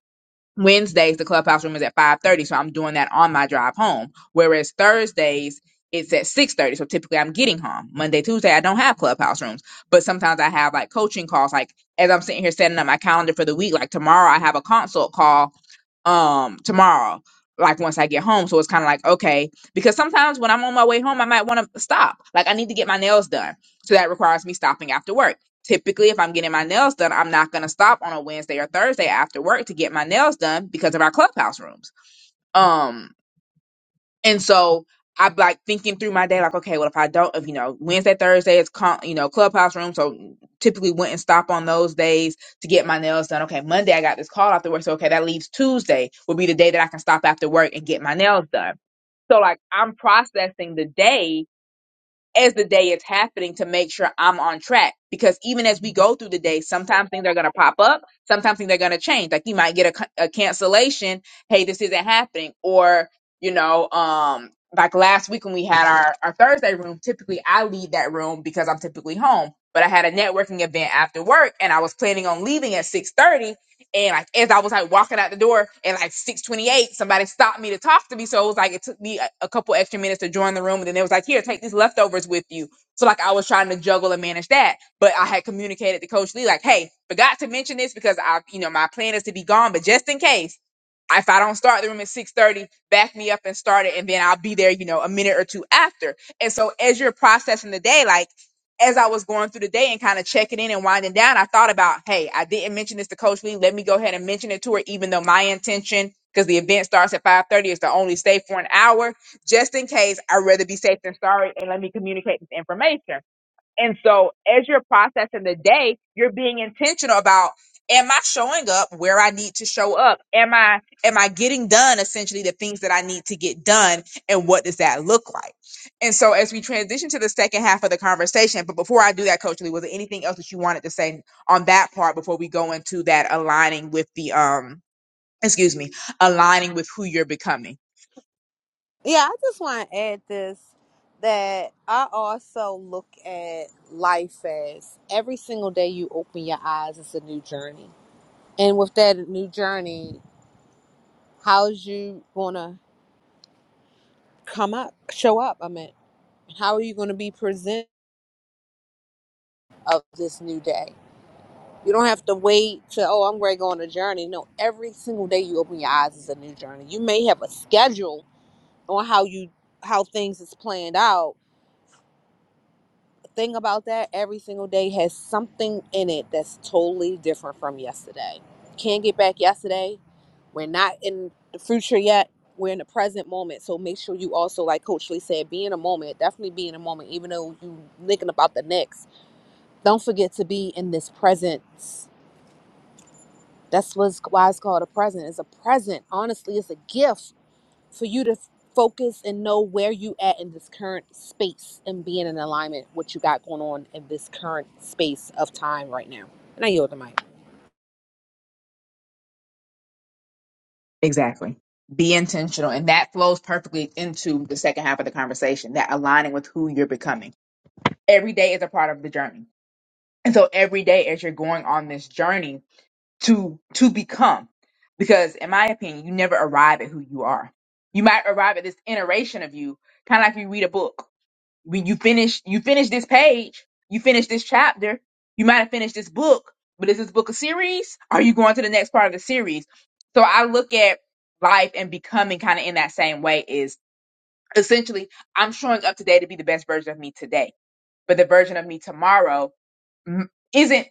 Speaker 8: wednesdays the clubhouse room is at 5.30 so i'm doing that on my drive home whereas thursdays it's at 6.30 so typically i'm getting home monday tuesday i don't have clubhouse rooms but sometimes i have like coaching calls like as i'm sitting here setting up my calendar for the week like tomorrow i have a consult call um tomorrow like once i get home so it's kind of like okay because sometimes when i'm on my way home i might want to stop like i need to get my nails done so that requires me stopping after work typically if i'm getting my nails done i'm not going to stop on a wednesday or thursday after work to get my nails done because of our clubhouse rooms Um. And so I'm like thinking through my day, like, okay, well, if I don't, if you know, Wednesday, Thursday is con- you know clubhouse room, so typically went and stop on those days to get my nails done. Okay, Monday I got this call after work, so okay, that leaves Tuesday will be the day that I can stop after work and get my nails done. So like I'm processing the day as the day is happening to make sure I'm on track. Because even as we go through the day, sometimes things are going to pop up, sometimes things are going to change. Like you might get a, c- a cancellation. Hey, this isn't happening. Or, you know, um, like last week when we had our, our Thursday room, typically I leave that room because I'm typically home. But I had a networking event after work and I was planning on leaving at 6:30 and like as I was like walking out the door at like 628, somebody stopped me to talk to me. So it was like it took me a, a couple extra minutes to join the room. And then they was like, here, take these leftovers with you. So like I was trying to juggle and manage that. But I had communicated to Coach Lee, like, hey, forgot to mention this because I, you know, my plan is to be gone, but just in case if I don't start the room at 6:30, back me up and start it, and then I'll be there, you know, a minute or two after. And so as you're processing the day, like as I was going through the day and kind of checking in and winding down, I thought about, hey, I didn't mention this to Coach Lee. Let me go ahead and mention it to her, even though my intention, because the event starts at 5:30, is to only stay for an hour, just in case I'd rather be safe than sorry, and let me communicate this information. And so as you're processing the day, you're being intentional about am I showing up where I need to show up? Am I am I getting done essentially the things that I need to get done and what does that look like? And so as we transition to the second half of the conversation, but before I do that, Coach Lee, was there anything else that you wanted to say on that part before we go into that aligning with the um excuse me, aligning with who you're becoming?
Speaker 9: Yeah, I just want to add this that I also look at life as every single day you open your eyes, it's a new journey. And with that new journey, how's you going to come up, show up? I mean. How are you going to be presented of this new day? You don't have to wait to, oh, I'm ready to go on a journey. No, every single day you open your eyes is a new journey. You may have a schedule on how you how things is planned out. The thing about that, every single day has something in it that's totally different from yesterday. Can't get back yesterday. We're not in the future yet. We're in the present moment. So make sure you also, like Coach Lee said, be in a moment. Definitely be in a moment, even though you thinking about the next Don't forget to be in this presence. That's what's why it's called a present. It's a present. Honestly, it's a gift for you to f- focus and know where you at in this current space and being in alignment what you got going on in this current space of time right now. And I yield the mic.
Speaker 8: Exactly. Be intentional. And that flows perfectly into the second half of the conversation that aligning with who you're becoming. Every day is a part of the journey. And so every day as you're going on this journey to to become, because in my opinion, you never arrive at who you are. You might arrive at this iteration of you, kind of like you read a book when you finish you finish this page, you finish this chapter, you might have finished this book, but is this book a series? Are you going to the next part of the series? So I look at life and becoming kind of in that same way is essentially I'm showing up today to be the best version of me today, but the version of me tomorrow mm, isn't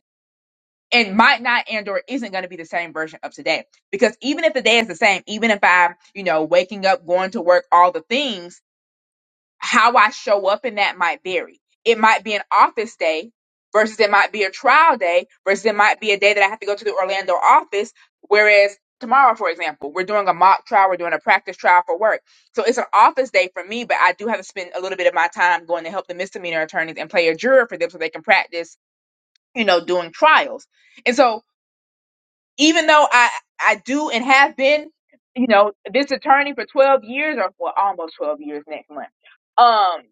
Speaker 8: and might not and or isn't going to be the same version of today because even if the day is the same even if i'm you know waking up going to work all the things how I show up in that might vary. It might be an office day versus it might be a trial day versus it might be a day that I have to go to the Orlando office. Whereas tomorrow, for example, we're doing a mock trial, we're doing a practice trial for work. So it's an office day for me, but I do have to spend a little bit of my time going to help the misdemeanor attorneys and play a juror for them so they can practice, you know, doing trials. And so even though I I do and have been, you know, this attorney for 12 years or well, almost 12 years next month. Um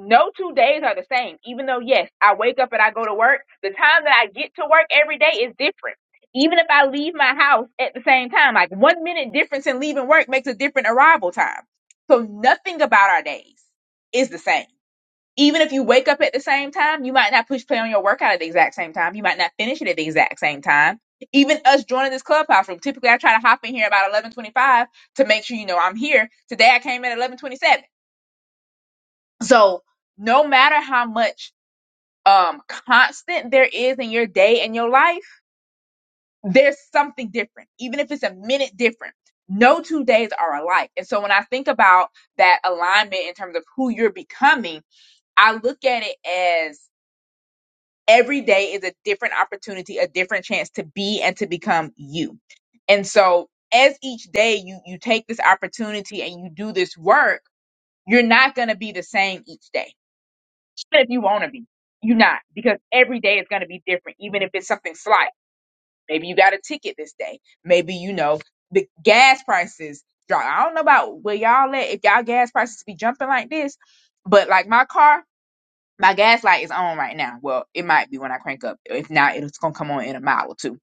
Speaker 8: no two days are the same. Even though yes, I wake up and I go to work, the time that I get to work every day is different. Even if I leave my house at the same time, like 1 minute difference in leaving work makes a different arrival time. So nothing about our days is the same even if you wake up at the same time, you might not push play on your workout at the exact same time. You might not finish it at the exact same time. Even us joining this clubhouse room, typically I try to hop in here about eleven twenty-five to make sure you know I'm here. Today I came at eleven twenty-seven. So no matter how much um constant there is in your day and your life, there's something different, even if it's a minute different. No two days are alike. And so when I think about that alignment in terms of who you're becoming, I look at it as every day is a different opportunity, a different chance to be and to become you. And so as each day you you take this opportunity and you do this work, you're not going to be the same each day. Even if you want to be, you're not because every day is going to be different even if it's something slight. Maybe you got a ticket this day. Maybe you know the gas prices drop. I don't know about where y'all at if y'all gas prices be jumping like this, but like my car my gas light is on right now. Well, it might be when I crank up. If not, it's gonna come on in a mile or two.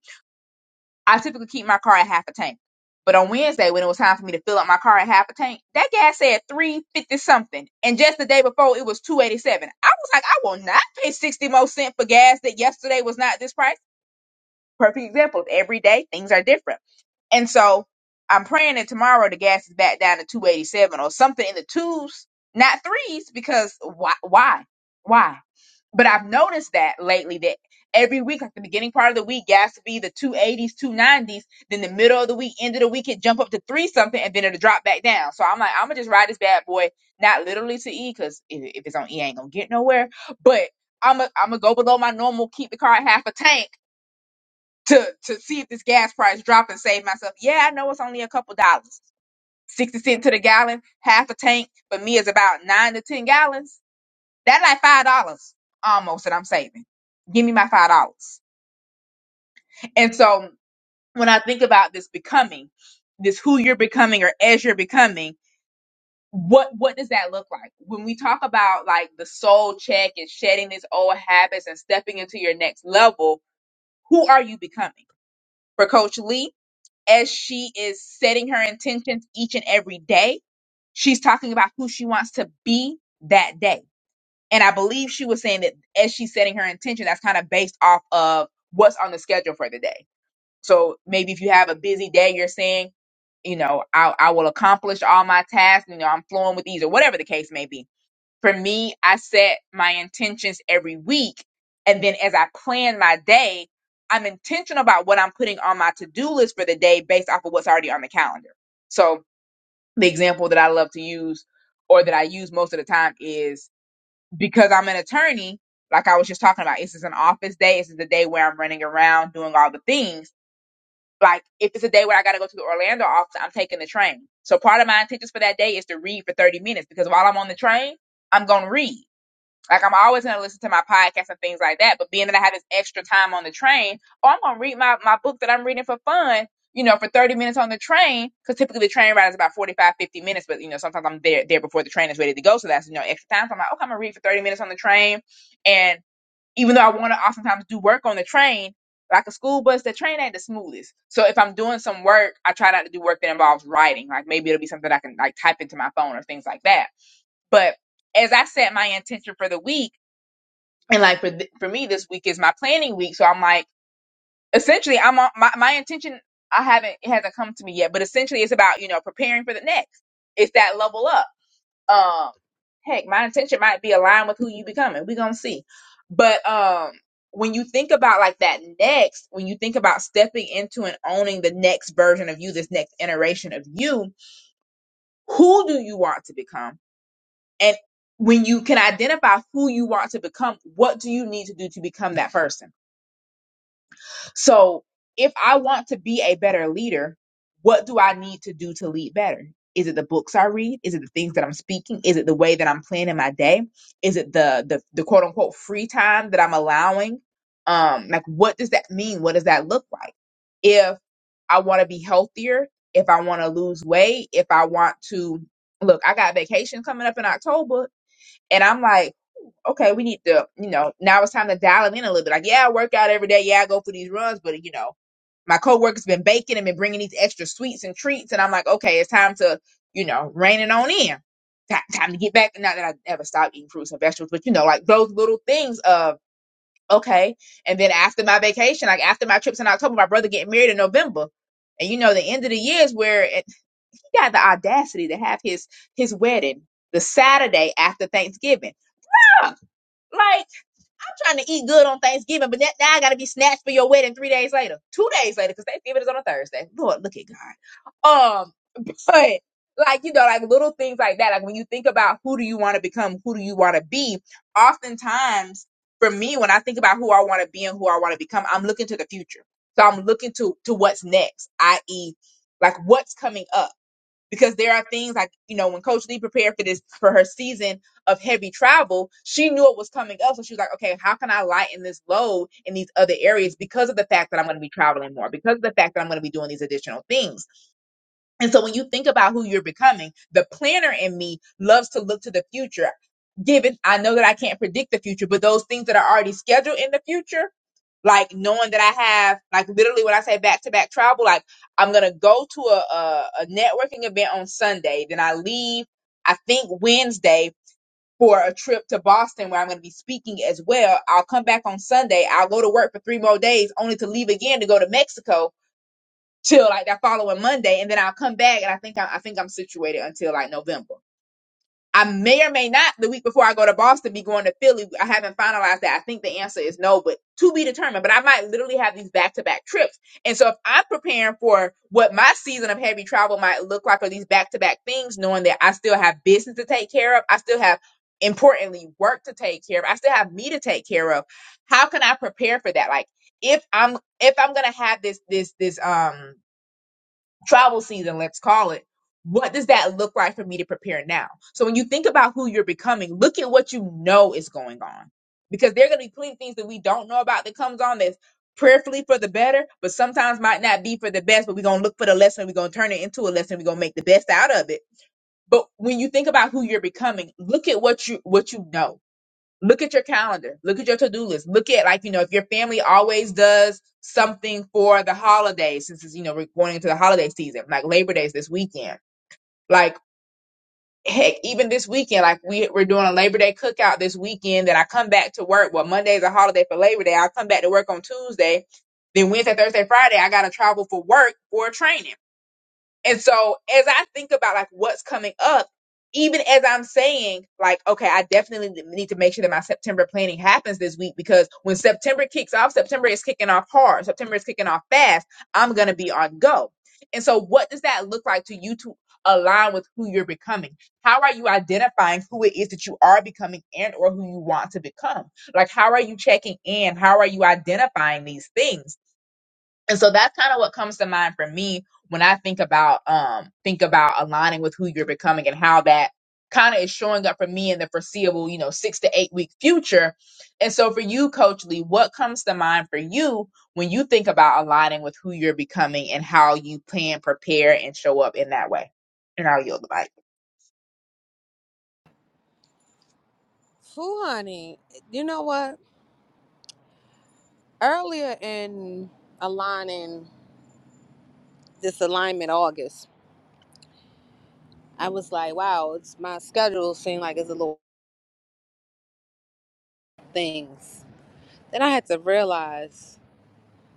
Speaker 8: I typically keep my car at half a tank. But on Wednesday, when it was time for me to fill up my car at half a tank, that gas said three fifty something, and just the day before it was two eighty seven. I was like, I will not pay sixty more cents for gas that yesterday was not this price. Perfect example. Every day things are different, and so I'm praying that tomorrow the gas is back down to two eighty seven or something in the twos, not threes, because why? Why? Why? But I've noticed that lately that every week, like the beginning part of the week, gas to be the 280s, 290s. Then the middle of the week, end of the week, it jump up to three something and then it'll drop back down. So I'm like, I'm going to just ride this bad boy, not literally to E, because if, if it's on E, I ain't going to get nowhere. But I'm going I'm going to go below my normal, keep the car at half a tank to, to see if this gas price drop and save myself. Yeah, I know it's only a couple dollars. 60 cents to the gallon, half a tank, but me is about nine to 10 gallons that's like five dollars almost that I'm saving. Give me my five dollars. And so when I think about this becoming, this who you're becoming or as you're becoming, what what does that look like? When we talk about like the soul check and shedding these old habits and stepping into your next level, who are you becoming? For Coach Lee, as she is setting her intentions each and every day, she's talking about who she wants to be that day And I believe she was saying that as she's setting her intention, that's kind of based off of what's on the schedule for the day. So maybe if you have a busy day, you're saying, you know, I, I will accomplish all my tasks, you know, I'm flowing with ease or whatever the case may be. For me, I set my intentions every week. And then as I plan my day, I'm intentional about what I'm putting on my to do list for the day based off of what's already on the calendar. So the example that I love to use or that I use most of the time is because I'm an attorney, like I was just talking about, this is an office day. This is the day where I'm running around doing all the things. Like if it's a day where I got to go to the Orlando office, I'm taking the train. So part of my intentions for that day is to read for 30 minutes because while I'm on the train, I'm going to read. Like I'm always gonna listen to my podcast and things like that. But being that I have this extra time on the train, oh, I'm gonna read my, my book that I'm reading for fun, you know, for 30 minutes on the train, because typically the train ride is about 45, 50 minutes, but you know, sometimes I'm there there before the train is ready to go. So that's you know extra time. So I'm like, okay, I'm gonna read for 30 minutes on the train. And even though I wanna oftentimes do work on the train, like a school bus, the train ain't the smoothest. So if I'm doing some work, I try not to do work that involves writing. Like maybe it'll be something I can like type into my phone or things like that. But as I set my intention for the week, and like for th- for me this week is my planning week so i'm like essentially i'm on my, my intention i haven't it hasn't come to me yet but essentially it's about you know preparing for the next it's that level up um heck my intention might be aligned with who you becoming we're gonna see but um when you think about like that next when you think about stepping into and owning the next version of you this next iteration of you who do you want to become and when you can identify who you want to become what do you need to do to become that person So if I want to be a better leader, what do I need to do to lead better? Is it the books I read? Is it the things that I'm speaking? Is it the way that I'm planning my day? Is it the the, the quote unquote free time that I'm allowing? Um, like what does that mean? What does that look like? If I want to be healthier, if I want to lose weight, if I want to look, I got vacation coming up in October, and I'm like okay, we need to, you know, now it's time to dial it in a little bit. Like, yeah, I work out every day. Yeah, I go for these runs, but you know, my coworker's been baking and been bringing these extra sweets and treats, and I'm like, okay, it's time to, you know, rein it on in. Ti- Time to get back. Not that I ever stopped eating fruits and vegetables, but you know, like those little things of okay. And then after my vacation, like after my trips in October, my brother getting married in November, and you know, the end of the year is where it, he got the audacity to have his his wedding the Saturday after Thanksgiving. Huh, Like I'm trying to eat good on Thanksgiving, but that, now I got to be snatched for your wedding three days later, two days later, because Thanksgiving is on a Thursday. Lord, look at God. Um, but like you know, like little things like that. Like when you think about who do you want to become, who do you want to be, oftentimes for me, when I think about who I want to be and who I want to become, I'm looking to the future. So I'm looking to to what's next, i.e., like what's coming up because there are things like you know when coach lee prepared for this for her season of heavy travel she knew it was coming up so she was like okay how can i lighten this load in these other areas because of the fact that i'm going to be traveling more because of the fact that i'm going to be doing these additional things and so when you think about who you're becoming the planner in me loves to look to the future given i know that i can't predict the future but those things that are already scheduled in the future like knowing that I have like literally when I say back to back travel, like I'm gonna go to a, a a networking event on Sunday, then I leave I think Wednesday for a trip to Boston where I'm gonna be speaking as well. I'll come back on Sunday. I'll go to work for three more days, only to leave again to go to Mexico till like that following Monday, and then I'll come back and I think I, I think I'm situated until like November. I may or may not the week before I go to Boston be going to Philly. I haven't finalized that. I think the answer is no, but to be determined. But I might literally have these back to back trips. And so if I'm preparing for what my season of heavy travel might look like or these back to back things, knowing that I still have business to take care of, I still have importantly work to take care of, I still have me to take care of. How can I prepare for that? Like if I'm if I'm gonna have this this this um travel season, let's call it, what does that look like for me to prepare now? So when you think about who you're becoming, look at what you know is going on. Because there are going to be plenty of things that we don't know about that comes on that's prayerfully for the better, but sometimes might not be for the best, but we're going to look for the lesson. We're going to turn it into a lesson. We're going to make the best out of it. But when you think about who you're becoming, look at what you what you know look at your calendar look at your to-do list look at like you know if your family always does something for the holidays since it's you know we're going into the holiday season like labor days this weekend like heck even this weekend like we, we're doing a labor day cookout this weekend Then i come back to work well monday's a holiday for labor day i come back to work on tuesday then wednesday thursday friday i gotta travel for work or training and so as I think about like what's coming up, even as I'm saying like, okay, I definitely need to make sure that my September planning happens this week because when September kicks off, September is kicking off hard. September is kicking off fast. I'm going to be on go. And so what does that look like to you to align with who you're becoming? How are you identifying who it is that you are becoming and or who you want to become? Like how are you checking in? How are you identifying these things? And so that's kind of what comes to mind for me when I think about um think about aligning with who you're becoming and how that kind of is showing up for me in the foreseeable, you know, 6 to 8 week future. And so for you coach Lee, what comes to mind for you when you think about aligning with who you're becoming and how you plan, prepare and show up in that way? And I'll yield the mic.
Speaker 9: Who, honey? You know what? Earlier in aligning this alignment August, I was like, wow, it's my schedule seemed like it's a little things. Then I had to realize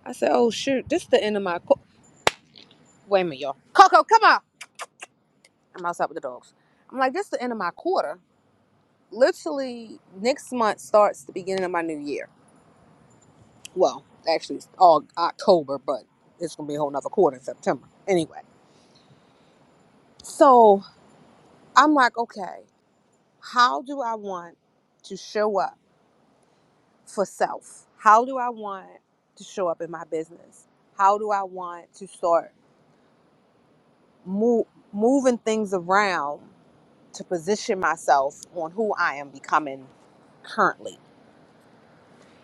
Speaker 9: I said, oh shoot, this is the end of my qu- wait a minute, y'all. Coco, come on. I'm outside with the dogs. I'm like, this is the end of my quarter. Literally next month starts the beginning of my new year. Well, actually it's all October, but it's gonna be a whole nother quarter in September. Anyway. So I'm like, okay, how do I want to show up for self? How do I want to show up in my business? How do I want to start move, moving things around to position myself on who I am becoming currently.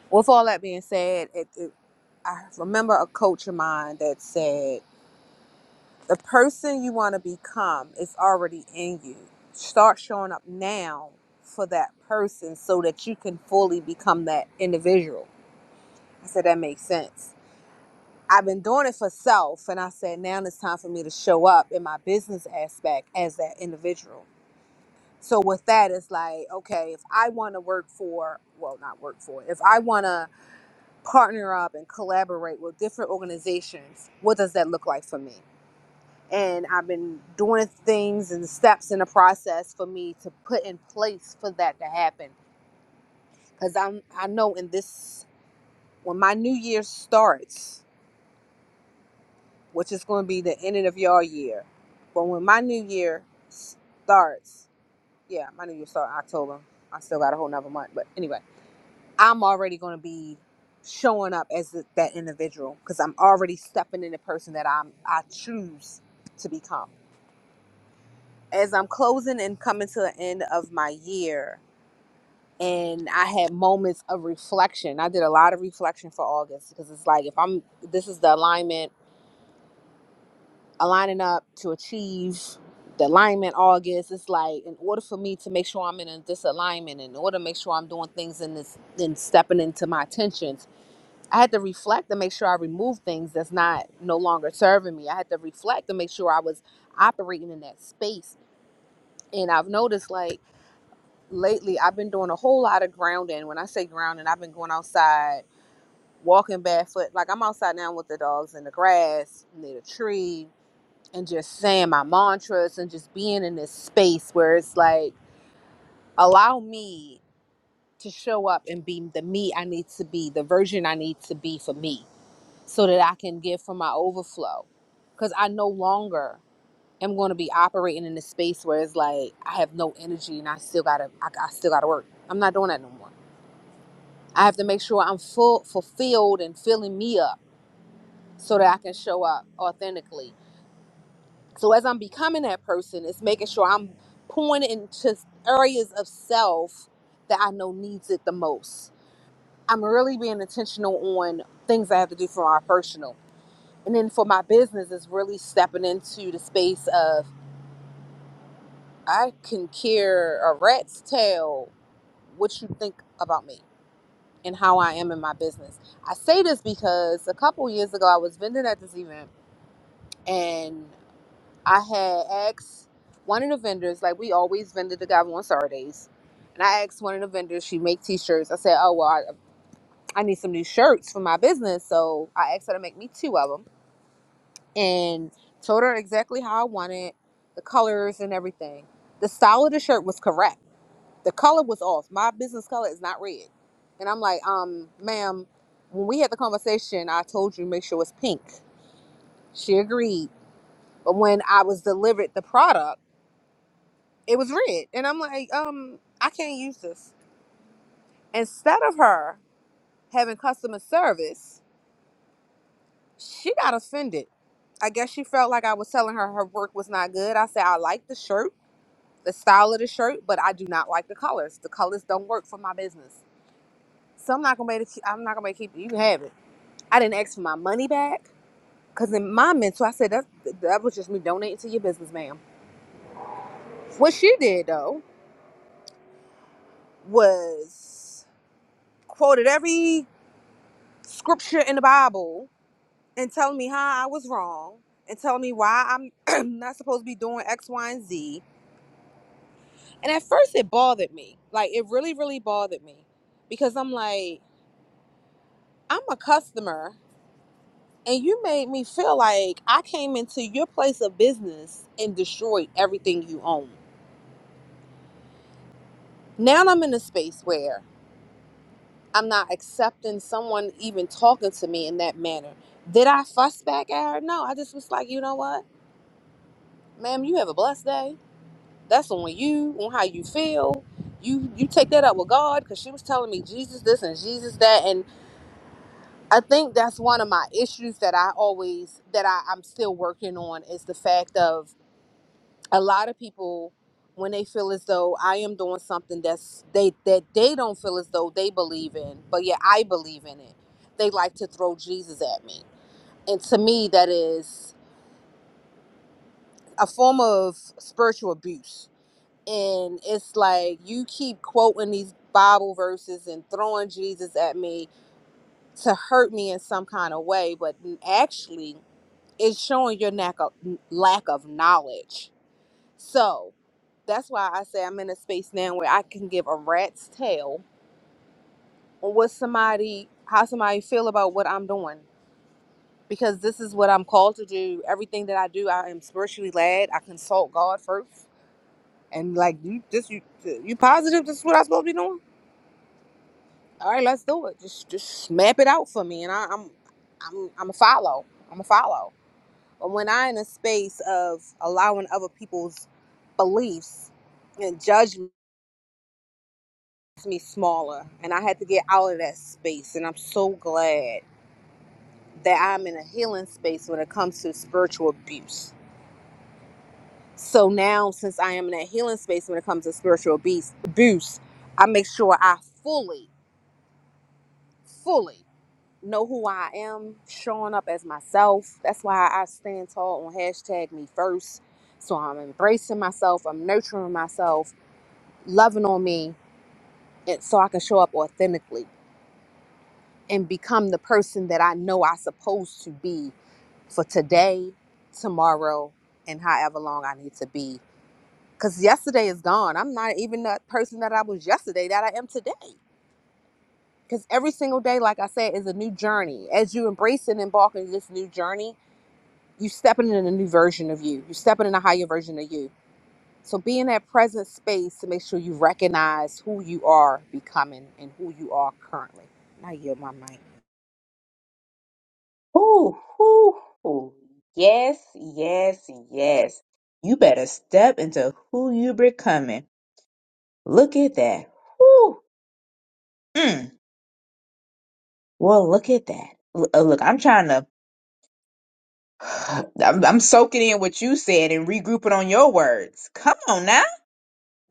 Speaker 9: With all that being said, it, it, I remember a coach of mine that said, The person you want to become is already in you. Start showing up now for that person so that you can fully become that individual. I said, That makes sense. I've been doing it for self, and I said, Now it's time for me to show up in my business aspect as that individual So with that, it's like, okay, if I want to work for, well, not work for, if I want to partner up and collaborate with different organizations, what does that look like for me? And I've been doing things and steps in the process for me to put in place for that to happen. Because I'm, I know in this, when my new year starts, which is going to be the ending of your year, but when my new year starts, yeah, my new year starts in October. I still got a whole nother month, but anyway I'm already going to be showing up as th- that individual because I'm already stepping in the person that I'm I choose to become. As I'm closing and coming to the end of my year, and I had moments of reflection. I did a lot of reflection for August because it's like if I'm this is the alignment aligning up to achieve the alignment August. It's like in order for me to make sure I'm in a disalignment, in order to make sure I'm doing things in this, then stepping into my attention I had to reflect to make sure I removed things that's not no longer serving me. I had to reflect to make sure I was operating in that space. And I've noticed like lately I've been doing a whole lot of grounding. When I say grounding, I've been going outside, walking barefoot. Like I'm outside now with the dogs in the grass, near the tree, and just saying my mantras and just being in this space where it's like, allow me to show up and be the me I need to be, the version I need to be for me so that I can give from my overflow. Because I no longer am going to be operating in a space where it's like I have no energy and I still gotta I, I still gotta work. I'm not doing that no more. I have to make sure I'm full fulfilled and filling me up so that I can show up authentically. So as I'm becoming that person, it's making sure I'm pouring into areas of self that I know needs it the most. I'm really being intentional on things I have to do for my personal. and then for my business is really stepping into the space of I can care a rat's tail what you think about me and how I am in my business. I say this because a couple years ago I was vending at this event and I had asked one of the vendors, like we always vended together on Saturdays, and I asked one of the vendors, she make t-shirts. I said, oh well, I, I need some new shirts for my business, so I asked her to make me two of them and told her exactly how I wanted the colors and everything. The style of the shirt was correct. The color was off. My business color is not red. And I'm like, um, ma'am, when we had the conversation, I told you make sure it's pink. She agreed. But when I was delivered the product, it was red. And I'm like, um, I can't use this. Instead of her having customer service, she got offended. I guess she felt like I was telling her her work was not good. I said, I like the shirt. the style of the shirt, but I do not like the colors. The colors don't work for my business. So I'm not gonna make it. I'm not gonna make it. keep it. You can have it. I didn't ask for my money back because in my mental, I said that that was just me donating to your business, ma'am. What she did though was quoted every scripture in the Bible and telling me how I was wrong and telling me why I'm not supposed to be doing X, Y, and Z. And at first, it bothered me. Like it really, really bothered me because I'm like, I'm a customer and you made me feel like I came into your place of business and destroyed everything you own. Now I'm in a space where I'm not accepting someone even talking to me in that manner. Did I fuss back at her? No, I just was like, you know what, ma'am, you have a blessed day. That's on you, on how you feel. You you take that up with God because she was telling me Jesus this and Jesus that, and I think that's one of my issues that I always that I, I'm still working on is the fact of a lot of people when they feel as though I am doing something that's they that they don't feel as though they believe in, but yeah, I believe in it. They like to throw Jesus at me. And to me that is a form of spiritual abuse. And it's like you keep quoting these Bible verses and throwing Jesus at me to hurt me in some kind of way, but actually it's showing your lack of lack of knowledge So that's why I say I'm in a space now where I can give a rat's tail on what somebody, how somebody feel about what I'm doing. Because this is what I'm called to do. Everything that I do, I am spiritually led. I consult God first, and like you, this you, you positive. This is what I'm supposed to be doing. All right, let's do it. Just, just map it out for me, and I, I'm, I'm, I'm a follow. I'm a follow. But when I'm in a space of allowing other people's beliefs and judgment. makes me smaller and I had to get out of that space and I'm so glad that I'm in a healing space when it comes to spiritual abuse. So now since I am in a healing space when it comes to spiritual abuse, abuse, I make sure I fully, fully know who I am, showing up as myself. That's why I stand tall on hashtag me first. So I'm embracing myself, I'm nurturing myself, loving on me, and so I can show up authentically and become the person that I know I supposed to be for today, tomorrow, and however long I need to be. Cause yesterday is gone. I'm not even that person that I was yesterday that I am today. Cause every single day, like I said, is a new journey. As you embrace and embark on this new journey, you stepping in a new version of you. You're stepping in a higher version of you. So be in that present space to make sure you recognize who you are becoming and who you are currently. Now you my mic.
Speaker 8: Ooh, ooh, ooh. Yes, yes, yes. You better step into who you becoming. Look at that. Whew. Mm. Well, look at that. L- uh, look, I'm trying to. I'm, I'm soaking in what you said and regrouping on your words. Come on now.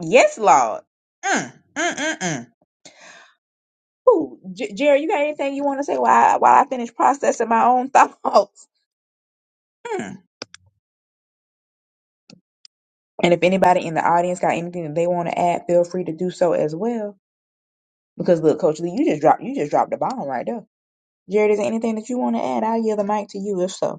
Speaker 8: Yes, Lord. Mm, mm, mm, mm. Ooh, J- Jerry, you got anything you want to say while I, while I finish processing my own thoughts? Mm. And if anybody in the audience got anything that they want to add, feel free to do so as well. Because look, Coach Lee, you just dropped you just dropped the bomb right there. Jerry, is there anything that you want to add? I'll yield the mic to you if so.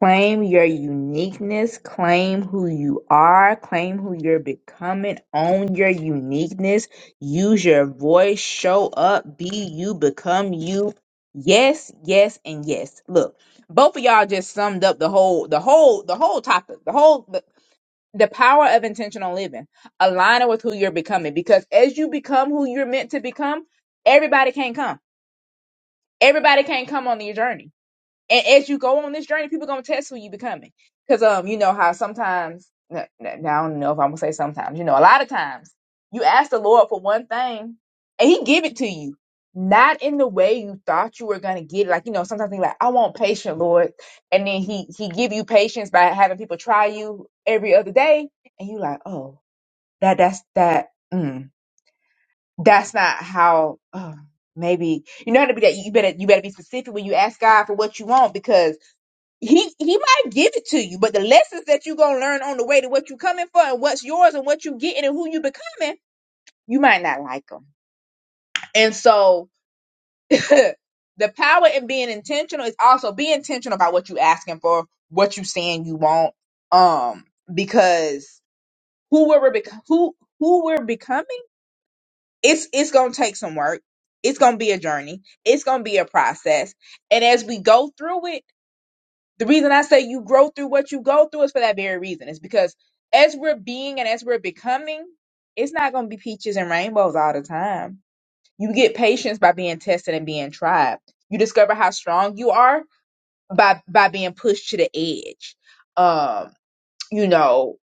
Speaker 8: Claim your uniqueness. Claim who you are. Claim who you're becoming. Own your uniqueness. Use your voice. Show up. Be you. Become you. Yes, yes, and yes. Look, both of y'all just summed up the whole, the whole, the whole topic, the whole, the, the power of intentional living. Align it with who you're becoming because as you become who you're meant to become, everybody can't come. Everybody can't come on your journey and as you go on this journey, people gonna test who you becoming. Cause um, you know how sometimes n- n- now I don't know if I'm gonna say sometimes, you know, a lot of times you ask the Lord for one thing and He give it to you, not in the way you thought you were gonna get it. Like you know, sometimes you like, I want patience, Lord, and then He He give you patience by having people try you every other day, and you like, oh, that that's that. Mm, that's not how. Uh, maybe you know how to be that. You better you better be specific when you ask God for what you want because he he might give it to you, but the lessons that you're gonna learn on the way to what you're coming for and what's yours and what you getting and who you becoming, you might not like them. And so the power in being intentional is also be intentional about what you asking for, what you saying you want, um, because who we're bec- who who we're becoming, it's it's gonna take some work. It's gonna be a journey. It's gonna be a process, and as we go through it The reason I say you grow through what you go through is for that very reason. It's because as we're being and as we're becoming, it's not going to be peaches and rainbows all the time. You get patience by being tested and being tried. You discover how strong you are by by being pushed to the edge. Um, you know,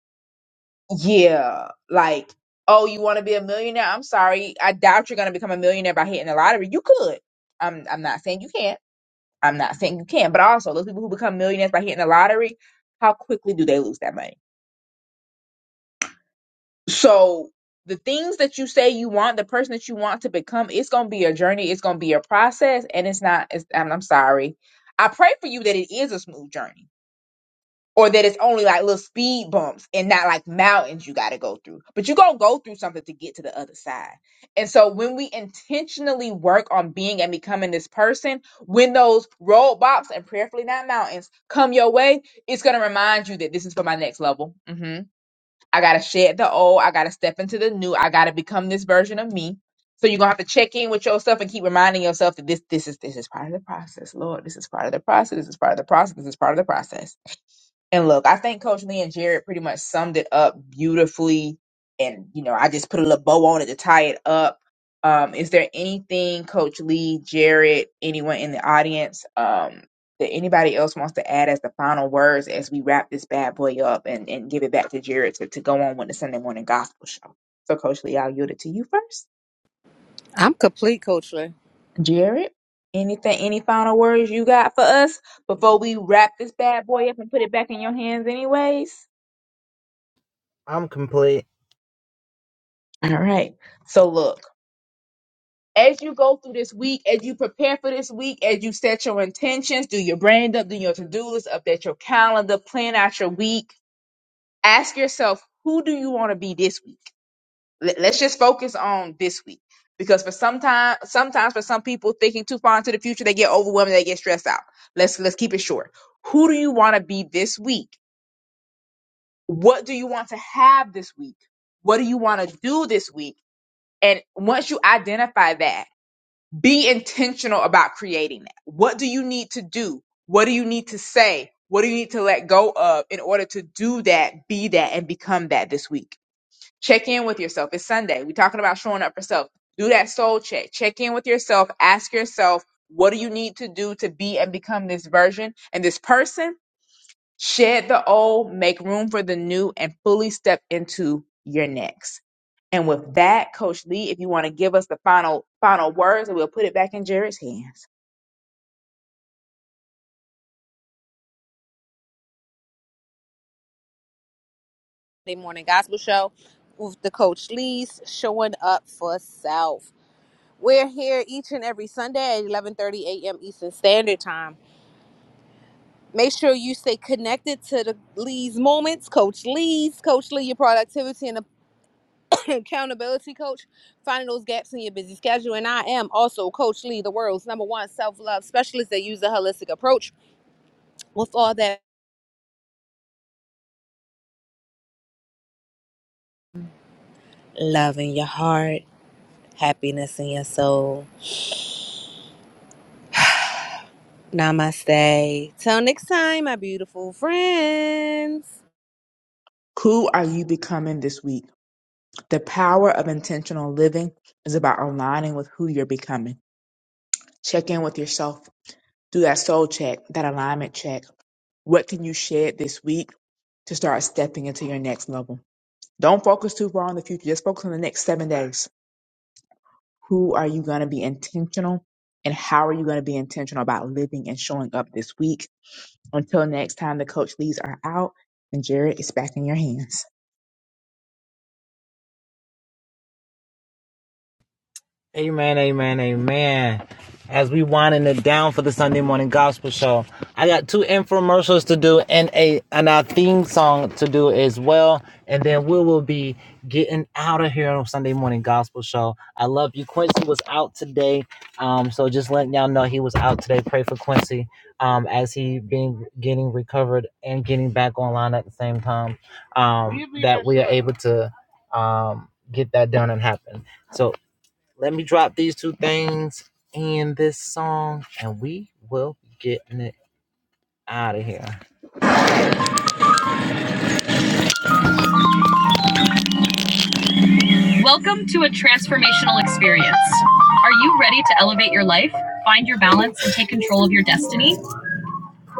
Speaker 8: yeah, like oh, you want to be a millionaire? I'm sorry, I doubt you're going to become a millionaire by hitting the lottery. You could. I'm I'm not saying you can't I'm not saying you can, but also those people who become millionaires by hitting the lottery, how quickly do they lose that money? So the things that you say you want, the person that you want to become, it's gonna be a journey, it's gonna be a process, and it's not. It's, and I'm sorry. I pray for you that it is a smooth journey or that it's only like little speed bumps and not like mountains you got to go through. But you going to go through something to get to the other side. And so when we intentionally work on being and becoming this person, when those roadblocks and prayerfully not mountains come your way, it's going to remind you that this is for my next level. hmm I got to shed the old. I got to step into the new. I got to become this version of me. So you're gonna have to check in with yourself and keep reminding yourself that this this is this is part of the process. Lord, this is part of the process. This is part of the process. This is part of the process. And look, I think Coach Lee and Jared pretty much summed it up beautifully. And, you know, I just put a little bow on it to tie it up. Um, is there anything, Coach Lee, Jared, anyone in the audience, um, that anybody else wants to add as the final words as we wrap this bad boy up and, and give it back to Jared to, to go on with the Sunday morning gospel show? So, Coach Lee, I'll yield it to you first.
Speaker 9: I'm complete, Coach Lynn.
Speaker 8: Jared, anything, any final words you got for us before we wrap this bad boy up and put it back in your hands, anyways? All right. So look, as you go through this week, as you prepare for this week, as you set your intentions, do your brand up, do your to-do list, update your calendar, plan out your week. Ask yourself, who do you want to be this week? Let- Let's just focus on this week. Because for sometimes sometimes for some people thinking too far into the future, they get overwhelmed, they get stressed out. Let's let's keep it short. Who do you want to be this week? What do you want to have this week? What do you want to do this week? And once you identify that, be intentional about creating that. What do you need to do? What do you need to say? What do you need to let go of in order to do that, be that, and become that this week? Check in with yourself. It's Sunday. We're talking about showing up for self. Do that soul check. Check in with yourself. Ask yourself, what do you need to do to be and become this version and this person? Shed the old, make room for the new, and fully step into your next. And with that, Coach Lee, if you want to give us the final final words, and we'll put it back in Jared's hands.
Speaker 9: Sunday morning gospel show with the coach Lee's showing up for self. We're here each and every Sunday at 11:30 a.m. Eastern Standard Time. Make sure you stay connected to the Lee's moments, Coach Lee's, Coach Lee, your productivity and accountability coach, finding those gaps in your busy schedule. And I am also Coach Lee, the world's number one self-love specialist that uses a holistic approach with all that love in your heart, happiness in your soul Namaste. Till next time, my beautiful friends.
Speaker 8: Who are you becoming this week? The power of intentional living is about aligning with who you're becoming. Check in with yourself. Do that soul check, that alignment check. What can you shed this week to start stepping into your next level? Don't focus too far on the future. Just focus on the next seven days Who are you going to be intentional? And how are you going to be intentional about living and showing up this week? Until next time, the coach leads are out and Jared is back in your hands.
Speaker 3: Welcome to a transformational experience. Are you ready to elevate your life, find your balance, and take control of your destiny?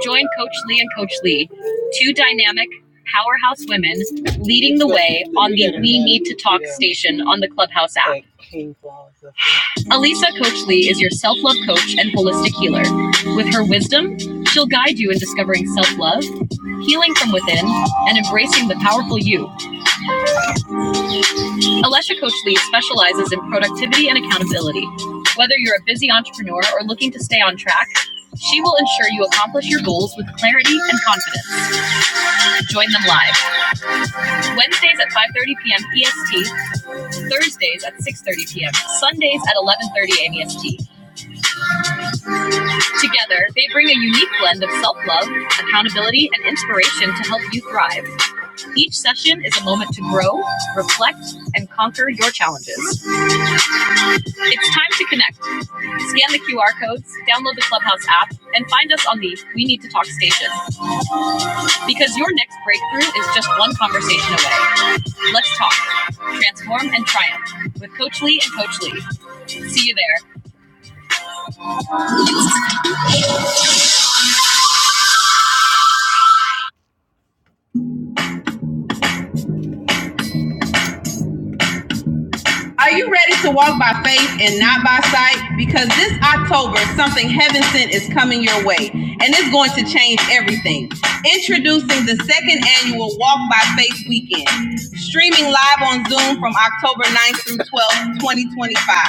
Speaker 3: Join Coach Lee and Coach Lee, two dynamic powerhouse women leading the way on the We Need to Talk station on the Clubhouse app. Alisa Coach Lee is your self love coach and holistic healer. With her wisdom, she'll guide you in discovering self love, healing from within, and embracing the powerful you. Alesha Coach Lee specializes in productivity and accountability. Whether you're a busy entrepreneur or looking to stay on track, she will ensure you accomplish your goals with clarity and confidence. Join them live Wednesdays at 5:30 p.m. EST, Thursdays at 6:30 p.m., Sundays at 11:30 a.m. EST. Together, they bring a unique blend of self love, accountability, and inspiration to help you thrive. Each session is a moment to grow, reflect, and conquer your challenges. It's time to connect. Scan the QR codes, download the Clubhouse app, and find us on the We Need to Talk station because your next breakthrough is just one conversation away. Let's talk, transform, and triumph with Coach Lee and Coach Lee. See you there. Are you ready to walk by faith and not by sight? Because this October, something heaven sent is coming your way, and it's going to change everything. Introducing the second annual Walk by Faith Weekend, streaming live on Zoom from October ninth through 12th, 2025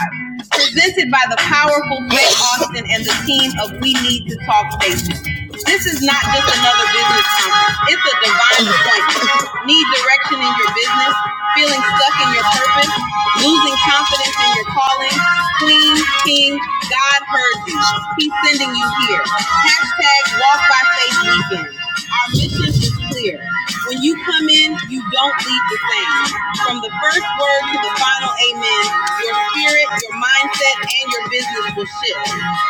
Speaker 3: presented by the powerful Greg Austin and the team of We Need to Talk Station. This is not just another business conference. It's a divine appointment. Need direction in your business? Feeling stuck in your purpose? Losing confidence in your calling? Queen, King, God heard you. He's sending you here. Hashtag walk by faith weekend. Our mission is clear. When you come in, you don't leave the same. From the first word to the final amen, your spirit, your mindset, and your business will shift.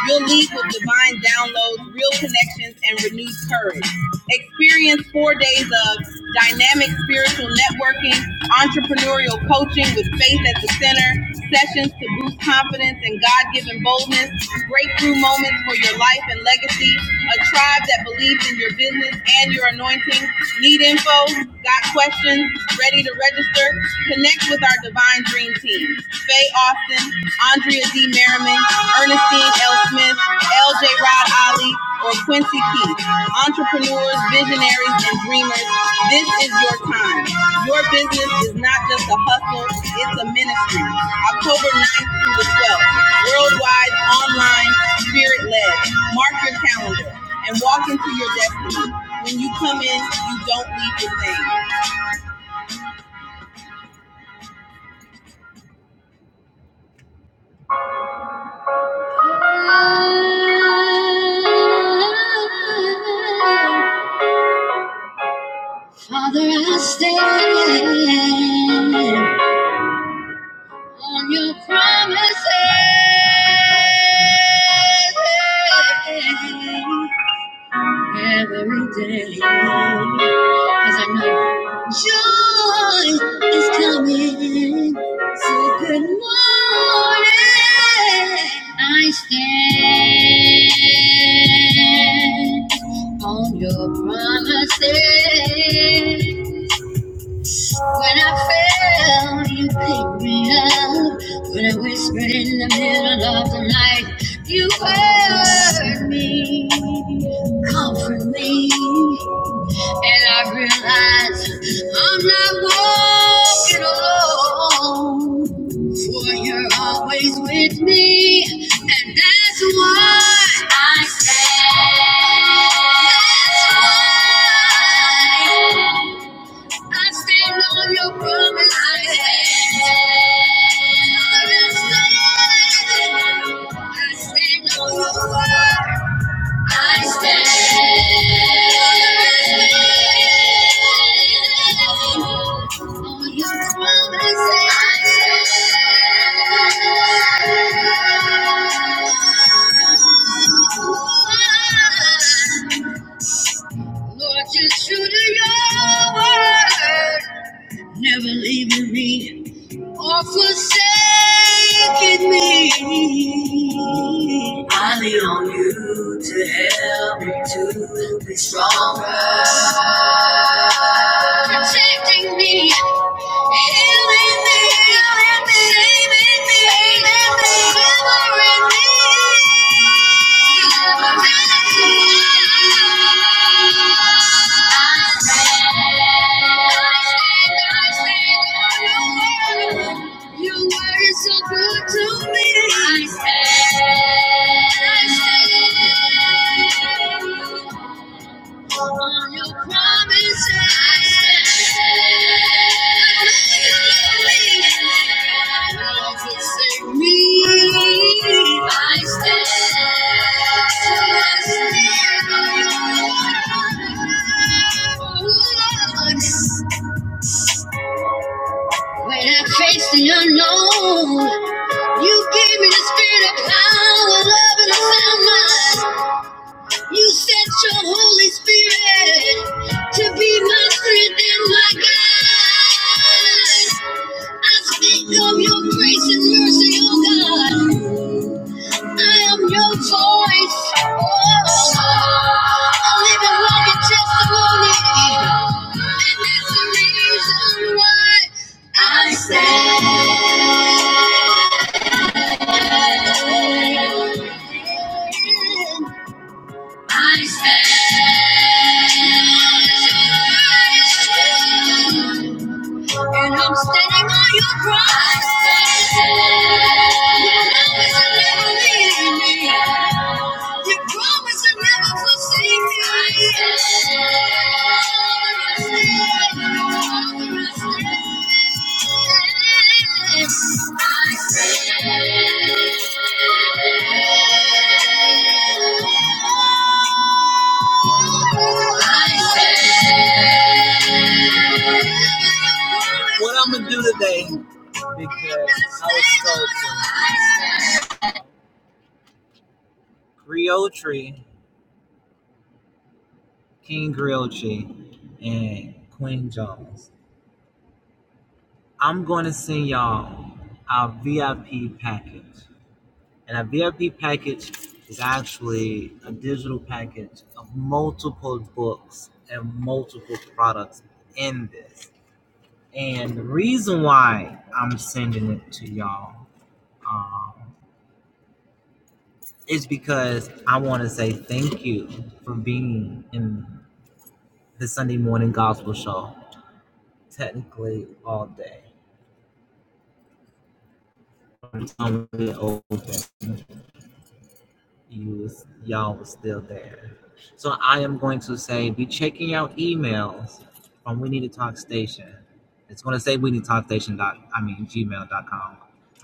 Speaker 3: You'll leave with divine downloads, real connections, and renewed courage. Experience four days of dynamic spiritual networking, entrepreneurial coaching with faith at the Center sessions to boost confidence and God given boldness, breakthrough moments for your life and legacy, a tribe that believes in your business and your anointing. Need info? Got questions? Ready to register? Connect with our Divine Dream Team. Faye Austin, Andrea D. Merriman, Ernestine L. Smith, LJ Ali, or Quincy Keith. Entrepreneurs, visionaries, and dreamers, this is your time. Your business is not just a hustle, it's a ministry. October 9th through the 12th, worldwide, online, spirit led. Mark your calendar and walk into your destiny. When you come in, you don't leave the same. Father, I stand. on your promises every day. Cause I know joy is coming. So good morning. I stand on your promises. When I fell, you picked me up. When I whispered in the middle of the night, you heard me, comfort me. And I realized I'm not walking alone. For you're always with me, and that's why I stand. That's why. I stand on your promise. I stand. I stand on your word. I stand. On your promises. I stand. Lord, just true to your word. Never leaving me. or forsaken me. I lean on you to help me to be stronger protecting me, healing me, healing me, saving me, saving me, delivering me. I I I stand, I stand, I stand on your word. Your word is so good to me. I stand. I stand on your promises. I stand. When I face the unknown, you gave me the spirit of power, love, and a sound mind. You sent your Holy Spirit to be my strength and my guide. I speak of your grace and mercy, oh God. I am your voice. Oh, I live and walk in testimony. And that's the reason why I stand. I stand, and I'm standing on your promise. Your promise to never leave me. Your promise to never forsake me. I stand, I stand, I stand. I was